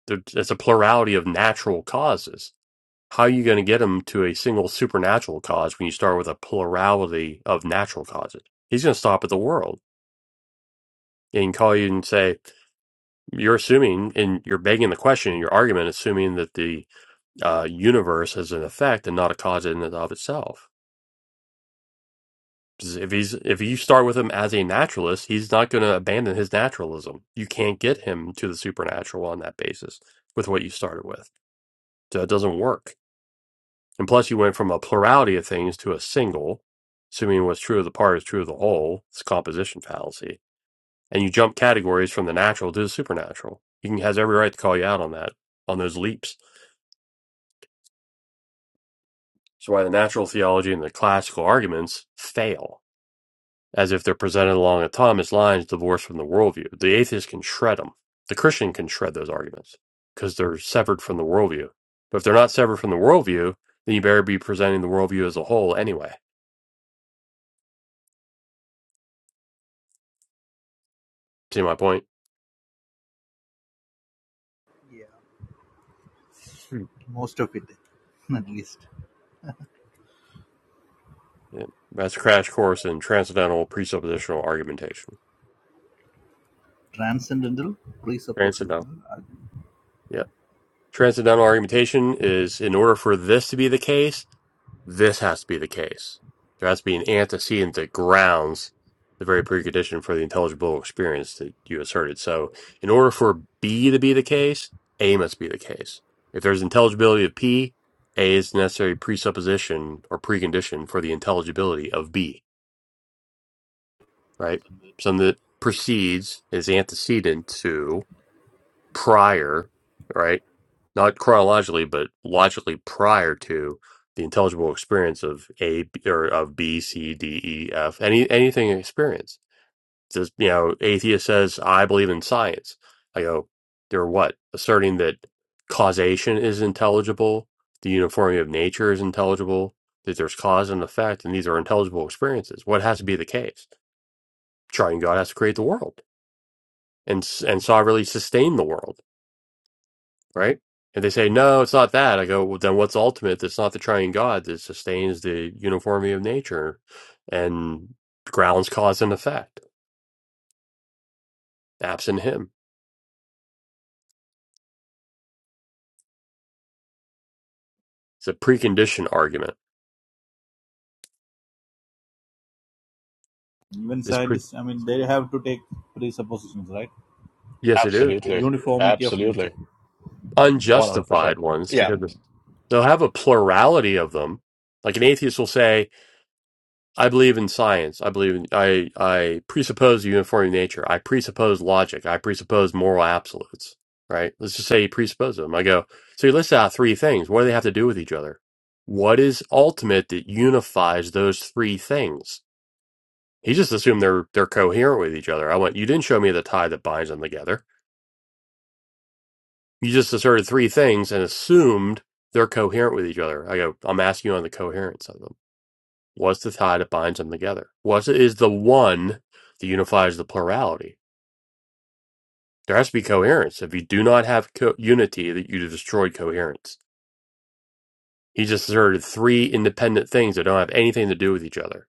A: there, it's a plurality of natural causes How are you going to get him to a single supernatural cause when you start with a plurality of natural causes? He's going to stop at the world and call you and say, You're assuming, and you're begging the question in your argument, assuming that the uh, universe is an effect and not a cause in and of itself. 'Cause If he's if you start with him as a naturalist, he's not going to abandon his naturalism. You can't get him to the supernatural on that basis with what you started with. So it doesn't work. And plus, you went from a plurality of things to a single, assuming what's true of the part is true of the whole. It's composition fallacy. And you jump categories from the natural to the supernatural. He has every right to call you out on that, on those leaps. So why the natural theology and the classical arguments fail, as if they're presented along autonomous lines divorced from the worldview. The atheist can shred them. The Christian can shred those arguments because they're severed from the worldview. But if they're not severed from the worldview, then you better be presenting the worldview as a whole anyway. See my point?
J: Yeah. Most of it, *laughs* at least.
A: Yeah, that's a crash course in transcendental presuppositional argumentation.
J: Transcendental
A: Transcendental.
J: presuppositional,
A: Yeah. Transcendental argumentation is in order for this to be the case, this has to be the case. There has to be an antecedent that grounds the very precondition for the intelligible experience that you asserted. So in order for B to be the case, A must be the case. If there's intelligibility of P, A is the necessary presupposition or precondition for the intelligibility of B. right? Something that precedes is antecedent to prior, right? Not chronologically, but logically prior to the intelligible experience of A B- or of B, C, D, E, F, any anything experience. Just you know, atheist says, I believe in science. I go, they're what? Asserting that causation is intelligible, the uniformity of nature is intelligible, that there's cause and effect, and these are intelligible experiences. What has to be the case? Triune God has to create the world and s- and so I really sustain the world, right? And they say, no, it's not that. I go, well, then what's ultimate? That's not the triune God that sustains the uniformity of nature and grounds cause and effect. Absent Him, it's a precondition argument. It's pre- yes, it is
H: Absolutely. Absolutely.
A: unjustified
H: 100%.
A: ones
H: Yeah.
A: because they'll have a plurality of them. Like an atheist will say. I believe in science. I believe in I I presuppose uniformity of nature. I presuppose logic. I presuppose moral absolutes. Right? Let's just say you presuppose them. I go, so you list out three things. What do they have to do with each other? What is ultimate that unifies those three things? He just assumed they're they're coherent with each other. I went, you didn't show me the tie that binds them together. You just asserted three things and assumed they're coherent with each other. I go, I'm asking you on the coherence of them. What's the tie that binds them together? What is the one that unifies the plurality? There has to be coherence. If you do not have co- unity, that you have destroyed coherence. He just asserted three independent things that don't have anything to do with each other.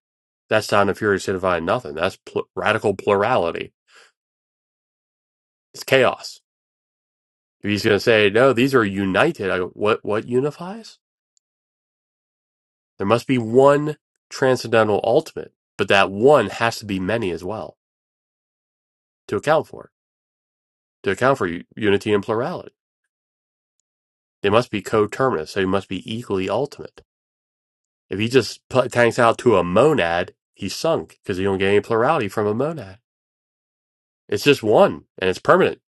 A: That's not a furious signifying nothing. That's pl- radical plurality. It's chaos. If he's going to say no, these are united. I, go, what what unifies? There must be one transcendental ultimate, but that one has to be many as well to account for it, to account for u- unity and plurality. They must be coterminous, so he must be equally ultimate. If he just pl- tanks out to a monad, he's sunk because he don't get any plurality from a monad. It's just one, and it's permanent.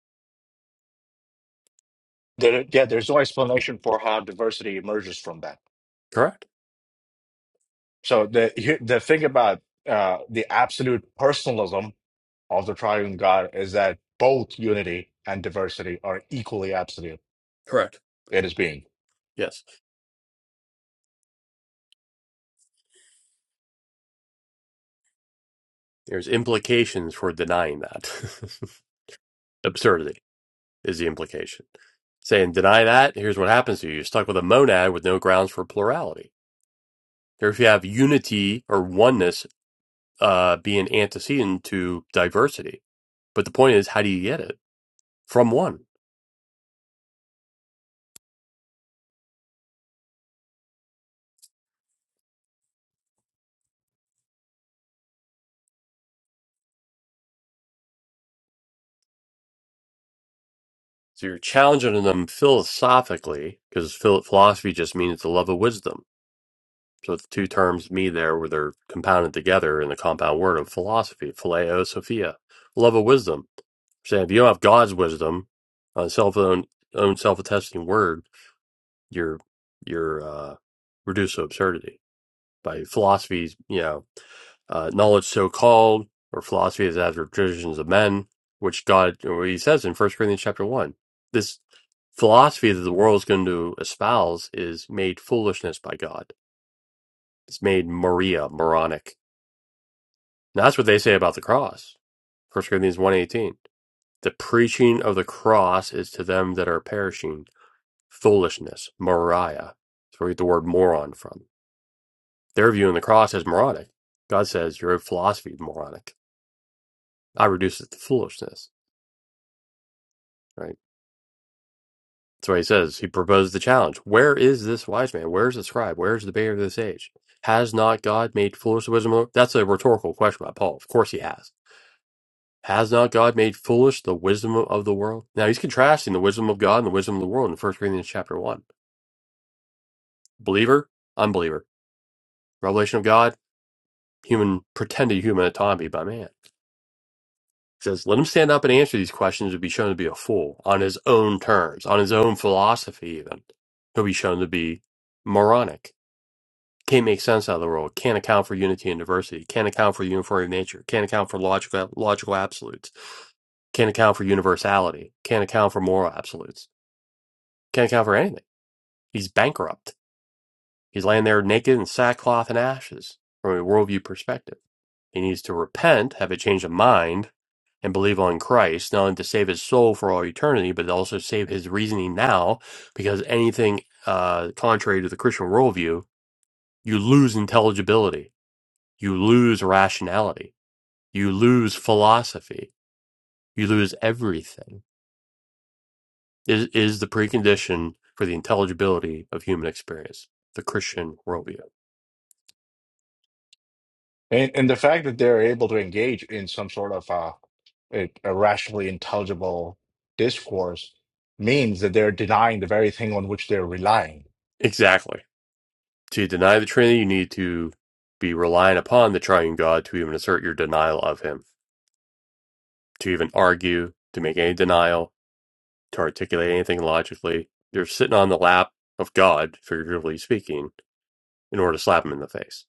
H: There, yeah, there's no explanation for how diversity emerges from that.
A: Correct.
H: So the here- the thing about uh, the absolute personalism of the triune God is that both unity and diversity are equally absolute
A: Correct.
H: in his being.
A: Yes. There's implications for denying that. *laughs* Absurdity is the implication. Saying deny that, here's what happens to you. You're stuck with a monad with no grounds for plurality. Or if you have unity or oneness uh, being antecedent to diversity. But the point is, how do you get it? From one. So you're challenging them philosophically because philosophy just means the love of wisdom. So the two terms me there where they're compounded together in the compound word of philosophy, phileo sophia, love of wisdom. Saying if you don't have God's wisdom, uh, self own own self attesting word, you're you're uh, reduced to absurdity by philosophies. You know uh, knowledge so called or philosophy is after traditions of men, which God, or he says in First Corinthians chapter one, this philosophy that the world is going to espouse is made foolishness by God. It's made Maria moronic. And that's what they say about the cross. First Corinthians one eighteen. The preaching of the cross is to them that are perishing foolishness, Maria. That's where we get the word moron from. They're viewing the cross as moronic. God says your philosophy is moronic. I reduce it to foolishness Right. That's what he says. He proposed the challenge. Where is this wise man? Where is the scribe? Where is the bear of this age? Has not God made foolish the wisdom? Of... That's a rhetorical question by Paul. Of course he has. Has not God made foolish the wisdom of the world? Now he's contrasting the wisdom of God and the wisdom of the world in First Corinthians chapter 1. Believer, unbeliever. Revelation of God, human, pretended human autonomy by man. He says, let him stand up and answer these questions and be shown to be a fool on his own terms, on his own philosophy even. He'll be shown to be moronic can't make sense out of the world, can't account for unity and diversity, can't account for uniformity of nature, can't account for logical, logical absolutes, can't account for universality, can't account for moral absolutes, can't account for anything. He's bankrupt. He's laying there naked in sackcloth and ashes from a worldview perspective. He needs to repent, have a change of mind, and believe on Christ, not only to save his soul for all eternity, but also save his reasoning now, because anything uh, contrary to the Christian worldview, you lose intelligibility you lose rationality, you lose philosophy, you lose everything. Is is the precondition for the intelligibility of human experience, the Christian worldview.
H: And, and the fact that they're able to engage in some sort of uh, a, a rationally intelligible discourse means that they're denying the very thing on which they're relying
A: Exactly. To deny the Trinity, you need to be relying upon the triune God to even assert your denial of him, to even argue, to make any denial, to articulate anything logically. You're sitting on the lap of God, figuratively speaking, in order to slap him in the face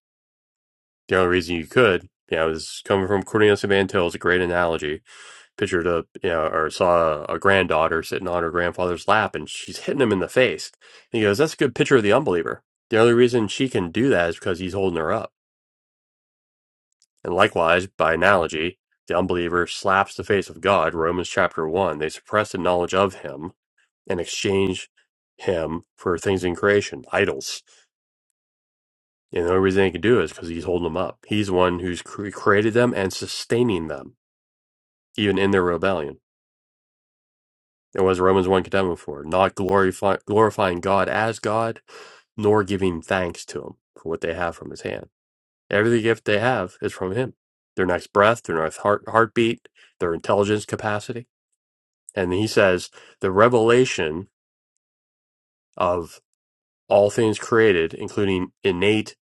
A: The only reason you could, you know, is coming from Cornelius and Van Til is a great analogy. Pictured a, you know, or saw a granddaughter sitting on her grandfather's lap and she's hitting him in the face. And he goes, that's a good picture of the unbeliever. The only reason she can do that is because he's holding her up. And likewise, by analogy, the unbeliever slaps the face of God, Romans chapter 1. They suppress the knowledge of him and exchange him for things in creation, idols. And the only reason they can do it is because he's holding them up. He's the one who's cre- created them and sustaining them even in their rebellion. And was Romans 1 condemned them for? Not glorify, glorifying God as God, nor giving thanks to Him for what they have from His hand. Every gift they have is from Him their next breath, their next heart, heartbeat, their intelligence capacity. And He says the revelation of all things created, including innate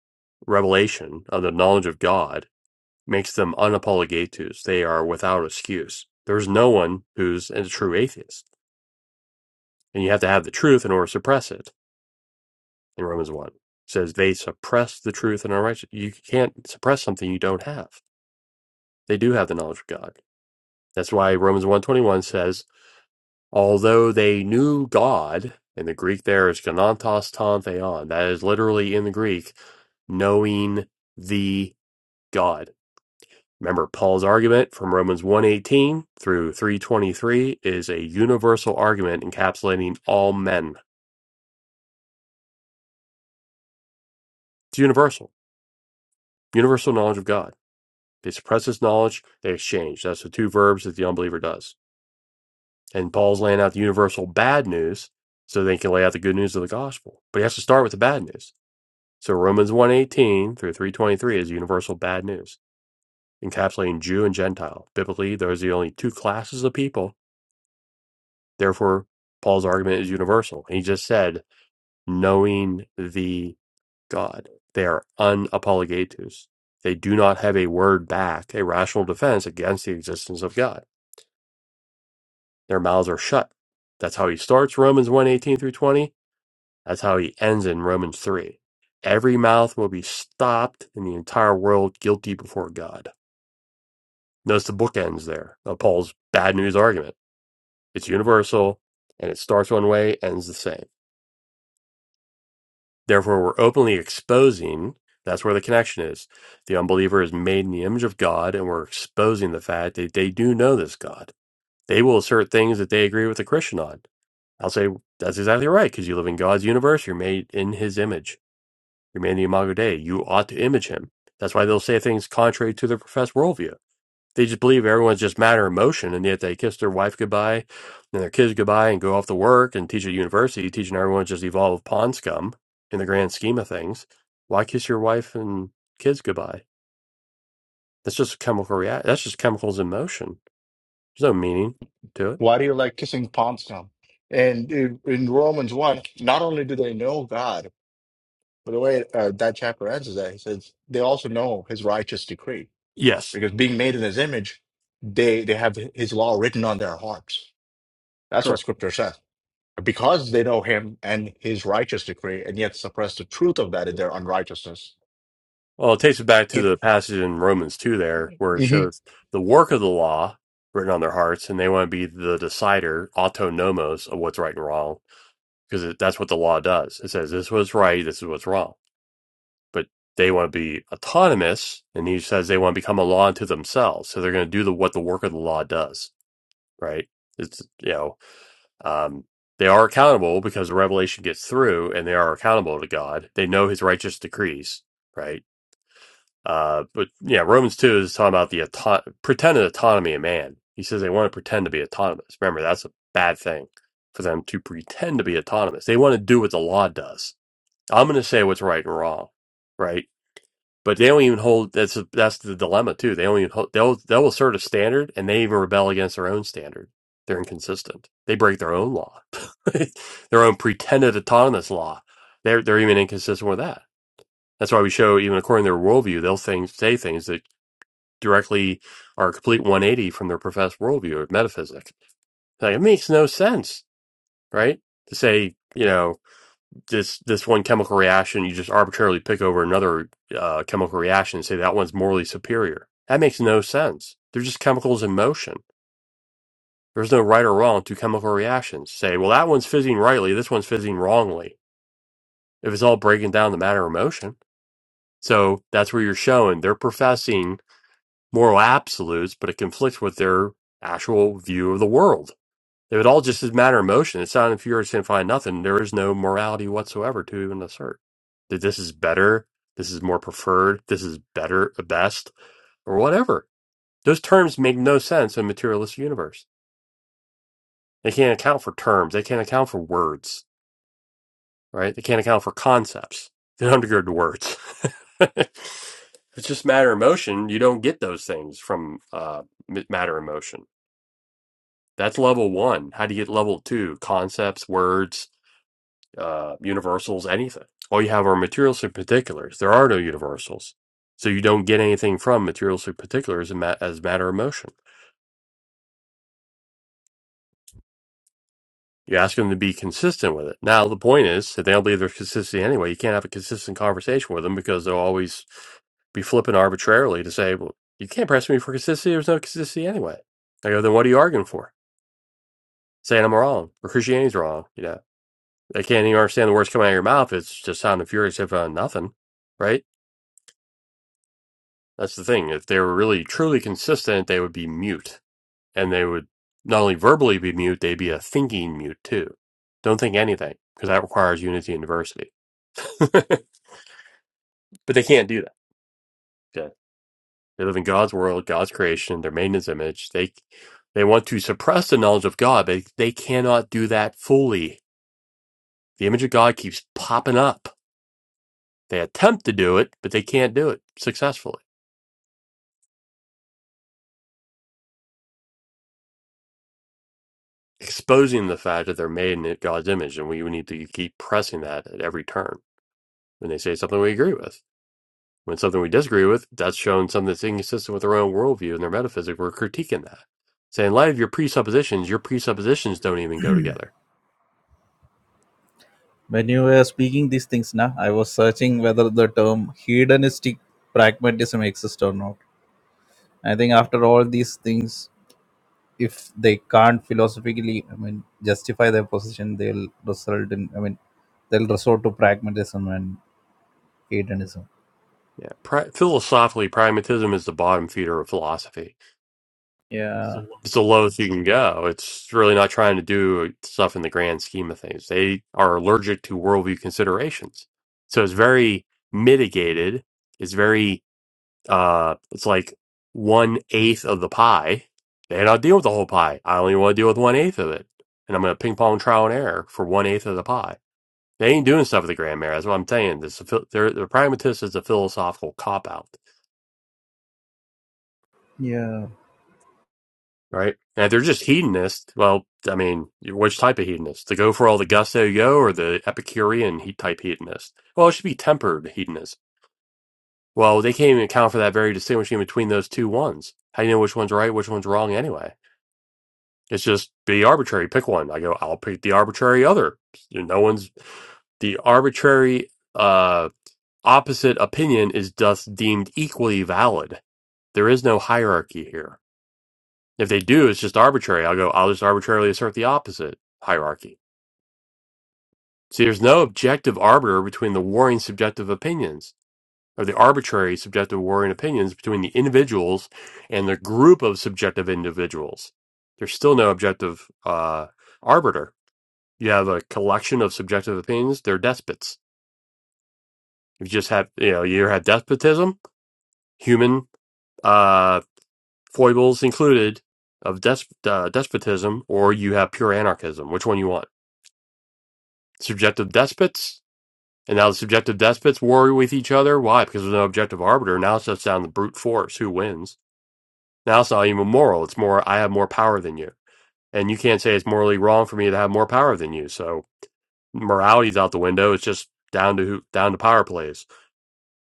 A: revelation of the knowledge of God, makes them unapologetes. They are without excuse. There's no one who's a true atheist and you have to have the truth in order to suppress it in romans 1 it says they suppress the truth and unrighteous you can't suppress something you don't have they do have the knowledge of god that's why romans 121 says although they knew god and the greek there is ganantos ton theon that is literally in the greek knowing the god remember paul's argument from romans 118 through 323 is a universal argument encapsulating all men it's universal universal knowledge of god They suppress this knowledge, they exchange. That's the two verbs that the unbeliever does. And Paul's laying out the universal bad news so they can lay out the good news of the gospel. But he has to start with the bad news. So Romans 118 through 323 is universal bad news, encapsulating Jew and Gentile. Biblically, those are the only two classes of people. Therefore, Paul's argument is universal. He just said, knowing the God. They are unapologetus. They do not have a word back, a rational defense against the existence of God Their mouths are shut. That's how he starts Romans one 18 through 20. That's how he ends in Romans 3. Every mouth will be stopped and the entire world guilty before God. Notice the book ends there of Paul's bad news argument. It's universal and it starts one way, ends the same. Therefore, we're openly exposing that's where the connection is. The unbeliever is made in the image of God, and we're exposing the fact that they do know this God. They will assert things that they agree with the Christian on I'll say that's exactly right because you live in God's universe. You're made in His image. You're made in the Imago Dei. You ought to image Him. That's why they'll say things contrary to their professed worldview. They just believe everyone's just matter and motion, and yet they kiss their wife goodbye and their kids goodbye and go off to work and teach at university, teaching everyone's just evolved pond scum in the grand scheme of things. Why kiss your wife and kids goodbye? That's just chemical react. That's just chemicals in motion. There's no meaning to it.
H: Why do you like kissing palms now? And in in Romans 1, not only do they know God, but the way uh, that chapter ends is that he says they also know his righteous decree
A: Yes.
H: because being made in his image, they, they have his law written on their hearts. That's what scripture says. Because they know him and his righteous decree and yet suppress the truth of that in their unrighteousness.
A: Well, it takes it back to
H: It,
A: the passage in Romans 2 there, where it
H: hmm
A: shows the work of the law written on their hearts, and they want to be the decider, autonomos, of what's right and wrong, because it, that's what the law does. It says this was right, this is what's wrong. But they want to be autonomous, and he says they want to become a law unto themselves. So they're going to do the, what the work of the law does, right? It's, you know, um, they are accountable because the revelation gets through and they are accountable to God. They know his righteous decrees, right? Uh, but yeah, Romans 2 is talking about the auto- pretended autonomy of man. He says they want to pretend to be autonomous. Remember, that's a bad thing for them to pretend to be autonomous. They want to do what the law does. I'm going to say what's right and wrong, right? But they don't even hold. That's that's the dilemma too. They don't even hold. They'll they'll assert a standard, and they even rebel against their own standard. They're inconsistent. They break their own law, *laughs* their own pretended autonomous law. They're they're even inconsistent with that. That's why we show even according to their worldview, they'll think, say things that directly are a complete 180 from their professed worldview of metaphysics. Like it makes no sense, right? To say, you know, this this one chemical reaction, you just arbitrarily pick over another uh, chemical reaction and say that one's morally superior. That makes no sense. They're just chemicals in motion. There's no right or wrong to chemical reactions. Say, well, that one's fizzing rightly, this one's fizzing wrongly. If it's all breaking down the matter of motion. So that's where you're showing they're professing moral absolutes, but it conflicts with their actual view of the world. It would all just is matter of motion, it's not inferior to find nothing. There is no morality whatsoever to even assert that this is better, this is more preferred, this is better, best, or whatever. Those terms make no sense in a materialist universe. They can't account for terms. They can't account for words, right? They can't account for concepts. They don't undergird the words. *laughs* it's just matter of motion. You don't get those things from uh, m- matter of motion That's level one. How do you get level two? Concepts, words, uh, universals, anything. All you have are materials and particulars. There are no universals. So you don't get anything from materials and particulars as ma- as matter of motion. You ask them to be consistent with it. Now, the point is, if they don't believe there's consistency anyway, you can't have a consistent conversation with them because they'll always be flipping arbitrarily to say, well, you can't press me for consistency. There's no consistency anyway. I go, then what are you arguing for? Saying I'm wrong or Christianity's wrong, you know? I can't even understand the words coming out of your mouth. It's just sound and furious if uh, nothing, right? That's the thing. If they were really truly consistent, they would be mute, and they would not only verbally be mute, they'd be a thinking mute too. Don't think anything because that requires unity and diversity. *laughs* but they can't do that. Okay. They live in God's world, God's creation, their made in His image. They they want to suppress the knowledge of God, but they cannot do that fully. The image of God keeps popping up. They attempt to do it, but they can't do it successfully exposing the fact that they're made in God's image, and we need to keep pressing that at every turn. When they say something we agree with, when something we disagree with, that's showing something that's inconsistent with their own worldview and their metaphysics. We're critiquing that, saying, "In light of your presuppositions, your presuppositions don't even go together."
J: hedonistic pragmatism exists or not. I think after all these things, if they can't philosophically i mean justify their position they'll result in i mean they'll resort to pragmatism and hedonism
A: Yeah, pri- philosophically, pragmatism is the bottom feeder of philosophy.
J: yeah
A: It's the lowest you can go. It's really not trying to do stuff in the grand scheme of things. They are allergic to worldview considerations, so it's very mitigated. It's very uh it's like one eighth of the pie and i'll deal with the whole pie i only want to deal with one eighth of it and i'm going to ping pong trial and error for one eighth of the pie they ain't doing stuff with the grand mayor that's what i'm saying this is the pragmatist is a philosophical cop out
J: Yeah.
A: right and if they're just hedonist well i mean which type of hedonist to go for all the gusto yo or the epicurean he type hedonist well it should be tempered hedonist well they can't even account for that very distinguishing between those two ones how do you know which one's right which one's wrong anyway It's just be arbitrary. Pick one. I go, I'll pick the arbitrary other. You know, No one's the arbitrary uh, opposite opinion is thus deemed equally valid. There is no hierarchy here. If they do, it's just arbitrary. I'll go, I'll just arbitrarily assert the opposite hierarchy. See, there's no objective arbiter between the warring subjective opinions or the arbitrary subjective warring opinions between the individuals and the group of subjective individuals. There's still no objective uh, arbiter You have a collection of subjective opinions. They're despots. You just have, you know, you have despotism, human uh, foibles included, of des- uh, despotism, or you have pure anarchism. Which one you want? Subjective despots, and now the subjective despots war with each other. Why? Because there's no objective arbiter. Now it's just down to brute force. Who wins? Now it's not even moral. It's more I have more power than you, and you can't say it's morally wrong for me to have more power than you. So morality's out the window. It's just down to who, down to power plays.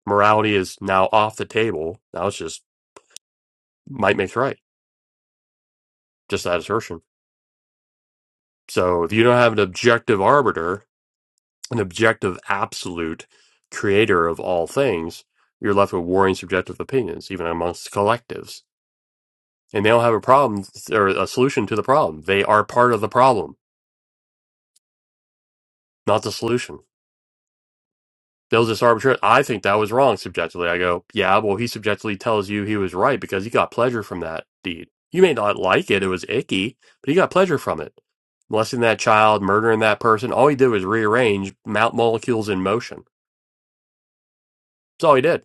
A: morality is now off the table. Now it's just might makes right, just that assertion. So if you don't have an objective arbiter, an objective absolute creator of all things, you're left with warring subjective opinions, even amongst collectives. And they don't have a problem or a solution to the problem. They are part of the problem, not the solution. They'll just arbitrarily. I think that was wrong subjectively. I go, yeah, well, he subjectively tells you he was right because he got pleasure from that deed. You may not like it; it was icky, but he got pleasure from it. Molesting that child, murdering that person. All he did was rearrange mount molecules in motion. That's all he did,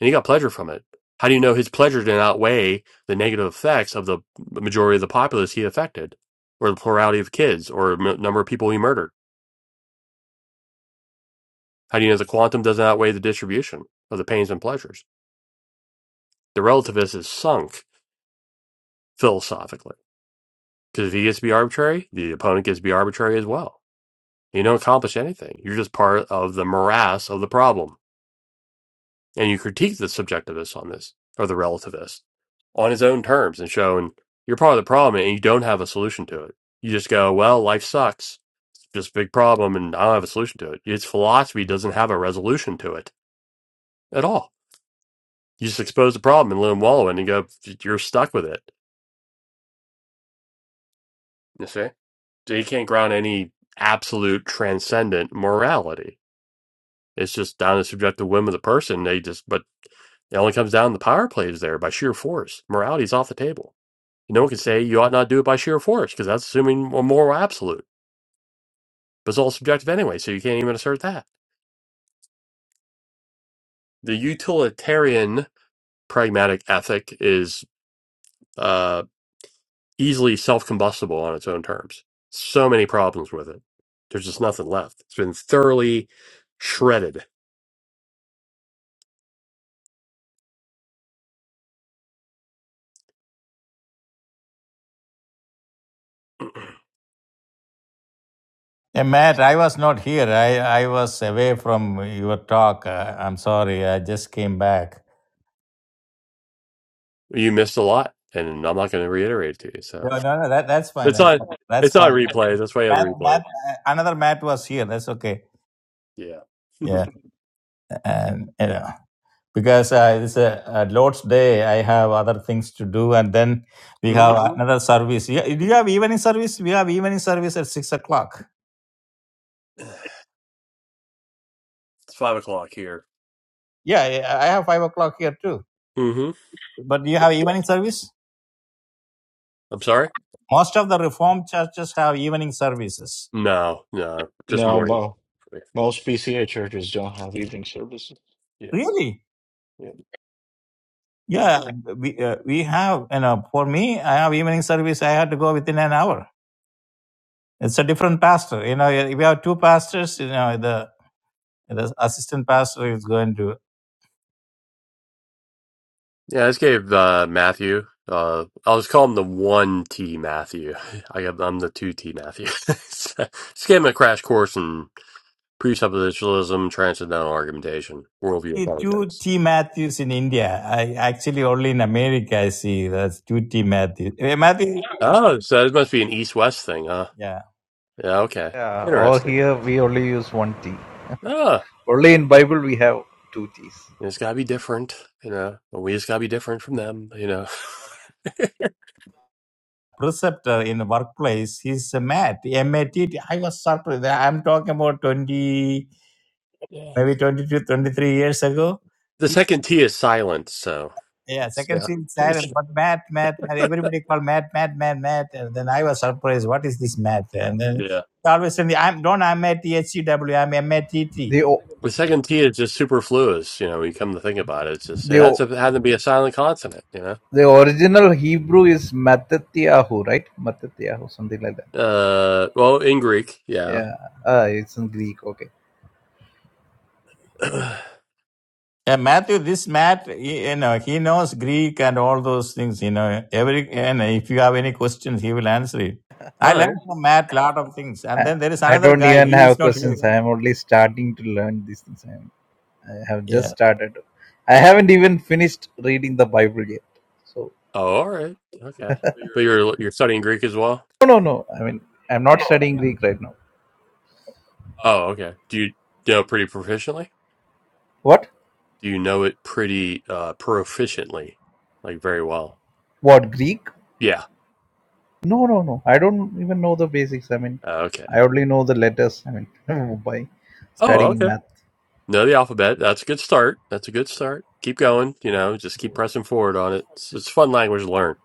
A: and he got pleasure from it. How do you know his pleasure did not outweigh the negative effects of the majority of the populace he affected, or the plurality of kids, or m- number of people he murdered? How do you know the quantum doesn't outweigh the distribution of the pains and pleasures? The relativist is sunk philosophically. Because if he gets to be arbitrary, the opponent gets to be arbitrary as well. You don't accomplish anything. You're just part of the morass of the problem. And you critique the subjectivist on this, or the relativist, on his own terms and showing you're part of the problem and you don't have a solution to it. You just go, well, life sucks. It's Just a big problem and I don't have a solution to it. Its philosophy doesn't have a resolution to it at all. You just expose the problem and let him wallow in it and go, you're stuck with it. You see? they can't ground any absolute transcendent morality. It's just down to the subjective whim of the person. They just, but it only comes down to the power plays there by sheer force. Morality's off the table. No one can say you ought not do it by sheer force because that's assuming a moral absolute. But it's all subjective anyway, so you can't even assert that. The utilitarian pragmatic ethic is uh, easily self combustible on its own terms. So many problems with it. There's just nothing left. It's been thoroughly shredded
C: Hey, Matt, I was not here. I, I was away from your talk. Uh, I'm sorry. I just came back.
A: you missed a lot, and I'm not going to reiterate it to you. So
C: No, no, no. That, that's fine.
A: it's
C: That's
A: on
C: That's
A: it's on
C: fine.
A: replays. That's why you have the
C: Matt, Matt,
A: replays.
C: uh, another Matt was here. That's okay.
A: Yeah. *laughs*
C: Yeah, and you know, because uh, it's a, a Lord's Day, I have other things to do, and then we
A: hmm
C: have another service. Yeah, do you have evening service? We have evening service at six o'clock.
A: it's five o'clock here.
C: Yeah, yeah, I have five o'clock here too.
A: hmm
C: But do you
A: Yeah.
C: have evening service?
A: I'm sorry.
C: Most of the Reformed churches have evening services.
A: No, no, just
H: No,
A: morning.
H: Mo, most PCA churches don't have evening services.
A: Yeah.
C: Really?
A: Yeah. Yeah.
C: Yeah, we, uh, we have, you know, for me, I have evening service. I had to go within an hour. It's a different pastor. You know, if you have two pastors, you know, the, the assistant pastor is going to.
A: Yeah, I just gave uh, Matthew. Uh, I was calling the one T Matthew. *laughs* I got, I'm the two T Matthew. *laughs* So, just gave him a crash course in presuppositionalism, transcendental argumentation, worldview
C: see Two
A: apologetics.
C: T Matthews in India. I actually only in America I see that's two T Matthews. Eh, Matthew,
A: Oh, so it must be an East West thing, huh?
C: yeah,
A: Yeah, okay.
J: yeah or
A: Interesting.
J: here we only use one thing
A: Ah,
J: only in bible we have two things
A: it's gotta be different, you know. We just gotta be different from them, you know. *laughs*
C: preceptor in the workplace. He's a Matt, M A T T. I was surprised. I'm talking about 20,
A: Yeah.
C: maybe twenty two, twenty three years ago
A: The second T is silent, so
C: Yeah,
A: it's-
C: second
A: yeah.
C: scene
A: *laughs*
C: silent, but Matt, Matt, Matt, everybody called Matt, Matt, Matt, Matt. And then I was surprised, what is this Matt? And then
A: Yeah.
C: they always saying, I'm don't I'm at HCW, am
J: The
C: MATT.
J: o-
A: The second T is just superfluous, you know, when you come to think about it. It's just
J: the
A: yeah, it's a,
J: o-
A: it had to be a silent consonant, you know.
J: the original Hebrew is Mattatyahu, right? Mattatyahu, something like that.
A: Uh well, in Greek, yeah.
J: Yeah. Ah, it's in Greek. Okay.
A: *clears throat* All
C: Yeah, Matthew, this Matt, he, you know, he knows Greek and all those things, you know. Every and if you have any questions, he will answer it. I
A: right.
C: learned from Matt a lot of things. And
J: I,
C: then there is
J: I
C: another
J: don't
C: guy,
J: even
C: he
J: have
C: is not
J: questions. I am only starting to learn these things. I am I have
C: here.
J: just started. I haven't even finished reading the Bible yet. So
A: Oh, all right. Okay. But you're you're studying Greek as well?
J: no, no, no. I mean, I'm not studying Greek right now.
A: Oh, okay. Do you do you know pretty proficiently?
J: What?
A: Do you know it pretty uh, proficiently, like very well?
J: What Greek?
A: Yeah.
J: No, no, no. I don't even know the basics. I mean,
A: Uh, okay.
J: I only know the letters. I mean, *laughs* by
A: Oh,
J: studying
A: okay.
J: math.
A: Know the alphabet. That's a good start. That's a good start. Keep going. You know, just keep pressing forward on it. It's, it's a fun language to learn.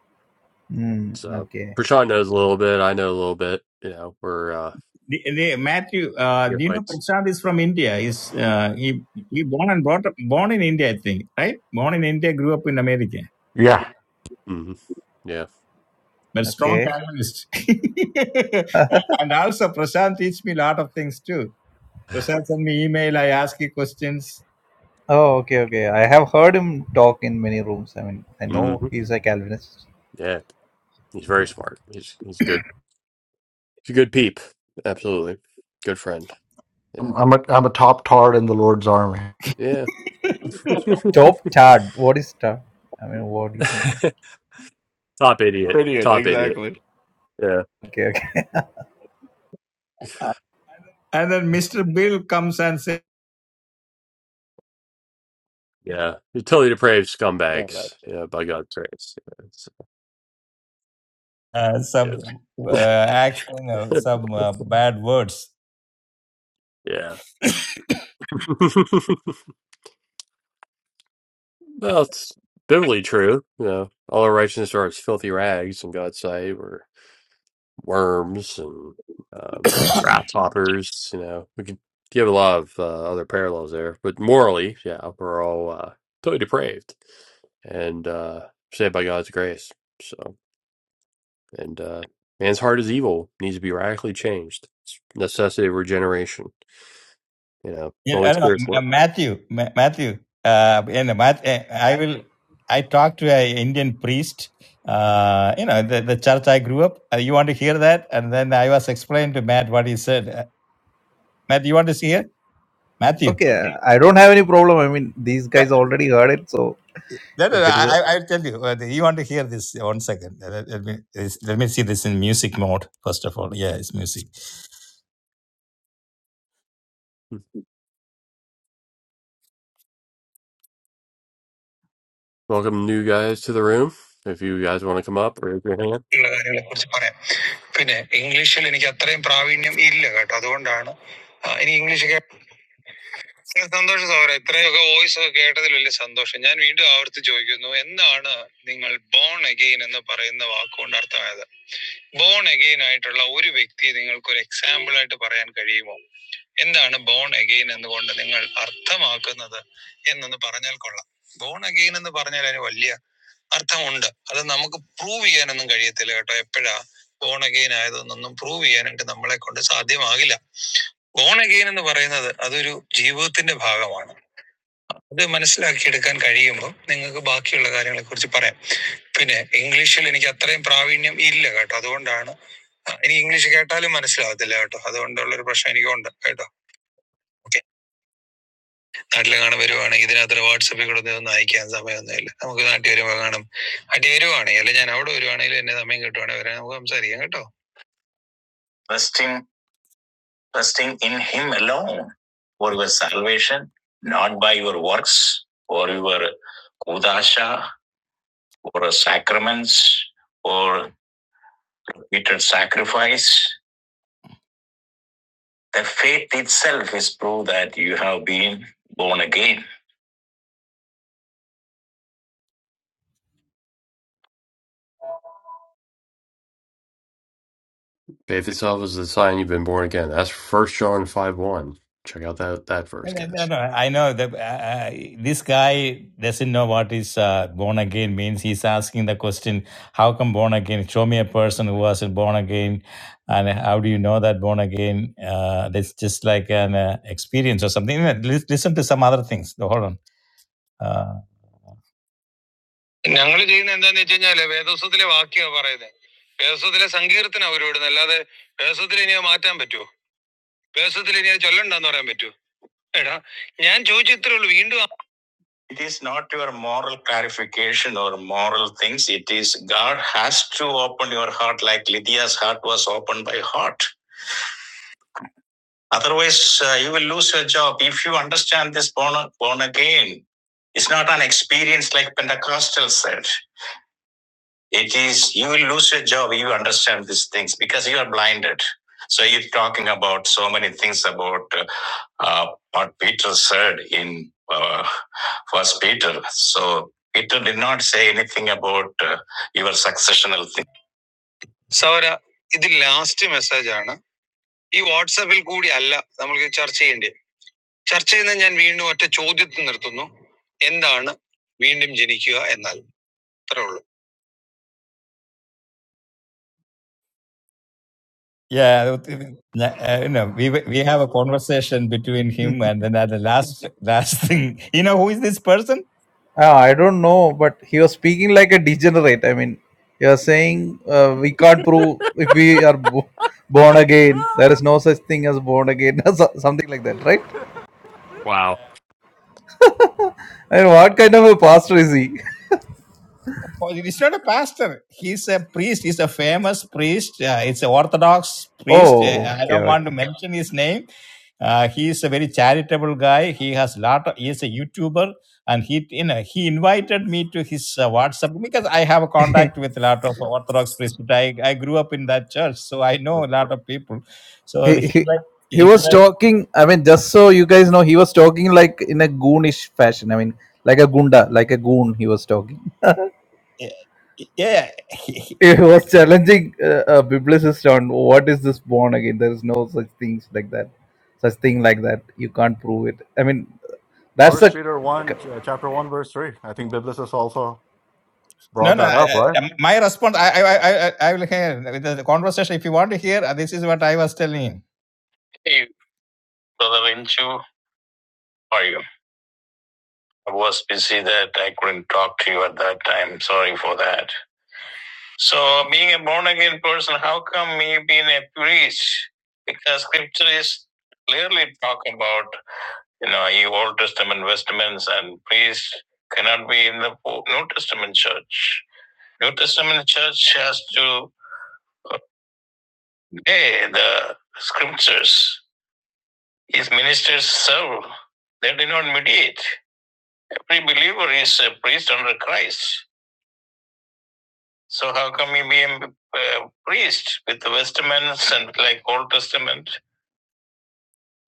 J: Hmm.
A: So
J: Okay.
A: Prashant knows a little bit. I know a little bit. You know, we're uh,
C: The, the, Matthew, uh, do you know
A: neophytes.
C: Prashant is from India? Is uh, he he born and brought up born in India, I think, right? Born in India, grew up in America,
H: Yeah,
A: hmm Yeah.
C: but strong
J: Okay.
C: Calvinist. *laughs* and also Prashant teach me a lot of things too. Prashant send me email. I ask you questions.
J: Oh, okay, okay. I have heard him talk in many rooms. I mean, I
C: Yeah.
A: hmm
J: know he's a Calvinist.
A: Yeah. He's very smart. He's he's good. He's a good peep. Absolutely. Good friend. You
H: I'm,
A: know.
H: I'm, a, I'm a top tart in the Lord's army.
A: Yeah.
J: Top Tad. What is Tad? I mean, what? do you-
A: *laughs* Top idiot.
H: Idiot,
A: Top idiot.
H: exactly.
A: Yeah.
J: Okay, okay.
C: Uh, And then Mr. Bill comes and says
A: Yeah, you're totally depraved scumbags. Yeah, by God's grace. Yeah,
C: uh, some
A: it's- yeah.
C: uh, action, uh, some uh, bad words.
A: yeah. *laughs* well, it's biblically true. You know, all our righteousness are as filthy rags in God's sight. We're worms and um, grasshoppers. You know, we could give a lot of uh, other parallels there, but morally, yeah, we're all uh, totally depraved and uh, saved by God's grace. So. And uh, man's heart is evil, needs to be radically changed. It's necessity of regeneration. You know,
C: You
A: Holy
C: I don't know, no,
A: Spirit's
C: no,
A: work.
C: Matthew, Ma- Matthew, uh, and Matt, eh, I will. I talked to a Indian priest. Uh, you know, the, the church I grew up. Uh, you want to hear that? And then I was explained to Matt what he said. Uh, Matt, you want to hear Matthew?
J: Okay,
C: Okay.
J: I don't have any problem. I mean, these
C: That,
J: guys already heard it, so
C: that, uh,
J: if it
C: I,
J: is a,
C: I- I'll tell you. Uh, You want to hear this? One second. Uh, Let, let me is- let me see this in music mode first of all. Yeah, it's music.
A: Hmm. Welcome, new guys, to the room. If you guys want to come up, raise your hand.
C: ഉള്ള കാര്യങ്ങളെക്കുറിച്ച് പറയാം. പിന്നെ ഇംഗ്ലീഷിൽ എനിക്ക് അത്രയും പ്രാവീണ്യം ഇല്ല കേട്ടോ അതുകൊണ്ടാണ് ആ, എനിക്ക് ഇംഗ്ലീഷ് ഏ, സന്തോഷം സൗര ഇത്രയൊക്കെ വോയിസ് ഒക്കെ കേട്ടതിൽ വലിയ സന്തോഷം ഞാൻ വീണ്ടും ആവർത്തിച്ച് ചോദിക്കുന്നു എന്താണ് നിങ്ങൾ ബോൺ അഗെയിൻ എന്ന് പറയുന്ന വാക്കുകൊണ്ട് അർത്ഥമായത് ബോൺ അഗെയിൻ ആയിട്ടുള്ള ഒരു വ്യക്തിയെ നിങ്ങൾക്ക് ഒരു എക്സാമ്പിൾ ആയിട്ട് പറയാൻ കഴിയുമോ എന്താണ് ബോൺ അഗെയിൻ എന്നുകൊണ്ട് നിങ്ങൾ അർത്ഥമാക്കുന്നത് എന്നൊന്ന് പറഞ്ഞാൽ കൊള്ളാം ബോൺ അഗെയിൻ എന്ന് പറഞ്ഞാൽ അതിന് വലിയ അർത്ഥമുണ്ട് അത് നമുക്ക് പ്രൂവ് ചെയ്യാനൊന്നും കഴിയത്തില്ല കേട്ടോ എപ്പോഴാ ബോൺ അഗെയിൻ ആയതൊന്നും പ്രൂവ് ചെയ്യാനായിട്ട് നമ്മളെ കൊണ്ട് സാധ്യമാകില്ല ബോൺ അഗെയിൻ എന്ന് പറയുന്നത് അതൊരു ജീവിതത്തിന്റെ ഭാഗമാണ് അത് മനസ്സിലാക്കിയെടുക്കാൻ കഴിയുമ്പോൾ നിങ്ങൾക്ക് ബാക്കിയുള്ള കാര്യങ്ങളെക്കുറിച്ച് പറയാം. പിന്നെ ഇംഗ്ലീഷിൽ എനിക്ക് അത്രയും പ്രാവീണ്യം ഇല്ല കേട്ടോ, അതുകൊണ്ടാണ് എനിക്ക് ഇംഗ്ലീഷ് കേട്ടാലും മനസ്സിലാവത്തില്ല കേട്ടോ, അതുകൊണ്ടുള്ള ഒരു പ്രശ്നം എനിക്കുണ്ട് കേട്ടോ. ഓക്കെ, നാട്ടിൽ കാണാൻ വരുവാണെങ്കിൽ ഇതിനകത്ത് വാട്സപ്പിൽ കൂടെ ഒന്നും അയക്കാൻ സമയമൊന്നുമില്ല, നമുക്ക് നാട്ടിൽ വരുമ്പോൾ കാണും. അടി വരുവാണെങ്കിൽ അല്ലെ ഞാൻ അവിടെ വരുവാണെങ്കിലും എന്നെ സമയം കിട്ടുവാണെങ്കിൽ വരാൻ നമുക്ക് സംസാരിക്കാം കേട്ടോ. Salvation, not by your works or your udasha or a sacraments or repeated sacrifice. The faith itself is proof that you have been born again.
A: Faith itself is the sign you've been born again. That's First John five one. Check out that that verse,
C: No, no,
A: guys.
C: no. I know that uh, uh, this guy doesn't know what is uh, born again means. He's asking the question, "How come born again? Show me a person who wasn't born again, and how do you know that born again? Uh, that's just like an uh, experience or something." You know, Listen to some other things. No, Hold on. Uh, ഞങ്ങൾ ചെയ്യുന്ന എന്താന്ന് വെച്ച് കഴിഞ്ഞാല് വേദോസത്തിലെ വാക്യാ പറയുന്നത് വേദോസത്തിലെ സങ്കീർത്തന അവർ വിടുന്നത് അല്ലാതെ വേദോസത്തിൽ ഇനി മാറ്റാൻ പറ്റുമോ വേദോസത്തിൽ ഇനി ചൊല്ലണ്ടെന്ന് പറയാൻ പറ്റുമോ എടാ ഞാൻ ചോദിച്ചത്രേ ഉള്ളൂ വീണ്ടും It is not your moral clarification or moral things. It is God has to open your heart like Lydia's heart was opened by heart. Otherwise, uh, you will lose your job. If you understand this born, born again, it's not an experience like Pentecostal said. It is, you will lose your job if you understand these things because you are blinded. So you're talking about so many things about uh, uh, what Peter said in uh, First Peter. So Peter did not say anything about uh, your successional thing. സൗര ഇത് last message ആണ് ഈ വാട്സാപ്പിൽ കൂടി അല്ല നമ്മൾ ചർച്ച ചെയ്യേണ്ടത് ചർച്ച ചെയ്യുന്ന ഞാൻ വീണ്ടും ഒറ്റ ചോദ്യത്തിൽ നിർത്തുന്നു എന്താണ് വീണ്ടും ജനിക്കുക എന്നാൽ അത്രേ ഉള്ളൂ. Yeah, uh, you know, we we have a conversation between him, and then at the last last *laughs* thing, you know, who is this person?
J: Ah, I don't know, but he was speaking like a degenerate. I mean, he was saying uh, we can't prove if we are bo- born again. There is no such thing as born again, *laughs* or so- something like that, right?
A: Wow.
J: I mean, what kind of a pastor is he? *laughs*
C: Oh, It is not a pastor. He's a priest. He's a famous priest. Uh, it's an Orthodox priest. Uh,
J: Oh,
C: I
J: okay,
C: don't want to
J: okay.
C: mention his name. Uh, he is a very charitable guy. He has lot. Of, he is a YouTuber, and he you know he invited me to his uh, WhatsApp because I have a contact with a lot of Orthodox priests. I I grew up in that church, so I know a lot of people. So
J: *laughs* he,
C: he
J: he
C: invite-
J: he was talking. I mean, just so you guys know, he was talking like in a goonish fashion. I mean, like a gunda, like a goon. He was talking.
C: yeah,
J: It was challenging uh, a biblicist on what is this born again. There is no such things like that, such thing like that. You can't prove it. I mean, that's
H: First
J: a
H: Peter 1, ch- uh, chapter 1, verse 3. I think Biblicist also
C: No,
H: brought
C: no.
H: that
C: I,
H: up, right?
C: I, my response, I, I, I, I I will hear with the conversation. If you want to hear, this is what I was telling him. Hey, brother Vinchu, how are you? I was busy that I couldn't talk to you at that time. Sorry for that. So, being a born again person, how come me being a priest? Because scripture is clearly talk about you know, you Old Testament, Testaments, and priests cannot be in the New Testament church. New Testament church has to Hey, the scriptures, his ministers serve. They do not mediate. Every believer is a priest under Christ. So how come he be a uh, priest with the Testaments and like Old Testament?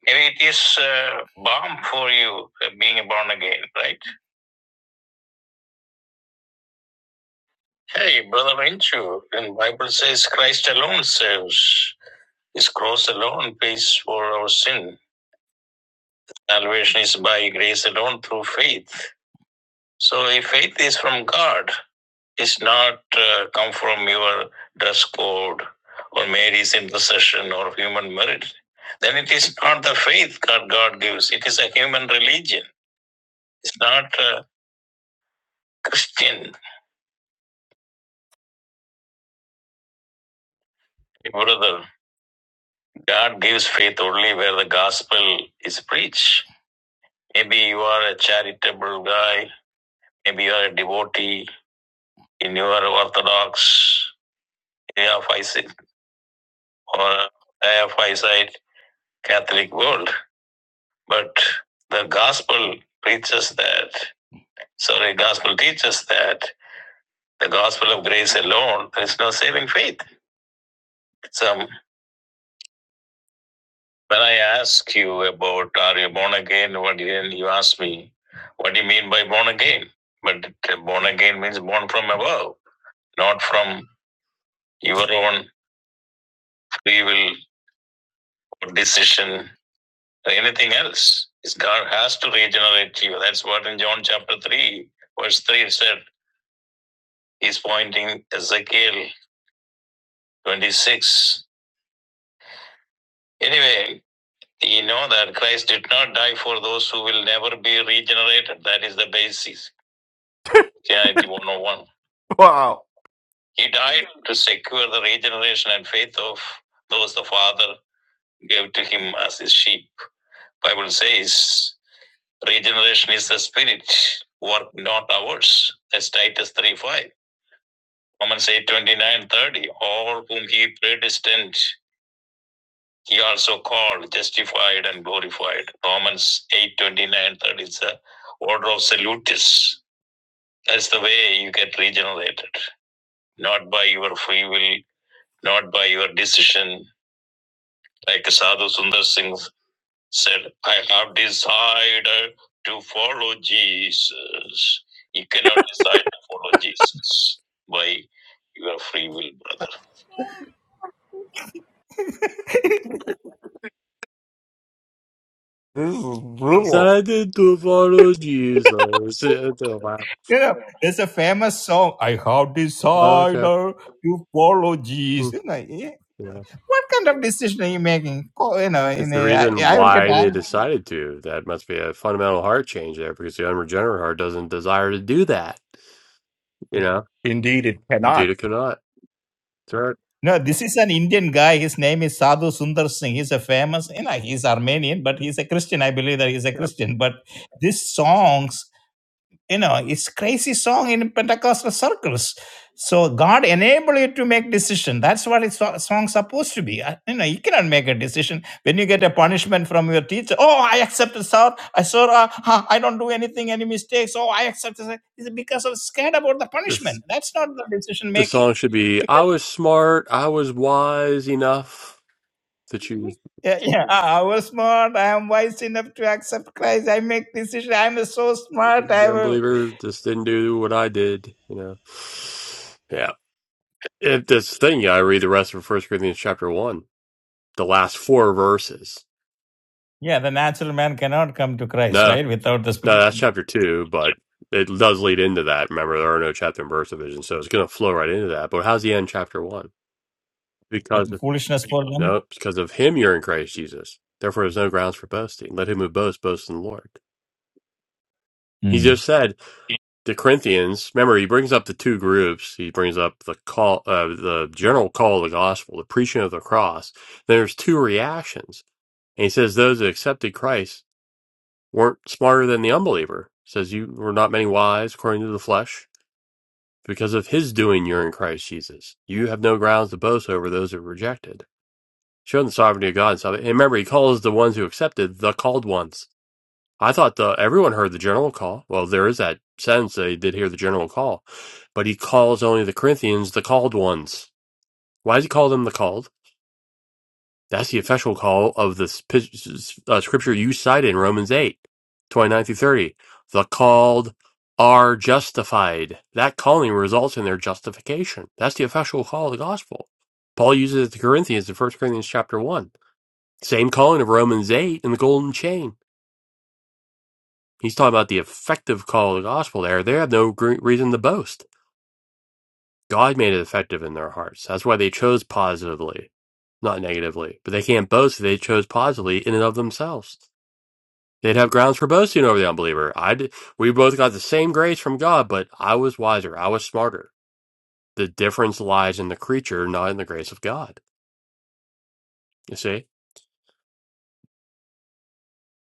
C: Maybe it is uh, balm for you uh, being born again, right? Hey, brother Renchu, the Bible says Christ alone saves. His cross alone pays for our sin. Salvation is by grace alone through faith. So if faith is from God, It's not uh, come from your dress code or Mary's intercession or human merit. Then it is not the faith God, God gives. It is a human religion. It's not a Christian. Brother, God gives faith only where the gospel is preached. Maybe you are a charitable guy. Maybe you are a devotee. in your Orthodox, Aphysite, or Aphysite Catholic world But the gospel preaches that, sorry, gospel teaches that the gospel of grace alone, there is no saving faith. So when I ask you about are you born again, what you, ask me, what do you mean by born again? But born again means born from above, not from your own free will or decision or anything else. It's God has to regenerate you. That's what in John chapter 3, verse 3 said, he's pointing Ezekiel 26. Anyway, you know that Christ did not die for those who will never be regenerated. That is the basis, Christianity 101.
H: *laughs* Wow.
C: He died to secure the regeneration and faith of those the Father gave to him as his sheep. Bible says regeneration is the spirit, work not ours. That's Titus 3 5. Romans eight twenty nine thirty. All whom he predestined He also called, justified, and glorified. Romans 8 twenty-nine, that is the order of salutis. That's the way you get regenerated. Not by your free will, not by your decision. Like Sadhu Sundar Singh said, I have decided to follow Jesus. You cannot decide to follow Jesus by your free will, brother.
H: This is brutal.
A: Decided to follow Jesus. *laughs* Oh, Wow.
C: You know, there's a famous song, I have decided
A: Okay.
C: to follow
A: Hmm.
C: Jesus.
A: Yeah.
C: what kind of decision are you making? Co- You know, in
A: It's the
C: a, I,
A: reason
C: I will get
A: why they
C: angry.
A: decided to. That must be a fundamental heart change there, because the unregenerate heart doesn't desire to do that. You know,
H: Indeed, it cannot.
A: Data cannot. It's right.
C: No, this is an Indian guy. His name is Sadhu Sundar Singh. He's a famous, you know, he's Armenian, but he's a Christian. I believe that he's a
A: Yeah.
C: Christian. But these songs you know it's crazy song in pentecostal circles so god enable you to make decision that's what it's so- song supposed to be I- you know you cannot make a decision when you get a punishment from your teacher oh i accepted sir i saw uh, huh, i don't do anything any mistakes oh i accepted sir." it's because i'm scared about the
A: This
C: punishment that's not the decision
A: the
C: making
A: song should be I
C: because
A: was smart, I was wise enough to choose
C: yeah, yeah, I I was smart. I am wise enough to accept Christ. I make decision. I am so smart. I
A: the
C: will.
A: unbeliever, just didn't do what I did, you know. Yeah. If this thing yeah, I read the rest of First Corinthians chapter one, the last four verses.
C: Yeah, the natural man cannot come to Christ,
A: No,
C: right? Without the
A: no,
C: spirit.
A: that's chapter two, but it does lead into that. Remember, there are no chapter and verse divisions, so it's gonna flow right into that. But how's the end chapter one? Because.
C: The foolishness for
A: No,
C: them.
A: it's because of him you're in Christ Jesus. Therefore, there's no grounds for boasting. Let him who boasts boast in the Lord. He
C: Hmm.
A: just said to Corinthians. Remember, he brings up the two groups. He brings up the call, uh, the general call of the gospel, the preaching of the cross. There's two reactions, and he says those that accepted Christ weren't smarter than the unbeliever. He says you were not many wise according to the flesh. Because of his doing, you're in Christ Jesus. You have no grounds to boast over those who rejected. Showing the sovereignty of God and remember, he calls the ones who accepted the called ones. I thought the everyone heard the general call. Well, there is that sense they did hear the general call, but he calls only the Corinthians the called ones. Why does he call them the called? That's the official call of the uh, scripture you cited in Romans 8 29 through 30. The called are justified. That calling results in their justification. That's the official call of the gospel. Paul uses it to Corinthians in First Corinthians chapter 1. Same calling of Romans 8 and the golden chain. He's talking about the effective call of the gospel there. They have no gre- reason to boast. God made it effective in their hearts. That's why they chose positively, not negatively. But they can't boast if they chose positively in and of themselves. They'd have grounds for boasting over the unbeliever. I did. we both got the same grace from God, but I was wiser. I was smarter. The difference lies in the creature, not in the grace of God. You see?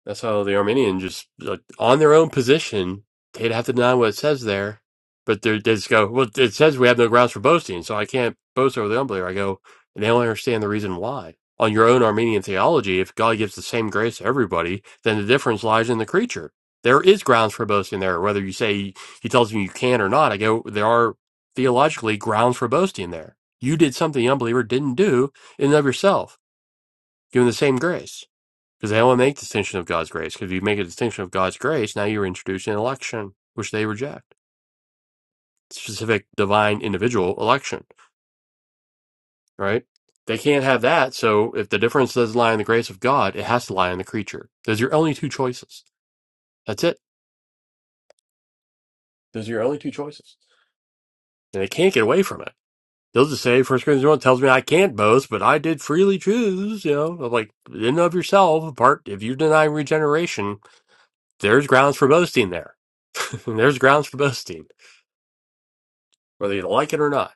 A: That's how the Armenian just like on their own position, they'd have to deny what it says there. But they're- they just go, well, it says we have no grounds for boasting, so I can't boast over the unbeliever. I go, and they don't understand the reason why. On your own Armenian theology, if God gives the same grace to everybody, then the difference lies in the creature. There is grounds for boasting there, whether you say he tells you you can or not. I go, there are theologically grounds for boasting there. You did something the unbeliever didn't do in and of yourself, given the same grace. Because they only make distinction of God's grace. Because if you make a distinction of God's grace, now you're introducing election, which they reject. Specific divine individual election, right? They can't have that. So if the difference doesn't lie in the grace of God, it has to lie in the creature. Those are your only two choices. That's it. Those are your only two choices. And they can't get away from it. They'll just say, First Corinthians 1 tells me I can't boast, but I did freely choose, you know, I'm like in and of yourself, apart, if you deny regeneration, there's grounds for boasting there. *laughs* there's grounds for boasting whether you like it or not.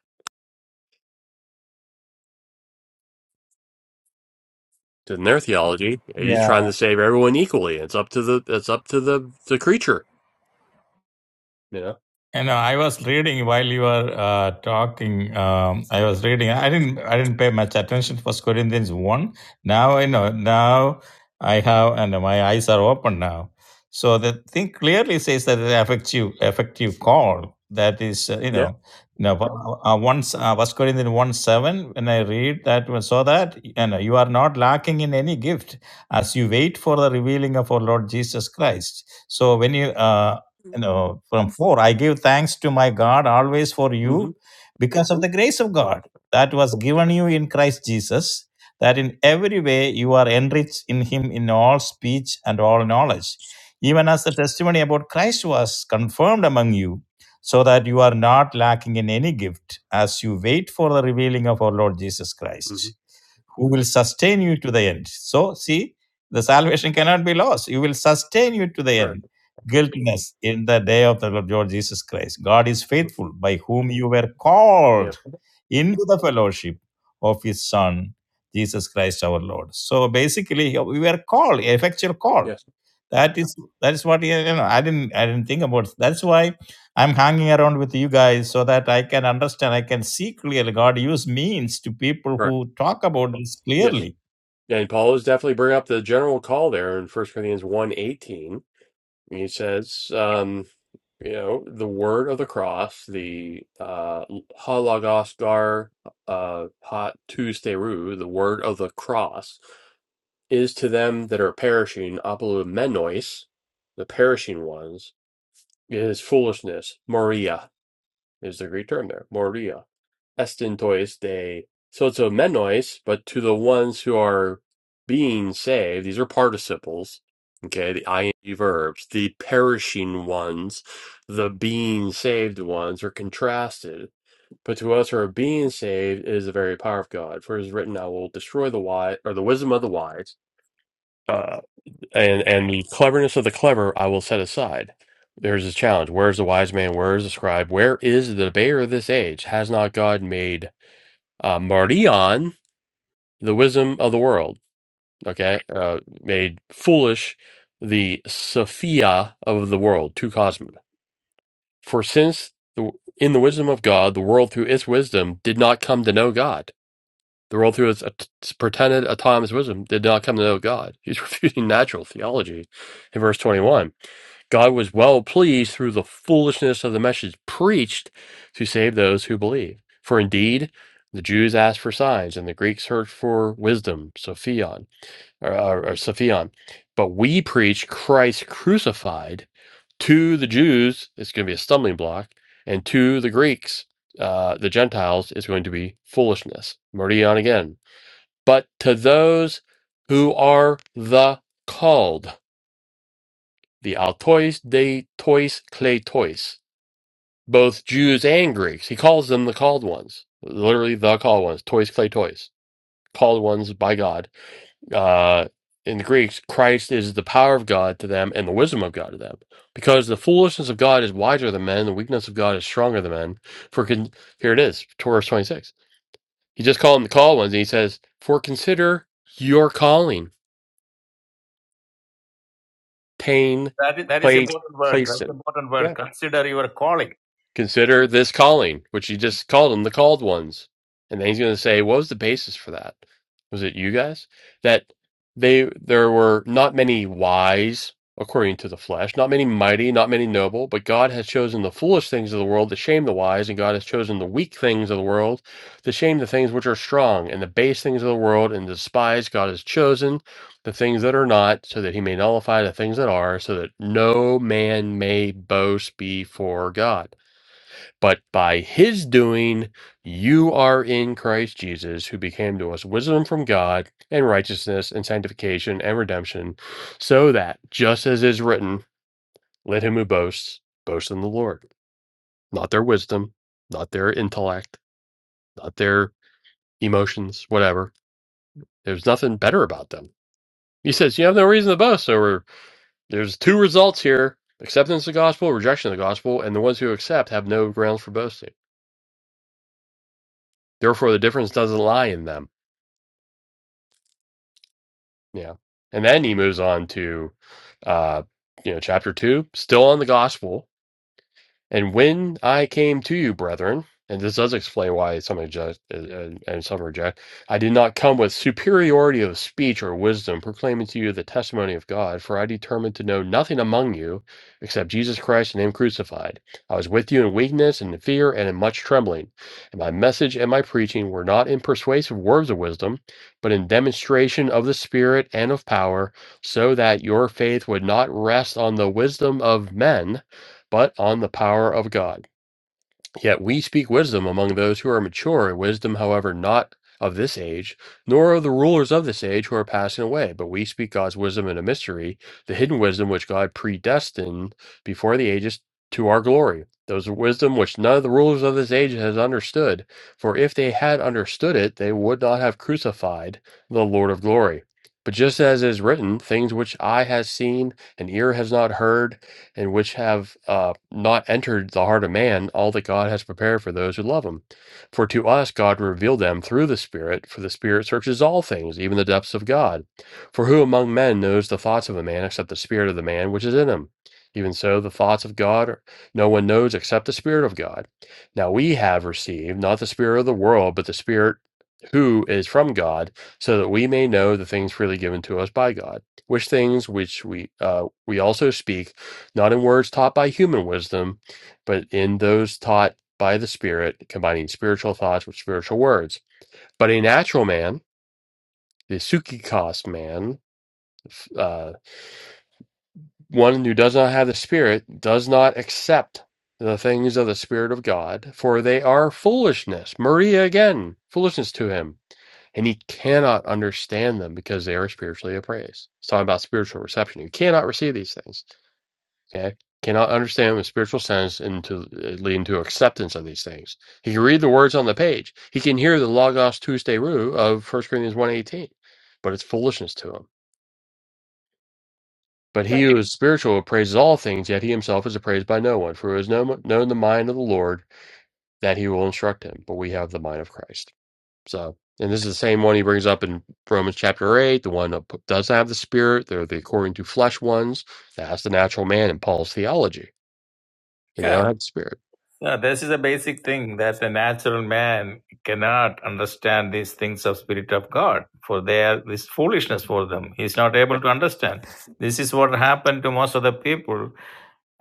A: In their theology, he's trying
J: yeah.
A: to save everyone equally. It's up to the it's up to the the creature. You know.
C: And uh, I was reading while you were uh, talking. Um, I was reading. I didn't. I didn't pay much attention. to First Corinthians one. Now I know. Now I have, and my eyes are open now. So the thing clearly says that the effective, effective call. That is, uh, you
A: Yeah.
C: know, you know. Uh, uh, once uh, First Corinthians one seven. When I read that, one, so that you know, you are not lacking in any gift as you wait for the revealing of our Lord Jesus Christ. So when you uh, you know, from 4 I give thanks to my God always for
A: Mm-hmm.
C: you because of the grace of God that was given you in Christ Jesus, that in every way you are enriched in Him in all speech and all knowledge, even as the testimony about Christ was confirmed among you, so that you are not lacking in any gift as you wait for the revealing of our Lord Jesus
A: Mm-hmm.
C: Christ who will sustain you to the end. So, see, the salvation cannot be lost. You will sustain you to the end.
A: Correct.
C: Guiltiness in the day of the Lord Jesus Christ. God is
A: Mhm.
C: faithful, by whom you were
A: Yeah.
C: called into the fellowship of His Son, Jesus Christ our Lord. So basically, we were called, effectual call
A: Yes.
C: that is that is what you know i didn't i didn't think about that's why i'm hanging around with you guys so that i can understand i can see clearly god use means to people
A: Correct.
C: who talk about this
A: Yes.
C: clearly
A: And Paul is definitely bringing up the general call there in First Corinthians one eighteen. He says, um, you know, the word of the cross, the uh, halagosgar uh, hot Tuesday the word of the cross is to them that are perishing apolumenos, the perishing ones, is foolishness. Moria is the Greek term there. Moria. Estintois de sozomenos, but to the ones who are being saved, these are participles. Okay, the ing verbs, the perishing ones, the being saved ones are contrasted. But to us who are being saved is the very power of God. For it is written, I will destroy the wise or the wisdom of the wise Uh, and and the cleverness of the clever I will set aside. There's a challenge. Where is the wise man? Where is the scribe? Where is the debater of this age? Has not God made uh, Mardion the wisdom of the world? Okay, uh, made foolish the Sophia of the world, to cosmos. For since the, in the wisdom of God, the world through its wisdom did not come to know God. The world through its at- pretended autonomous wisdom did not come to know God. He's *laughs* refuting natural theology in verse 21 God was well pleased through the foolishness of the message preached to save those who believe. For indeed, the Jews asked for signs, and the Greeks searched for wisdom, Sophion, or, or, or Sophion. But we preach Christ crucified to the Jews. It's going to be a stumbling block, and to the Greeks, uh, the Gentiles, it's going to be foolishness. I'm already on again. But to those who are the called. The Altois, De Tois, Clay Tois, both Jews and Greeks. He calls them the called ones, literally the called ones, Tois, Clay Tois, called ones by God. Uh, in the Greeks, Christ is the power of God to them and the wisdom of God to them, because the foolishness of God is wiser than men, the weakness of God is stronger than men. For con- here it is, Torah twenty six. He just called them the called ones, and he says, "For consider your calling, pain,
C: That is, that is
A: place,
C: important word.
A: placed
C: That's important
A: in."
C: word. Consider your calling.
A: Consider this calling, which he just called them the called ones. And then he's going to say, what was the basis for that? Was it you guys? That they there were not many wise according to the flesh, not many mighty, not many noble, but God has chosen the foolish things of the world to shame the wise, and God has chosen the weak things of the world to shame the things which are strong, and the base things of the world and despise God has chosen the things that are not, so that he may nullify the things that are, so that no man may boast before God. But by his doing, you are in Christ Jesus, who became to us wisdom from God and righteousness and sanctification and redemption, so that, just as is written, let him who boasts boast in the Lord, not their wisdom, not their intellect, not their emotions, whatever. There's nothing better about them. He says, You have no reason to boast. So we're, there's two results here acceptance of the gospel, rejection of the gospel, and the ones who accept have no grounds for boasting. Therefore, the difference doesn't lie in them Yeah. And then he moves on to uh you know chapter 2 still on the gospel and when I came to you, brethren, and this does explain why some reject uh, uh, and some reject, I did not come with superiority of speech or wisdom, proclaiming to you the testimony of God, for I determined to know nothing among you except Jesus Christ and Him crucified. I was with you in weakness and in fear and in much trembling. And my message and my preaching were not in persuasive words of wisdom, but in demonstration of the Spirit and of power, so that your faith would not rest on the wisdom of men but on the power of God. Yet we speak wisdom among those who are mature, wisdom, however, not of this age, nor of the rulers of this age who are passing away, but we speak God's wisdom in a mystery, the hidden wisdom which God predestined before the ages to our glory. Those are wisdom which none of the rulers of this age has understood, for if they had understood it, they would not have crucified the Lord of glory. But just as it is written, things which eye has seen and ear has not heard, and which have uh, not entered the heart of man all that God has prepared for those who love him. For to us God revealed them through the Spirit, for the Spirit searches all things, even the depths of God. For who among men knows the thoughts of a man except the spirit of the man which is in him? Even so, the thoughts of God are, no one knows except the Spirit of God. Now we have received not the Spirit of the world, but the Spirit who is from God, so that we may know the things freely given to us by God, which things which we uh, we also speak not in words taught by human wisdom, but in those taught by the Spirit, combining spiritual thoughts with spiritual words. But a natural man, the sukkikos man, uh, one who does not have the Spirit, does not accept the things of the Spirit of God, for they are foolishness. Maria again, foolishness to him. And he cannot understand them because they are spiritually appraised. It's talking about spiritual reception. You cannot receive these things. Okay. Cannot understand with spiritual sense and to uh, leading to acceptance of these things. He can read the words on the page. He can hear the Logos Tuesday Rue of First Corinthians one eighteen, but it's foolishness to him. But he who is spiritual appraises all things, yet he himself is appraised by no one. For who has known, known the mind of the Lord, that he will instruct him. But we have the mind of Christ. So, and this is the same one he brings up in Romans chapter 8, the one that p- doesn't have the spirit. They're the according to flesh ones. That's the natural man in Paul's theology. And they
C: Yeah.
A: don't have the spirit.
C: yeah. This is a basic thing that the natural man cannot understand these things of spirit of God, for they are this foolishness for them. He's not able to understand. This is what happened to most of the people.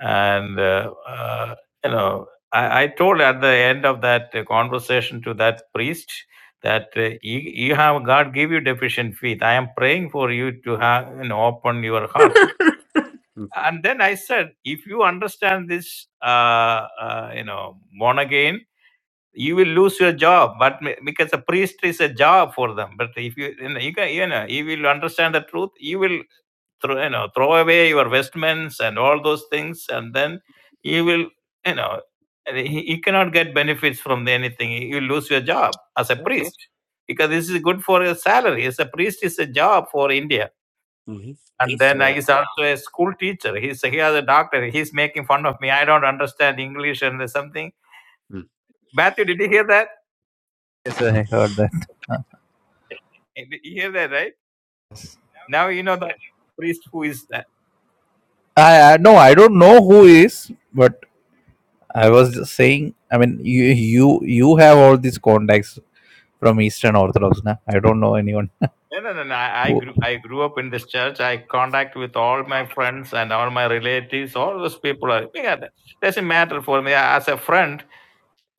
C: and uh, uh, you know I, I told at the end of that uh, conversation to that priest that uh, you, you have god give you deficient faith i am praying for you to have you know open your heart and then i said if you understand this uh, uh, you know born again you will lose your job but ma- because a priest is a job for them but if you you know you, can, you know you will understand the truth you will throw you know throw away your vestments and all those things and then you will you know he- you cannot get benefits from anything you lose your job as a priest because this is good for a salary as a priest is a job for india
A: hmm
C: and then i
A: Yeah.
C: also a school teacher he's he has a doctor he's making fun of me i don't understand english and something
A: Mm.
C: matthew did you hear that
J: Yes, I heard that. *laughs*
C: Did you hear that right now you know that priest who is uh,
J: Uh, I, I no, I don't know who is, but I was just saying. I mean, you you you have all these contacts from Eastern Orthodox, na? I don't know anyone
C: No, no, no, no.
J: *laughs*
C: I I
J: who.
C: grew, I grew up in this church. I contact with all my friends and all my relatives. All those people are. Yeah, that doesn't matter for me as a friend.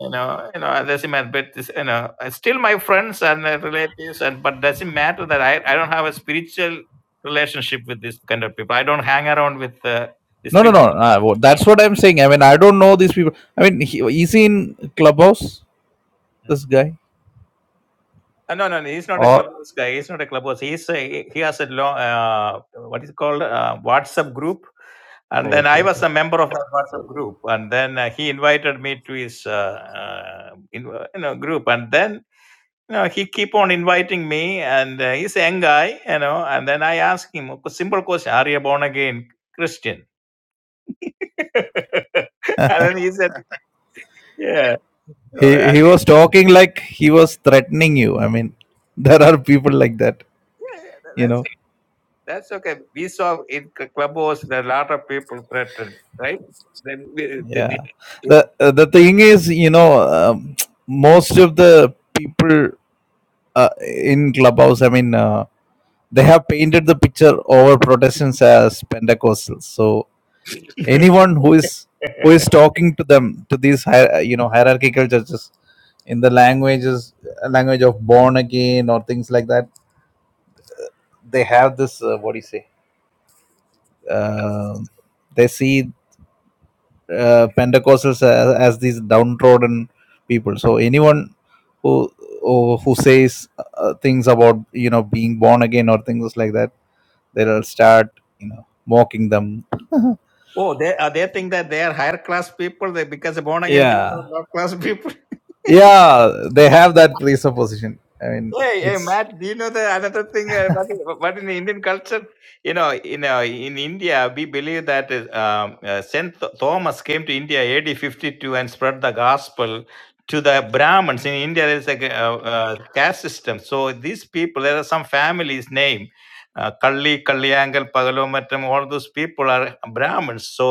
C: You know, you know, it doesn't matter. But this, you know, uh, still my friends and uh, relatives. And but doesn't matter that I, I don't have a spiritual relationship with this kind of people. I don't hang around with uh, these
J: No, no, no.
C: people.
J: Uh, wha- that's what I'm saying. I mean, I don't know these people. I mean, he, is he in clubhouse? This guy
C: Uh, no, no, no, he's not a
J: or?
C: clubhouse guy. He's not a clubhouse. He's a, he has a long, uh, what is it called uh, WhatsApp group, and then I was a member of that WhatsApp group, and then uh, he invited me to his uh, uh, in, you know group, and then you know he keep on inviting me, and uh, he's a young guy, you know, and then I asked him a simple question: Are you a born again Christian? *laughs* and then he said, Yeah. Oh,
J: he
C: and-
J: he was talking like he was threatening you i mean *laughs* there are people like that
C: yeah, yeah,
J: you
C: that's
J: know
C: That's okay. We saw in c- Clubhouse there are a lot of people threatened, right? Then we- the-
J: yeah
C: the-
J: the
C: yeah.
J: uh, the thing is you know um, most of the people uh, in clubhouse i mean uh, they have painted the picture over protestants as pentecostals so anyone who is who is talking to them to these hier- you know hierarchical churches in the languages language of born again or things like that they have this uh, what do you say um they see uh, Pentecostals as, as these downtrodden people. So anyone who who, who says uh, things about you know being born again or things like that, they'll start you know mocking them.
C: Oh, they uh, they think that they are higher class people they, because born again people
J: Yeah,
C: are low class *laughs* people.
J: yeah, they have that presupposition. I mean,
C: Hey, hey,
J: it's
C: Matt, do you know the another thing uh, what, in- in the Indian culture? You know, in uh, in India, we believe that uh, um, uh, Saint Th- Thomas came to India AD 52 and spread the gospel to the Brahmins. In India, there is a g- uh, uh, caste system. So these people, there are some families' name, uh, Kalli, Kalliyangal, Pagalu, Mattam, all those people are Brahmins. So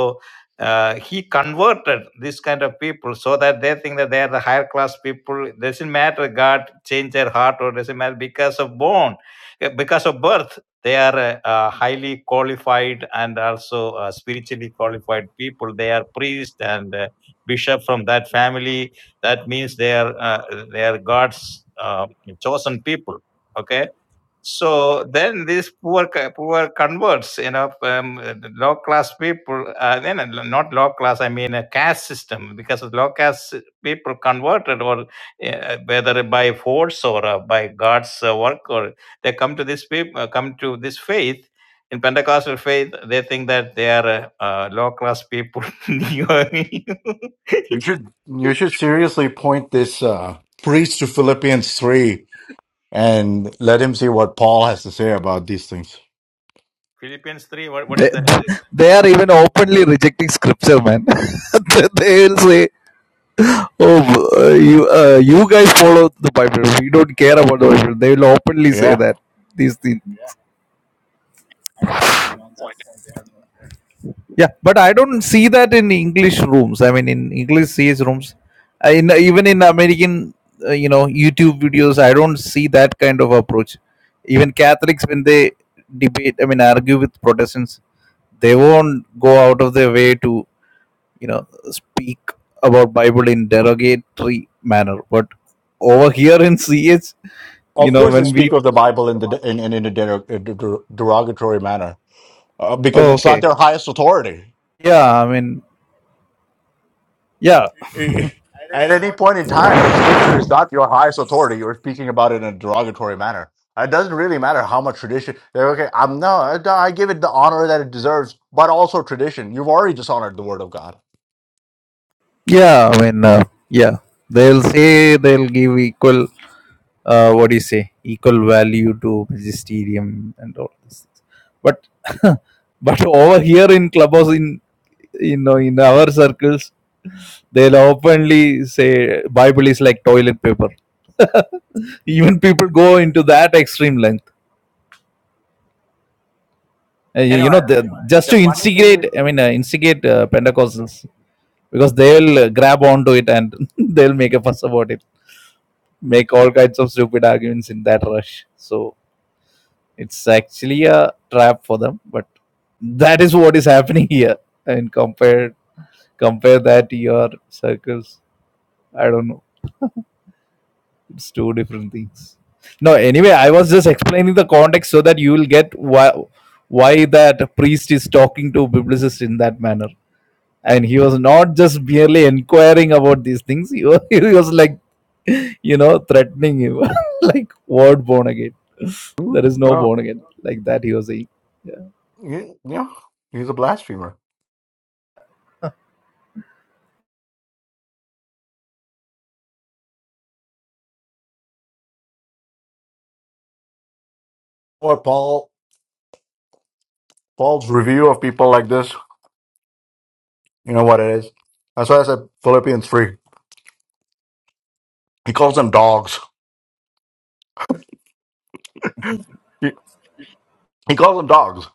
C: uh, he converted this kind of people so that they think that they are the higher class people. It doesn't matter God changed their heart or doesn't matter because of born, uh, because of birth, they are uh, uh, highly qualified and also uh, spiritually qualified people. They are priest and uh, bishop from that family. That means they are uh, they are God's uh, chosen people. Okay so then these poor co- poor converts, you know, um, low class people, uh, then uh, not low class, I mean a caste system, because the low caste people converted, or uh, whether by force or uh, by God's uh, work, or they come to this people, come to this faith. In Pentecostal faith, they think that they are uh, uh, low class people. *laughs*
H: You should you should seriously point this uh, priest to Philippians 3 and let him see what Paul has to say about these things.
C: Philippians three, what, what
J: they
C: is that?
J: *laughs* they are even openly rejecting scripture, man. *laughs* They'll say Oh, uh, you uh, you guys follow the Bible. We don't care about the Bible. They will openly say
H: Yeah.
J: that these things. Yeah, but I don't see that in English rooms. I mean, in English CS rooms, Uh, in even in American, uh, you know, YouTube videos, I don't see that kind of approach. Even Catholics, when they debate, I mean, argue with Protestants, they won't go out of their way to, you know, speak about Bible in derogatory manner. But over here in CH. you
H: Of
J: know
H: course, they
J: when we
H: speak of the Bible in, the, in, in, in a derog- derogatory manner uh, because
J: oh
H: it's not
J: okay
H: their highest authority.
J: yeah i mean yeah
H: *laughs* At any point in time, if scripture is not your highest authority, you're speaking about it in a derogatory manner. It doesn't really matter how much tradition. they're, Okay, I'm no, I no, I give it the honor that it deserves, but also tradition. You've already dishonored the word of God.
J: yeah i mean uh, yeah they'll say they'll give equal uh, what do you say equal value to magisterium and all this but *laughs* but over here in clubhouse in you know in our circles they'll openly say bible is like toilet paper *laughs* even people go into that extreme length Uh, you you know the, just to instigate i mean uh, instigate uh, pentecostals because they'll uh, grab onto it and *laughs* they'll make a fuss about it, make all kinds of stupid arguments in that rush. So it's actually a trap for them, but that is what is happening *laughs* here. And compare compare that to your circles. I don't know. It's two different things. No, anyway, I was just explaining the context so that you will get why why that priest is talking to biblicist in that manner. and he was not just merely inquiring about these things he was, *laughs* he was like you know threatening him *laughs* like word born again
H: Mm,
J: there is no
H: Yeah,
J: born again like that he was saying yeah
H: Ye- yeah, he's a blasphemer. Or Paul, Paul's review of people like this. You know what it is. That's why I said Philippians three. He calls them dogs. *laughs* He, he calls them dogs,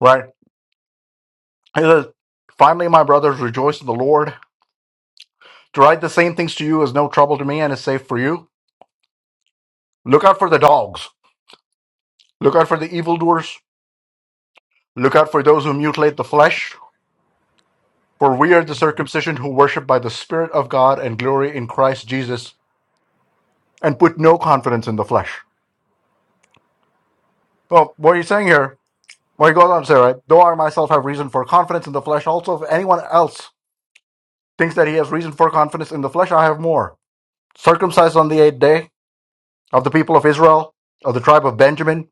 H: right? He says, "Finally, my brothers, rejoice in the Lord." To write the same things to you is no trouble to me and is safe for you. Look out for the dogs. Look out for the evildoers. Look out for those who mutilate the flesh. For we are the circumcision who worship by the Spirit of God and glory in Christ Jesus and put no confidence in the flesh. Well, what are you saying here? Well, he goes on to say, right? Though I myself have reason for confidence in the flesh, also if anyone else thinks that he has reason for confidence in the flesh, I have more. Circumcised on the eighth day of the people of Israel, of the tribe of Benjamin,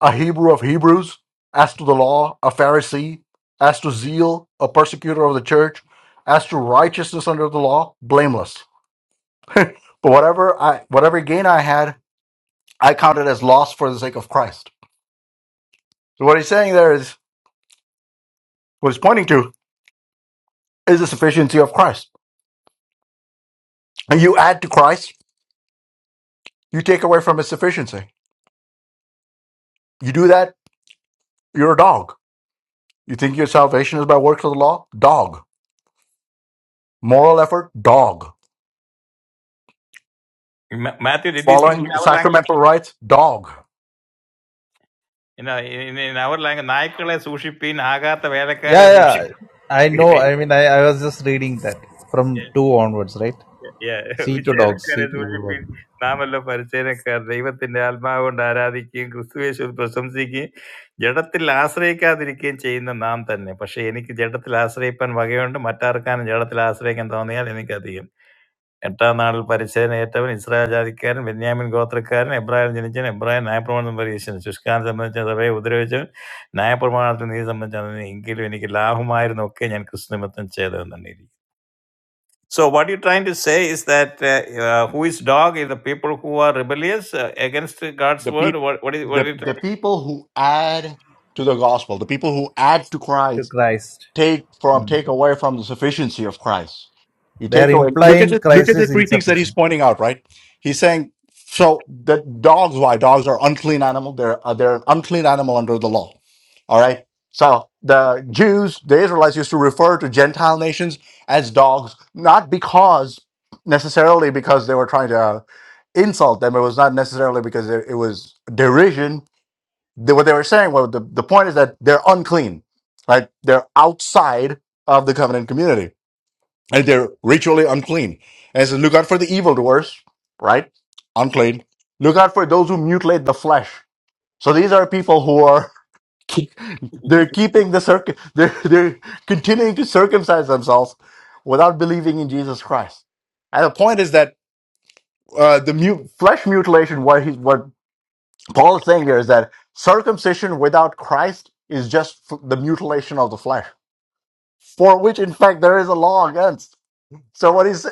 H: a Hebrew of Hebrews, as to the law, a Pharisee, as to zeal, a persecutor of the church, as to righteousness under the law, blameless. *laughs* but whatever I whatever gain I had, I counted as loss for the sake of Christ. So what he's saying there is what he's pointing to is the sufficiency of Christ. And you add to Christ, you take away from his sufficiency. You do that, you're a dog. You think your salvation is by works of the law? Dog. Moral effort? Dog.
C: Ma- Matthew, did you speak in
H: Following
C: our language?
H: sacramental rites? Dog.
C: Ina in in our language, naikalae sushi pin, haga ta velekarae
J: Yeah, yeah.
C: sushi.
J: I know. I mean, I, I was just reading that from 2 onwards, right?
C: Yeah,
J: See to dogs, see
C: velekarae
J: to
C: sushi
J: evil
C: pin.
J: work.
C: Naamalo pariche na kar. Reebat nealmao naaraadi ki gusui sur prosamsi ki. Jhadaathilasreika adhikin change na naam tanne. Parsheni ki jhadaathilasreipan bhagyan to matarkaan jhadaathilasreikan thau nealeni kadhiye. എട്ടാം നാളിൽ പരിച്ഛേദന ഏറ്റവൻ Israel ജാതിക്കാരൻ Benyamin ഗോത്രക്കാരൻ എബ്രാഹിം ജനിച്ചവൻ എബ്രാഹിം ന്യായപ്രമാണം പരീക്ഷിച്ചു ശുഷ്കാനെ സംബന്ധിച്ച സഭയെ ഉപദ്രവിച്ചവൻ ന്യായപ്രമാണത്തിൽ നീ സംബന്ധിച്ചാണ് എങ്കിലും എനിക്ക് ലാഭമായിരുന്നു ഒക്കെ ഞാൻ ക്രിസ്തുനിമിത്തം ചെയ്തതെന്നാണ് ഇരിക്കുന്നത്. So what you trying to say is that uh, uh, who is dog is the people who are rebellious uh, against God's
H: the
C: word.
H: people
C: What what is what
H: the,
C: are you
H: the
C: trying? To...
H: people who add to the gospel the people who add to
J: To
H: christ
J: Christ.
H: take from
J: Mm.
H: take away from the sufficiency of Christ. You take
J: They're
H: away. Look
J: implying
H: at it. Look
J: Christ
H: at the
J: is
H: three things that he's
J: insufficient.
H: pointing out. Right? He's saying so that dogs. Why dogs are unclean animal. They're uh, they're an unclean animal under the law. All right. So the Jews, the Israelites, used to refer to Gentile nations as dogs, not because necessarily because they were trying to uh, insult them. It was not necessarily because it, it was derision, they, what they were saying, well, the, the point is that they're unclean, right? They're outside of the covenant community and they're ritually unclean. And it says, look out for the evildoers, right? Unclean. Look out for those who mutilate the flesh. So these are people who are, *laughs* keep, they're keeping the circ, they're, they're continuing to circumcise themselves without believing in Jesus Christ. And the point is that uh, the mu- flesh mutilation, what, he, what Paul is saying here is that circumcision without Christ is just f- the mutilation of the flesh, for which, in fact, there is a law against. So, what is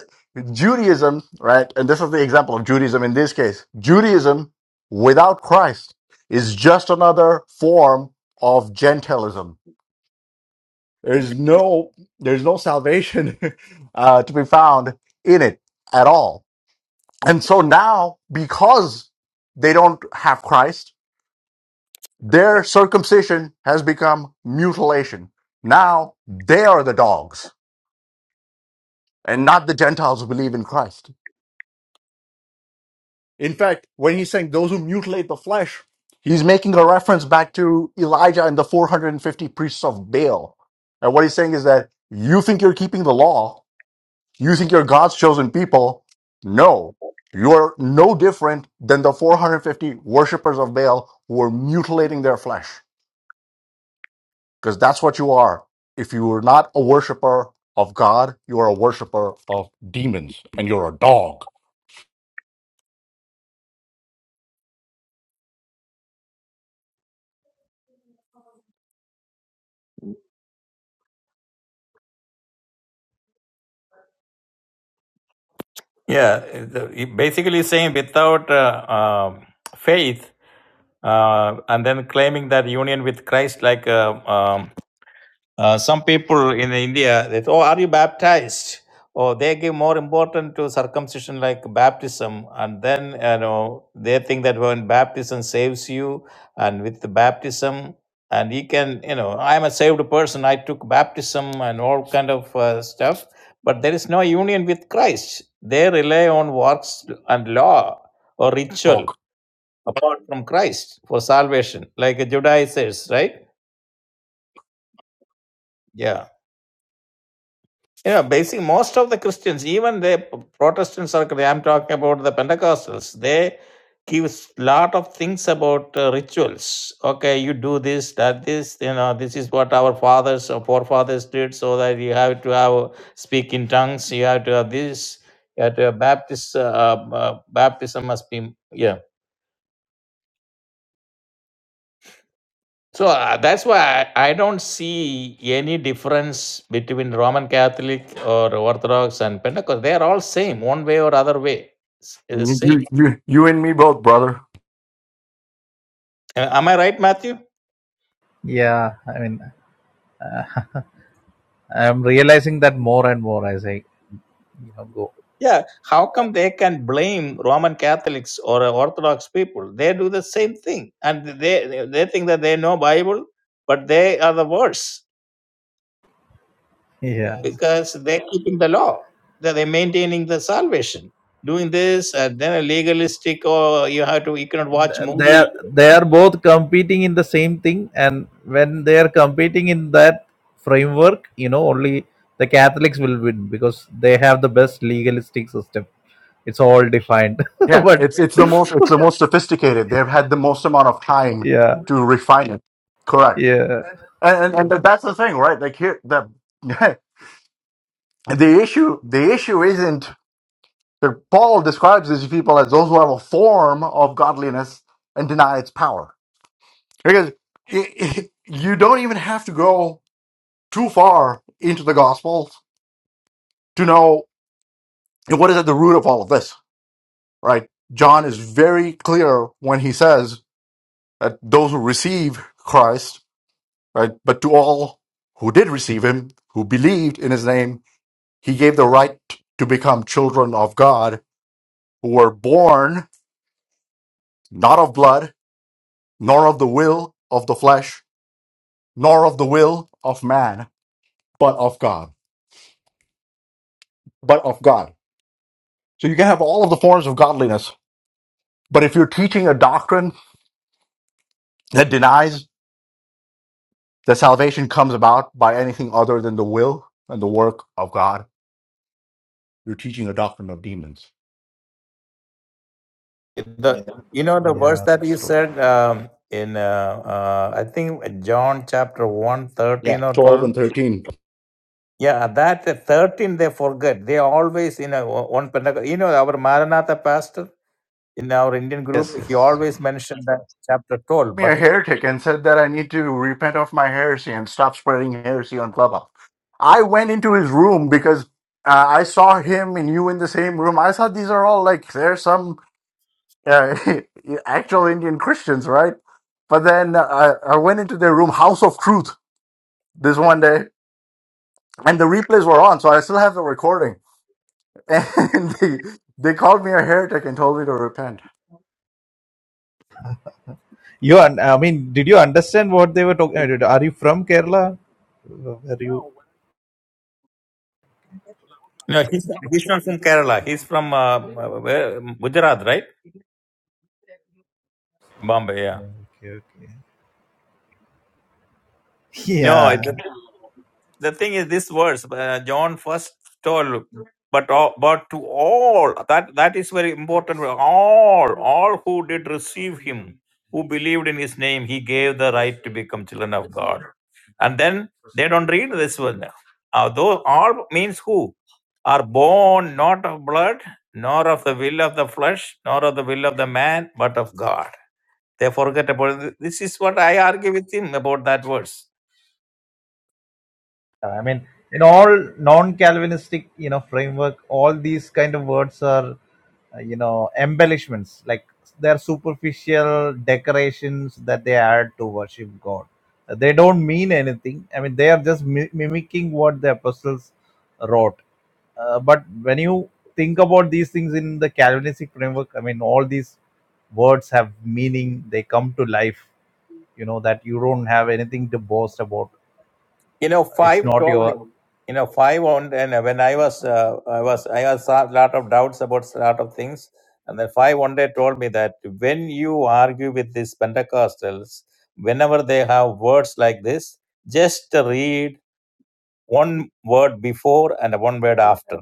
H: Judaism, right? And this is the example of Judaism in this case. Judaism without Christ is just another form of Gentilism. There's no, there's no salvation *laughs* uh, to be found in it at all. And so now, because they don't have Christ, Their circumcision has become mutilation. Now they are the dogs and not the Gentiles who believe in Christ. In fact, when he's saying those who mutilate the flesh, he's making a reference back to Elijah and the 450 priests of Baal. And what he's saying is that you think you're keeping the law, you think you're God's chosen people. No, you're no different than the 450 worshippers of Baal who are mutilating their flesh. because that's what you are. If you are not a worshiper of God, you are a worshiper of demons, and you're a dog.
C: Yeah, the- he basically saying without uh, um faith uh, and then claiming that union with Christ like uh, um, Uh, some people in India, they say, oh, are you baptized? Or they give more importance to circumcision like baptism. And then, you know, they think that when baptism saves you and with the baptism, and you can, you know, I'm a saved person. I took baptism and all kind of uh, stuff. But there is no union with Christ. They rely on works and law or ritual
H: Dog.
C: apart from Christ for salvation, like Judaizers, right? Yeah. You know, basically, most of the Christians, even the Protestant circle, I'm talking about the Pentecostals, they give lot of things about uh, rituals. Okay, you do this, that, this. You know, this is what our fathers or forefathers did, so that you have to have speak in tongues. You have to have this. You have to have Baptist. Uh, uh, uh, baptism must be. Yeah. So, uh, that's why I I don't see any difference between Roman Catholic or Orthodox and Pentecost. They are all same, one way or other way. It's, it's
H: You,
C: same.
H: you, you you and me both, brother.
C: A- Am I right, Matthew?
J: Yeah, I mean, I'm realizing that more and more as I, you know, go.
C: Yeah. How come they can blame Roman Catholics or uh, Orthodox people? They do the same thing, and they they they think that they know Bible, but they are the worst
J: Yeah.
C: because they're keeping the law. That they're maintaining the salvation, doing this, and then a legalistic. Or you have to you cannot watch
J: th- they
C: movie
J: are they are both competing in the same thing and when they are competing in that framework you know only the catholics will win because they have the best legalistic system it's all defined
H: Yeah,
J: *laughs* but
H: it's it's the most it's the most sophisticated. They've had the most amount of time
J: yeah
H: to refine it. Correct.
J: yeah
H: And and, and that's the thing, right? Like here, the *laughs* the issue the issue isn't. that Paul describes these people as those who have a form of godliness and deny its power. Because i i you don't even have to go too far into the Gospels to know what is at the root of all of this, right? John is very clear when he says that those who receive Christ, right, but to all who did receive him, who believed in his name, he gave the right to become children of God, who were born not of blood, nor of the will of the flesh, nor of the will of man, but of God. But of God. So you can have all of the forms of godliness, but if you're teaching a doctrine that denies that salvation comes about by anything other than the will and the work of God. You're teaching a doctrine of demons.
C: the you know the verse
J: yeah
C: that you
J: that's true
C: said um, in uh, uh, I think John chapter one
H: Yeah,
C: thirteen or
H: 12
C: 12.
H: and 13.
C: Yeah, that uh, 13 they forget. They always in a o- one Pentecost. You know, our Maranatha pastor in our Indian
J: yes
C: group, he
J: yes
C: always mentioned that chapter 12.
H: Me
C: But
H: a heretic and said that I need to repent of my heresy and stop spreading heresy on Clubhouse. I went into his room because uh, I saw him and you in the same room. I thought these are all like there's some uh, *laughs* actual Indian Christians, right? But then uh, I went into their room, House of Truth, this one day, and the replays were on, so I still have the recording And *laughs* they, they called me a heretic and told me to repent.
J: you un- i mean did you understand what they were talking are you from kerala were you
C: no, he's uh, uh, where- Gujarat, right? Bombay, yeah.
J: okay okay *laughs*
C: No,
J: yeah
C: the thing is this verse uh, john first told but all, but to all that that is very important all all who did receive him who believed in his name he gave the right to become children of god and then they don't read this one uh, those all means who are born not of blood nor of the will of the flesh nor of the will of the man but of god they forget about it. this is what i argue with him about that verse
J: I mean, in all non-Calvinistic, you know, framework, all these kind of words are, uh, you know, embellishments. Like they're superficial decorations that they add to worship God. Uh, They don't mean anything. I mean, they are just mi- mimicking what the apostles wrote. Uh, but when you think about these things in the Calvinistic framework, I mean, all these words have meaning. They come to life you know that you don't have anything to boast about
C: you know
J: it's
C: five
J: not
C: told me
J: your
C: you know five on and when i was uh, i was i had a lot of doubts about a lot of things and then five one day told me that when you argue with these pentecostals whenever they have words like this just read one word before and one word after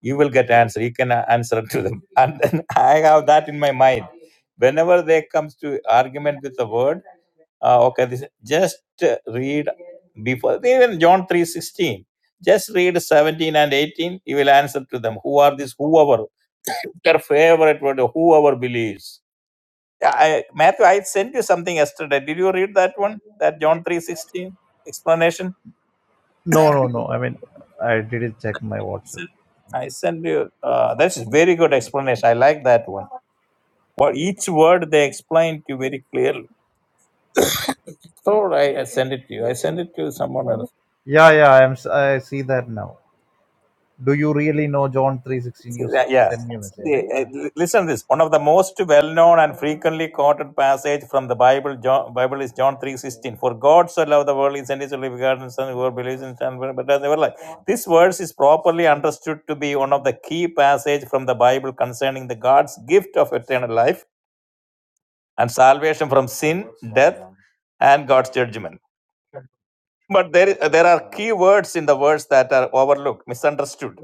C: you will get answer you can uh, answer to them *laughs* and then i have that in my mind whenever they comes to argument with a word uh, okay this just uh, read before even john 3.16 just read 17 and 18 you will answer to them who are these whoever their favorite word whoever believes Yeah, I, matthew i sent you something yesterday did you read that one that john 3.16 explanation
J: No, no, no. I mean, I didn't check my WhatsApp.
C: i sent you uh, that's a very good explanation i like that one well each word they explain to you very clearly so i, I send it to you i send it to someone else
J: Yeah, yeah. I'm. s- I see that now. Do you really know John three sixteen? You s-
C: Yeah. yeah.
J: send me a message,
C: See,
J: right?
C: uh,
J: Yeah.
C: listen to this. One of the most well-known and frequently quoted passage from the Bible, John, Bible is John three sixteen. For God so loved the world, he sent his only begotten Son, who believes in Son, but does never lie. This verse is properly understood to be one of the key passages from the Bible concerning the God's gift of eternal life and salvation from sin, death, and God's judgment. But there, i- there are key words in the words that are overlooked, misunderstood,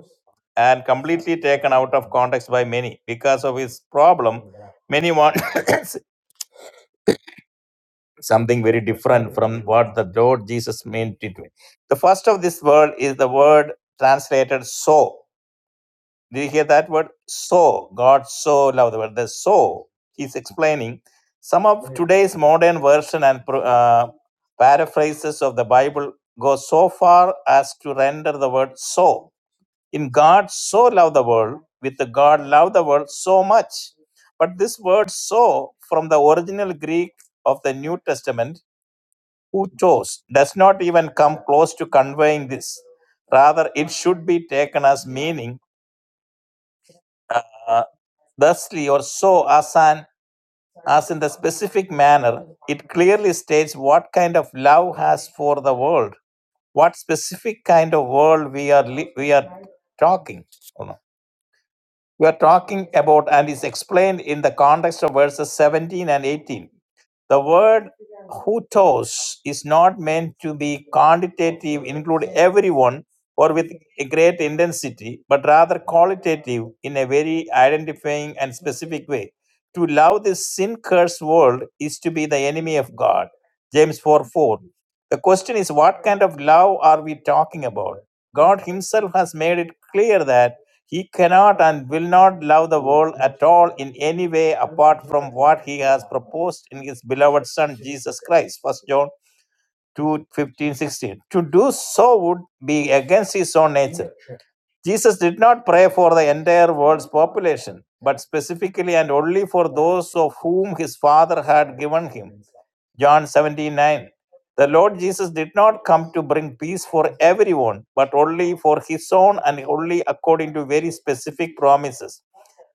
C: and completely taken out of context by many. Because of his problem, many want *coughs* something very different from what the Lord Jesus meant it. to be. The first of this word is the word translated so. Did you hear that word? So, God so loved the word. The so, he's explaining some of today's modern version and pro- uh, paraphrases of the Bible go so far as to render the word so. In God so loved the world, with the God loved the world so much. But this word so, from the original Greek of the New Testament, who chose, does not even come close to conveying this. Rather, it should be taken as meaning uh, Thusly, or so, as, an, as in the specific manner, it clearly states what kind of love has for the world, what specific kind of world we are li- we are talking. oh no, We are talking about, and is explained in the context of verses 17 and 18. The word hutos is not meant to be quantitative, include everyone or with a great intensity, but rather qualitative in a very identifying and specific way. To love this sin cursed world is to be the enemy of God. James 4 4. The question is, what kind of love are we talking about? God Himself has made it clear that he cannot and will not love the world at all in any way apart from what he has proposed in his beloved Son Jesus Christ. First John two fifteen sixteen To do so would be against his own nature. Jesus did not pray for the entire world's population, but specifically and only for those of whom his Father had given him. John 79. The Lord Jesus did not come to bring peace for everyone, but only for his own and only according to very specific promises.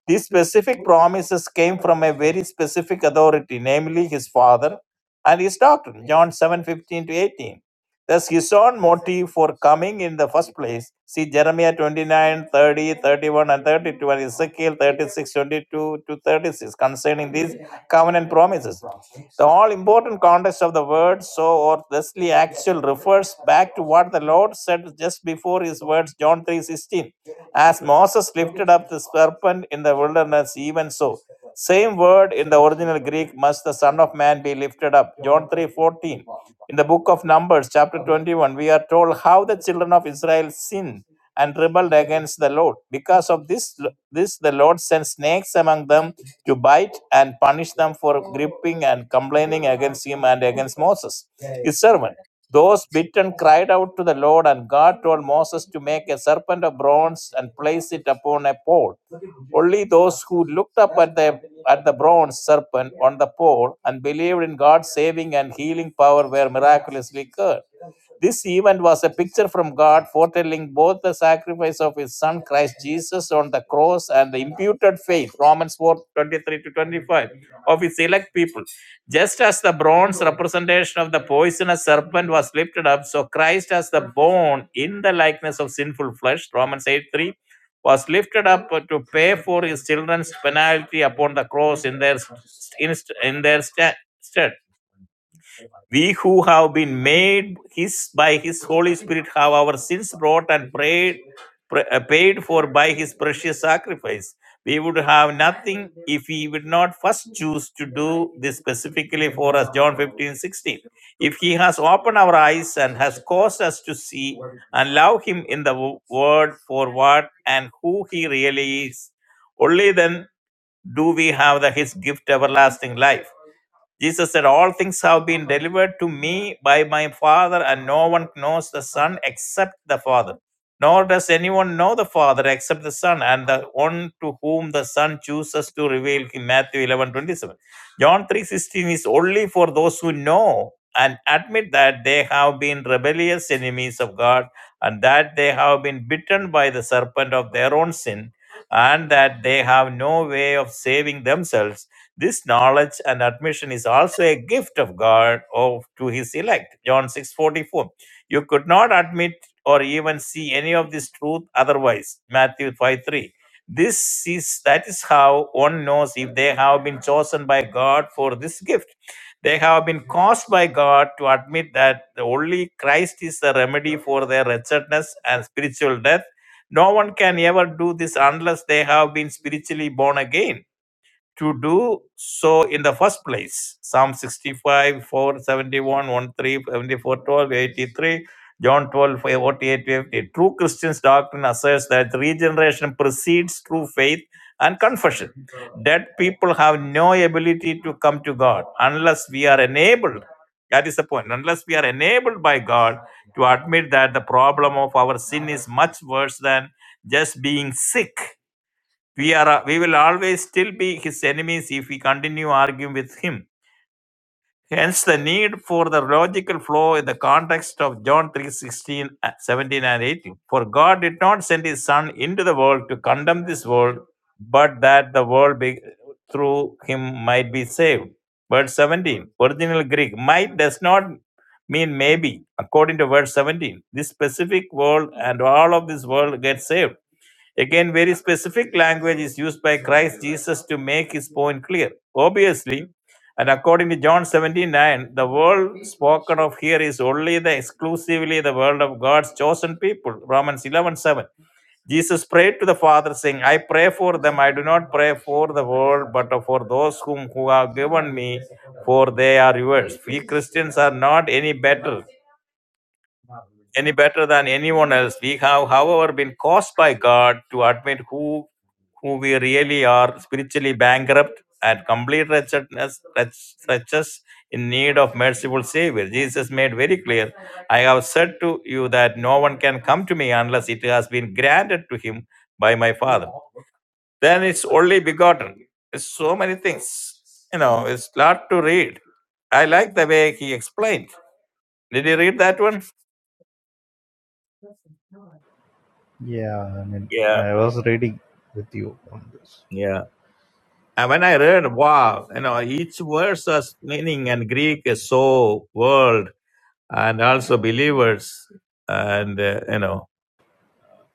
C: These specific promises came from a very specific authority, namely his father and his doctrine, John seven fifteen to 18. Thus, his own motive for coming in the first place, see Jeremiah twenty nine thirty thirty one and 32, and Ezekiel thirty six twenty two to 36, concerning these covenant promises. The all important context of the word so or thusly actual refers back to what the Lord said just before his words, John 3:16 as Moses lifted up the serpent in the wilderness, even so. Same word in the original Greek, must the Son of Man be lifted up. John three fourteen. In the book of Numbers, chapter 21, we are told how the children of Israel sinned and rebelled against the Lord. Because of this, this the Lord sent snakes among them to bite and punish them for gripping and complaining against him and against Moses, his servant. Those bitten cried out to the Lord, and God told Moses to make a serpent of bronze and place it upon a pole. Only those who looked up at the at the bronze serpent on the pole and believed in God's saving and healing power were miraculously cured. This event was a picture from God foretelling both the sacrifice of his son Christ Jesus on the cross and the imputed faith, Romans four twenty three to 25, of his elect people. Just as the bronze representation of the poisonous serpent was lifted up, so Christ as the bone in the likeness of sinful flesh, Romans 8 3, was lifted up to pay for his children's penalty upon the cross in their, in, in their stead. We who have been made His by His Holy Spirit have our sins brought and prayed, pra- uh, paid for by His precious sacrifice. We would have nothing if He would not first choose to choose us to see and love Him in the wo- Word for what and who He really is. Only then do we have the, His gift everlasting life. Jesus said, All things have been delivered to me by my Father, and no one knows the Son except the Father. Nor does anyone know the Father except the Son, and the one to whom the Son chooses to reveal him. Matthew 11:27. John 3:16 is only for those who know and admit that they have been rebellious enemies of God, and that they have been bitten by the serpent of their own sin, and that they have no way of saving themselves this knowledge and admission is also a gift of God of, to his elect. John six forty four. You could not admit or even see any of this truth otherwise. Matthew 5 3. This is that is how one knows if they have been chosen by God for this gift. They have been caused by God to admit that the only Christ is the remedy for their wretchedness and spiritual death. No one can ever do this unless they have been spiritually born again to do so in the first place. Psalm 65, 4, 71, 13, 74, 12, 83, John 12, forty-eight, 50. True Christian's doctrine asserts that regeneration precedes true faith and confession. Dead people have no ability to come to God unless we are enabled. That is the point. Unless we are enabled by God to admit that the problem of our sin is much worse than just being sick we are uh, we will always still be his enemies if we continue arguing with him. Hence the need for the logical flow in the context of John three sixteen, uh, seventeen, and 18. For God did not send his son into the world to condemn this world, but that the world be, through him might be saved. Verse 17, original Greek, might does not mean maybe, according to verse 17. This specific world and all of this world gets saved Again, very specific language is used by Christ Jesus to make his point clear. Obviously, and according to John seventeen nine, the world spoken of here is only the exclusively the world of God's chosen people. Romans eleven seven. Jesus prayed to the Father, saying, I pray for them. I do not pray for the world, but for those whom who have given me, for they are yours. We Christians are not any better, any better than anyone else. We have, however, been caused by God to admit who who we really are spiritually bankrupt and complete wretchedness, wretch- wretches in need of merciful Savior. Jesus made very clear I have said to you that no one can come to me unless it has been granted to him by my Father. Then it's only begotten. It's so many things. You know, it's lot to read. I like the way he explained. Did you read that one?
J: Yeah. I mean,
C: Yeah,
J: I was reading with you on this.
C: yeah. And when I read, wow, you know, each verse has meaning, and Greek is so world and also believers and uh, you know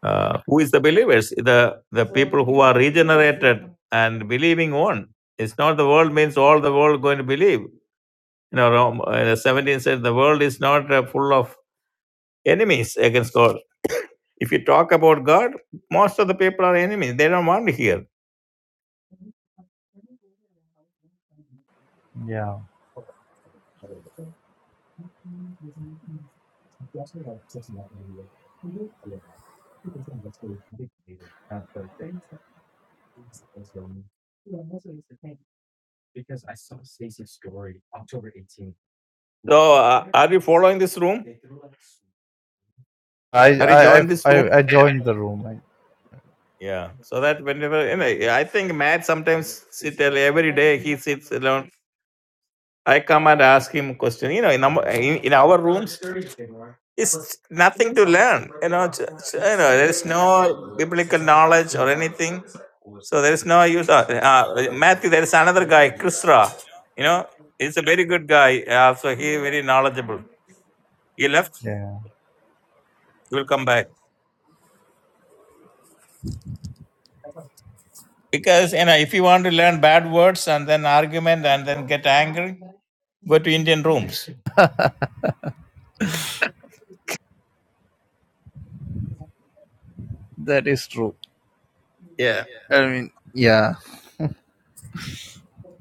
C: uh, who is the believers the the people who are regenerated and believing one it's not the world means all the world going to believe you know Rome, uh, the 17 said the world is not uh, full of enemies against god if you talk about god most of the people are enemies they don't want to hear
J: Yeah.
C: room
J: I,
C: are you
J: I, I,
C: joined this room
J: I I joined the room. I,
C: yeah so that whenever you know i think matt sometimes sit there every day he sits alone I come and ask him question. You know, in, our- in, in our room it's nothing to learn you know j- j- you know there is no biblical knowledge or anything so there is no use of, uh, matthew there is another guy chrisra you know he's a very good guy uh, so he very knowledgeable he left
J: yeah.
C: he will come back because you know if you want to learn bad words and then argument and then get angry go to indian rooms
J: That is true. I mean, yeah.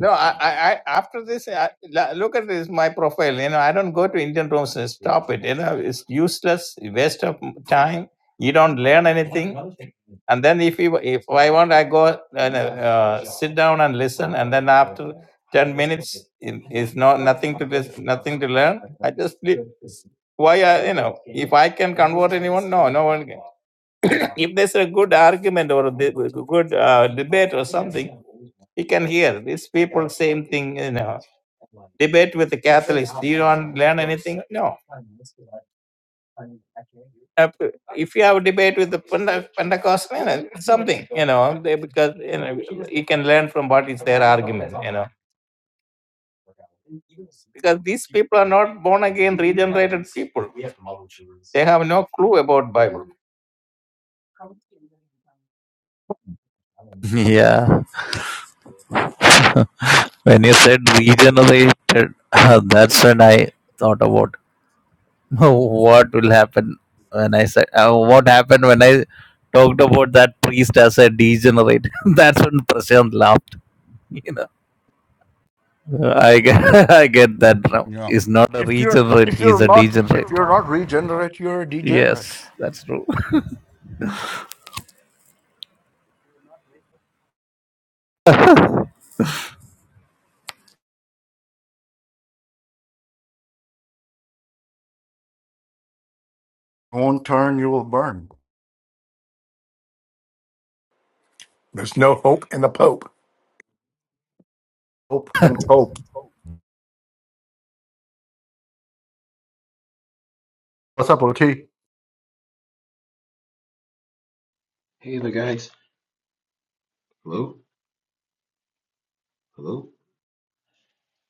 C: No, I, I, I after this, I, la- look at this, my profile. You know, I don't go to Indian rooms. and Stop it. You know, it's useless, waste of time. You don't learn anything. And then if you, if I want, I go and uh, uh, sit down and listen. And then after ten minutes, it is no nothing to lis- nothing to learn. I just leave. why I, you know, if I can convert anyone, no, no one can. If there's a good argument or a di- good uh, debate, or s- you can hear these people same thing. You debate with the. No. uh, if you have a debate with the Pente- Pentecostal, you know, something, you know, they, because you know you can learn from what is their argument, you know, because these people are not born again; they have no clue about Bible.
J: *laughs* yeah. When you said regenerated, *laughs* that's when I thought about *laughs* what will happen when I said uh, what happened when I talked about that priest as a degenerate. *laughs* that's when Prashant laughed. *laughs* You know, I get, *laughs* I get that now.
H: Yeah.
J: He's not a
H: If you're
J: regenerate;
H: if you're
J: he's a
H: not if
J: degenerate.
H: you're not regenerate, you're a degenerate.
J: Yes, that's true. *laughs*
H: Won't turn, you will burn.
K: There's no hope in the Pope.
H: Hope and cope. What's up, OT?
L: Hey there, guys. Hello? Hello?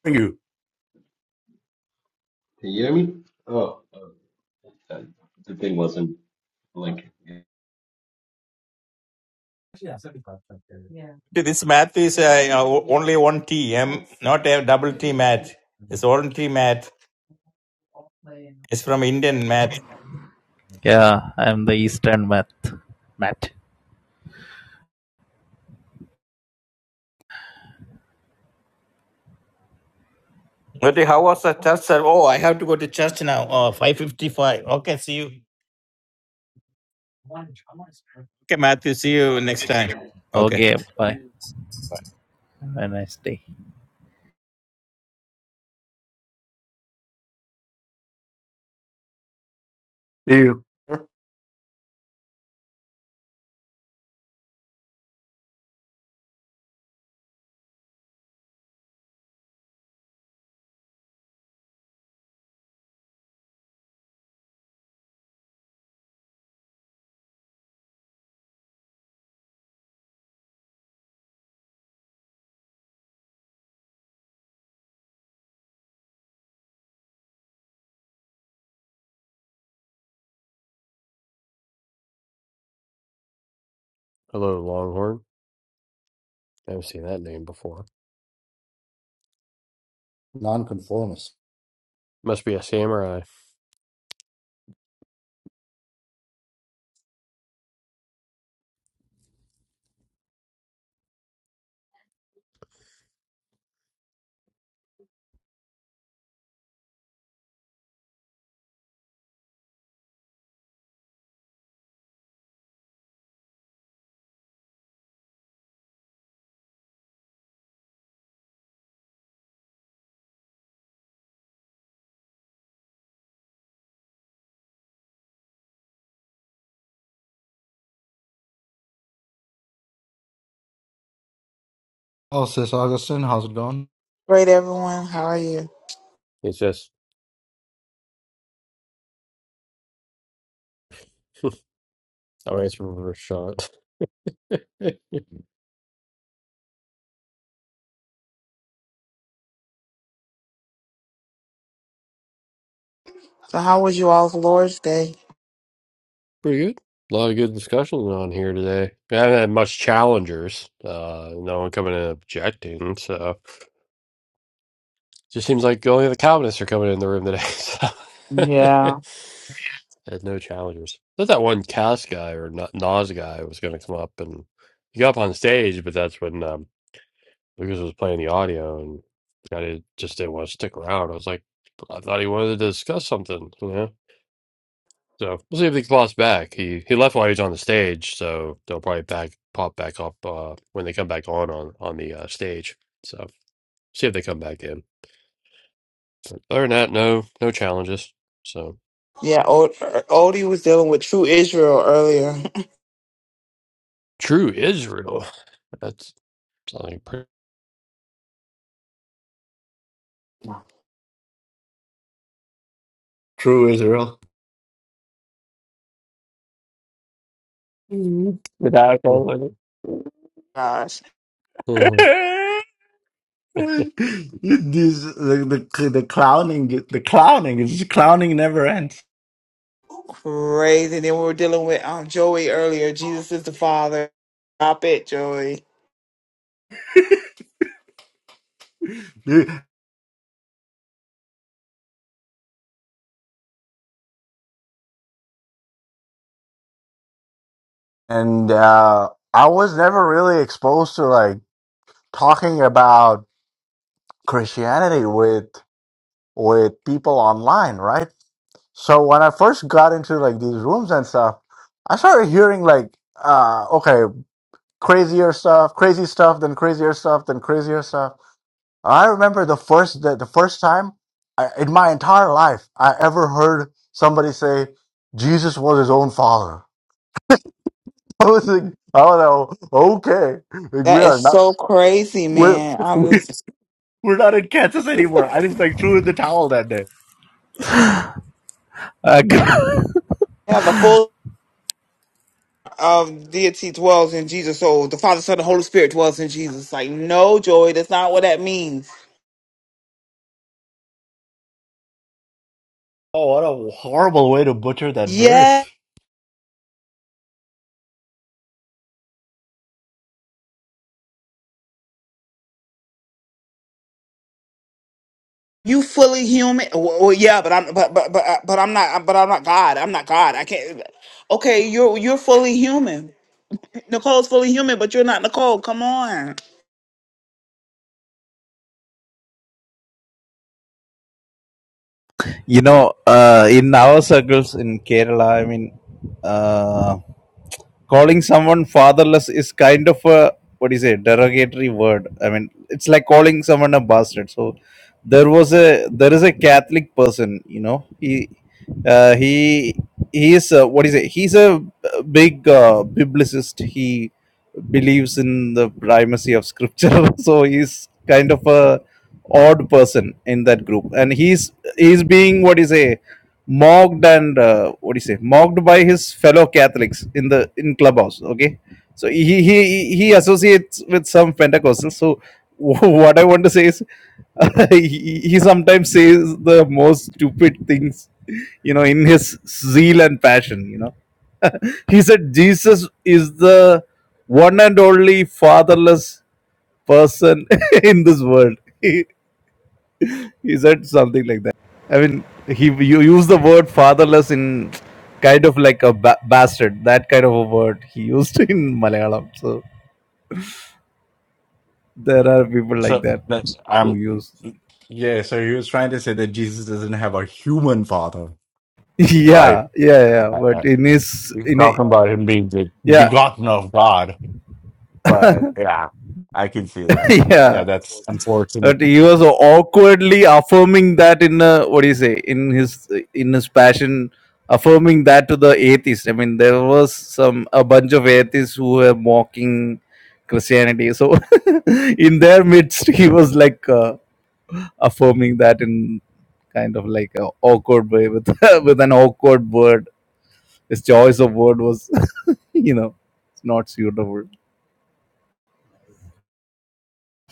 H: Thank you.
L: Can you hear me? Oh, uh, uh, the thing wasn't blinking.
C: This math is uh, you know, only one T M, not it's only math. It's from Indian math.
J: Yeah, I'm the Eastern math. Matt.
C: But how was the church? sir? Oh, I have to go to church now. Oh, five fifty-five. Okay, see you. Okay, Matthew, see you next time. Okay.
J: Okay, bye. Have a nice day.
H: See you.
A: Hello, Longhorn. I haven't seen that name before.
H: Nonconformist.
A: Must be a samurai.
H: Oh, sis Augustine, how's it going?
M: Great, everyone. How are you?
A: It's just, *laughs* I'll answer with a shot. *laughs* Pretty
M: So, how was you all's Lord's Day?
A: good. A lot of good discussions on here today. We haven't had much challengers. Uh, no one coming in objecting. So just seems like only the Calvinists are coming in the room today. *laughs*
M: Yeah,
A: So *laughs* had no challengers. I thought that one Cass guy or Na- Nas guy was going to come up and he got up on stage, but that's when um, Lucas was playing the audio and kind of just didn't want to stick around. I was like, I thought he wanted to discuss something, you know? So we'll see if he pops back. He he left while he was on the stage, so they'll probably back pop back up uh, when they come back on on on the uh, stage. So see if they come back in. But other than that, no no challenges. So
M: yeah. Od- Odie was dealing with True Israel earlier.
A: true Israel. *laughs* That's something pretty.
M: *laughs*
H: True Israel. Mm, Without
A: *laughs*
H: all of
M: Gosh,
A: What's
H: it. *laughs* These the, the the clowning the clowning is clowning never ends.
M: crazy. Then we were dealing with um Joey earlier. Jesus is the Father. Stop it, Joey.
H: and uh, I was never really exposed to like talking about Christianity with with people online, right? So when I first got into like these rooms and stuff, I started hearing like, uh, okay, crazier stuff, crazy stuff, then crazier stuff, then crazier stuff. I remember the first the, the first time I, in my entire life I ever heard somebody say Jesus was his own father. *laughs* I was like, I was like, okay, like we
M: That is
H: are not.
M: so crazy,
H: We're
M: man.
H: *laughs*
M: I'm just
H: we're not in Kansas anymore. I just like threw in the towel that day.
J: *laughs*
M: yeah. The full of deity dwells in Jesus. So the Father, Son, and Holy Spirit dwells in Jesus. Like, no, Joey, that's not what that means.
H: Oh, what a horrible way to butcher that
M: Yes.
H: verse.
M: You fully human? Well, well, yeah, but I'm but but but I- but I'm not but I'm not God. I'm not God. I can't. Okay, you're you're fully human. Nicole's fully human, but you're not Nicole. Come on.
J: You know, uh, in our circles in Kerala, I mean, uh, calling someone fatherless is kind of a what is it derogatory word i mean it's like calling someone a bastard so there was a there is a catholic person you know he uh, he he is a, what is it he's a big uh, biblicist he believes in the primacy of scripture *laughs* so he's kind of a odd person in that group and he's he's being what is a mocked and uh, what do you say mocked by his fellow catholics in the in clubhouse okay so he he he associates with some pentecostals so *laughs* what i want to say is *laughs* he, he sometimes says the most stupid things you know in his zeal and passion you know *laughs* he said jesus is the one and only fatherless person *laughs* in this world *laughs* He said something like that. I mean, he you use the word fatherless in kind of like a ba- bastard. That kind of a word he used *laughs* in Malayalam. So there are people like
H: So
J: that
H: that's
J: who
H: um
J: use. *laughs*
H: yeah. So he was trying to say that Jesus doesn't have a human father, right?
J: Yeah, yeah, yeah.
H: I- I-
J: But in his
H: He's
J: in a,
H: talking about him being the
J: yeah
H: begotten of God. But yeah, I can see that.
J: *laughs* yeah
H: Yeah, that's unfortunate.
J: But he was awkwardly affirming that in uh, what do you say in his in his passion, affirming that to the atheists. I mean, there was some a bunch of atheists who were mocking Christianity. So *laughs* in their midst, he was like uh, affirming that in kind of like a awkward way with *laughs* with an awkward word. His choice of word was, *laughs* you know, it's not suitable.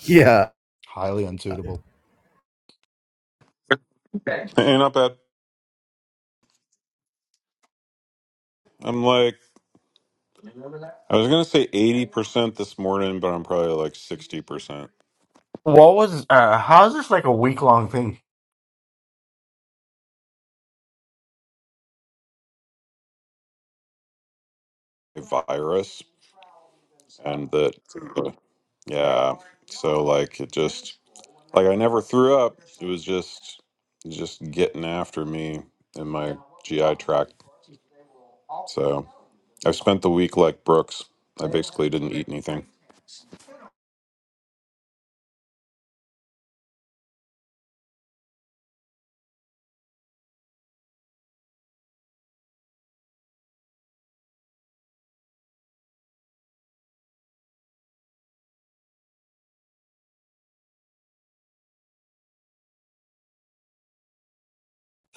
J: Yeah,
H: Highly unsuitable.
N: I'm like, I was gonna say 80% this morning, but I'm probably like 60%
H: What was uh how's this like a week long thing?
N: virus. And that, yeah. So like, it just, like, I never threw up. It was just, just getting after me in my GI tract. So I've spent the week like Brooks. I basically didn't eat anything.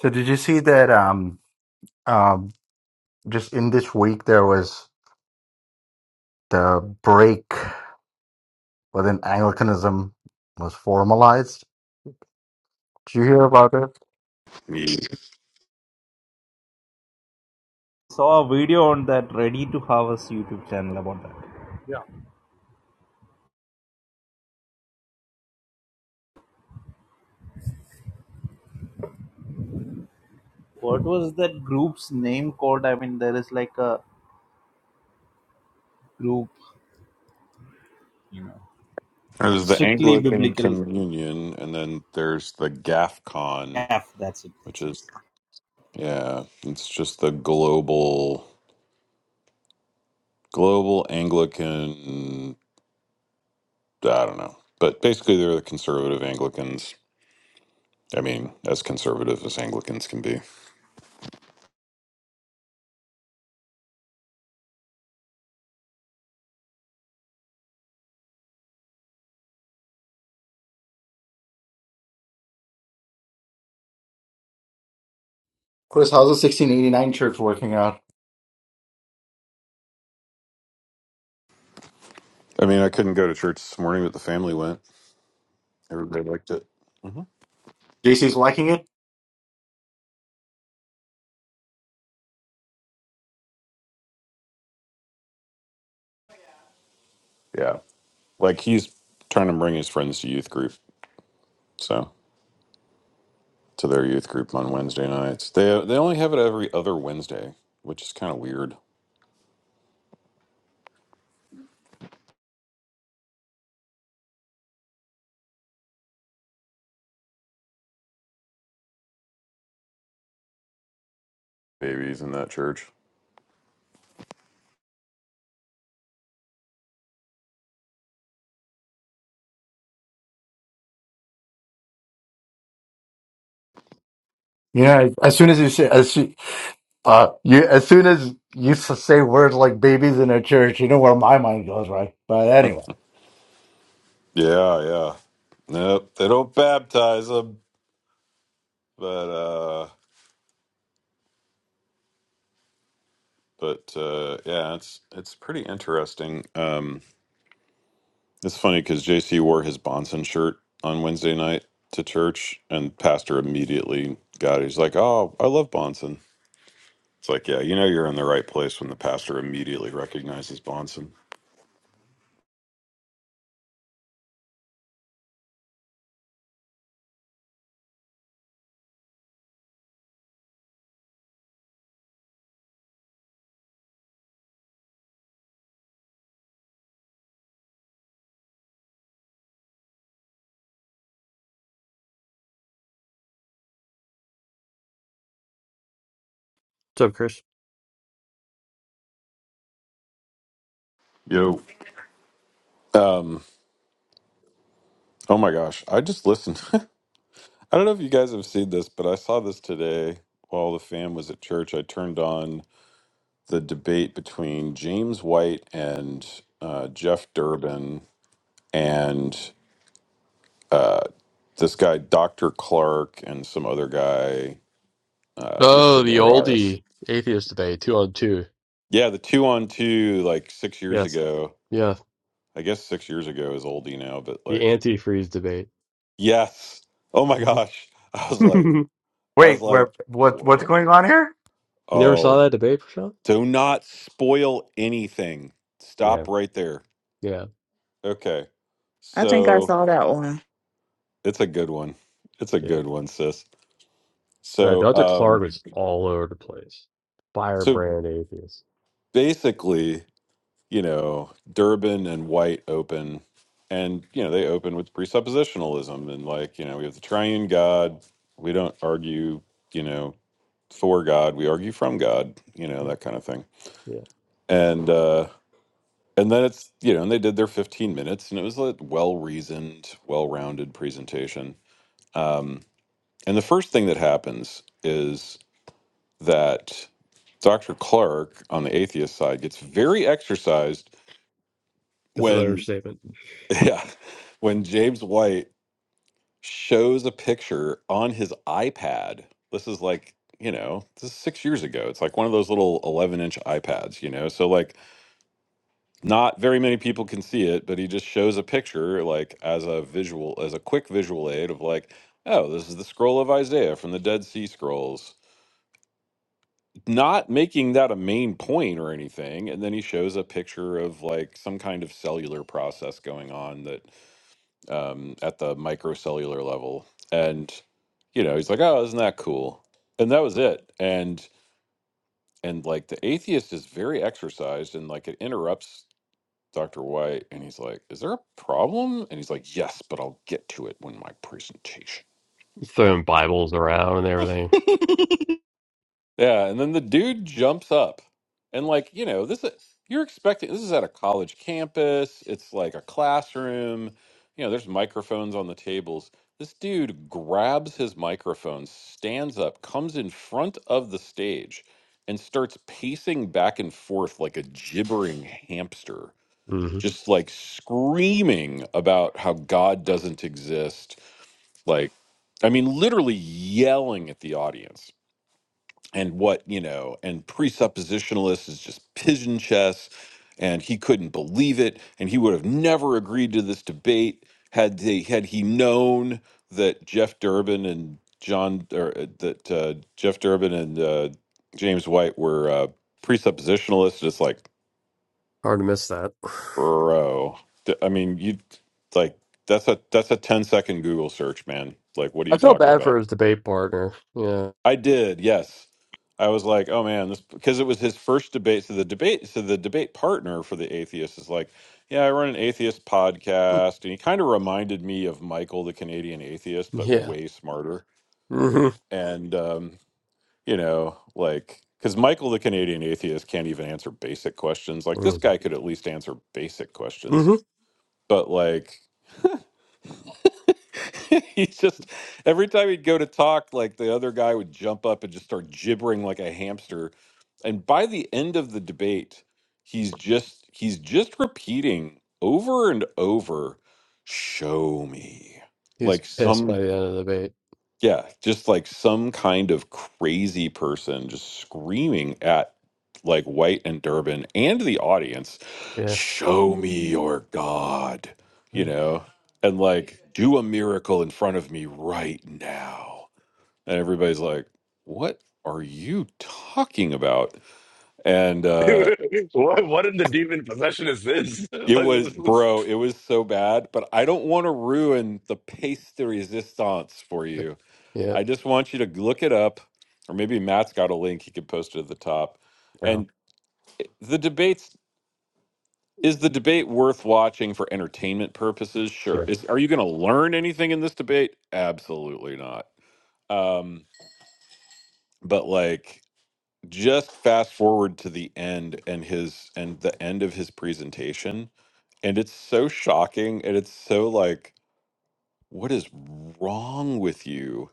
H: So did you see that um um just in this week there was the break within Anglicanism was formalized. Did you hear about it?
N: There's the Anglican Communion, and then there's the GAFCON, which is, yeah, it's just the global. Global Anglican, I don't know. But basically, they're the conservative Anglicans. I mean, as conservative as Anglicans can be.
H: Chris, how's the 1689 church working out?
N: I mean, I couldn't go to church this morning, but the family went. Everybody liked it. hmm
H: JC's liking it.
N: Yeah. Like he's trying to bring his friends to youth group. So to their youth group on Wednesday nights. They, they only have it every other Wednesday, which is kind of weird. Babies in that church.
H: Yeah, as soon as you say as soo- uh you as soon as you s- say words like babies in a church, you know where my mind goes, right? But anyway,
N: Yeah, yeah. Nope. They don't baptize them, but. uh, but uh, yeah, it's it's pretty interesting. Um, it's funny because JC wore his Bonson shirt on Wednesday night to church, and pastor immediately got it. He's like, "Oh, I love Bonson." It's like, yeah, you know, you're in the right place when the pastor immediately recognizes Bonson.
A: up, Chris?
N: Yo, um, oh my gosh, I just listened. *laughs* I don't know if you guys have seen this, but I saw this today while the fam was at church. I turned on the debate between James White and uh, Jeff Durbin and uh, this guy Dr. Clark and some other guy, uh,
A: Oh,
N: Mr.
A: the
N: Elias.
A: oldie atheist debate, two on two.
N: Yeah, the two on two like six years
A: Yes,
N: ago.
A: yeah,
N: I guess six years ago is oldie now, but
A: the
N: like
A: antifreeze debate.
N: yes. Oh
A: *laughs*
N: my gosh. *laughs* I was like
A: you
N: I was
H: wait, where
N: like,
H: what what's
N: what?
H: going on here?
A: never
N: Oh.
A: saw that debate, Prashant?
N: Do not spoil anything.
A: Yeah,
N: Stop right there.
A: yeah,
N: Okay.
M: I think I
N: So
M: saw that one.
N: it's a good one. It's a
A: yeah.
N: good one, sis.
A: Uh,
N: So
A: Dr.
N: um
A: Clark was all over the place.
N: so
A: Firebrand atheist.
N: basically you know, Durbin and White open, and you know they open with presuppositionalism and like you know we have the triune God. We don't argue, you know, for God. We argue from God. You know
A: Yeah,
N: that kind of thing.
A: yeah.
N: And uh, and then it's you know, and they did their fifteen minutes, and it was a well reasoned, well rounded presentation. Um, and the first thing that happens is that Dr. Clark on the atheist side gets very exercised
A: That's an
N: when
A: understatement.
N: Yeah. When James White shows a picture on his iPad, this is like, you know, this is six years ago. It's like one of those little 11 inch iPads, you know? So, like, not very many people can see it, but he just shows a picture, like, as a visual, as a quick visual aid of, like, oh, this is the scroll of Isaiah from the Dead Sea Scrolls. Not making that a main point or anything. And then he shows a picture of, like, some kind of cellular process going on that um, at the microcellular level. And, you know, he's like, oh, isn't that cool? And that was it. And, and like the atheist is very exercised and like it interrupts Dr. White and he's like, is there a problem? And he's like, yes, but I'll get to it when my presentation.
A: Throwing Bibles around and everything.
H: *laughs*
N: Yeah, and then the dude jumps up, and like you know, this is you're expecting. This is at a college campus. It's like a classroom. You know, there's microphones on the tables. This dude grabs his microphone, stands up, comes in front of the stage, and starts pacing back and forth like a gibbering hamster,
A: hmm
N: just like screaming about how God doesn't exist. Like, I mean, literally yelling at the audience and what you know and presuppositionalist is just pigeon chess and he couldn't believe it and he would have never agreed to this debate had they had he known that jeff durbin and john or uh, that uh, jeff durbin and uh, james white were uh, presuppositionalists it's like
A: Hard to miss that.
N: bro th- i mean you like that's a that's a 10 second google search man like what are
A: I
N: you
A: felt
N: talking
A: bad
N: about
A: for his debate partner. Yeah.
N: I did, yes. I was like, oh man, this because it was his first debate. So the debate, so the debate partner for the atheist is like, yeah, I run an atheist
A: *laughs*
N: podcast, and he kind of reminded me of Michael, the Canadian atheist, but
A: Yeah.
N: way smarter.
A: hmm
N: And um, you know, like, because Michael, the Canadian atheist, can't even answer basic questions. Like this
A: mm
N: guy could at least answer basic questions,
A: hmm
N: but like *laughs* He's just every time he'd go to talk, like the other guy would jump up and just start gibbering like a hamster. And by the end of the debate, he's just he's just repeating over and over, "Show me,"
A: He was
N: like
A: pissed by
N: some
A: the end of the debate.
N: yeah, just like some kind of crazy person just screaming at like White and Durbin and the audience,
A: Yeah.
N: show me your God, you
A: Yeah.
N: know, and like do a miracle in front of me right now. And everybody's like, what are you talking about? And uh,
H: Dude, what what in the demon possession is this? *laughs*
N: it
H: Like,
N: was,
H: this is-
N: bro, it was so bad, but I don't want to ruin the pace de resistance for you
A: Yep.
N: I just want you to look it up, or maybe Matt's got a link he could post it at the top.
A: Yeah,
N: And the debates is the debate worth watching for entertainment purposes? Sure.
A: yeah.
N: Is are you going to learn anything in this debate? Absolutely not. Um, but like, just fast forward to the end and his and the end of his presentation, and it's so shocking, and it's so like, what is wrong with you?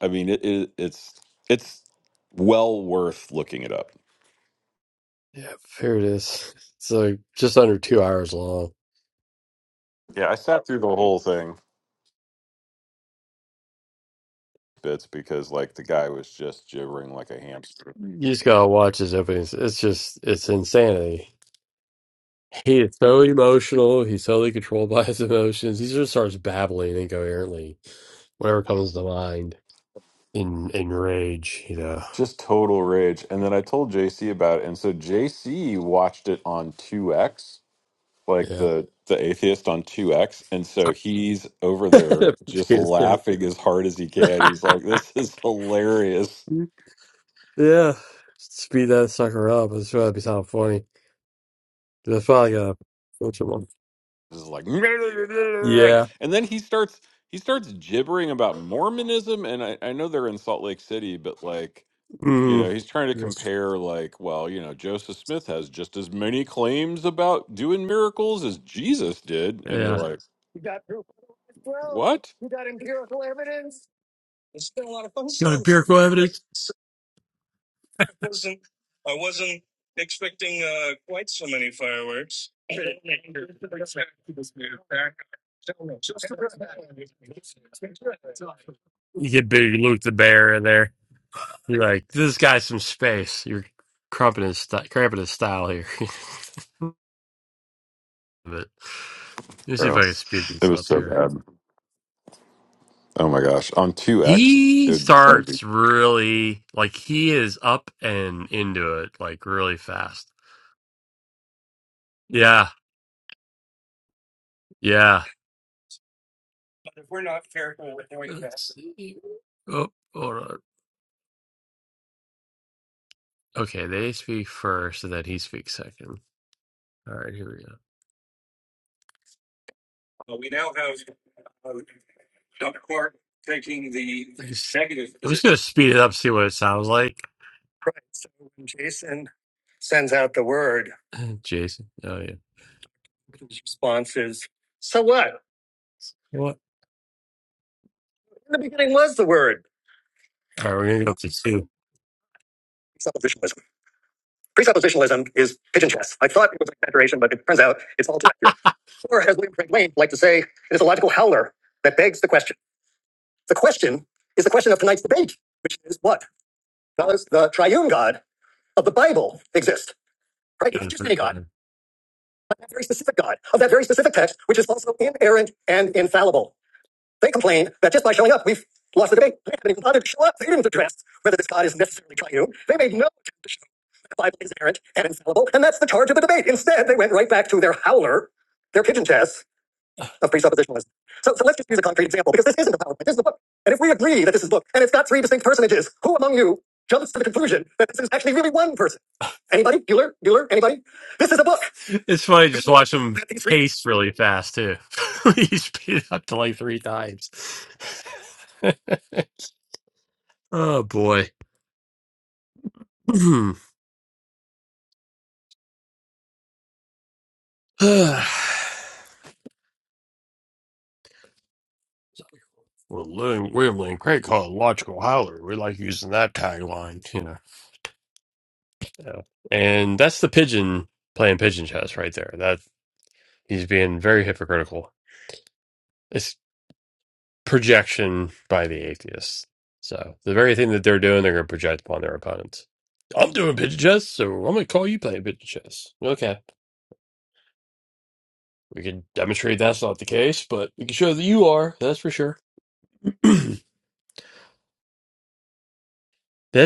N: I mean, it, it it's it's well worth looking it up.
A: Yep. Here it is. It's like just under two hours long.
N: Yeah, I sat through the whole thing bits because like the guy was just gibbering like a hamster.
A: You just gotta watch his openings. It's just it's insanity. He is so emotional. He's totally controlled *laughs* by his emotions. He just starts babbling incoherently, whatever comes to mind in in rage. You know,
N: Just total rage. And then I told JC about it. And so JC watched it on 2X, like
A: yeah,
N: the the atheist on 2X. And so he's over there
A: *laughs*
N: just
A: It's terrible.
N: laughing as hard as he
A: *laughs*
N: can. He's like, this is hilarious.
A: yeah. Speed that sucker up. It's trying to be sound funny. That's probably gonna switch him on.
N: This is like
A: Yeah.
N: *laughs* and then he starts he starts gibbering about Mormonism. And I, I know they're in Salt Lake City, but like You
A: Mm.
N: know, he's trying to
A: Yes.
N: compare, like, well, you know, Joseph Smith has just as many claims about doing miracles as Jesus did. And you're
A: Yeah.
N: like, what?
A: Empirical evidence. You get Big Luke the Bear in there. You're like, this guy's some space. You're cramping his, st- cramping his style here. *laughs* but let me see if
N: Bro,
A: I can speed
N: it
A: this
N: was
A: up
N: so
A: here.
N: bad. Oh my gosh. On 2X, it
A: He
N: would probably be.
A: starts really, like, he is up and into it, like, really fast. Yeah, yeah. Oh, hold on. Okay, they speak first, and then he speaks second. All right, here we go. Just speed it up, see what it sounds like. Right. So when Jason sends out the word, *laughs* Jason. Oh, yeah. His response is, so what? What? In the beginning was the word. All right, we're gonna go to two. Presuppositionalism. Presuppositionalism is pigeon chess. I thought it was an exaggeration, but it turns out it's all too accurate. Or, as William Frank Wayne liked to say, it is a logical howler that begs the question. The question is the question of tonight's debate, which is what? Does the triune God of the Bible exist? Right? Yeah, Not just any God, fine. but that very specific God of that very specific text, which is also inerrant and infallible. They complain that just by showing up, we've lost the debate. They haven't even bothered to show up. They didn't address whether this God is necessarily triune. They made no attempt to show that the Bible is inerrant and infallible, and that's the charge of the debate. Instead, they went right back to their howler, their pigeon chess, of presuppositionalism. So, so let's just use a concrete example because this isn't a PowerPoint. This is a book. And if we agree that this is a book and it's got three distinct personages, who among you jumps to the conclusion that this is actually really one person? *laughs* Anybody? Bueller? Bueller? Anybody? This is a book. It's funny just watch him That these three pace really fast too. *laughs* He's speed up to like three times. *laughs* oh boy. *sighs* *clears throat* well, William, William Lane Craig called it logical howler. We like using that tagline, Yeah. And that's the pigeon playing pigeon chess right there. That he's being very hypocritical. It's projection by the atheists. So the very thing that they're doing, they're going to project upon their opponents. I'm doing pigeon chess, so I'm going to call you playing pigeon chess. Okay. We can demonstrate that's not the case, but we can show that you are. That's for sure. *clears throat* this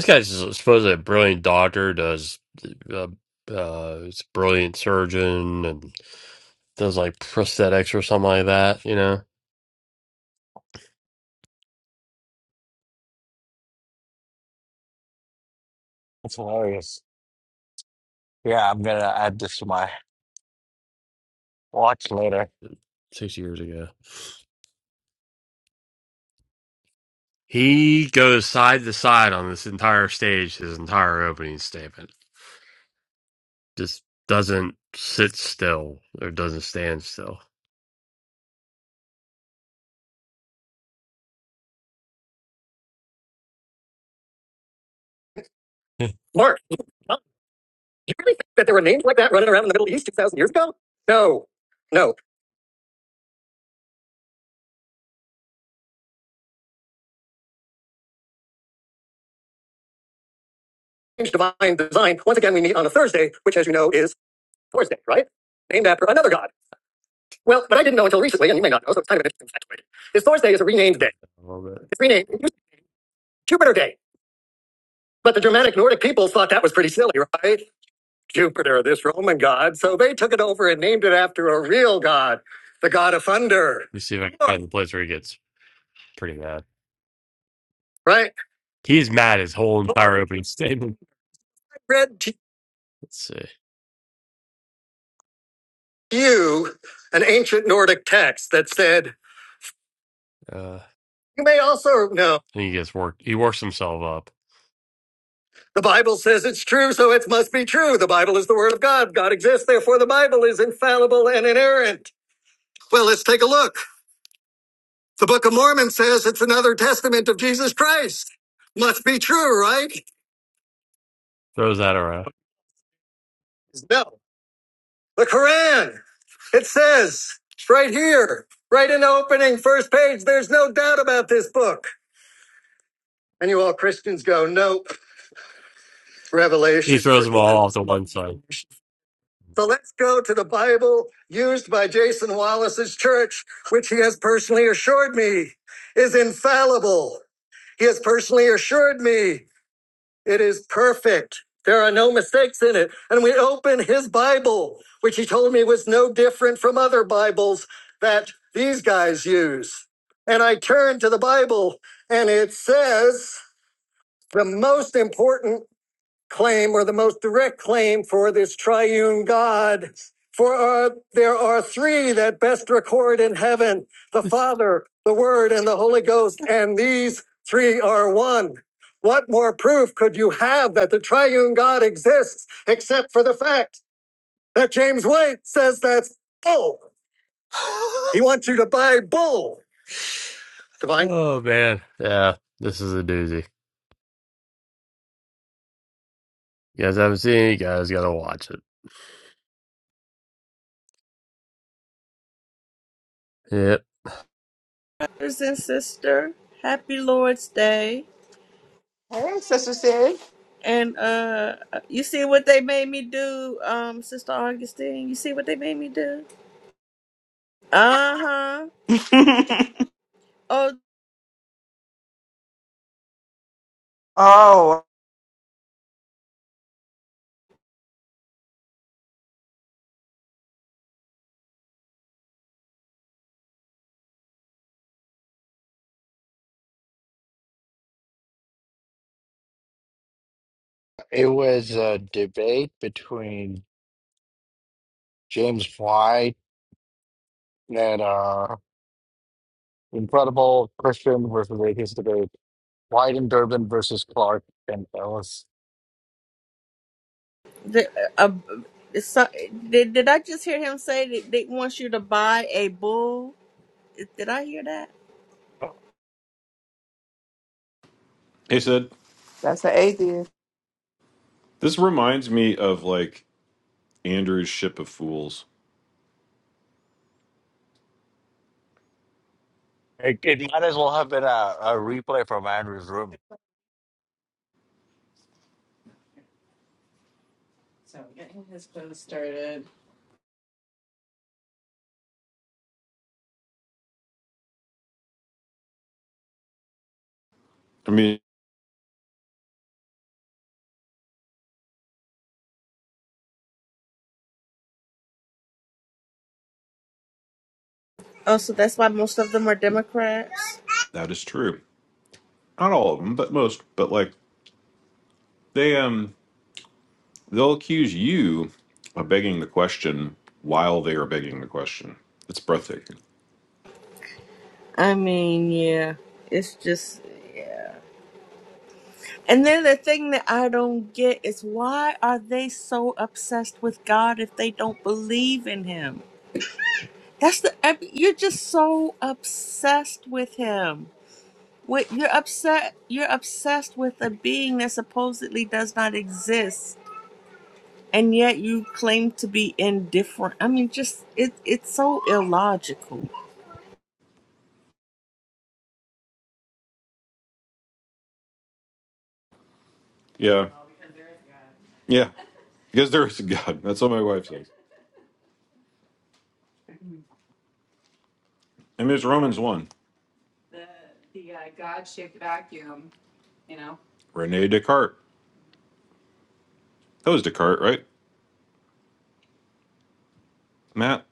A: guy's supposedly a brilliant doctor, does uh, uh, he's a brilliant surgeon and does like prosthetics or something like that, you know?
H: That's hilarious. Yeah, I'm gonna add this to my watch later.
A: six years ago. He goes side to side on this entire stage, his entire opening statement. Just doesn't sit still or doesn't stand still. Mark, you you really think that there were names like that running around in the Middle East 2,000 years ago? No, no. Change divine design. Once again, we meet on a Thursday, which, as you know, is Thursday, right? Named after another god. Well, but I didn't know until recently, and you may not know, so it's kind of an interesting factoid. Is Thursday is a renamed day. I love it. It's renamed Jupiter Day. But the Germanic Nordic peoples thought that was pretty silly, right? Jupiter, this Roman god. So they took it over and named it after a real god, the god of thunder. Let me see if I can find the place where he gets pretty mad. Right? He's mad his whole entire opening statement. I read to Let's see. you an ancient Nordic text that said, Uh, you may also know he gets worked. He works himself up. The Bible says it's true, so it must be true. The Bible is the Word of God. God exists, therefore the Bible is infallible and inerrant. Well, let's take a look. The Book of Mormon says it's another testament of Jesus Christ. Must be true, right? Throws that around. The Quran, it says right here, right in the opening first page, there's no doubt about this book. And you all Christians go, nope, He Revelation. throws them all off to one side. So let's go to the Bible used by Jason Wallace's church, which he has personally assured me is infallible. He has personally assured me It is perfect. There are no mistakes in it. And we open his Bible, which he told me was no different from other Bibles that these guys use. And I turn to the Bible and it says the most important claim or the most direct claim for this triune God. For uh, there are three that best record in heaven the *laughs* Father, the Word, and the Holy Ghost, and these three are one. What more proof could you have that the triune God exists except for the fact that James White says that's bull? He wants you to buy bull. Divine. Oh man, yeah, this is a doozy. You guys haven't seen it, you guys gotta watch it. Yep.
O: brothers and sister. Happy Lord's Day.
M: Her sister said,
O: And uh you see what they made me do, um, Sister Augustine. You see what they made me do? Uh-huh.
M: *laughs*
O: Oh,
M: "Oh,
H: It was a debate between James White and uh, incredible Christian versus atheist debate. White and Durbin versus Clark and Ellis.
O: the, uh, uh, so, did, did I just hear him say that they want you to buy a bull? Did I hear that?
N: He said,
M: that's an atheist."
N: this reminds me of like Andrew's Ship of Fools.
H: It, it might as well have been a, a replay from Andrew's room.
N: I mean,
O: Oh, so that's why most of them are Democrats?
N: that is true. Not all of them, but most. But like, they, um, they'll accuse you of begging the question while they are begging the question. It's breathtaking.
O: I mean, yeah. It's just. And then the thing that I don't get is why are they so obsessed with God if they don't believe in Him? That's the I mean, you're just so obsessed with Him. What you're upset, you're obsessed with a being that supposedly does not exist, and yet you claim to be indifferent. I mean, just it, it's so illogical.
N: Yeah. Yeah, because there is a God. That's what my wife says. And there's Romans 1, Rene Descartes. That was Descartes, right, Matt?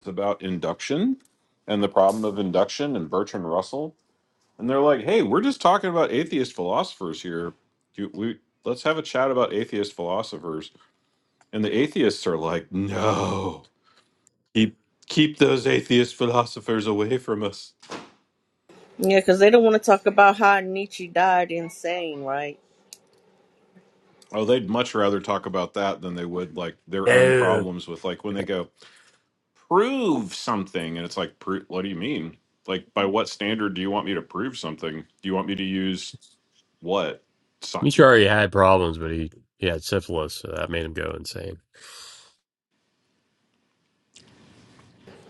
N: It's about induction and the problem of induction and Bertrand Russell. And they're like, hey, we're just talking about atheist philosophers here. Do we, let's have a chat about atheist philosophers. And the atheists are like, no, keep, keep those atheist philosophers away from us.
O: Yeah, because they don't want to talk about how Nietzsche died insane, right?
N: Oh, they'd much rather talk about that than they would like their own
A: No.
N: problems with like when they go, prove something and it's like pro- what do you mean like by what standard do you want me to prove something do you want me to use what Sci-
A: He already had problems, but he, he had syphilis, so that made him go insane.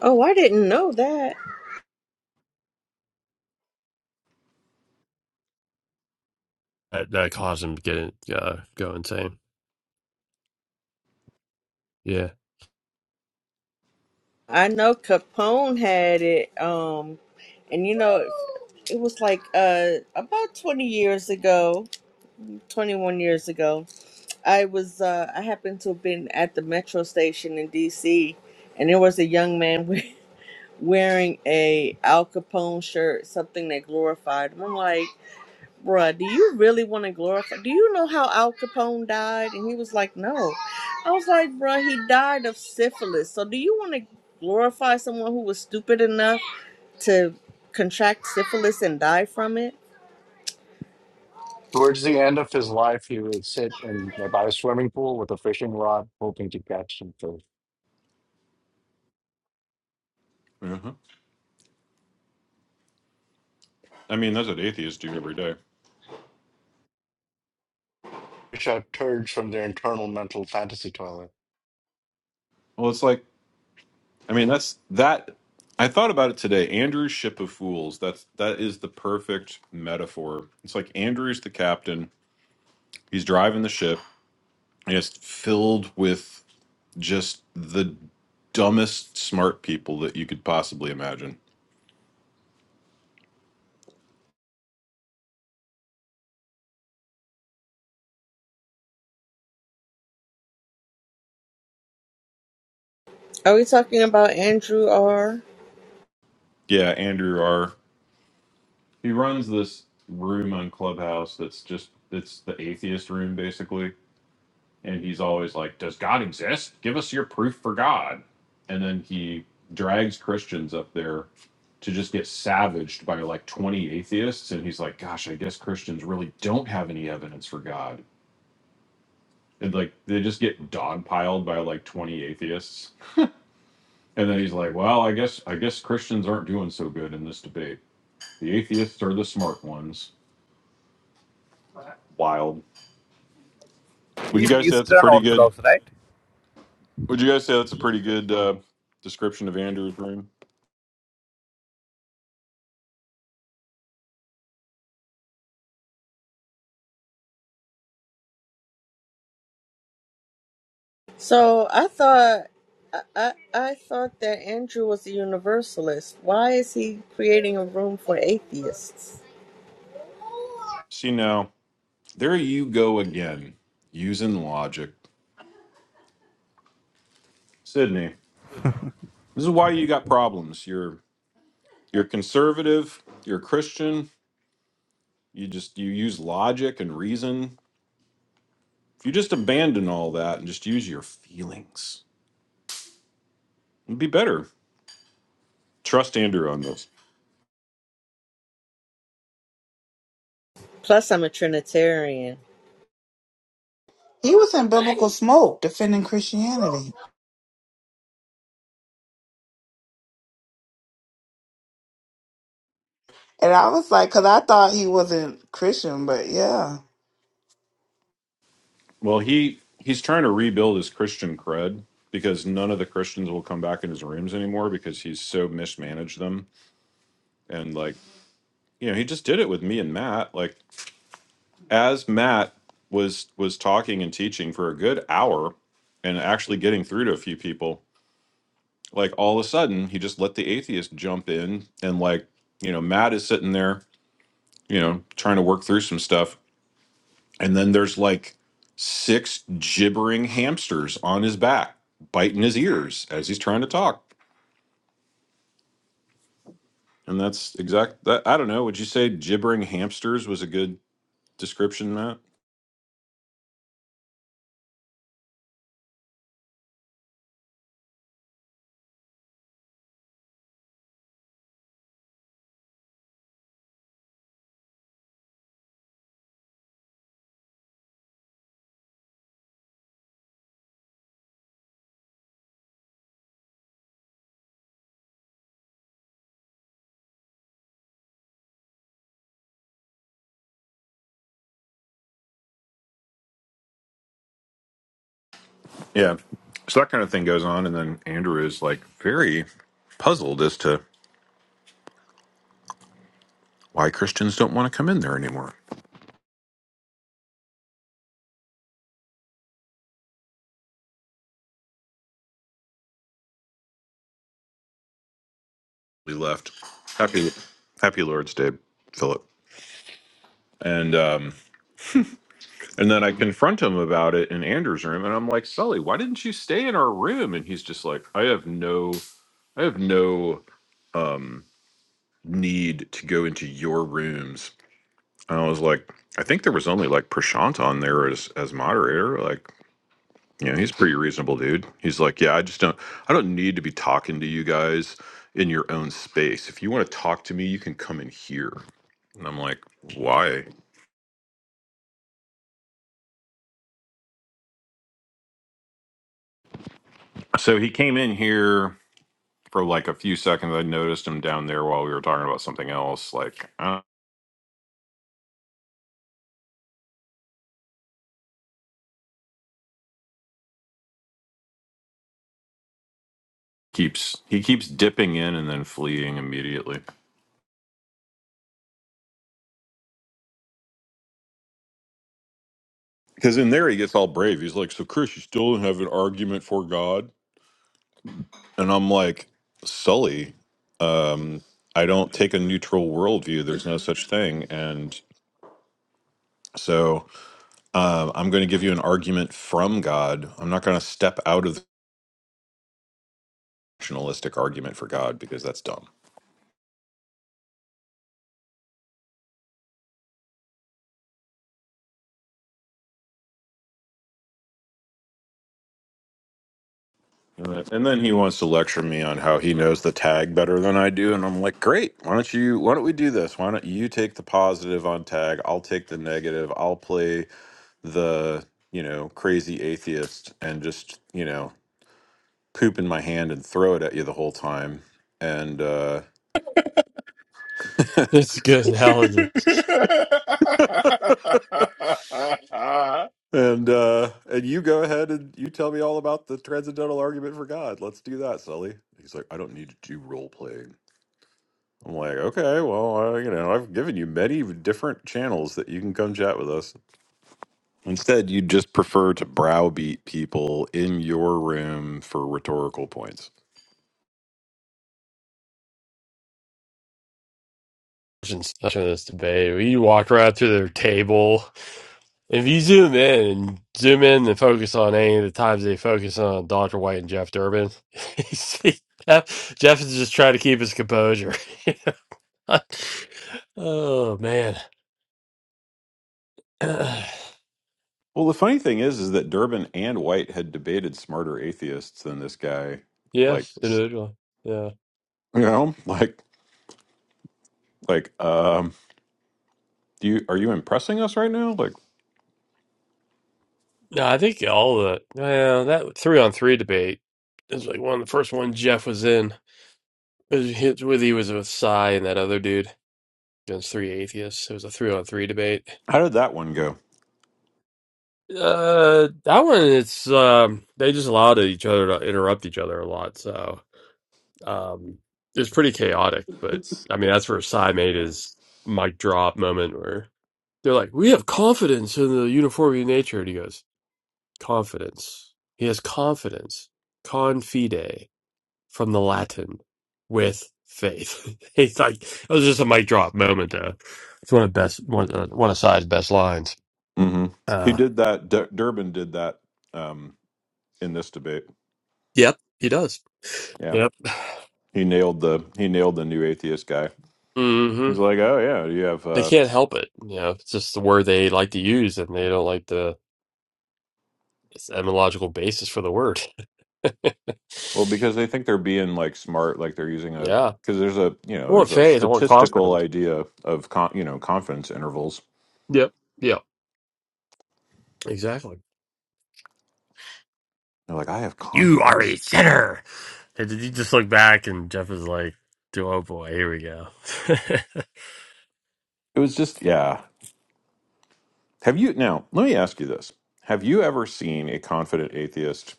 O: Oh, I didn't know that.
A: That, that caused him to get uh, go insane. Yeah,
O: I know Capone had it, um, and you know, it was like uh about 20 years ago, 21 years ago. I was uh I happened to have been at the metro station in DC, and there was a young man *laughs* wearing a Al Capone shirt, something that glorified him. I'm like. Bruh, do you really want to glorify? Do you know how Al Capone died? And he was like, no. I was like, bruh, he died of syphilis. So do you want to glorify someone who was stupid enough to contract syphilis and die from it?
H: Towards the end of his life, he would sit in by a swimming pool with a fishing rod, hoping to catch some fish.
N: uh i mean that's what atheists do every day
H: Which are turds from their internal mental fantasy toilet.
N: well it's like i mean that's that i thought about it today andrew's ship of fools that's that is the perfect metaphor it's like andrew's the captain he's driving the ship and it's filled with just the dumbest smart people that you could possibly imagine
O: Are we talking about Andrew R?
N: yeah andrew r he runs this room on Clubhouse that's just it's the atheist room basically, and he's always like, "Does God exist? Give us your proof for God." And then he drags Christians up there to just get savaged by like 20 atheists and he's like, "Gosh, I guess Christians really don't have any evidence for God." And like they just get dogpiled by like 20 atheists. And then he's like, "Well, I guess I guess Christians aren't doing so good in this debate. The atheists are the smart ones." Wild Would you
J: he's
N: guys say that's a
J: Eastern
N: pretty good?
J: Orthodox, right?
N: Would you guys say that's a pretty good uh, description of Andrew's room?
O: So I thought, I, I, I thought that Andrew was a universalist. Why is he creating a room for atheists?
N: See now, there you go again, using logic, Sydney. This is why you got problems. You're you're conservative. You're Christian. You just you use logic and reason. If you just abandon all that and just use your feelings, it'd be better. Trust Andrew on this.
O: Plus, I'm a Trinitarian.
M: he was in biblical smoke defending Christianity. And I was like, because I thought he wasn't Christian, but yeah.
N: Well, he he's trying to rebuild his Christian cred because none of the Christians will come back in his rooms anymore because he's so mismanaged them and like you know he just did it with me and Matt like as Matt was was talking and teaching for a good hour and actually getting through to a few people like all of a sudden he just let the atheist jump in and like you know Matt is sitting there you know trying to work through some stuff and then there's like six gibbering hamsters on his back biting his ears as he's trying to talk and that's exact that I don't know would you say gibbering hamsters was a good description Matt Yeah. So that kind of thing goes on. And then Andrew is like very puzzled as to why Christians don't want to come in there anymore. He left. Happy, happy Lord's Day, Philip. And, um, and then I confront him about it in Andrew's room. And I'm like, Sully, why didn't you stay in our room? And he's just like, I have no, I have no mm, need to go into your rooms. And I was like, I think there was only like Prashant on there as, as moderator. Like, Yeah, he's a pretty reasonable dude. He's like, yeah, I just don't, I don't need to be talking to you guys in your own space. If you want to talk to me, you can come in here. And I'm like, why? So he came in here for like a few seconds. I noticed him down there while we were talking about something else. Like, I don't- keeps he keeps dipping in and then fleeing immediately. Because in there he gets all brave. He's like, so Chris, you still don't have an argument for God? And I'm like, Sully, um, I don't take a neutral worldview. There's no such thing. And so um, I'm going to give you an argument from God. I'm not going to step out of the rationalistic argument for God because that's dumb. Uh, And then he wants to lecture me on how he knows the tag better than I do, and I'm like, great. Why don't you? Why don't we do this? Why don't you take the positive on tag? I'll take the negative. I'll play the you know crazy atheist and just you know poop in my hand and throw it at you the whole time. And uh
A: *laughs* it's a good
H: *laughs*
A: analogy.
H: yeah,
N: and uh and you go ahead and you tell me all about the transcendental argument for God. Let's do that, Sully. He's like, I don't need to do role playing. I'm like, okay, well, uh, you know, I've given you many different channels that you can come chat with us. Instead, you just prefer to browbeat people in your room for rhetorical points.
A: Especially in this debate, we walked right through their table. If you zoom in and zoom in and focus on any of the times they focus on Dr. White and Jeff Durbin, *laughs* you see Jeff, Jeff is just trying to keep his composure. *laughs* oh man. *clears throat*
N: Well, the funny thing is, is that Durbin and White had debated smarter atheists than this guy. Like,
A: Yes, individually. Yeah.
N: you know, like Like, um, do you are you impressing us right now? Like,
A: No, I think all the yeah, that three on three debate is like one of the first one Jeff was in. It was his- with he was with Cy and that other dude against three atheists. It was a three on three debate.
N: how did that one go?
A: Uh, that one it's um they just allowed each other to interrupt each other a lot, so um it's pretty chaotic. But I mean that's where Cy made his mic drop moment where they're like, "We have confidence in the uniformity of nature," and he goes. Confidence. He has confidence. Confide from the Latin with faith. *laughs* It's like it was just a mic drop moment there. It's one of best one uh, one of Side's best lines.
N: hmm He
A: Uh,
N: did that. D- Durbin did that um, in this debate.
A: yep, he does.
N: Yeah,
A: Yep.
N: he nailed the he nailed the new atheist guy.
A: hmm
N: He's like, oh yeah, you have
A: They
N: uh,
A: can't help it. You know, it's just the word they like to use, and they don't like the it's etymological basis for the word. *laughs*
N: well because they think they're being like smart, like they're using a
A: yeah.
N: because there's a you
A: I
N: know
A: want
N: there's a
A: faith. I want
N: statistical
A: confidence.
N: idea of con- you know confidence intervals.
A: Yep. Yeah. Exactly.
N: They're like, I have
A: You are a
N: confidence.
A: sinner. And then you just look back, and Jeff is like, oh boy, here we go. *laughs*
N: It was just yeah. Have you now? Let me ask you this: Have you ever seen a confident atheist?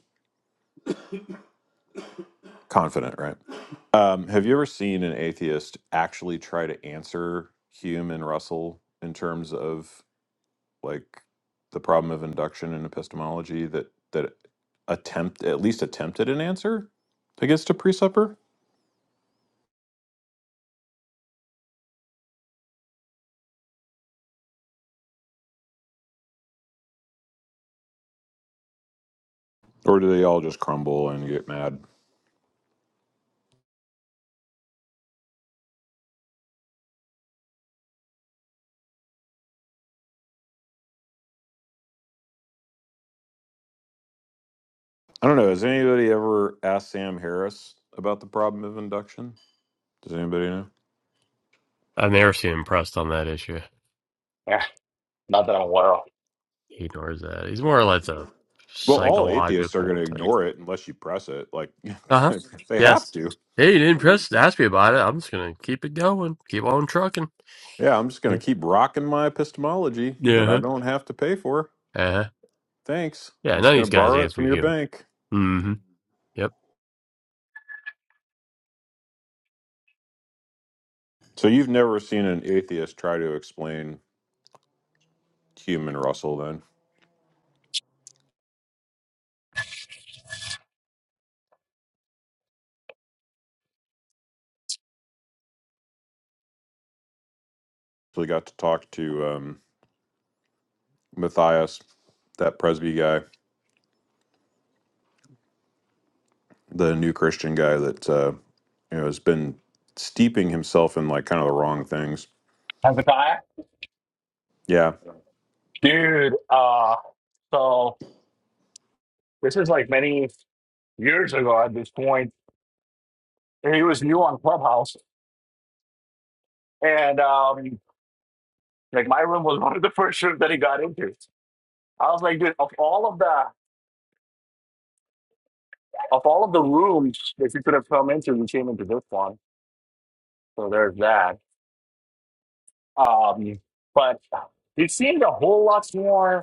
N: confident, right? Um, have you ever seen an atheist actually try to answer Hume and Russell in terms of like the problem of induction and epistemology that that attempt at least attempted an answer against a presupper? Or do they all just crumble and get mad? I don't know. Has anybody ever asked Sam Harris about the problem of induction? Does anybody know?
A: I've never seen him pressed on that issue.
H: not that I'm aware of.
A: He ignores that. He's more or less a
N: Well, all atheists are going
A: psychological
N: to
A: type.
N: ignore it unless you press it. Like,
A: Uh huh.
N: *laughs* they have
A: Yes.
N: to.
A: Hey, you didn't press ask me about it. I'm just gonna keep it going, keep on trucking.
N: Yeah, I'm just going
A: Yeah.
N: to keep rocking my epistemology
A: Yeah.
N: that I
A: Uh-huh.
N: don't have to pay for.
A: Uh-huh.
N: Thanks.
A: Yeah.
N: I'm
A: None of
N: just going
A: these
N: to
A: guys
N: borrow it
A: answer
N: from your
A: you.
N: bank.
A: Mm-hmm. Yep.
N: So, you've never seen an atheist try to explain human Russell then? So, we got to talk to um, Matthias, that Presby guy. the new Christian guy that uh, you know has been steeping himself in like kind of the wrong things.
H: Hezekiah?
N: Yeah.
H: Dude, uh, so this is like many years ago at this point. and He was new on Clubhouse, and um, like my room was *laughs* one of the first rooms that he got into. I was like, dude, of all of the of all of the rooms that you could have come into, you came into this one. So there's that. Um, but it seemed a whole lot more.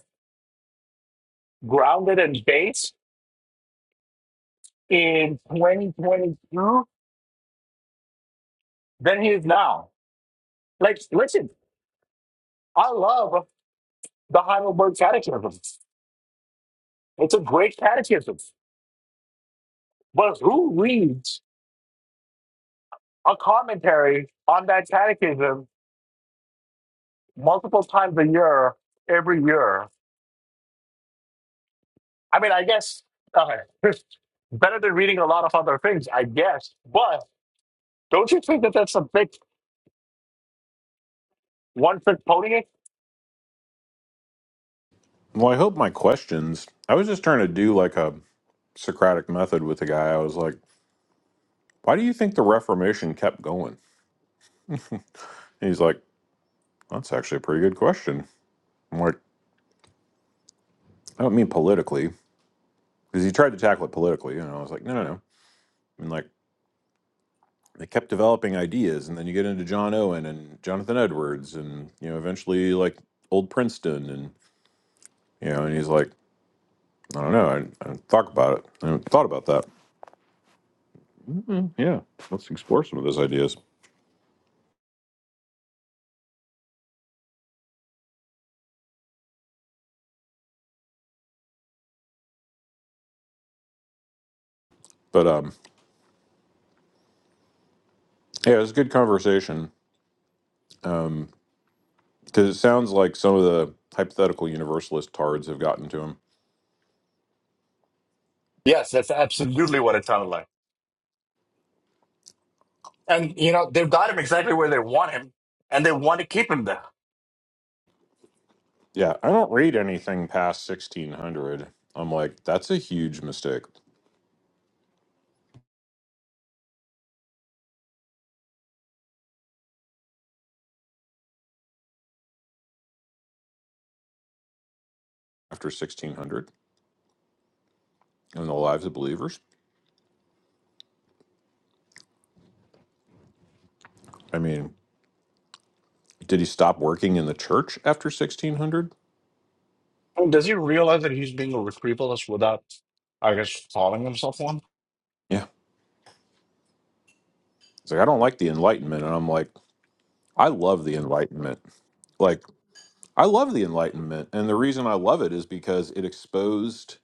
H: grounded and based in 2022 than he is now. Like, listen, I love the Heidelberg Catechism. It's a great catechism. But who reads a commentary on that catechism multiple times a year, every year? I mean, I guess uh, *laughs* better than reading a lot of other things, I guess. But don't you think that that's a big one trick pony?
N: Well, I hope my questions. I was just trying to do like a Socratic method with the guy. I was like, "Why do you think the Reformation kept going?" And he's like, "That's actually a pretty good question." I'm like, "I don't mean politically," because he tried to tackle it politically, and I was like, "No, no, no." I mean, like they kept developing ideas, and then you get into John Owen and Jonathan Edwards, and you know, eventually like old Princeton, and you know, and he's like. I don't know. I, I haven't thought about it. I haven't thought about that. mm Yeah, let's explore some of those ideas. But um, yeah, it was a good conversation because it sounds like some of the hypothetical universalist tards have gotten to him.
H: Yes, that's absolutely what it sounded like. And you know, they've got him exactly where they want him, and they want to keep him there.
N: Yeah, I don't read anything past sixteen hundred. I'm like, that's a huge mistake. After sixteen hundred, in the lives of believers. I mean, did he stop working in the church after sixteen hundred?
H: And does he realize that he's being a retrievalist without, I guess, calling himself one?
N: Yeah, he's like, I don't like the Enlightenment, and I'm like, I love the Enlightenment. Like I love the Enlightenment. And the reason I love it is because it exposed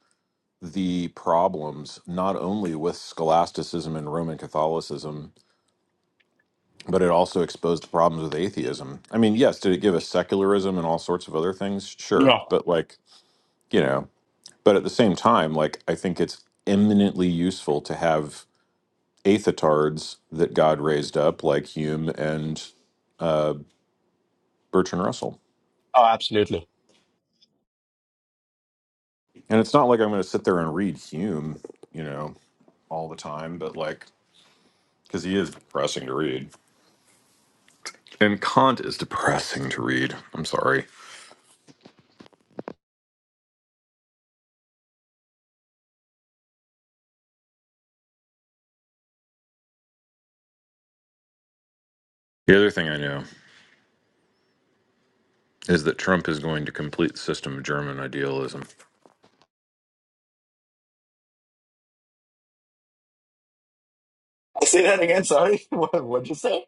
N: the problems not only with scholasticism and Roman Catholicism, but it also exposed the problems with atheism. I mean, yes, did it give us secularism and all sorts of other things? Sure.
H: No.
N: But, like, you know, but at the same time, like, I think it's eminently useful to have aethetards that God raised up, like Hume and uh, Bertrand Russell. And it's not like I'm going to sit there and read Hume, you know. all the time, but like, because he is depressing to read. And Kant is depressing to read. I'm sorry. The other thing I know is that Trump is going to complete the system of German idealism.
H: *laughs* Say that again. Sorry. *laughs* What, what'd you say?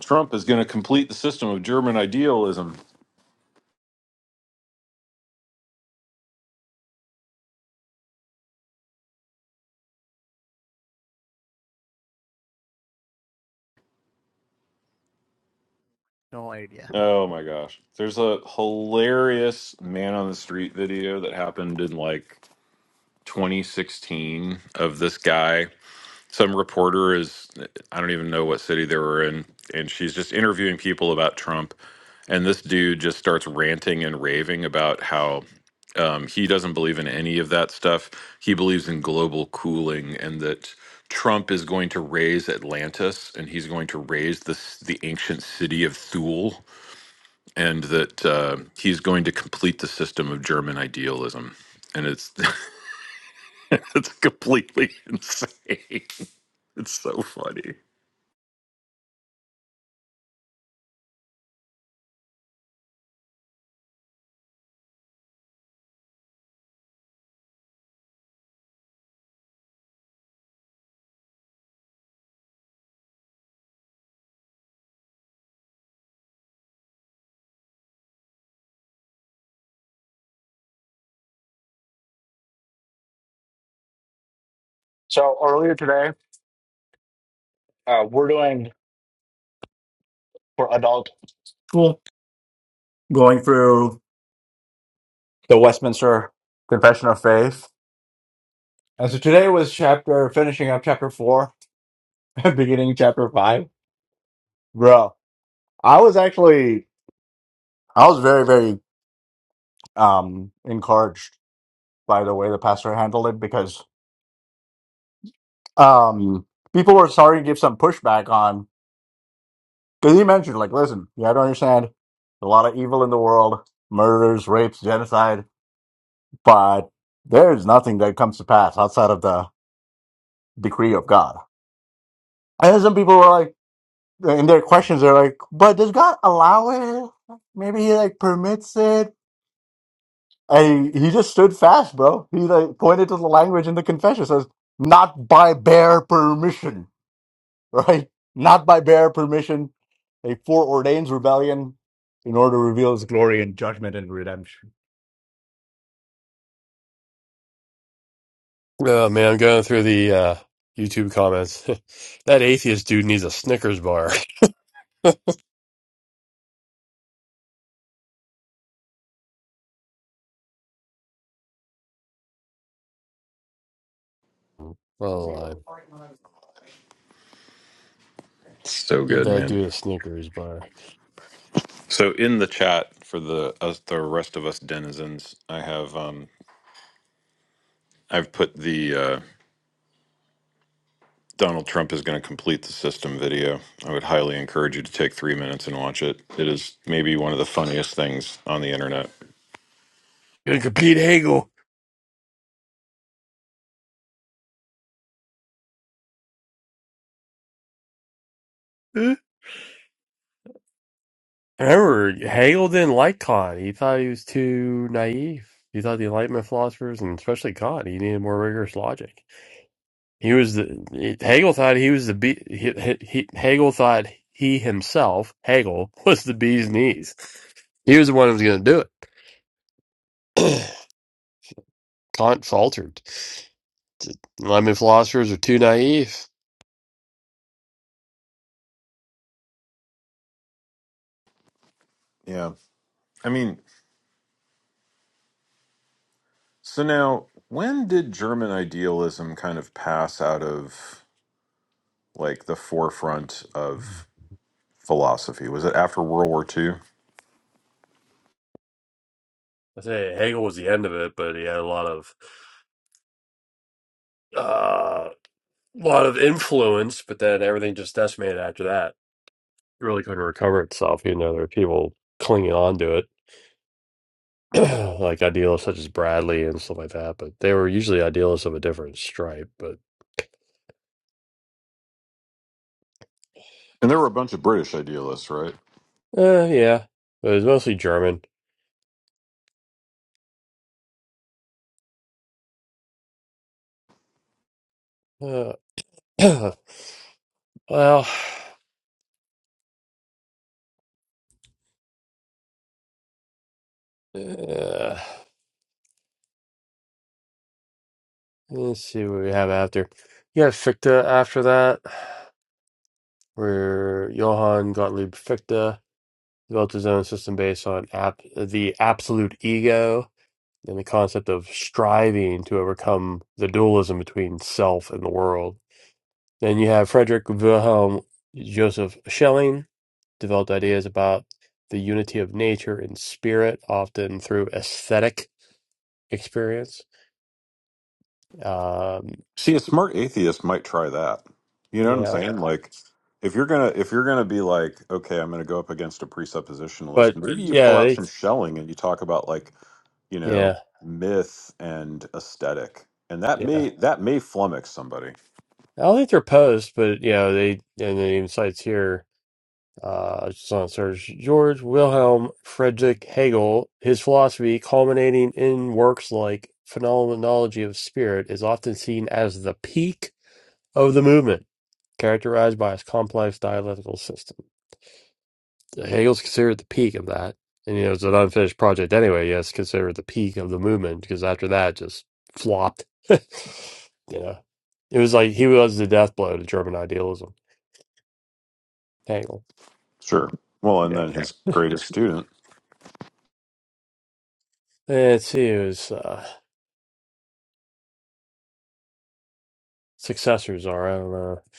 N: Trump is going to complete the system of German idealism.
J: No idea.
N: Oh my gosh. There's a hilarious man on the street video that happened in like 2016 of this guy some reporter is I don't even know what city they were in, and she's just interviewing people about Trump, and this dude just starts ranting and raving about how um, he doesn't believe in any of that stuff. He believes in global cooling and that Trump is going to raise Atlantis and he's going to raise this the ancient city of Thule, and that uh, he's going to complete the system of German idealism. And it's *laughs* it's completely insane. *laughs* It's so funny.
H: So earlier today, uh, we're doing for adult school, going through the Westminster Confession of Faith. And so today was chapter, finishing up chapter four, *laughs* beginning chapter five. Bro, I was actually, I was very, very um encouraged by the way the pastor handled it because um, people were starting to give some pushback on because he mentioned, like, listen, you have to understand a lot of evil in the world, murders, rapes, genocide, but there's nothing that comes to pass outside of the decree of God. And then some people were like, in their questions, they're like, but does God allow it? Maybe he like permits it. And he, he just stood fast, bro. He like pointed to the language in the confession, says, not by bare permission right? Not by bare permission, a foreordains rebellion in order to reveal his glory and judgment and redemption.
A: Oh man, I'm going through the uh, YouTube comments. *laughs* that atheist dude needs a Snickers bar. *laughs* Well,
N: So
A: Give
N: good,
A: that
N: man.
A: dude a Snickers bar.
N: So in the chat for the us, the rest of us denizens, I have um I've put the uh, Donald Trump is going to complete the system video. I would highly encourage you to take three minutes and watch it. It is maybe one of the funniest things on the internet.
A: Gonna compete Hagel. Huh? Remember, Hegel didn't like Kant. He thought he was too naive. He thought the Enlightenment philosophers, and especially Kant, he needed more rigorous logic. He was the it- Hegel thought he was the bee. He, he, he- Hegel thought he himself, Hegel, *laughs* was the bee's knees. He was the one who was going to do it. *clears throat* Kant faltered. The Enlightenment philosophers are too naive.
N: Yeah, I mean, so now when did German idealism kind of pass out of like the forefront of philosophy? Was it after World War II?
A: I say Hegel was the end of it, but he had a lot of. lot of influence, but then everything just decimated after that. It really couldn't recover itself, even though there were people clinging on to it, *clears throat* like idealists such as Bradley and stuff like that. But they were usually idealists of a different stripe. But
N: And there were a bunch of British idealists, right?
A: uh, yeah, it was mostly German. Uh, *clears throat* well, uh, let's see what we have after. You got Fichte after that, where Johann Gottlieb Fichte developed his own system based on ap- the absolute ego and the concept of striving to overcome the dualism between self and the world. Then you have Frederick Wilhelm Joseph Schelling developed ideas about the unity of nature and spirit, often through aesthetic experience. Um,
N: See, a smart atheist might try that. You know what I'm
A: yeah,
N: saying? Yeah. Like, if you're gonna if you're gonna be like, okay, I'm gonna go up against a presuppositionalist,
A: but
N: maybe you pull
A: yeah,
N: out
A: they,
N: some shelling and you talk about like, you know,
A: yeah,
N: myth and aesthetic, and that
A: yeah.
N: may that may flummox somebody.
A: I don't think they're opposed, but you know, they and the insights here. uh, son Serge George Wilhelm Friedrich Hegel, his philosophy, culminating in works like Phenomenology of Spirit, is often seen as the peak of the movement, characterized by its complex dialectical system. Hegel's considered the peak of that. And, you know, it's an unfinished project anyway. Yes, considered the peak of the movement because after that, it just flopped. *laughs* you know, it was like he was the death blow to German idealism. Hegel.
N: Sure. Well, and
A: Yeah.
N: then his
A: *laughs*
N: greatest student.
A: Let's see. It was. uh, successors are. I don't know. I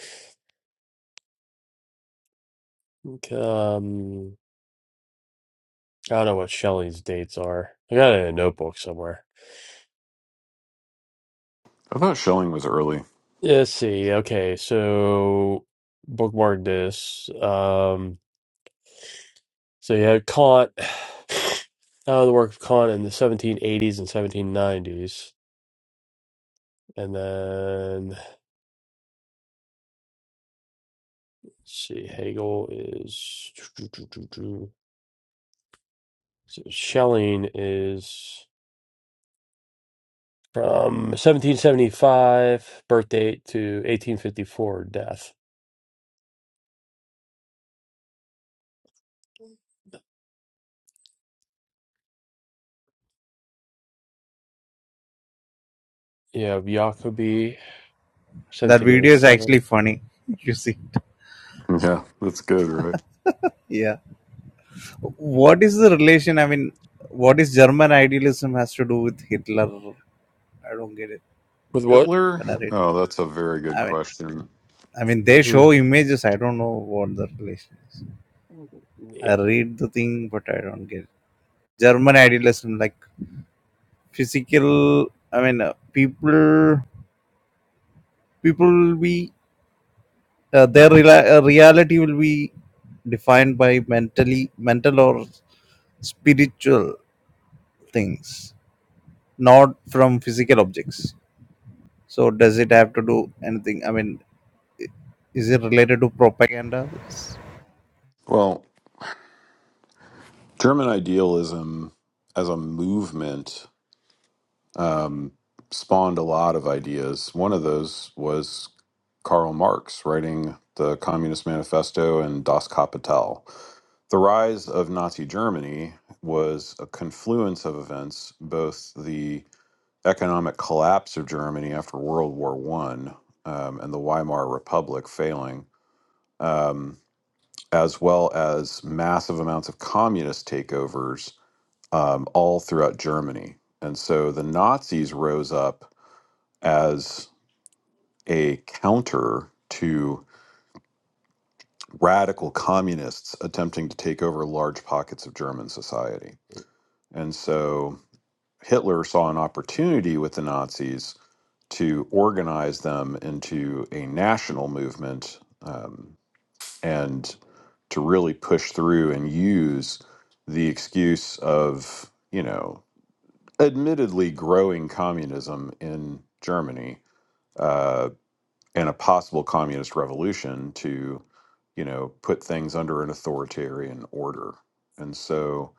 A: think, um, I don't know what Shelley's dates are. I got it in a notebook somewhere.
N: I thought Schelling was early.
A: Yeah, Let's see. Okay, so bookmark this. Um, so you had Kant, *sighs* uh, the work of Kant in the 1780s and 1790s. And then, let's see, Hegel is. *sniffs* So Schelling is from 1775, birth date, to 1854, death. You have Jacobi,
J: That
A: Sentinel
J: video is actually
A: 7.
J: funny. *laughs* You see it.
N: Yeah, that's good, right?
J: Yeah. What is the relation? I mean, what is German idealism has to do with Hitler? I don't get it
A: With what?
N: Hitler?
J: when I read.
N: Oh, that's a very good
J: I mean,
N: question.
J: I mean, they
A: Hmm.
J: show images. I don't know what the relation is.
A: Yeah.
J: I read the thing, but I don't get it. German idealism, like physical. I mean, uh, people, people will be uh, their rela- uh, reality will be defined by mentally mental or spiritual things not from physical objects. So does it have to do anything? I mean, is it related to propaganda? Yes.
N: Well, German idealism as a movement. um, spawned a lot of ideas. One of those was Karl Marx writing the Communist Manifesto and Das Kapital. The rise of Nazi Germany was a confluence of events, both the economic collapse of Germany after World War One um, and the Weimar Republic failing, um, as well as massive amounts of communist takeovers um, all throughout Germany. And so the Nazis rose up as a counter to radical communists attempting to take over large pockets of German society. And so Hitler saw an opportunity with the Nazis to organize them into a national movement um, and to really push through and use the excuse of, you know, admittedly growing communism in Germany uh, and a possible communist revolution to, you know, put things under an authoritarian order. And so,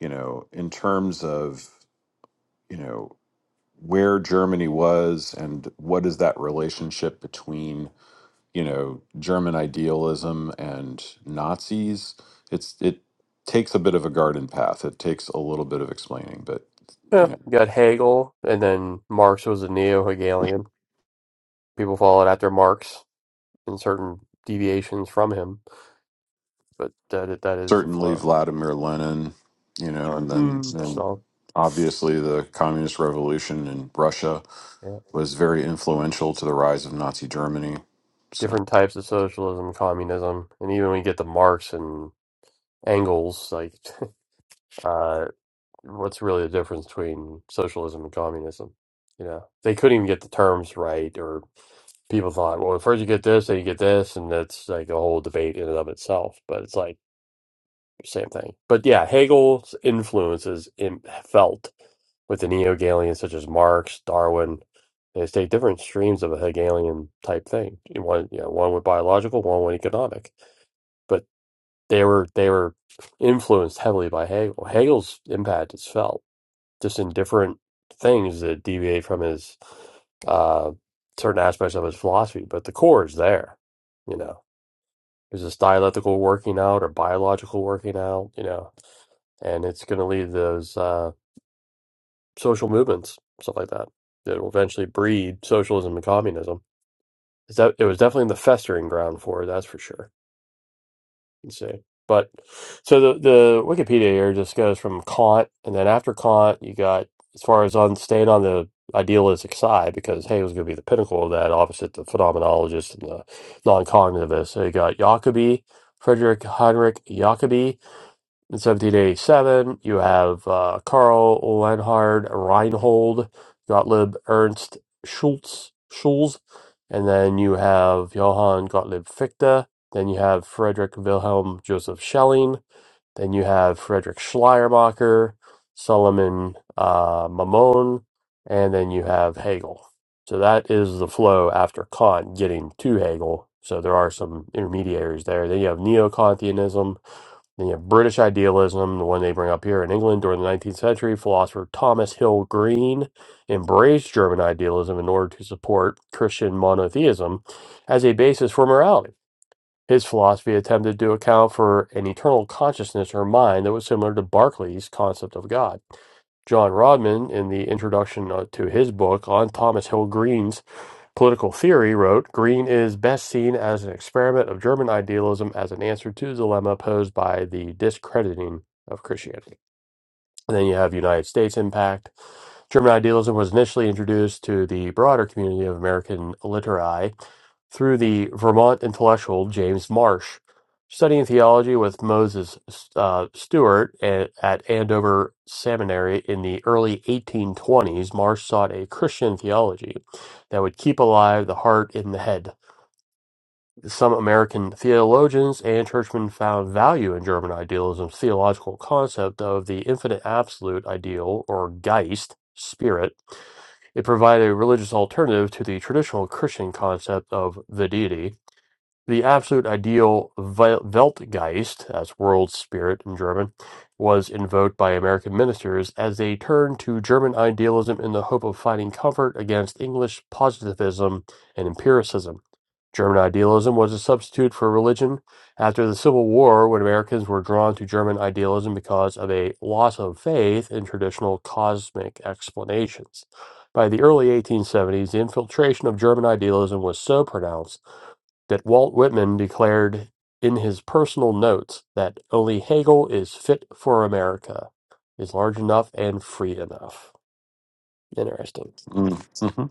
N: you know, in terms of, you know, where Germany was and what is that relationship between, you know, German idealism and Nazis, it's it takes a bit of a garden path. It takes a little bit of explaining, but
A: Yeah,
N: you know.
A: you got Hegel, and then Marx was a neo Hegelian. People followed after Marx in certain deviations from him, but that that is the
N: certainly
A: flow.
N: Vladimir Lenin, you know, and then
A: Mm.
N: and
A: So,
N: obviously the communist revolution in Russia
A: yeah.
N: was very influential to the rise of Nazi Germany. So,
A: different types of socialism, communism, and even when you get to Marx and Engels, like *laughs* uh, what's really the difference between socialism and communism? You know, they couldn't even get the terms right, or people thought, well, first you get this, then you get this, and that's like a whole debate in and of itself. But it's like same thing. But yeah, Hegel's influence is in, felt with the neo Hegelians such as Marx, Darwin. They take different streams of a Hegelian type thing. You One, you know, one with biological, one with economic. But they were they were influenced heavily by Hegel. Hegel's impact is felt just in different things that deviate from his uh, certain aspects of his philosophy. But the core is there. You know, is this dialectical working out or biological working out? You know, and it's going to lead those uh, social movements, stuff like that, that will eventually breed socialism and communism. Is that it was definitely the festering ground for it, that's for sure. You see, but so the the Wikipedia here just goes from Kant, and then after Kant, you got as far as on staying on the idealistic side because hey, it was going to be the pinnacle of that opposite the phenomenologist and the non-cognitivist. So you got Jacobi, Frederick Heinrich Jacobi, In 1787, you have uh, Karl Leonhard Reinhold Gottlieb Ernst Schulz, Schulz, and then you have Johann Gottlieb Fichte. Then you have Frederick Wilhelm Joseph Schelling. Then you have Friedrich Schleiermacher, Solomon uh, Mammon, and then you have Hegel. So that is the flow after Kant getting to Hegel. So there are some intermediaries there. Then you have Neo Kantianism then you have British idealism, the one they bring up here in England during the 19th century. Philosopher Thomas Hill Green embraced German idealism in order to support Christian monotheism as a basis for morality. His philosophy attempted to account for an eternal consciousness or mind that was similar to Berkeley's concept of God. John Rodman, in the introduction uh, to his book on Thomas Hill Green's political theory, wrote Green is best seen as an experiment of German idealism as an answer to the dilemma posed by the discrediting of Christianity. And then you have United States impact. German idealism was initially introduced to the broader community of American literati through the Vermont intellectual James Marsh, studying theology with Moses uh, Stewart at, at Andover Seminary in the early 1820s. Marsh sought a Christian theology that would keep alive the heart in the head some American theologians and churchmen found value in German idealism's theological concept of the infinite absolute ideal, or Geist, spirit. It provided a religious alternative to the traditional Christian concept of the deity. The absolute ideal Weltgeist, as world spirit in German, was invoked by American ministers as they turned to German idealism in the hope of finding comfort against English positivism and empiricism. German idealism was a substitute for religion after the Civil War when Americans were drawn to German idealism because of a loss of faith in traditional cosmic explanations. By the early 1870s, the infiltration of German idealism was so pronounced that Walt Whitman declared in his personal notes that only Hegel is fit for America, is large enough and free enough. Interesting.
N: mm, mm-hmm.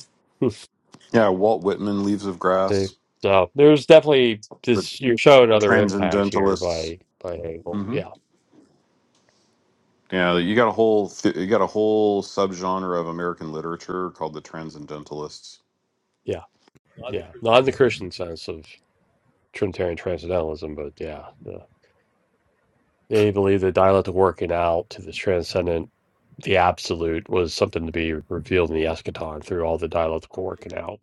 N: yeah, Walt Whitman, Leaves of
A: See,
N: Grass,
A: so there's definitely
N: the
A: this. You're showing other impact here
N: Transcendentalists.
A: by by Hegel.
N: hmm
A: Yeah,
N: Yeah, you got a whole th- you got a whole subgenre of American literature called the Transcendentalists.
A: yeah, yeah. Not in the Christian sense of Trinitarian transcendentalism, but yeah, yeah. they believe the dialectic working out to this transcendent, the absolute, was something to be revealed in the eschaton through all the dialectical working out.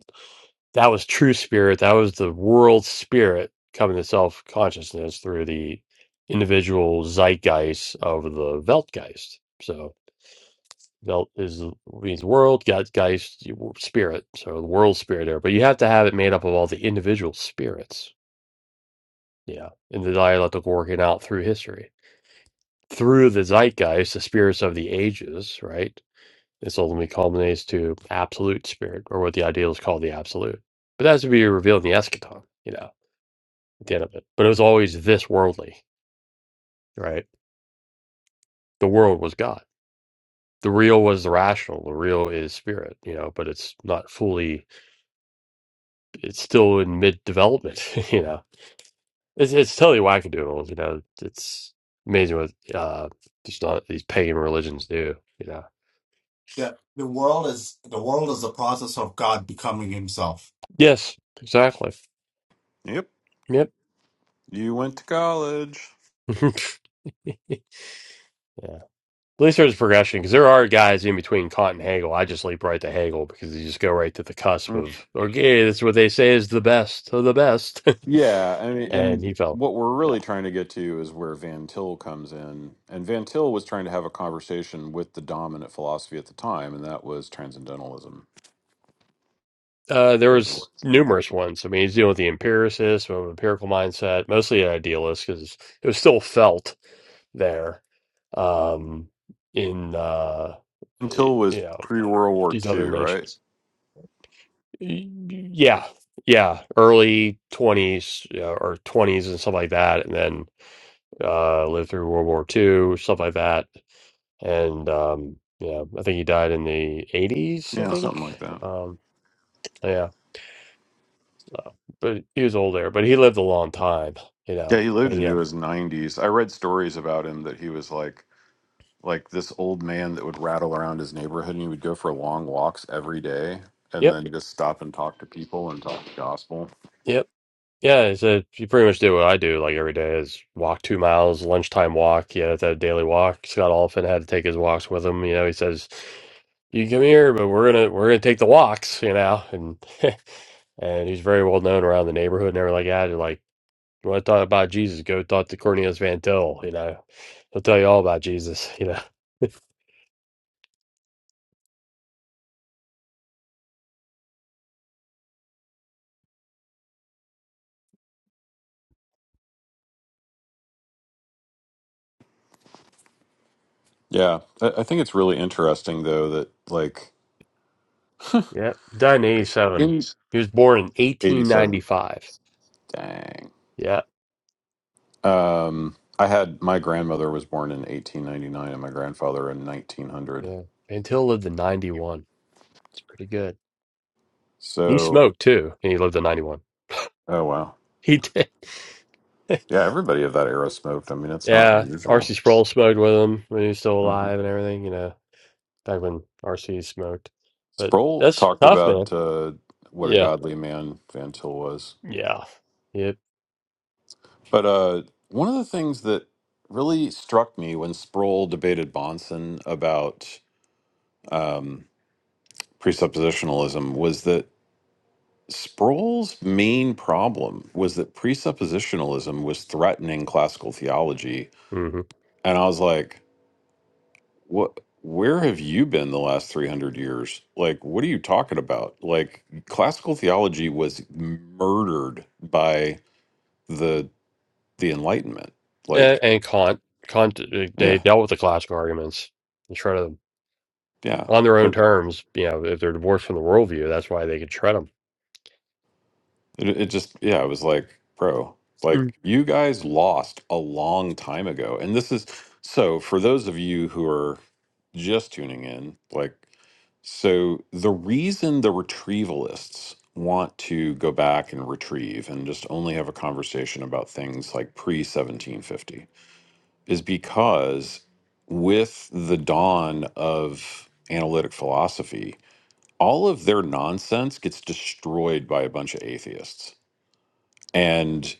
A: That was true spirit. That was the world spirit coming to self consciousness through the individual zeitgeist of the Weltgeist. So. Belt is means world, God, Geist, spirit. So the world spirit there, but you have to have it made up of all the individual spirits. Yeah, in the dialectical working out through history, through the zeitgeist, the spirits of the ages, right? This ultimately culminates to absolute spirit, or what the idealists call the absolute. But that's to be revealed in the eschaton, you know, at the end of it. But it was always this worldly, right? The world was God. The real was the rational. The real is spirit, you know, but it's not fully it's still in mid development. *laughs* You know, it's it's totally wackadoodle. You know, it's amazing what uh just not these pagan religions do. You know,
H: The, the world is the world is the process of God becoming Himself.
A: yes, exactly.
N: Yep,
A: Yep.
N: you went to college.
A: *laughs* yeah. At least there's a progression because there are guys in between Kant and Hegel. I just leap right to Hegel because you just go right to the cusp of okay, that's what they say is the best of the best,
N: Yeah, I
A: *laughs*
N: mean,
A: and
N: and
A: he fell.
N: what we're really trying to get to is where Van Til comes in. And Van Til was trying to have a conversation with the dominant philosophy at the time, and that was transcendentalism.
A: Uh, there was
N: Van
A: numerous ones. I mean, he's dealing with the empiricist, with an empirical mindset, mostly an idealist, because it was still felt there um, in uh, y-
N: Til was
A: you know
N: pre World War
A: these other
N: II, right?
A: nations. Y- Yeah, yeah, early twenties you know, or twenties and stuff like that, and then uh, lived through World War Two, stuff like that, and um, yeah, I think he died in the eighties. I
N: Yeah, something
A: think,
N: like that.
A: um, yeah. Uh, but he was older, but he lived a long time, you
N: Yeah,
A: know.
N: he lived
A: And yeah,
N: into his 90s. I read stories about him that he was like like this old man that would rattle around his neighborhood and he would go for long walks every day and
A: yep,
N: then just stop and talk to people and talk the gospel.
A: yep, yeah. so He said you pretty much do what I do like every day is walk two miles, lunchtime walk. Yeah, that's a daily walk. Scott Oliphant had to take his walks with him. You know, he says, "You can come here, but we're gonna we're gonna take the walks," you know, and *laughs* and he's very well known around the neighborhood and everything like that. When I thought about Jesus, go talk to Cornelius Van Til, you know. He'll tell you all about Jesus, you know. *laughs*
N: Yeah, I, I think it's really interesting though that like
A: Yep. Died in 87.
N: in
A: He was born in
N: '87,
A: 1895.
N: dang,
A: Yeah.
N: um, I had my grandmother was born in 1899 and my grandfather in 1900.
A: Yeah. Van Til lived to 91. It's pretty good. And he
N: So,
A: smoked too, and he lived to 91.
N: oh wow,
A: He did. *laughs*
N: yeah, everybody of that era smoked. I mean, it's not
A: Yeah.
N: unusual.
A: R.C. Sproul smoked with him when he was still
N: hmm
A: alive and everything, you know, back when R.C. smoked. But
N: Sproul
A: that's
N: talked
A: tough, man.
N: about uh, what a
A: Yeah,
N: godly man Van Til was,
A: Mm. yeah, yep.
N: but uh, one of the things that really struck me when Sproul debated Bonson about um, presuppositionalism was that Sproul's main problem was that presuppositionalism was threatening classical theology.
A: hmm
N: And I was like, what? Where have you been the last 300 years? Like, what are you talking about? Like, classical theology was murdered by the the Enlightenment.
A: And,
N: Like,
A: and Kant, Kant, uh, they
N: yeah,
A: dealt with the classical arguments and shred them
N: yeah.
A: on their own
N: Uh,
A: terms. You know, if they're divorced from the worldview, that's why they could tread them.
N: It, it just, yeah, it was like, bro,
A: Mm.
N: like you guys lost a long time ago. And this is so for those of you who are just tuning in, like, so the reason the retrievalists want to go back and retrieve and just only have a conversation about things like pre 1750 is because with the dawn of analytic philosophy, all of their nonsense gets destroyed by a bunch of atheists and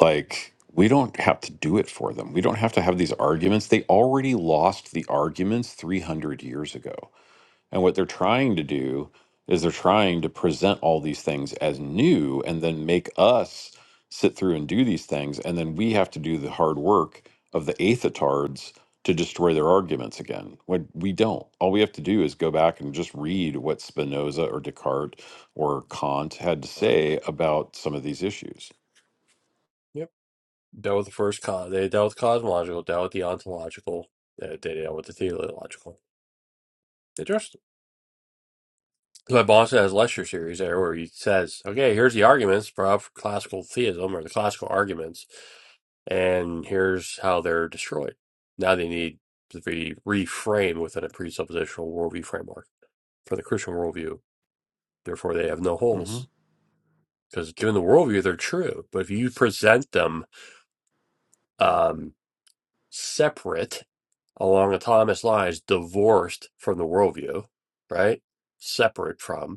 N: like we don't have to do it for them we don't have to have these arguments they already lost the arguments 300 years ago and what they're trying to do is they're trying to present all these things as new and then make us sit through and do these things and then we have to do the hard work of the aethetards to destroy their arguments again when we don't all we have to do is go back and just read what spinoza or descartes or kant had to
A: Uh,
N: say about some of these issues
A: Yep. Dealt with the first, co- they dealt with cosmological, dealt with the ontological, uh, they dealt with the teleological. They just So my boss has lecture series there where he says, "Okay, here's the arguments for classical theism or the classical arguments, and here's how they're destroyed." Now they need to be reframed within a presuppositional worldview framework for the Christian worldview. Therefore, they have no
N: hmm
A: holes because given the worldview, they're true. But if you present them um, separate along autonomous lines, divorced from the worldview, right? Separate from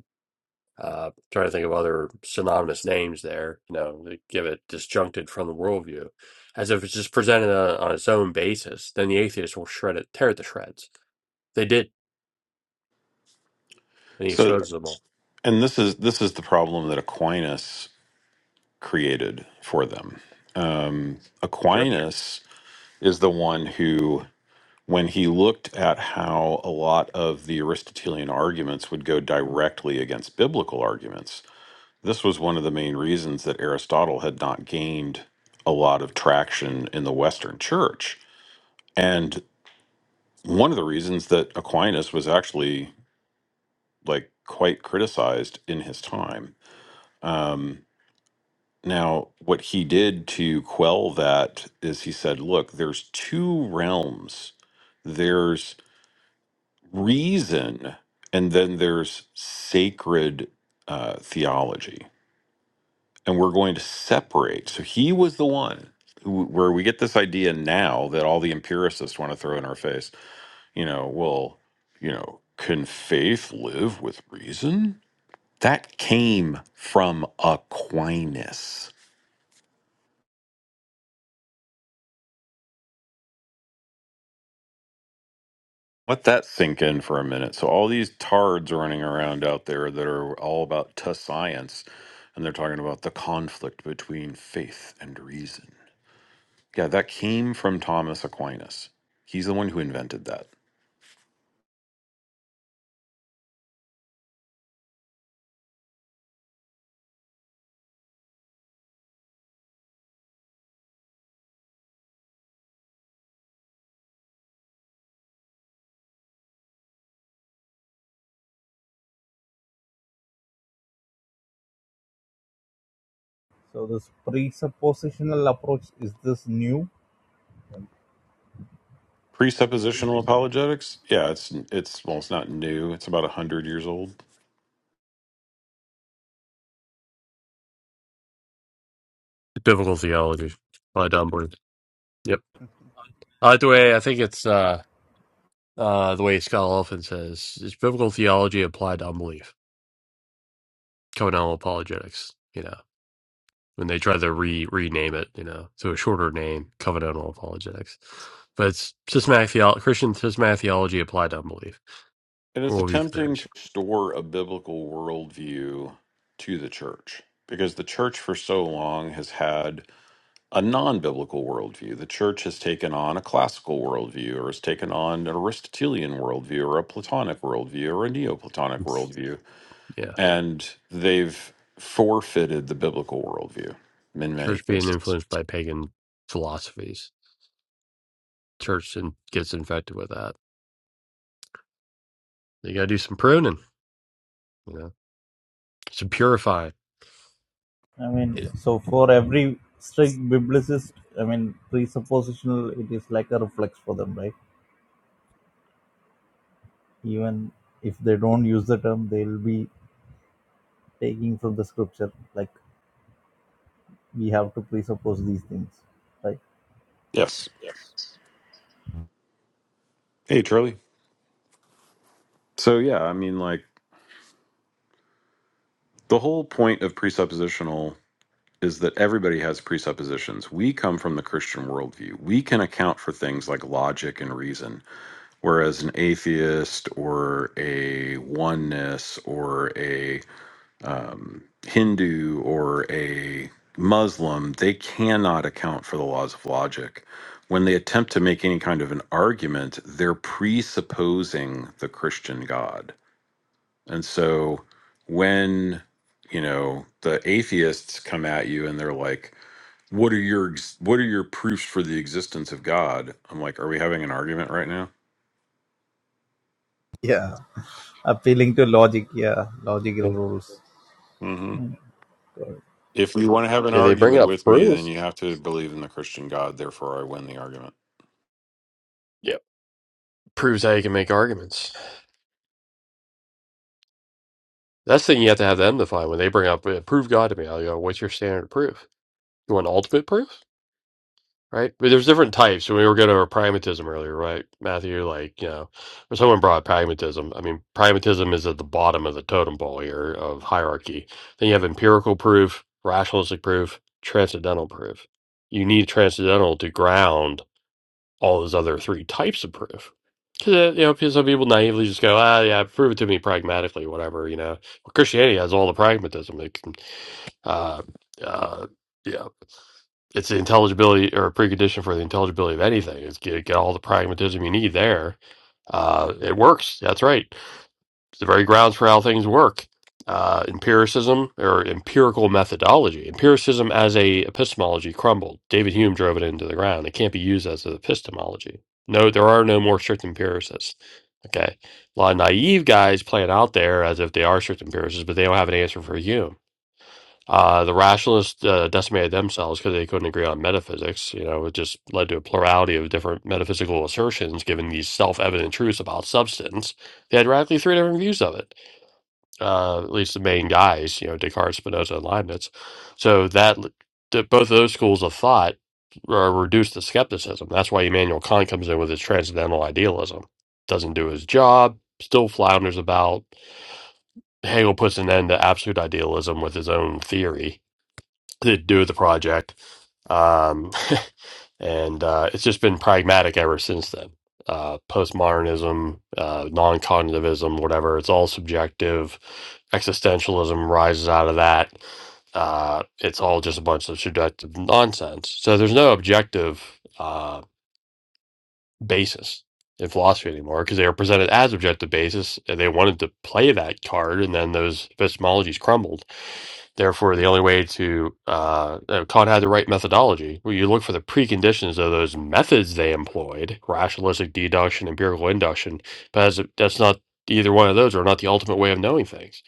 A: Uh, trying to think of other synonymous names there, you know, that give it disjuncted from the worldview, as if it's just presented on, on its own basis. Then the atheist will shred it, tear it to shreds. They did, and he
N: So,
A: exposes them all.
N: and this is this is the problem that Aquinas created for them. Um,
A: Sure,
N: Aquinas is the one who, when he looked at how a lot of the Aristotelian arguments would go directly against biblical arguments, this was one of the main reasons that Aristotle had not gained a lot of traction in the Western Church, and one of the reasons that Aquinas was actually like quite criticized in his time. Um, Now, what he did to quell that is he said, look, there's two realms there's reason, and then there's sacred uh, theology. And we're going to separate. So he was the one who, where we get this idea now that all the empiricists want to throw in our face, you know, well, you know, can faith live with reason? That came from Aquinas Let that sink in for a minute. So all these tards running around out there that are all about to science, and they're talking about the conflict between faith and reason. Yeah, that came from Thomas Aquinas. He's the one who invented that.
J: So this presuppositional approach is this new?
N: Presuppositional apologetics. Yeah, it's it's well, it's not new. It's about a hundred years old,
A: biblical theology by Dunbar. Yep, I like the way I think it's uh, uh, the way Scott Elfin says it's biblical theology applied to unbelief. Coming on apologetics, you know. when they try to re rename it, you know, to a shorter name, covenantal apologetics. But it's systematic theology, Christian systematic theology applied to unbelief,
N: and it's
A: worldview
N: attempting to
A: comparison.
N: store a biblical worldview to the church because the church for so long has had a non biblical worldview. The church has taken on a classical worldview, or has taken on an Aristotelian worldview, or a Platonic worldview, or a Neoplatonic
A: It's-
N: worldview.
A: Yeah,
N: And they've forfeited the biblical worldview in many
A: church being
N: cases.
A: influenced by pagan philosophies. Church and gets infected with that. You got to do some pruning, you know, some purifying.
J: I have to think, right?
N: Yes. Hey, Charlie. So, yeah, I mean, like, the whole point of presuppositional is that everybody has presuppositions. We come from the Christian worldview, we can account for things like logic and reason Whereas an atheist or a oneness or a um, Hindu or a Muslim, they cannot account for the laws of logic. When they attempt to make any kind of an argument, they're presupposing the Christian God. And so when, you know, the atheists come at you and they're like, what are your ex- what are your proofs for the existence of God? I'm like, are we having an argument right now?
J: Yeah, appealing to logic. Yeah,
A: Yeah.
J: logical rules.
N: If you want to have an
A: I mean, they bring
N: argument
A: up
N: with me, then
A: proofs.
N: you have to believe in the Christian God. Therefore, I win the argument.
A: Yeah, proves how you can make arguments. That's the thing you have to have them define. When they bring up, uh, prove God to me, I go, what's your standard of proof? You want ultimate proof? Right? But there's different types. When we were going over pragmatism earlier, right, Matthew? Like, you know, when someone brought pragmatism, I mean, pragmatism is at the bottom of the totem pole here of hierarchy. Then you have empirical proof, rationalistic proof, transcendental proof. You need transcendental to ground all those other three types of proof. Because, you know, 'cause some people naively just go, ah, yeah, prove it to me pragmatically, whatever, you know. Well, Christianity has all the pragmatism. It can, uh, uh, yeah it's the intelligibility or a precondition for the intelligibility of anything. It's get, get all the pragmatism you need there. Uh, it works. That's right. It's the very grounds for how things work. Uh, empiricism or empirical methodology. Empiricism as a epistemology crumbled. David Hume drove it into the ground. It can't be used as an epistemology. No, there are no more strict empiricists. Okay. A lot of naive guys playing out there as if they are strict empiricists, but they don't have an answer for Hume uh, the rationalists uh, decimated themselves because they couldn't agree on metaphysics. You know, it just led to a plurality of different metaphysical assertions, giving these self-evident truths about substance. They had radically three different views of it. Uh, at least the main guys, you know, Descartes, Spinoza, and Leibniz. So that th- both of those schools of thought uh, reduced the skepticism. That's why Immanuel Kant comes in with his transcendental idealism. Doesn't do his job. Still flounders about. Hegel puts an end to absolute idealism with his own theory to do the project. Um, *laughs* and uh, it's just been pragmatic ever since then. Uh, postmodernism, uh, non cognitivism, whatever, it's all subjective. Existentialism rises out of that. Uh, it's all just a bunch of subjective nonsense. So there's no objective. uh, basis in philosophy anymore because they were presented as objective basis and they wanted to play that card and then those epistemologies crumbled therefore the only way to uh, uh, kant had the right methodology where you look for the preconditions of those methods they employed rationalistic deduction empirical induction but as, that's not either one of those are not the ultimate way of knowing things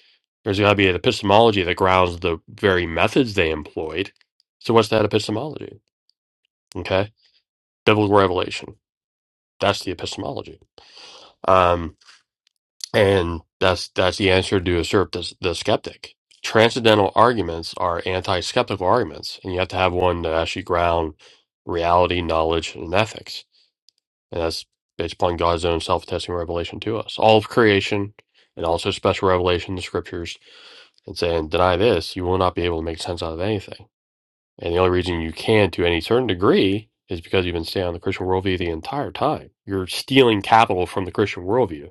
A: there's got to be an epistemology that grounds the very methods they employed so what's that epistemology okay biblical revelation that's the epistemology um, and that's that's the answer to assert the, the skeptic. Transcendental arguments are anti-skeptical arguments, and you have to have one that actually ground reality, knowledge, and ethics. And that's based upon God's own self-attesting revelation to us, all of creation, and also special revelation in the scriptures. And saying deny this, you will not be able to make sense out of anything. And the only reason you can, to any certain degree, is because you've been staying on the Christian worldview the entire time. You're stealing capital from the Christian worldview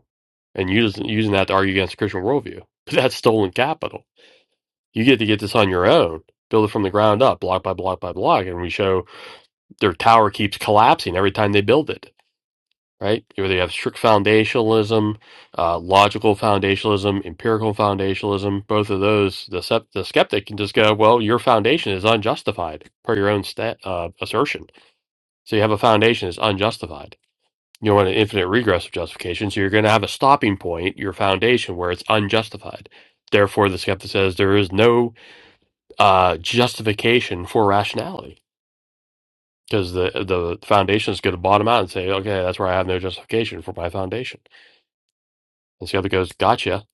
A: and using using that to argue against the Christian worldview. *laughs* But that's stolen capital. You get to get this on your own, build it from the ground up, block by block by block, and we show their tower keeps collapsing every time they build it. Right? Where they have strict foundationalism, uh, logical foundationalism, empirical foundationalism. Both of those, the, sep- the skeptic can just go, "Well, your foundation is unjustified per your own sta uh, assertion." So you have a foundation that's unjustified you don't want an infinite regress of justification, so you're going to have a stopping point, your foundation, where it's unjustified. Therefore, the skeptic says there is no uh, justification for rationality because the the foundation is going to bottom out and say, okay, that's where I have no justification for my foundation. And the skeptic goes, gotcha.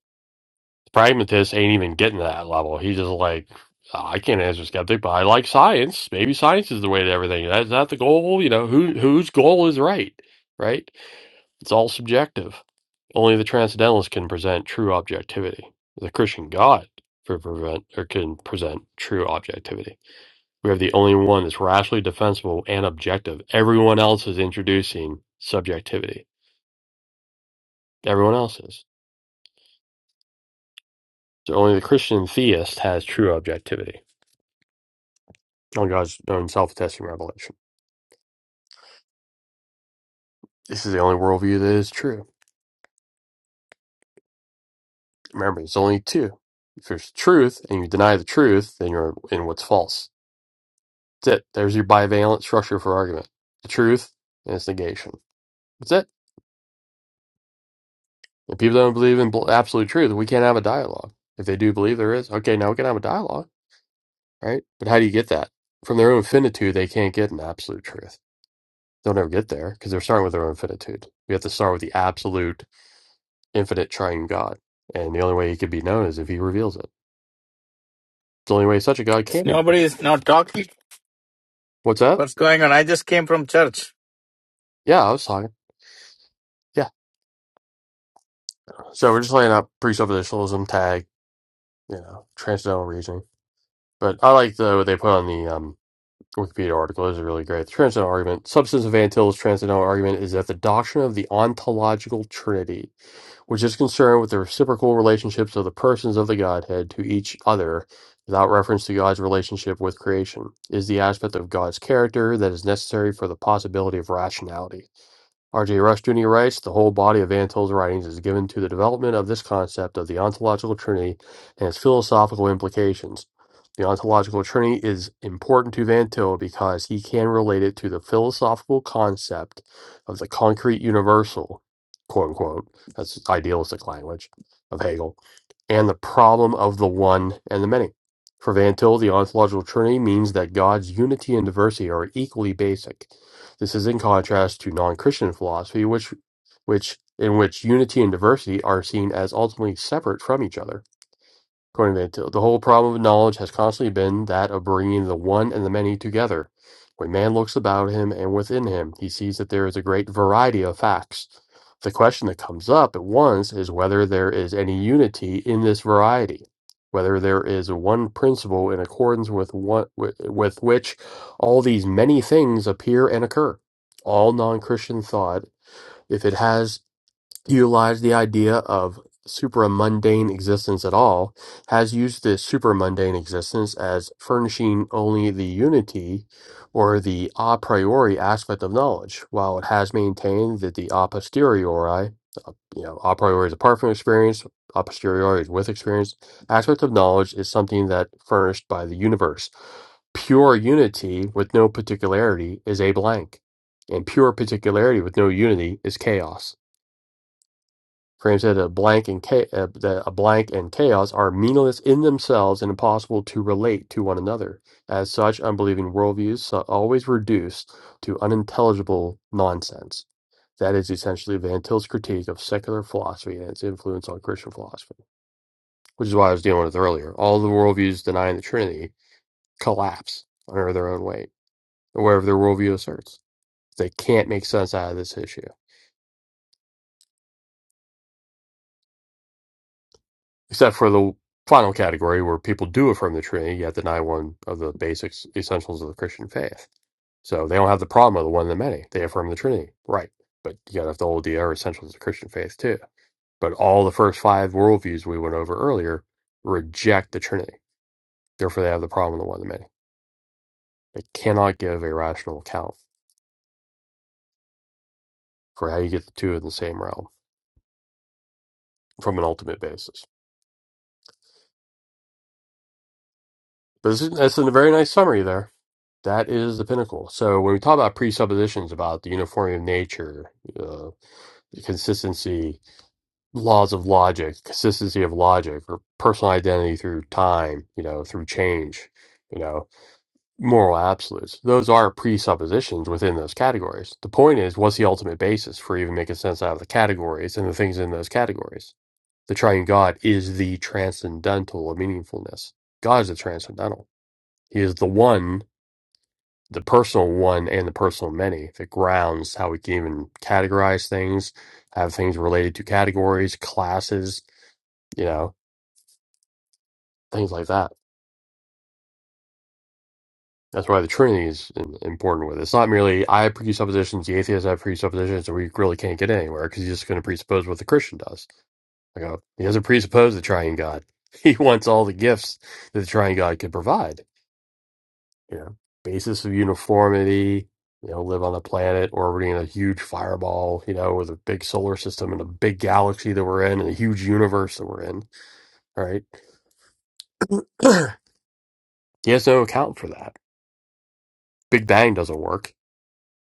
A: The pragmatist ain't even getting to that level. He's just like, oh, I can't answer skeptic, but I like science. Maybe science is the way to everything. Is that the goal? You know, who whose goal is right, right? It's all subjective. Only the transcendentalist can present true objectivity. The Christian God can prevent or can present true objectivity. We have the only one that's rationally defensible and objective. Everyone else is introducing subjectivity. Everyone else is. So only the Christian theist has true objectivity on God's own self-attesting revelation. This is the only worldview that is true. Remember, it's only two. If there's truth and you deny the truth, then you're in what's false That's it. There's your bivalent structure for argument. The truth and its negation. That's it. If people don't believe in bl- absolute truth, we can't have a dialogue. If they do believe there is, okay, now we can have a dialogue, right? But how do you get that? From their own finitude, they can't get an absolute truth. They'll never get there because they're starting with their own finitude. We have to start with the absolute, infinite, triune God. And the only way he could be known is if he reveals it. It's the only way such a God can be
C: No,
A: known. What's that?
C: what's going on? I just came from church.
A: Yeah, I was talking. Yeah. So we're just laying out presuppositionalism, tag, you know, transcendental reasoning But I like the what they put on the um, Wikipedia article. This is really great. The transcendental argument, substance of Van Til's transcendental argument, is that the doctrine of the ontological Trinity, which is concerned with the reciprocal relationships of the persons of the Godhead to each other, without reference to God's relationship with creation, is the aspect of God's character that is necessary for the possibility of rationality. R.J. Rush Jr. writes, the whole body of Van Til's writings is given to the development of this concept of the ontological trinity and its philosophical implications. The ontological trinity is important to Van Til because he can relate it to the philosophical concept of the concrete universal, quote unquote, that's idealistic language of Hegel, and the problem of the one and the many. For Van Til, the ontological trinity means that God's unity and diversity are equally basic this is in contrast to non-Christian philosophy, which, which in which unity and diversity are seen as ultimately separate from each other. According to Till, the whole problem of knowledge has constantly been that of bringing the one and the many together. When man looks about him and within him, he sees that there is a great variety of facts. The question that comes up at once is whether there is any unity in this variety, whether there is one principle in accordance with one with, with which all these many things appear and occur. All non-Christian thought, if it has utilized the idea of supramundane existence at all, has used the supramundane existence as furnishing only the unity or the a priori aspect of knowledge, while it has maintained that the a posteriori, uh, you know, a priori is apart from experience, a posteriori is with experience, aspect of knowledge is something that furnished by the universe. Pure unity with no particularity is a blank, and pure particularity with no unity is chaos. Frame said that blank and cha- uh, that a blank and chaos are meaningless in themselves and impossible to relate to one another. As such, unbelieving worldviews are always reduced to unintelligible nonsense. That is essentially Van Til's critique of secular philosophy and its influence on Christian philosophy, which is why I was dealing with earlier. All the worldviews denying the Trinity collapse under their own weight, or wherever their worldview asserts. They can't make sense out of this issue. except for the final category where people do affirm the Trinity, yet deny one of the basics, essentials of the Christian faith. So they don't have the problem of the one of the many. They affirm the Trinity, right? But you got to have the whole idea or essentials of the Christian faith too. But all the first five worldviews we went over earlier reject the Trinity. Therefore, they have the problem of the one of the many. They cannot give a rational account for how you get the two in the same realm from an ultimate basis. This is, that's a very nice summary there. That is the pinnacle. So when we talk about presuppositions about the uniformity of nature, uh, the consistency, laws of logic, consistency of logic, or personal identity through time, you know, through change, you know, moral absolutes, those are presuppositions within those categories. The point is, what's the ultimate basis for even making sense out of the categories and the things in those categories? The triune God is the transcendental of meaningfulness. God is the transcendental. He is the one the personal one and the personal many that grounds how we can even categorize things, have things related to categories, classes, you know, things like that. That's why the Trinity is im- important with it. It's not merely I have presuppositions, the atheist have presuppositions, and we really can't get anywhere because he's just going to presuppose what the Christian does. I go, he doesn't presuppose the triune God. *laughs* He wants all the gifts that the triune God can provide you know, basis of uniformity, you know, live on the planet orbiting a huge fireball, you know, with a big solar system and a big galaxy that we're in and a huge universe that we're in, right? *clears throat* he has no account for that. Big Bang doesn't work.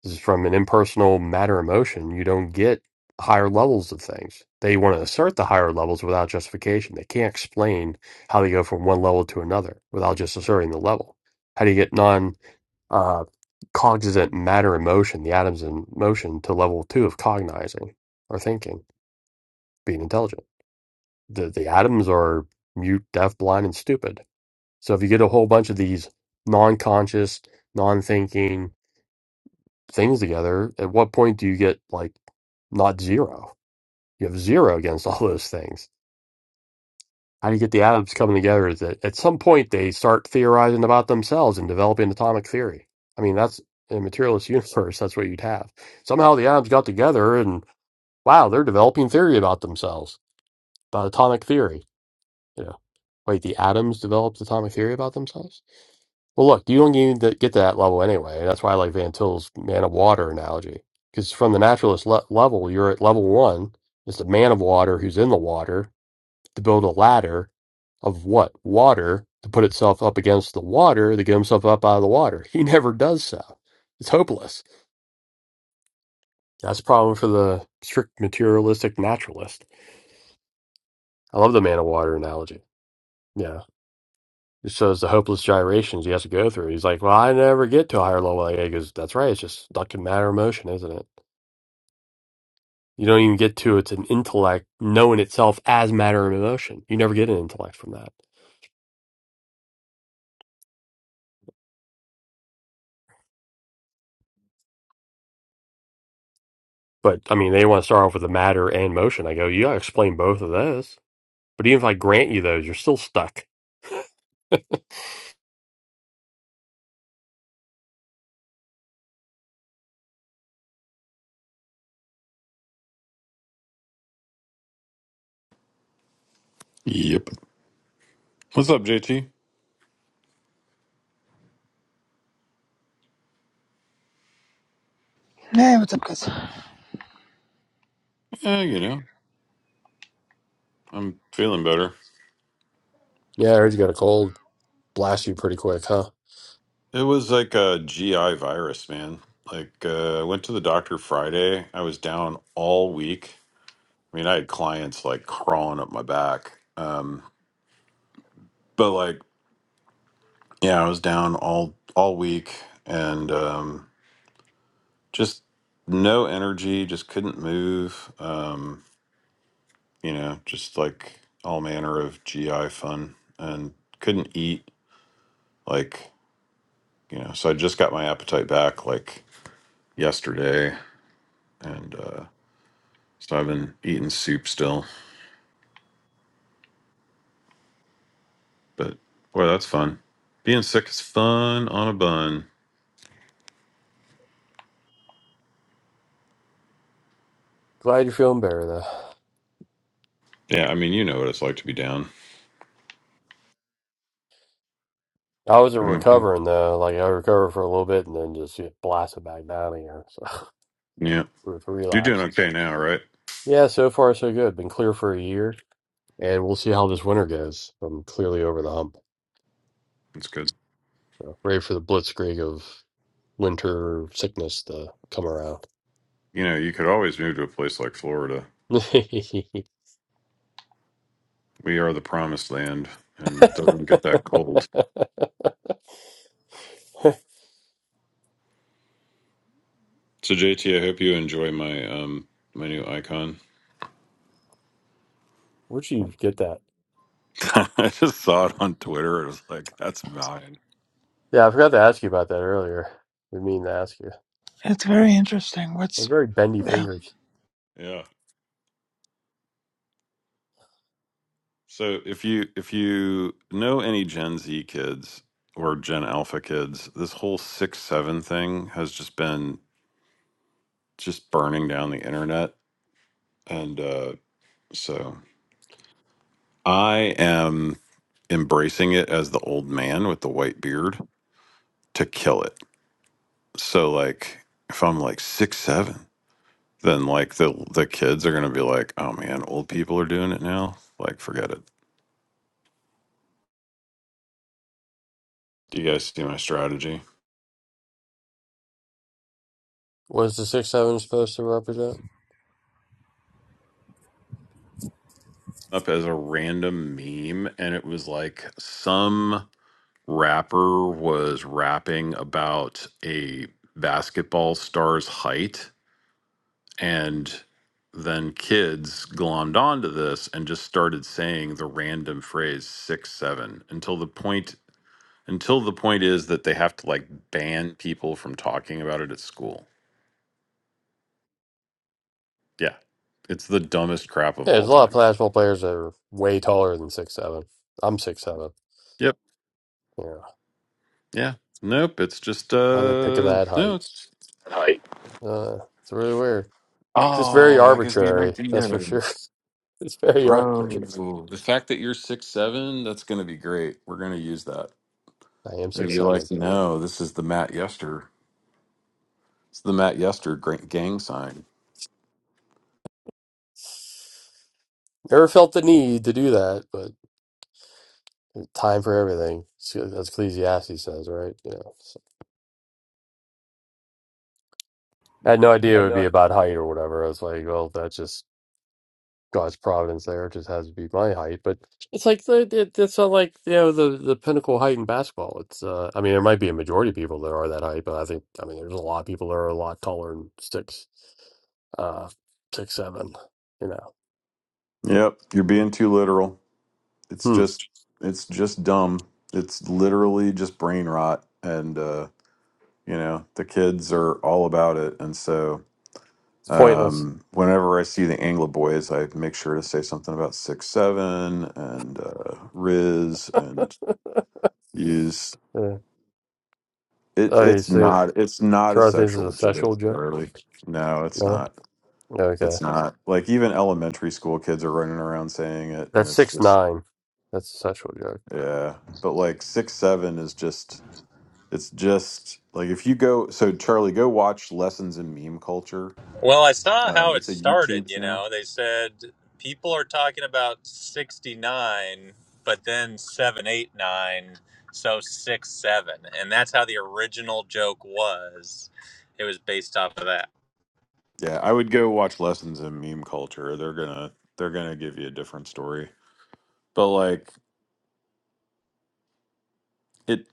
A: This is from an impersonal matter emotion. You don't get higher levels of things. They want to assert the higher levels without justification. They can't explain how they go from one level to another without just asserting the level. How do you get non uh, cognizant matter in motion, the atoms in motion, to level two of cognizing or thinking, being intelligent. The, the atoms are mute, deaf, blind, and stupid. So if you get a whole bunch of these non conscious, non thinking things together, at what point do you get like not zero? You have zero against *laughs* all those things How do you get the atoms coming together? Is that at some point they start theorizing about themselves and developing atomic theory? I mean, that's in a materialist *laughs* universe. That's what you'd have. Somehow the atoms got together, and wow, they're developing theory about themselves, about atomic theory. You know, wait, the atoms developed atomic theory about themselves? Well, look, you don't need to get to that level anyway. That's why I like Van Til's man of water analogy, because from the naturalist le- level, you're at level one. It's the man of water who's in the water to build a ladder of what? Water to put itself up against the water to get himself up out of the water. *laughs* He never does so. It's hopeless. That's a problem for the strict materialistic naturalist. I love the man of water analogy. Yeah. It shows the hopeless gyrations he has to go through. He's like, Well, I never get to a higher level. Like, He goes, That's right. It's just stuck in matter of motion, isn't it? You don't even get to it's an intellect knowing itself as matter of emotion. You never get an intellect from that. But I mean, they want to start off with the matter and motion. I go, you got to explain both of those. But even if I grant you those, you're still stuck. Yeah,
N: Yep. What's up, JT?
P: Hey, what's up, guys?
N: Yeah, you know, I'm feeling better.
A: I heard you got a cold. Blast you pretty quick, huh?
N: It was like a GI virus, man. Like, uh, I went to the doctor Friday. I was down all week. I mean, I had clients like crawling up my back. Um, but like, yeah, I was down all all week and um, just no energy. Just couldn't move. Um, you know, just like all manner of GI fun and couldn't eat like, you know, so I just got my appetite back like yesterday and uh so I've been eating soup still. But boy, that's fun. Being sick is fun on a bun.
A: Glad you're feeling better though.
N: Yeah, I mean, you know what it's like to be down.
A: I wasn't
N: hmm
A: recovering though. Like I recovered for a little bit and then just get blasted back down again. So *laughs*
N: Yeah.
A: with
N: You're doing
A: relapses.
N: okay now, right?
A: Yeah, so far so good. Been clear for a year, and we'll see how this winter goes. I'm clearly
N: Mm-hmm.
A: over the hump.
N: That's good.
A: So, ready for the blitzkrieg of winter sickness to come around.
N: You know, you could always move to a place like Florida.
A: *laughs*
N: We are the promised land and it doesn't get that cold.
A: *laughs*
N: So JT, I hope you enjoy my um my new icon.
A: Where'd you get that?
N: *laughs* I just saw it on Twitter. It was like, that's mine.
A: Yeah, I forgot to ask you about that earlier. I Didn't mean to ask you.
P: It's very interesting.
A: I'm
P: What's
A: very bendy
P: yeah?
A: fingers.
N: Yeah. So if you if you know any Gen Z kids or Gen Alpha kids, this whole six seven thing has just been just burning down the internet. And uh so I am embracing it as the old man with the white beard to kill it. So like if I'm like six seven. then like the the kids are gonna be like, oh man, old people are doing it now. Like, forget it. Do you guys see my strategy?
A: What is the six seven supposed to represent?
N: Up as a random meme, and it was like some rapper was rapping about a basketball star's height, and then kids glommed onto this and just started saying the random phrase six seven until the point until the point is that they have to like ban people from talking about it at school Yeah. It's the dumbest crap of
A: Yeah,
N: all
A: there's a lot of
N: time.
A: basketball players that are way taller than six seven. I'm six seven.
N: Yep.
A: Yeah,
N: Yeah. Nope. It's just
A: why they pick
N: uh
A: that
N: no,
A: height?
N: it's height.
A: Uh, it's really weird. It's just very
N: Oh, that gives me an
A: arbitrary. That's for
N: idea.
A: sure. *laughs* It's very
N: Bro.
A: arbitrary.
N: The fact that you're six seven, that's gonna be great. We're gonna use that.
A: I am
N: They'll
A: six
N: be like,
A: seven.
N: no, this is the Matt Yester. It's the Matt Yester gra- gang sign.
A: Never felt the need to do that, but time for everything. As Ecclesiastes says, right? Yeah. I had no idea it would be about height or whatever. I was like, well, that's just God's providence there. It just has to be my height. But it's like the it, it's not like you know the the pinnacle height in basketball. It's uh, I mean, there might be a majority of people that are that height, but I think I mean, there's a lot of people that are a lot taller than six, uh, six seven. You know,
N: Yep. You're being too literal. It's
A: hmm.
N: just it's just dumb. It's literally just brain rot and uh you know, the kids are all about it and so
A: it's pointless.
N: Um, whenever I see the Anglo Boys, I make sure to say something about six seven and uh, Riz and use
A: Uh,
N: it.
A: oh, you
N: It's
A: think
N: not. It's not a
A: Charles this is
N: sexual
A: a
N: joke,
A: sexual joke?
N: Charlie. No, it's
A: No,
N: not.
A: okay,
N: It's not. Like even elementary school kids are running around saying it, and
A: that's
N: it's
A: six
N: just
A: nine. That's a sexual joke.
N: yeah. But like six seven is just. It's just like if you go. So Charlie, go watch Lessons in Meme Culture.
Q: Well, I saw how
N: Um,
Q: it
N: it's a
Q: started.
N: YouTube
Q: You
N: channel.
Q: know, they said people are talking about 69, but then 789, so 6 7. And that's how the original joke was. It was based off of that.
N: Yeah, I would go watch lessons in meme culture. They're gonna they're gonna give you a different story. But like it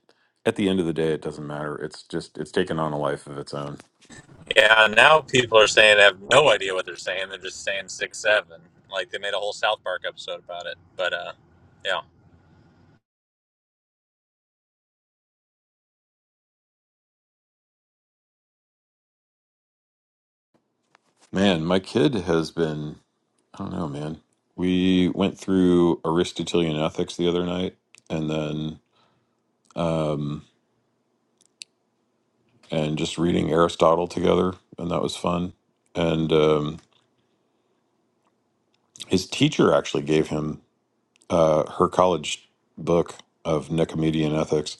N: at the end of the day it doesn't matter. It's just it's taken on a life of its own.
Q: Yeah, now people are saying they have no idea what they're saying. They're just saying 6 7. Like they made a whole South Park episode about it. But uh, yeah.
N: Man, my kid has been I don't know, man. We went through Aristotelian ethics the other night and then um and just reading Aristotle together and that was fun. And um his teacher actually gave him uh her college book of Nicomedean ethics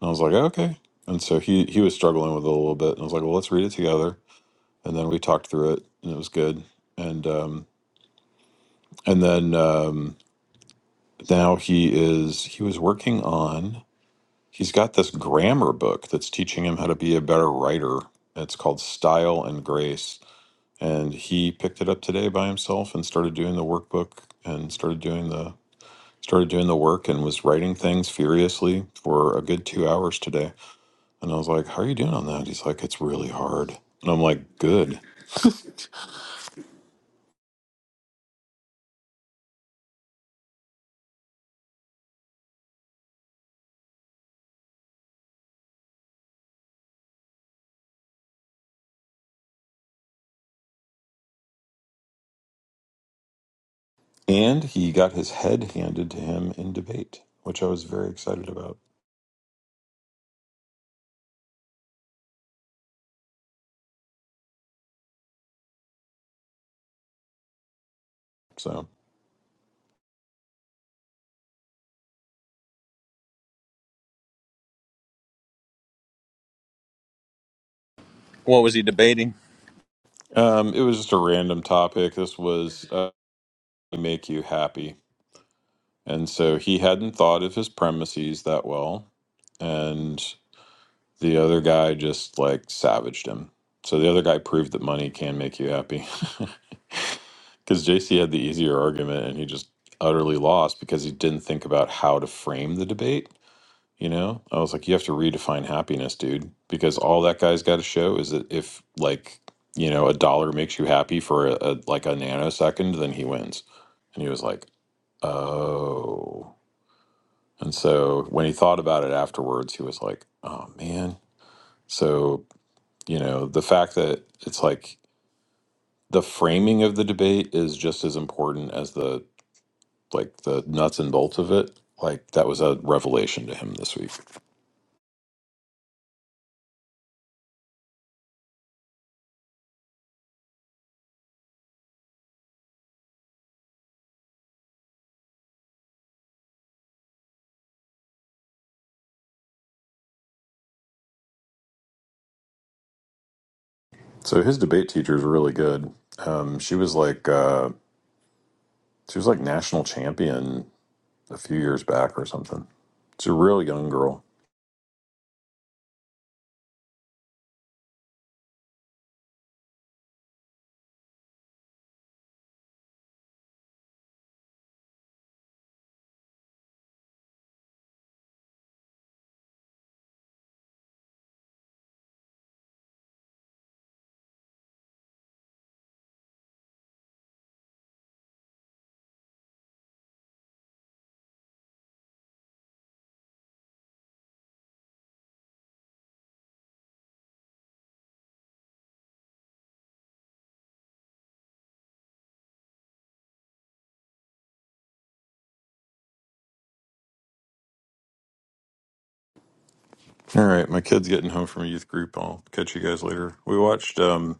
N: And I was like, okay. And so he he was struggling with it a little bit. And I was like, well, let's read it together. And then we talked through it, and it was good. And um, and then um, now he is he was working on. He's got this grammar book that's teaching him how to be a better writer. It's called Style and Grace. And he picked it up today by himself and started doing the workbook and started doing the started doing the work and was writing things furiously for a good two hours today And I was like, How are you doing on that? He's like, It's really hard. And I'm like, Good. And he got his head handed to him in debate, which I was very excited about. So
Q: What was he debating?
N: um, it was just a random topic. This was uh, make you happy. And so he hadn't thought of his premises that well. and. The other guy just like savaged him. So the other guy proved that money can make you happy. *laughs* Because JC had the easier argument and he just utterly lost because he didn't think about how to frame the debate. You know, I was like, you have to redefine happiness, dude, because all that guy's got to show is that if, like, you know, a dollar makes you happy for a, a like a nanosecond, then he wins. And he was like, oh. And so when he thought about it afterwards, he was like, oh man. So you know, the fact that it's like the framing of the debate is just as important as the like the nuts and bolts of it. Like that was a revelation to him this week. So his debate teacher is really good. Um, she was like uh, she was like national champion a few years back or something. It's a real young girl. All right, my kid's getting home from a youth group. I'll catch you guys later. We watched um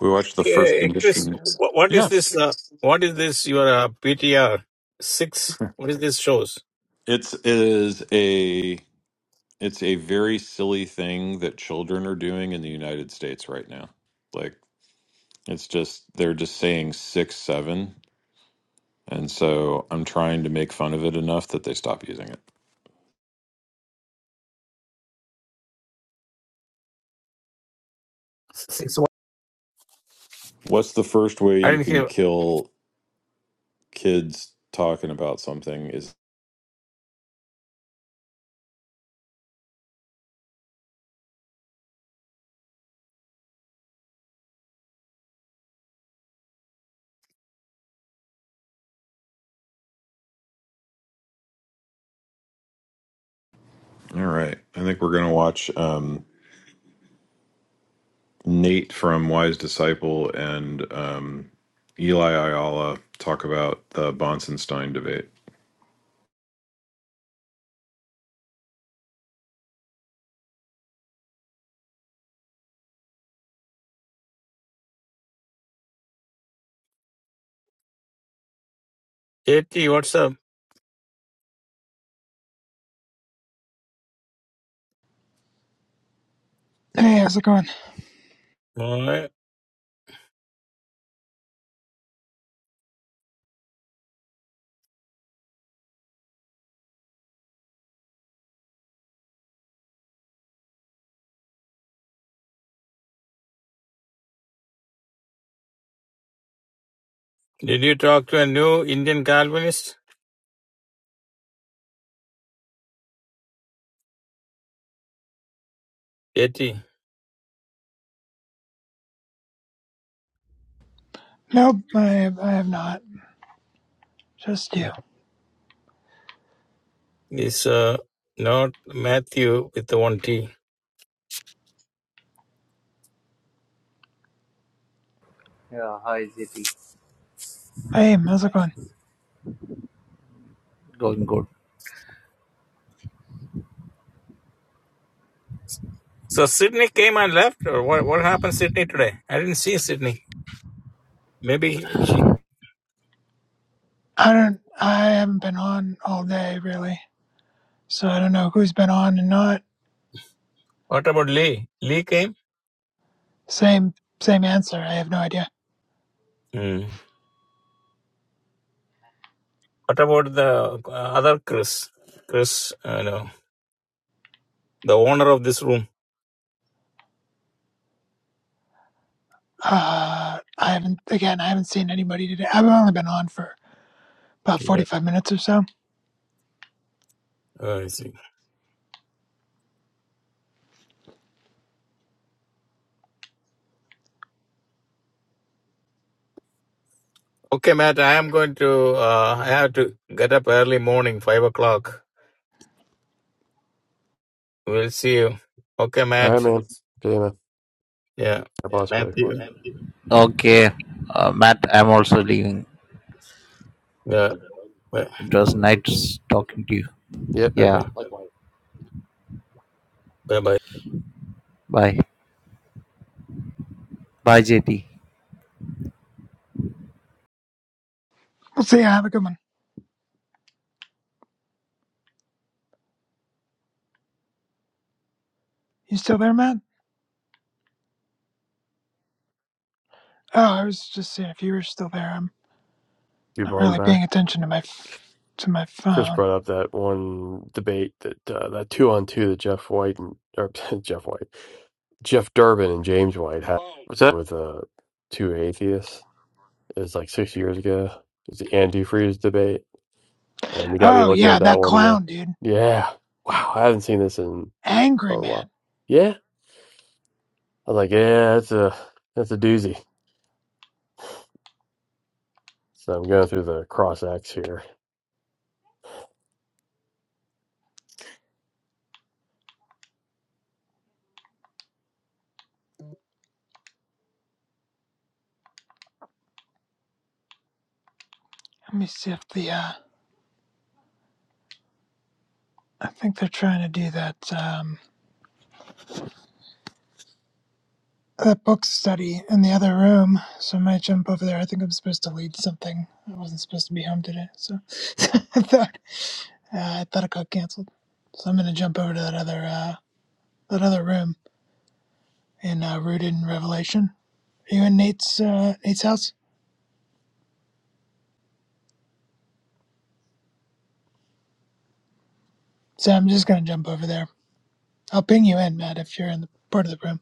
N: we watched the first
C: Eh, Chris,
N: edition.
C: wh- what is
N: Yeah,
C: this? Uh, what is this? Your uh, PTR six? What is this shows?
N: it's it is a It's a very silly thing that children are doing in the United States right now. Like, it's just, they're just saying six, seven. And so I'm trying to make fun of it enough that they stop using it. What's the first way
C: I
N: you
C: didn't
N: can
C: hear.
N: kill kids talking about something? Is all right. I think we're going to watch um, Nate from Wise Disciple and um, Eli Ayala talk about the Bonsenstein debate.
C: Eighty. What's up?
P: Hey, how's it going?
C: Alright. Did you talk to a new Indian Calvinist? Eighty.
P: Nope, I I have not. Just you.
C: This uh, not Matthew with the one T.
P: Hey, how's it going?
C: So Sydney came and left, or what? What happened, Sydney today? I didn't see Sydney. Maybe she.
P: I don't. I haven't been on all day really, so I don't know who's been on and not.
C: What about Lee? Lee came.
P: Same same answer. I have no idea.
C: Hmm. What about the uh, other Chris? Chris, I know the owner of this room.
P: Uh, I haven't. Again, I haven't seen anybody today. I've only been on for about forty five minutes or so.
C: Oh, I see. Okay, Matt, I am going to, uh, I have to get up early morning, five o'clock. We'll see you. Okay,
A: All right, man.
C: Matt.
A: Okay, man.
C: Yeah.
A: God bless, buddy.
C: Matthew. Yeah.
J: Okay, uh, Matt, I'm also leaving.
C: Yeah. Bye.
J: It was nice talking to you.
A: Yep,
J: Yeah,
C: Okay. Bye bye.
J: bye. Bye, JT.
P: We'll see. Have a good one. You still there, Matt? Oh, I was just seeing if you were still there. I'm
A: you
P: not
A: on the
P: really
A: back.
P: paying attention to my f- to my
A: Chris
P: phone.
A: brought up that one debate that uh, that two on two that Jeff White and or *laughs* Jeff White, Jeff Durbin and James White was that with uh, two atheists. It was like six years ago. It was the antifreeze debate, and you got me
P: Oh
A: looking
P: yeah,
A: at that
P: that
A: one again.
P: clown dude.
A: Yeah, wow, I haven't seen this in a
P: Angry man.
A: while. Yeah, I was like, yeah, that's a that's a doozy. So I'm going through the cross X here.
P: Let me see if the uh I think they're trying to do that um that book study in the other room. So I might jump over there. I think I'm supposed to lead something. I wasn't supposed to be home today, so *laughs* I thought uh, I thought it got cancelled. So I'm gonna jump over to that other uh that other room in uh Rooted in Revelation. Are you in Nate's uh Nate's house? So I'm just gonna jump over there. I'll ping you in, Matt, if you're in the part of the room.